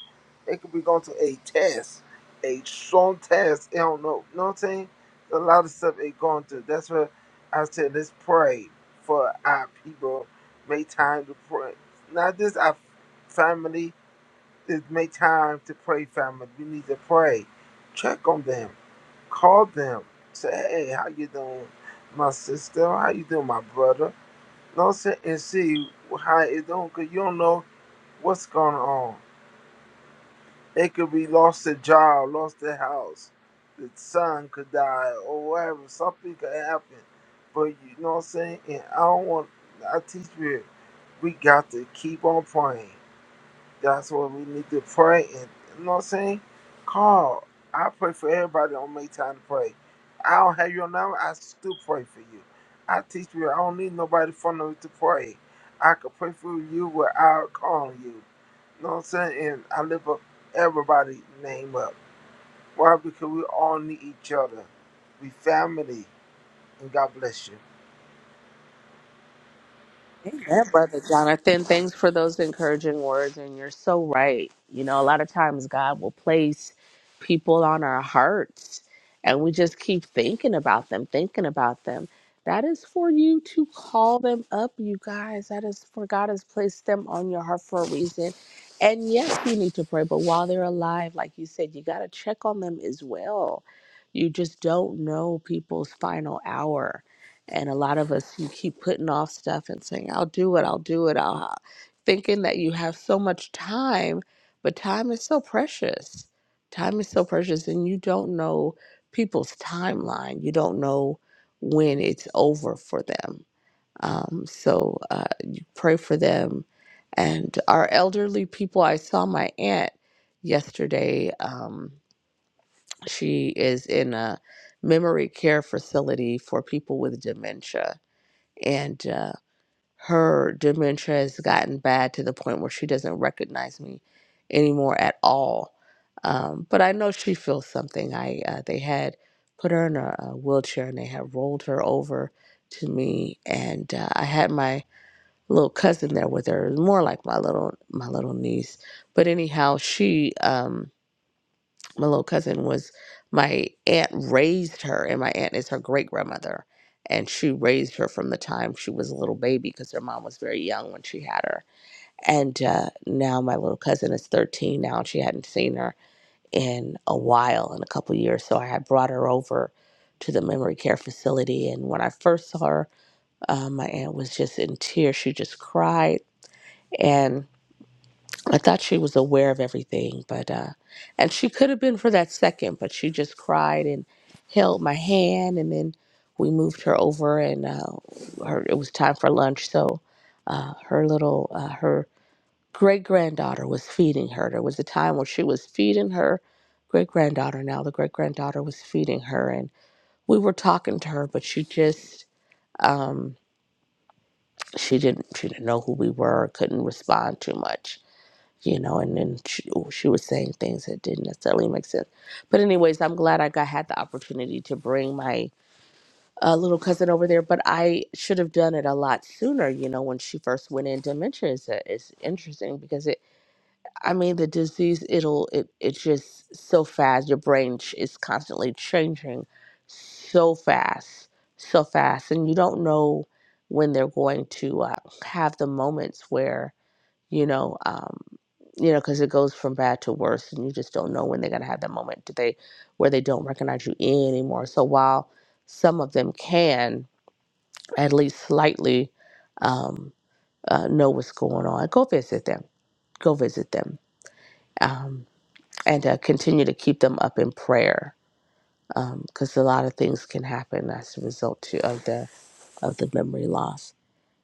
G: It could be going to a test, a strong test. I don't know. You know what I'm saying? A lot of stuff it going to. do. That's what I said, let's pray for our people. Make time to pray. Not just our family, it's make time to pray, family. We need to pray. Check on them. Call them. Say, hey, how you doing, my sister? How you doing, my brother? No, say and see how it doing, cause you don't know what's going on. They could be lost their job, lost their house. The son could die or whatever. Something could happen. But you know what I'm saying? And I don't want, I teach you, we got to keep on praying. That's what we need to pray. And you know what I'm saying? Call. I pray for everybody on make time to pray. I don't have your number. I still pray for you. I teach you. I don't need nobody for me to pray. I can pray for you without calling you. You know what I'm saying? And I lift up everybody's name up. Why? Because we all need each other. We family. And God bless you.
H: Amen, Brother Jonathan. Thanks for those encouraging words. And you're so right. You know, a lot of times God will place people on our hearts and we just keep thinking about them, thinking about them. That is for you to call them up, you guys. That is for God has placed them on your heart for a reason. And yes, you need to pray, but while they're alive, like you said, you got to check on them as well. You just don't know people's final hour and a lot of us you keep putting off stuff and saying i'll do it i'll do it i'll thinking that you have so much time but time is so precious time is so precious and you don't know people's timeline you don't know when it's over for them um, so uh, you pray for them and our elderly people i saw my aunt yesterday um, she is in a memory care facility for people with dementia and uh, her dementia has gotten bad to the point where she doesn't recognize me anymore at all. Um, but I know she feels something. I uh, they had put her in a, a wheelchair and they had rolled her over to me, and uh, I had my little cousin there with her, It was more like my little my little niece. But anyhow, she. Um, my little cousin was my aunt raised her and my aunt is her great grandmother and she raised her from the time she was a little baby because her mom was very young when she had her and uh, now my little cousin is 13 now and she hadn't seen her in a while in a couple years so i had brought her over to the memory care facility and when i first saw her uh, my aunt was just in tears she just cried I thought she was aware of everything, but uh and she could have been for that second, but she just cried and held my hand and then we moved her over and uh her it was time for lunch, so uh her little uh her great granddaughter was feeding her. There was a time when she was feeding her great granddaughter now the great granddaughter was feeding her and we were talking to her but she just um she didn't she didn't know who we were couldn't respond too much you know, and then she, oh, she was saying things that didn't necessarily make sense. But anyways, I'm glad I got had the opportunity to bring my uh, little cousin over there. But I should have done it a lot sooner, you know, when she first went in. Dementia is a, is interesting because it, I mean, the disease it'll it it's just so fast. Your brain ch- is constantly changing, so fast, so fast, and you don't know when they're going to uh, have the moments where you know, um, you know, because it goes from bad to worse, and you just don't know when they're gonna have that moment do they where they don't recognize you anymore. So while some of them can at least slightly um, uh, know what's going on, go visit them, go visit them, um, and uh, continue to keep them up in prayer because a lot of things can happen as a result to, of the of the memory loss.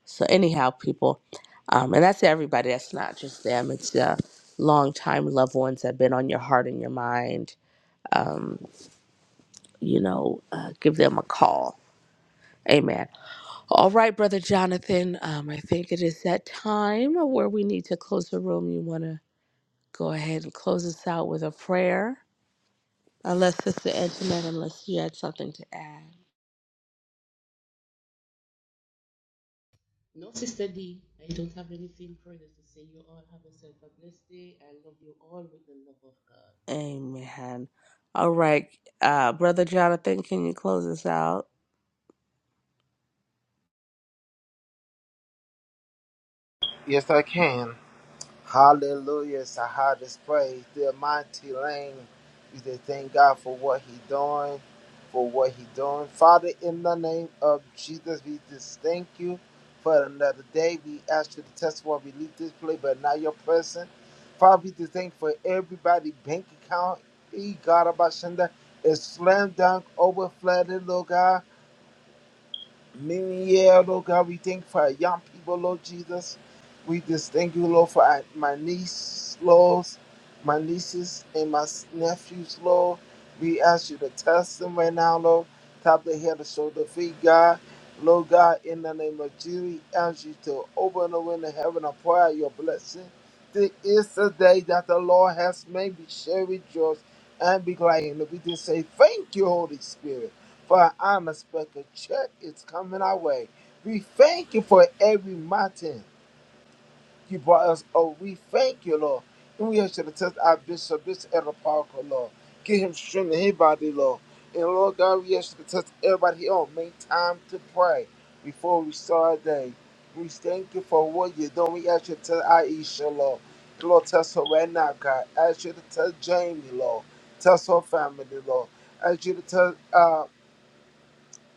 H: So anyhow, people, um, and that's everybody. That's not just them. It's uh, longtime loved ones that have been on your heart and your mind. Um, you know, uh, give them a call. Amen. All right, brother Jonathan. Um, I think it is that time where we need to close the room. You want to go ahead and close us out with a prayer, unless Sister Antoinette, unless you had something to add. Amen. All right, uh, brother Jonathan, can you close us out?
G: Yes, I can. Hallelujah. It's the hottest praise. The mighty lane. You say thank God for what He doing, for what He doing. Father, in the name of Jesus, we just thank you for another day. We ask you to test what we leave this place, but not your person. Father, we just thank you for everybody bank account. E God Abashanda is slam dunk, overflooded, Lord God. New Year, Lord God. We thank you for our young people, Lord Jesus. We just thank you, Lord, for our, my niece, Lord, my nieces and my nephews, Lord. We ask you to test them right now, Lord. Top of the head, the shoulder, feet, God. Lord God, in the name of Jesus, we ask you to open the window of heaven and pour out your blessing. This is the day that the Lord has made. We shall rejoice and be glad. And we just say, Thank you, Holy Spirit for I'm a spectacle check is coming our way. We thank you for every mountain you brought us Oh, We thank you, Lord. And we ask you to test our bishop, Bishop Edward Parker, Lord. Give him strength in his body, Lord. And Lord God, we ask you to test everybody here on. Make time to pray before we start our day. We thank you for what you're doing. We ask you to tell Aisha, Lord. Lord, test her right now, God. Ask you to tell Jamie, Lord. Tell her family, Lord. Ask you to tell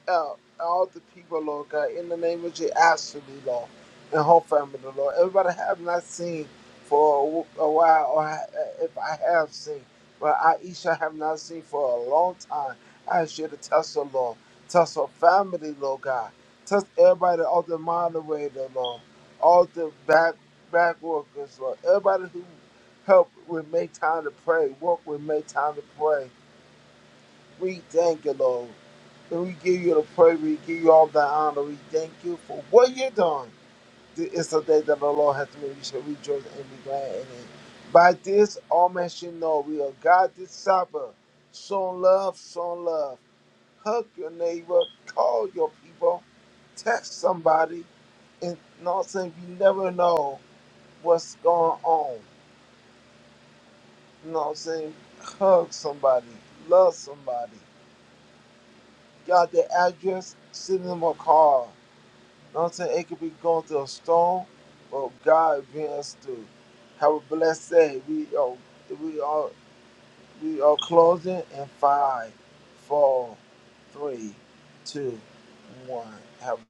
G: out all the people, Lord God, in the name of Jesus, Ashley, Lord, and her family, Lord. Everybody I have not seen for a a while, or ha- if I have seen, but Aisha have not seen for a long time. I should have touched her, Lord. Touch her family, Lord God. Touch everybody, all the moderator, Lord. All the back back workers, Lord. Everybody who helped with make time to pray, work with make time to pray. We thank you, Lord. And we give you the praise. We give you all the honor. We thank you for what you're doing. This is the day that the Lord has made. We shall rejoice and be glad in it. By this, all men shall know we are God this Supper. Show love, show love. Hug your neighbor. Call your people. Text somebody. And you know what I'm saying? You never know what's going on. You know what I'm saying? Hug somebody. Love somebody. Got their address? Send them a call know what I'm saying? It could be going through a storm, but God bring us through. Have a blessed day. We are we are we are closing in five, four, three, two, one. Have a